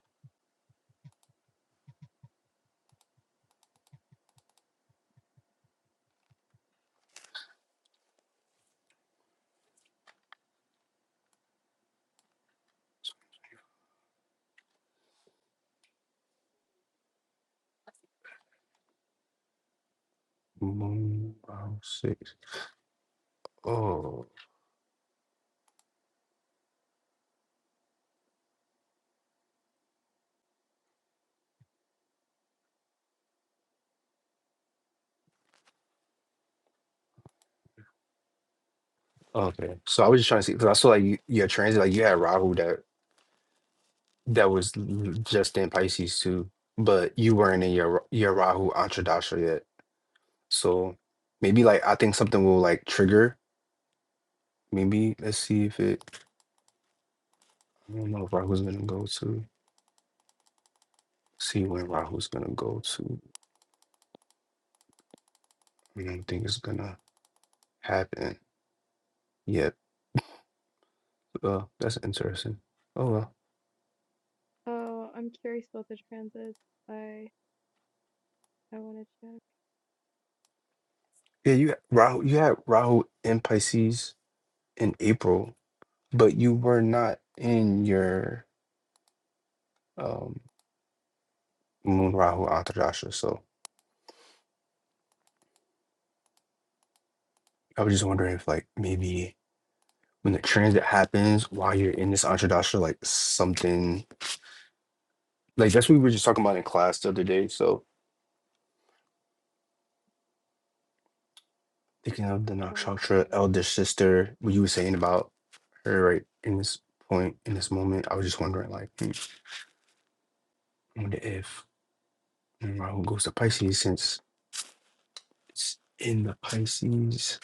[SPEAKER 7] One, five, six. Oh, okay. So I was just trying to see because I saw like you, your transit, like you had Rahu that that was l- just in Pisces too, but you weren't in your your Rahu Antradasha yet. So maybe like I think something will like trigger. Maybe let's see if it. I don't know if Rahu's gonna go to. See when Rahu's gonna go to. I don't think it's gonna happen yet. Uh, that's interesting. Oh well.
[SPEAKER 11] Oh, I'm curious about the transits. I I want to check.
[SPEAKER 7] Yeah, you had Rahu. You had Rahu in Pisces in April. but you were not in your um, Moon Rahu Antardasha. So I was just wondering if, like, maybe when the transit happens while you're in this Antardasha, like something like that's what we were just talking about in class the other day. So thinking of the
[SPEAKER 11] Um,
[SPEAKER 7] Nakshatra elder sister, what you were saying about her right in this point, in this moment, I was just wondering, like, hmm, I wonder if Moon Rahu goes to Pisces since it's in the Pisces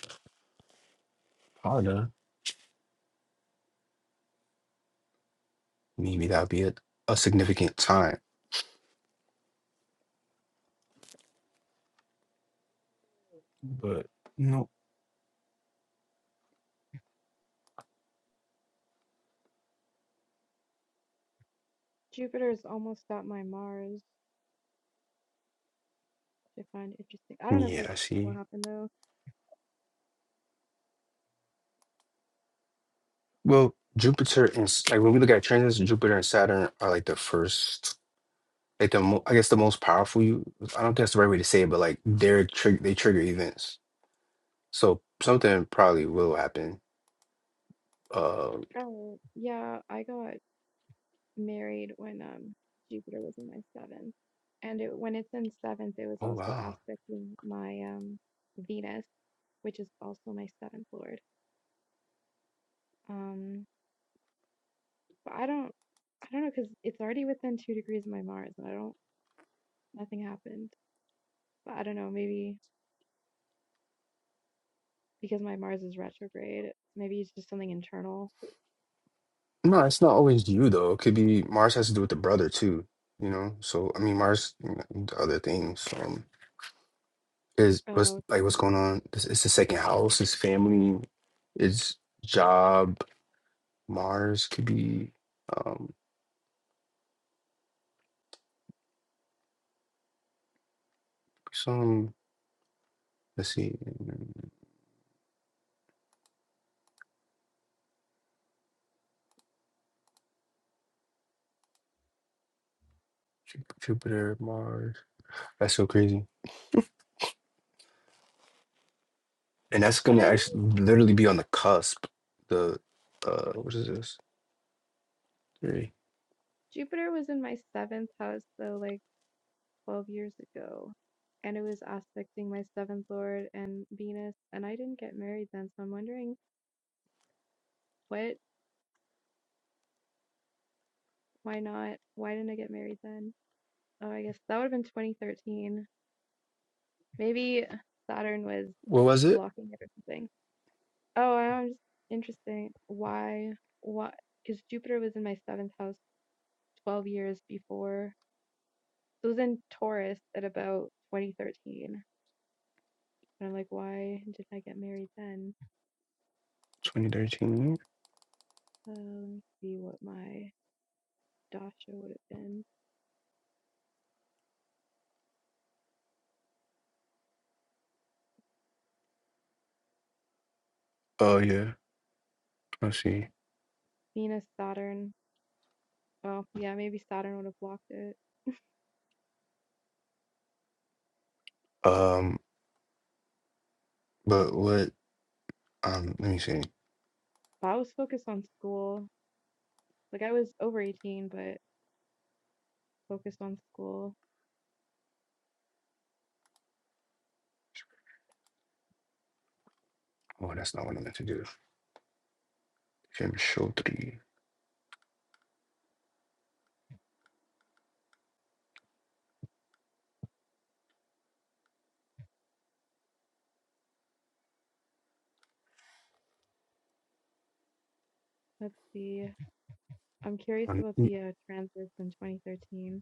[SPEAKER 7] Pada, maybe that'd be a, a significant time but no.
[SPEAKER 11] Jupiter's almost got my Mars, which I find interesting. I don't know if
[SPEAKER 7] Yeah,
[SPEAKER 11] anything
[SPEAKER 7] I
[SPEAKER 11] will
[SPEAKER 7] see.
[SPEAKER 11] happen though.
[SPEAKER 7] Well, Jupiter and S- like when we look at transits, Jupiter and Saturn are like the first, like the mo I guess the most powerful. You, I don't think that's the right way to say it, but like they're trig they trigger events. So something probably will happen. Uh,
[SPEAKER 11] Oh, yeah, I got married when um Jupiter was in my seventh. And it when it's in seventh, it was
[SPEAKER 7] oh
[SPEAKER 11] also
[SPEAKER 7] wow.
[SPEAKER 11] aspecting my um Venus, which is also my seventh lord. Um but I don't I don't know because it's already within two degrees of my Mars and I don't nothing happened. But I don't know, maybe because my Mars is retrograde, maybe it's just something internal.
[SPEAKER 7] No, it's not always you though. It could be Mars has to do with the brother too. You know. So I mean, Mars, you know, the other things. Um, is what's
[SPEAKER 11] Oh,
[SPEAKER 7] like what's going
[SPEAKER 11] true.
[SPEAKER 7] on? It's, it's the second house. It's family. It's job Mars could be um some let's see mm, Ju- Jupiter, Mars. That's so crazy. And that's
[SPEAKER 11] But
[SPEAKER 7] gonna
[SPEAKER 11] I didn't
[SPEAKER 7] actually literally be on the cusp. The uh what is this? Three.
[SPEAKER 11] Jupiter was in my seventh house, so like twelve years ago, and it was aspecting my seventh lord and Venus, and I didn't get married then, so I'm wondering what, why not, why didn't I get married then? Oh, I guess that would have been 2013. Maybe Saturn was
[SPEAKER 7] What was it?
[SPEAKER 11] blocking it or something. Oh, I'm just interesting. Why? Why? Because Jupiter was in my seventh house 12 years before. So it was in Taurus at about 2013. And I'm like, why did I get married then?
[SPEAKER 7] 2013.
[SPEAKER 11] Uh, let me see what my Dasha would have been.
[SPEAKER 7] Oh yeah. I see.
[SPEAKER 11] Venus, Saturn. Oh, yeah, maybe Saturn would have blocked it.
[SPEAKER 7] Um but what um let me see.
[SPEAKER 11] But I was focused on school. Like I was over 18, but focused on school.
[SPEAKER 7] Oh that's not what I meant to do. Jim show three.
[SPEAKER 11] Let's see. I'm curious
[SPEAKER 7] Um,
[SPEAKER 11] about
[SPEAKER 7] y-
[SPEAKER 11] the uh, transits in 2013.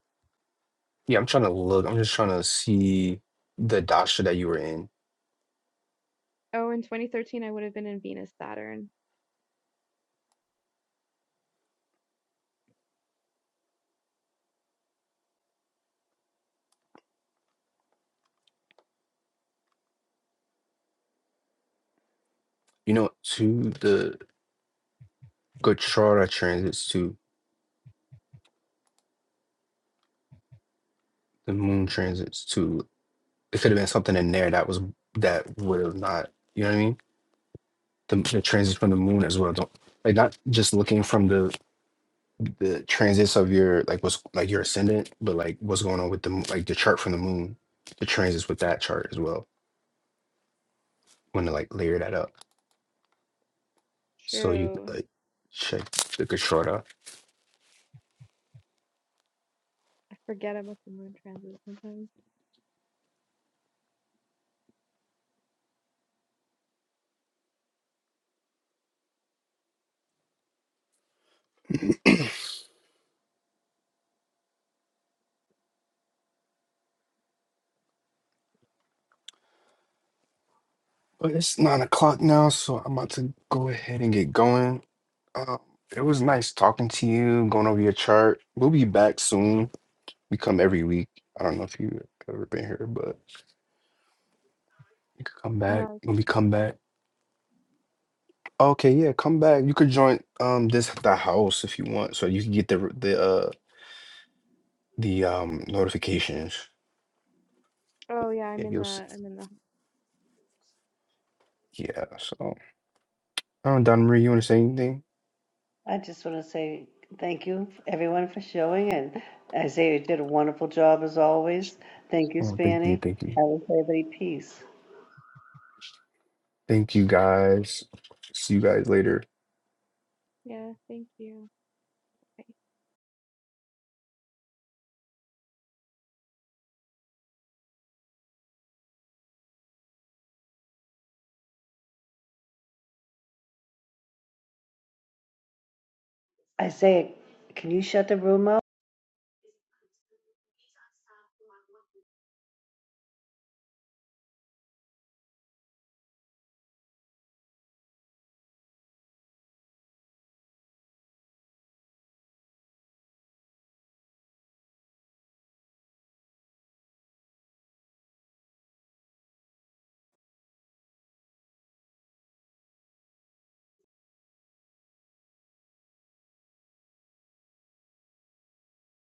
[SPEAKER 7] yeah, I'm trying to look. I'm just trying to see the dasha that you were in.
[SPEAKER 11] Oh, in 2013, I would have been in Venus, Saturn.
[SPEAKER 7] You know, to the Gochara transits too. The moon transits too. It could have been something in there that was that would have not. You know what I mean? The, the transits from the moon as well. Don't like not just looking from the the transits of your like what's like your ascendant, but like what's going on with the mo- like the chart from the moon, the transits with that chart as well. Want to like layer that up so you
[SPEAKER 11] True.
[SPEAKER 7] could, like check the Gochara.
[SPEAKER 11] I forget about the moon transits sometimes.
[SPEAKER 7] but it's nine o'clock now, so I'm about to go ahead and get going. Um, it was nice talking to you, going over your chart. We'll be back soon. We come every week. I don't know if you've ever been here, but you could come
[SPEAKER 11] No,
[SPEAKER 7] back
[SPEAKER 11] I was
[SPEAKER 7] when
[SPEAKER 11] in
[SPEAKER 7] we
[SPEAKER 11] this
[SPEAKER 7] come
[SPEAKER 11] time.
[SPEAKER 7] back. Okay, yeah, come back. You could join um this the house if you want, so you can get the the uh the um notifications.
[SPEAKER 11] Oh yeah, I'm
[SPEAKER 7] Yeah,
[SPEAKER 11] in
[SPEAKER 7] you'll see.
[SPEAKER 11] the I'm in the
[SPEAKER 7] Yeah, so um, Don Marie, you want to say anything?
[SPEAKER 2] I just want to say thank you everyone for showing and Isaiah did a wonderful job as always. Thank you,
[SPEAKER 7] Oh, thank you,
[SPEAKER 2] Spanny.
[SPEAKER 7] thank you,
[SPEAKER 2] I wish everybody peace.
[SPEAKER 7] thank you, guys. See you guys later.
[SPEAKER 11] yeah, thank you. I
[SPEAKER 2] Isaiah, can you shut the room up?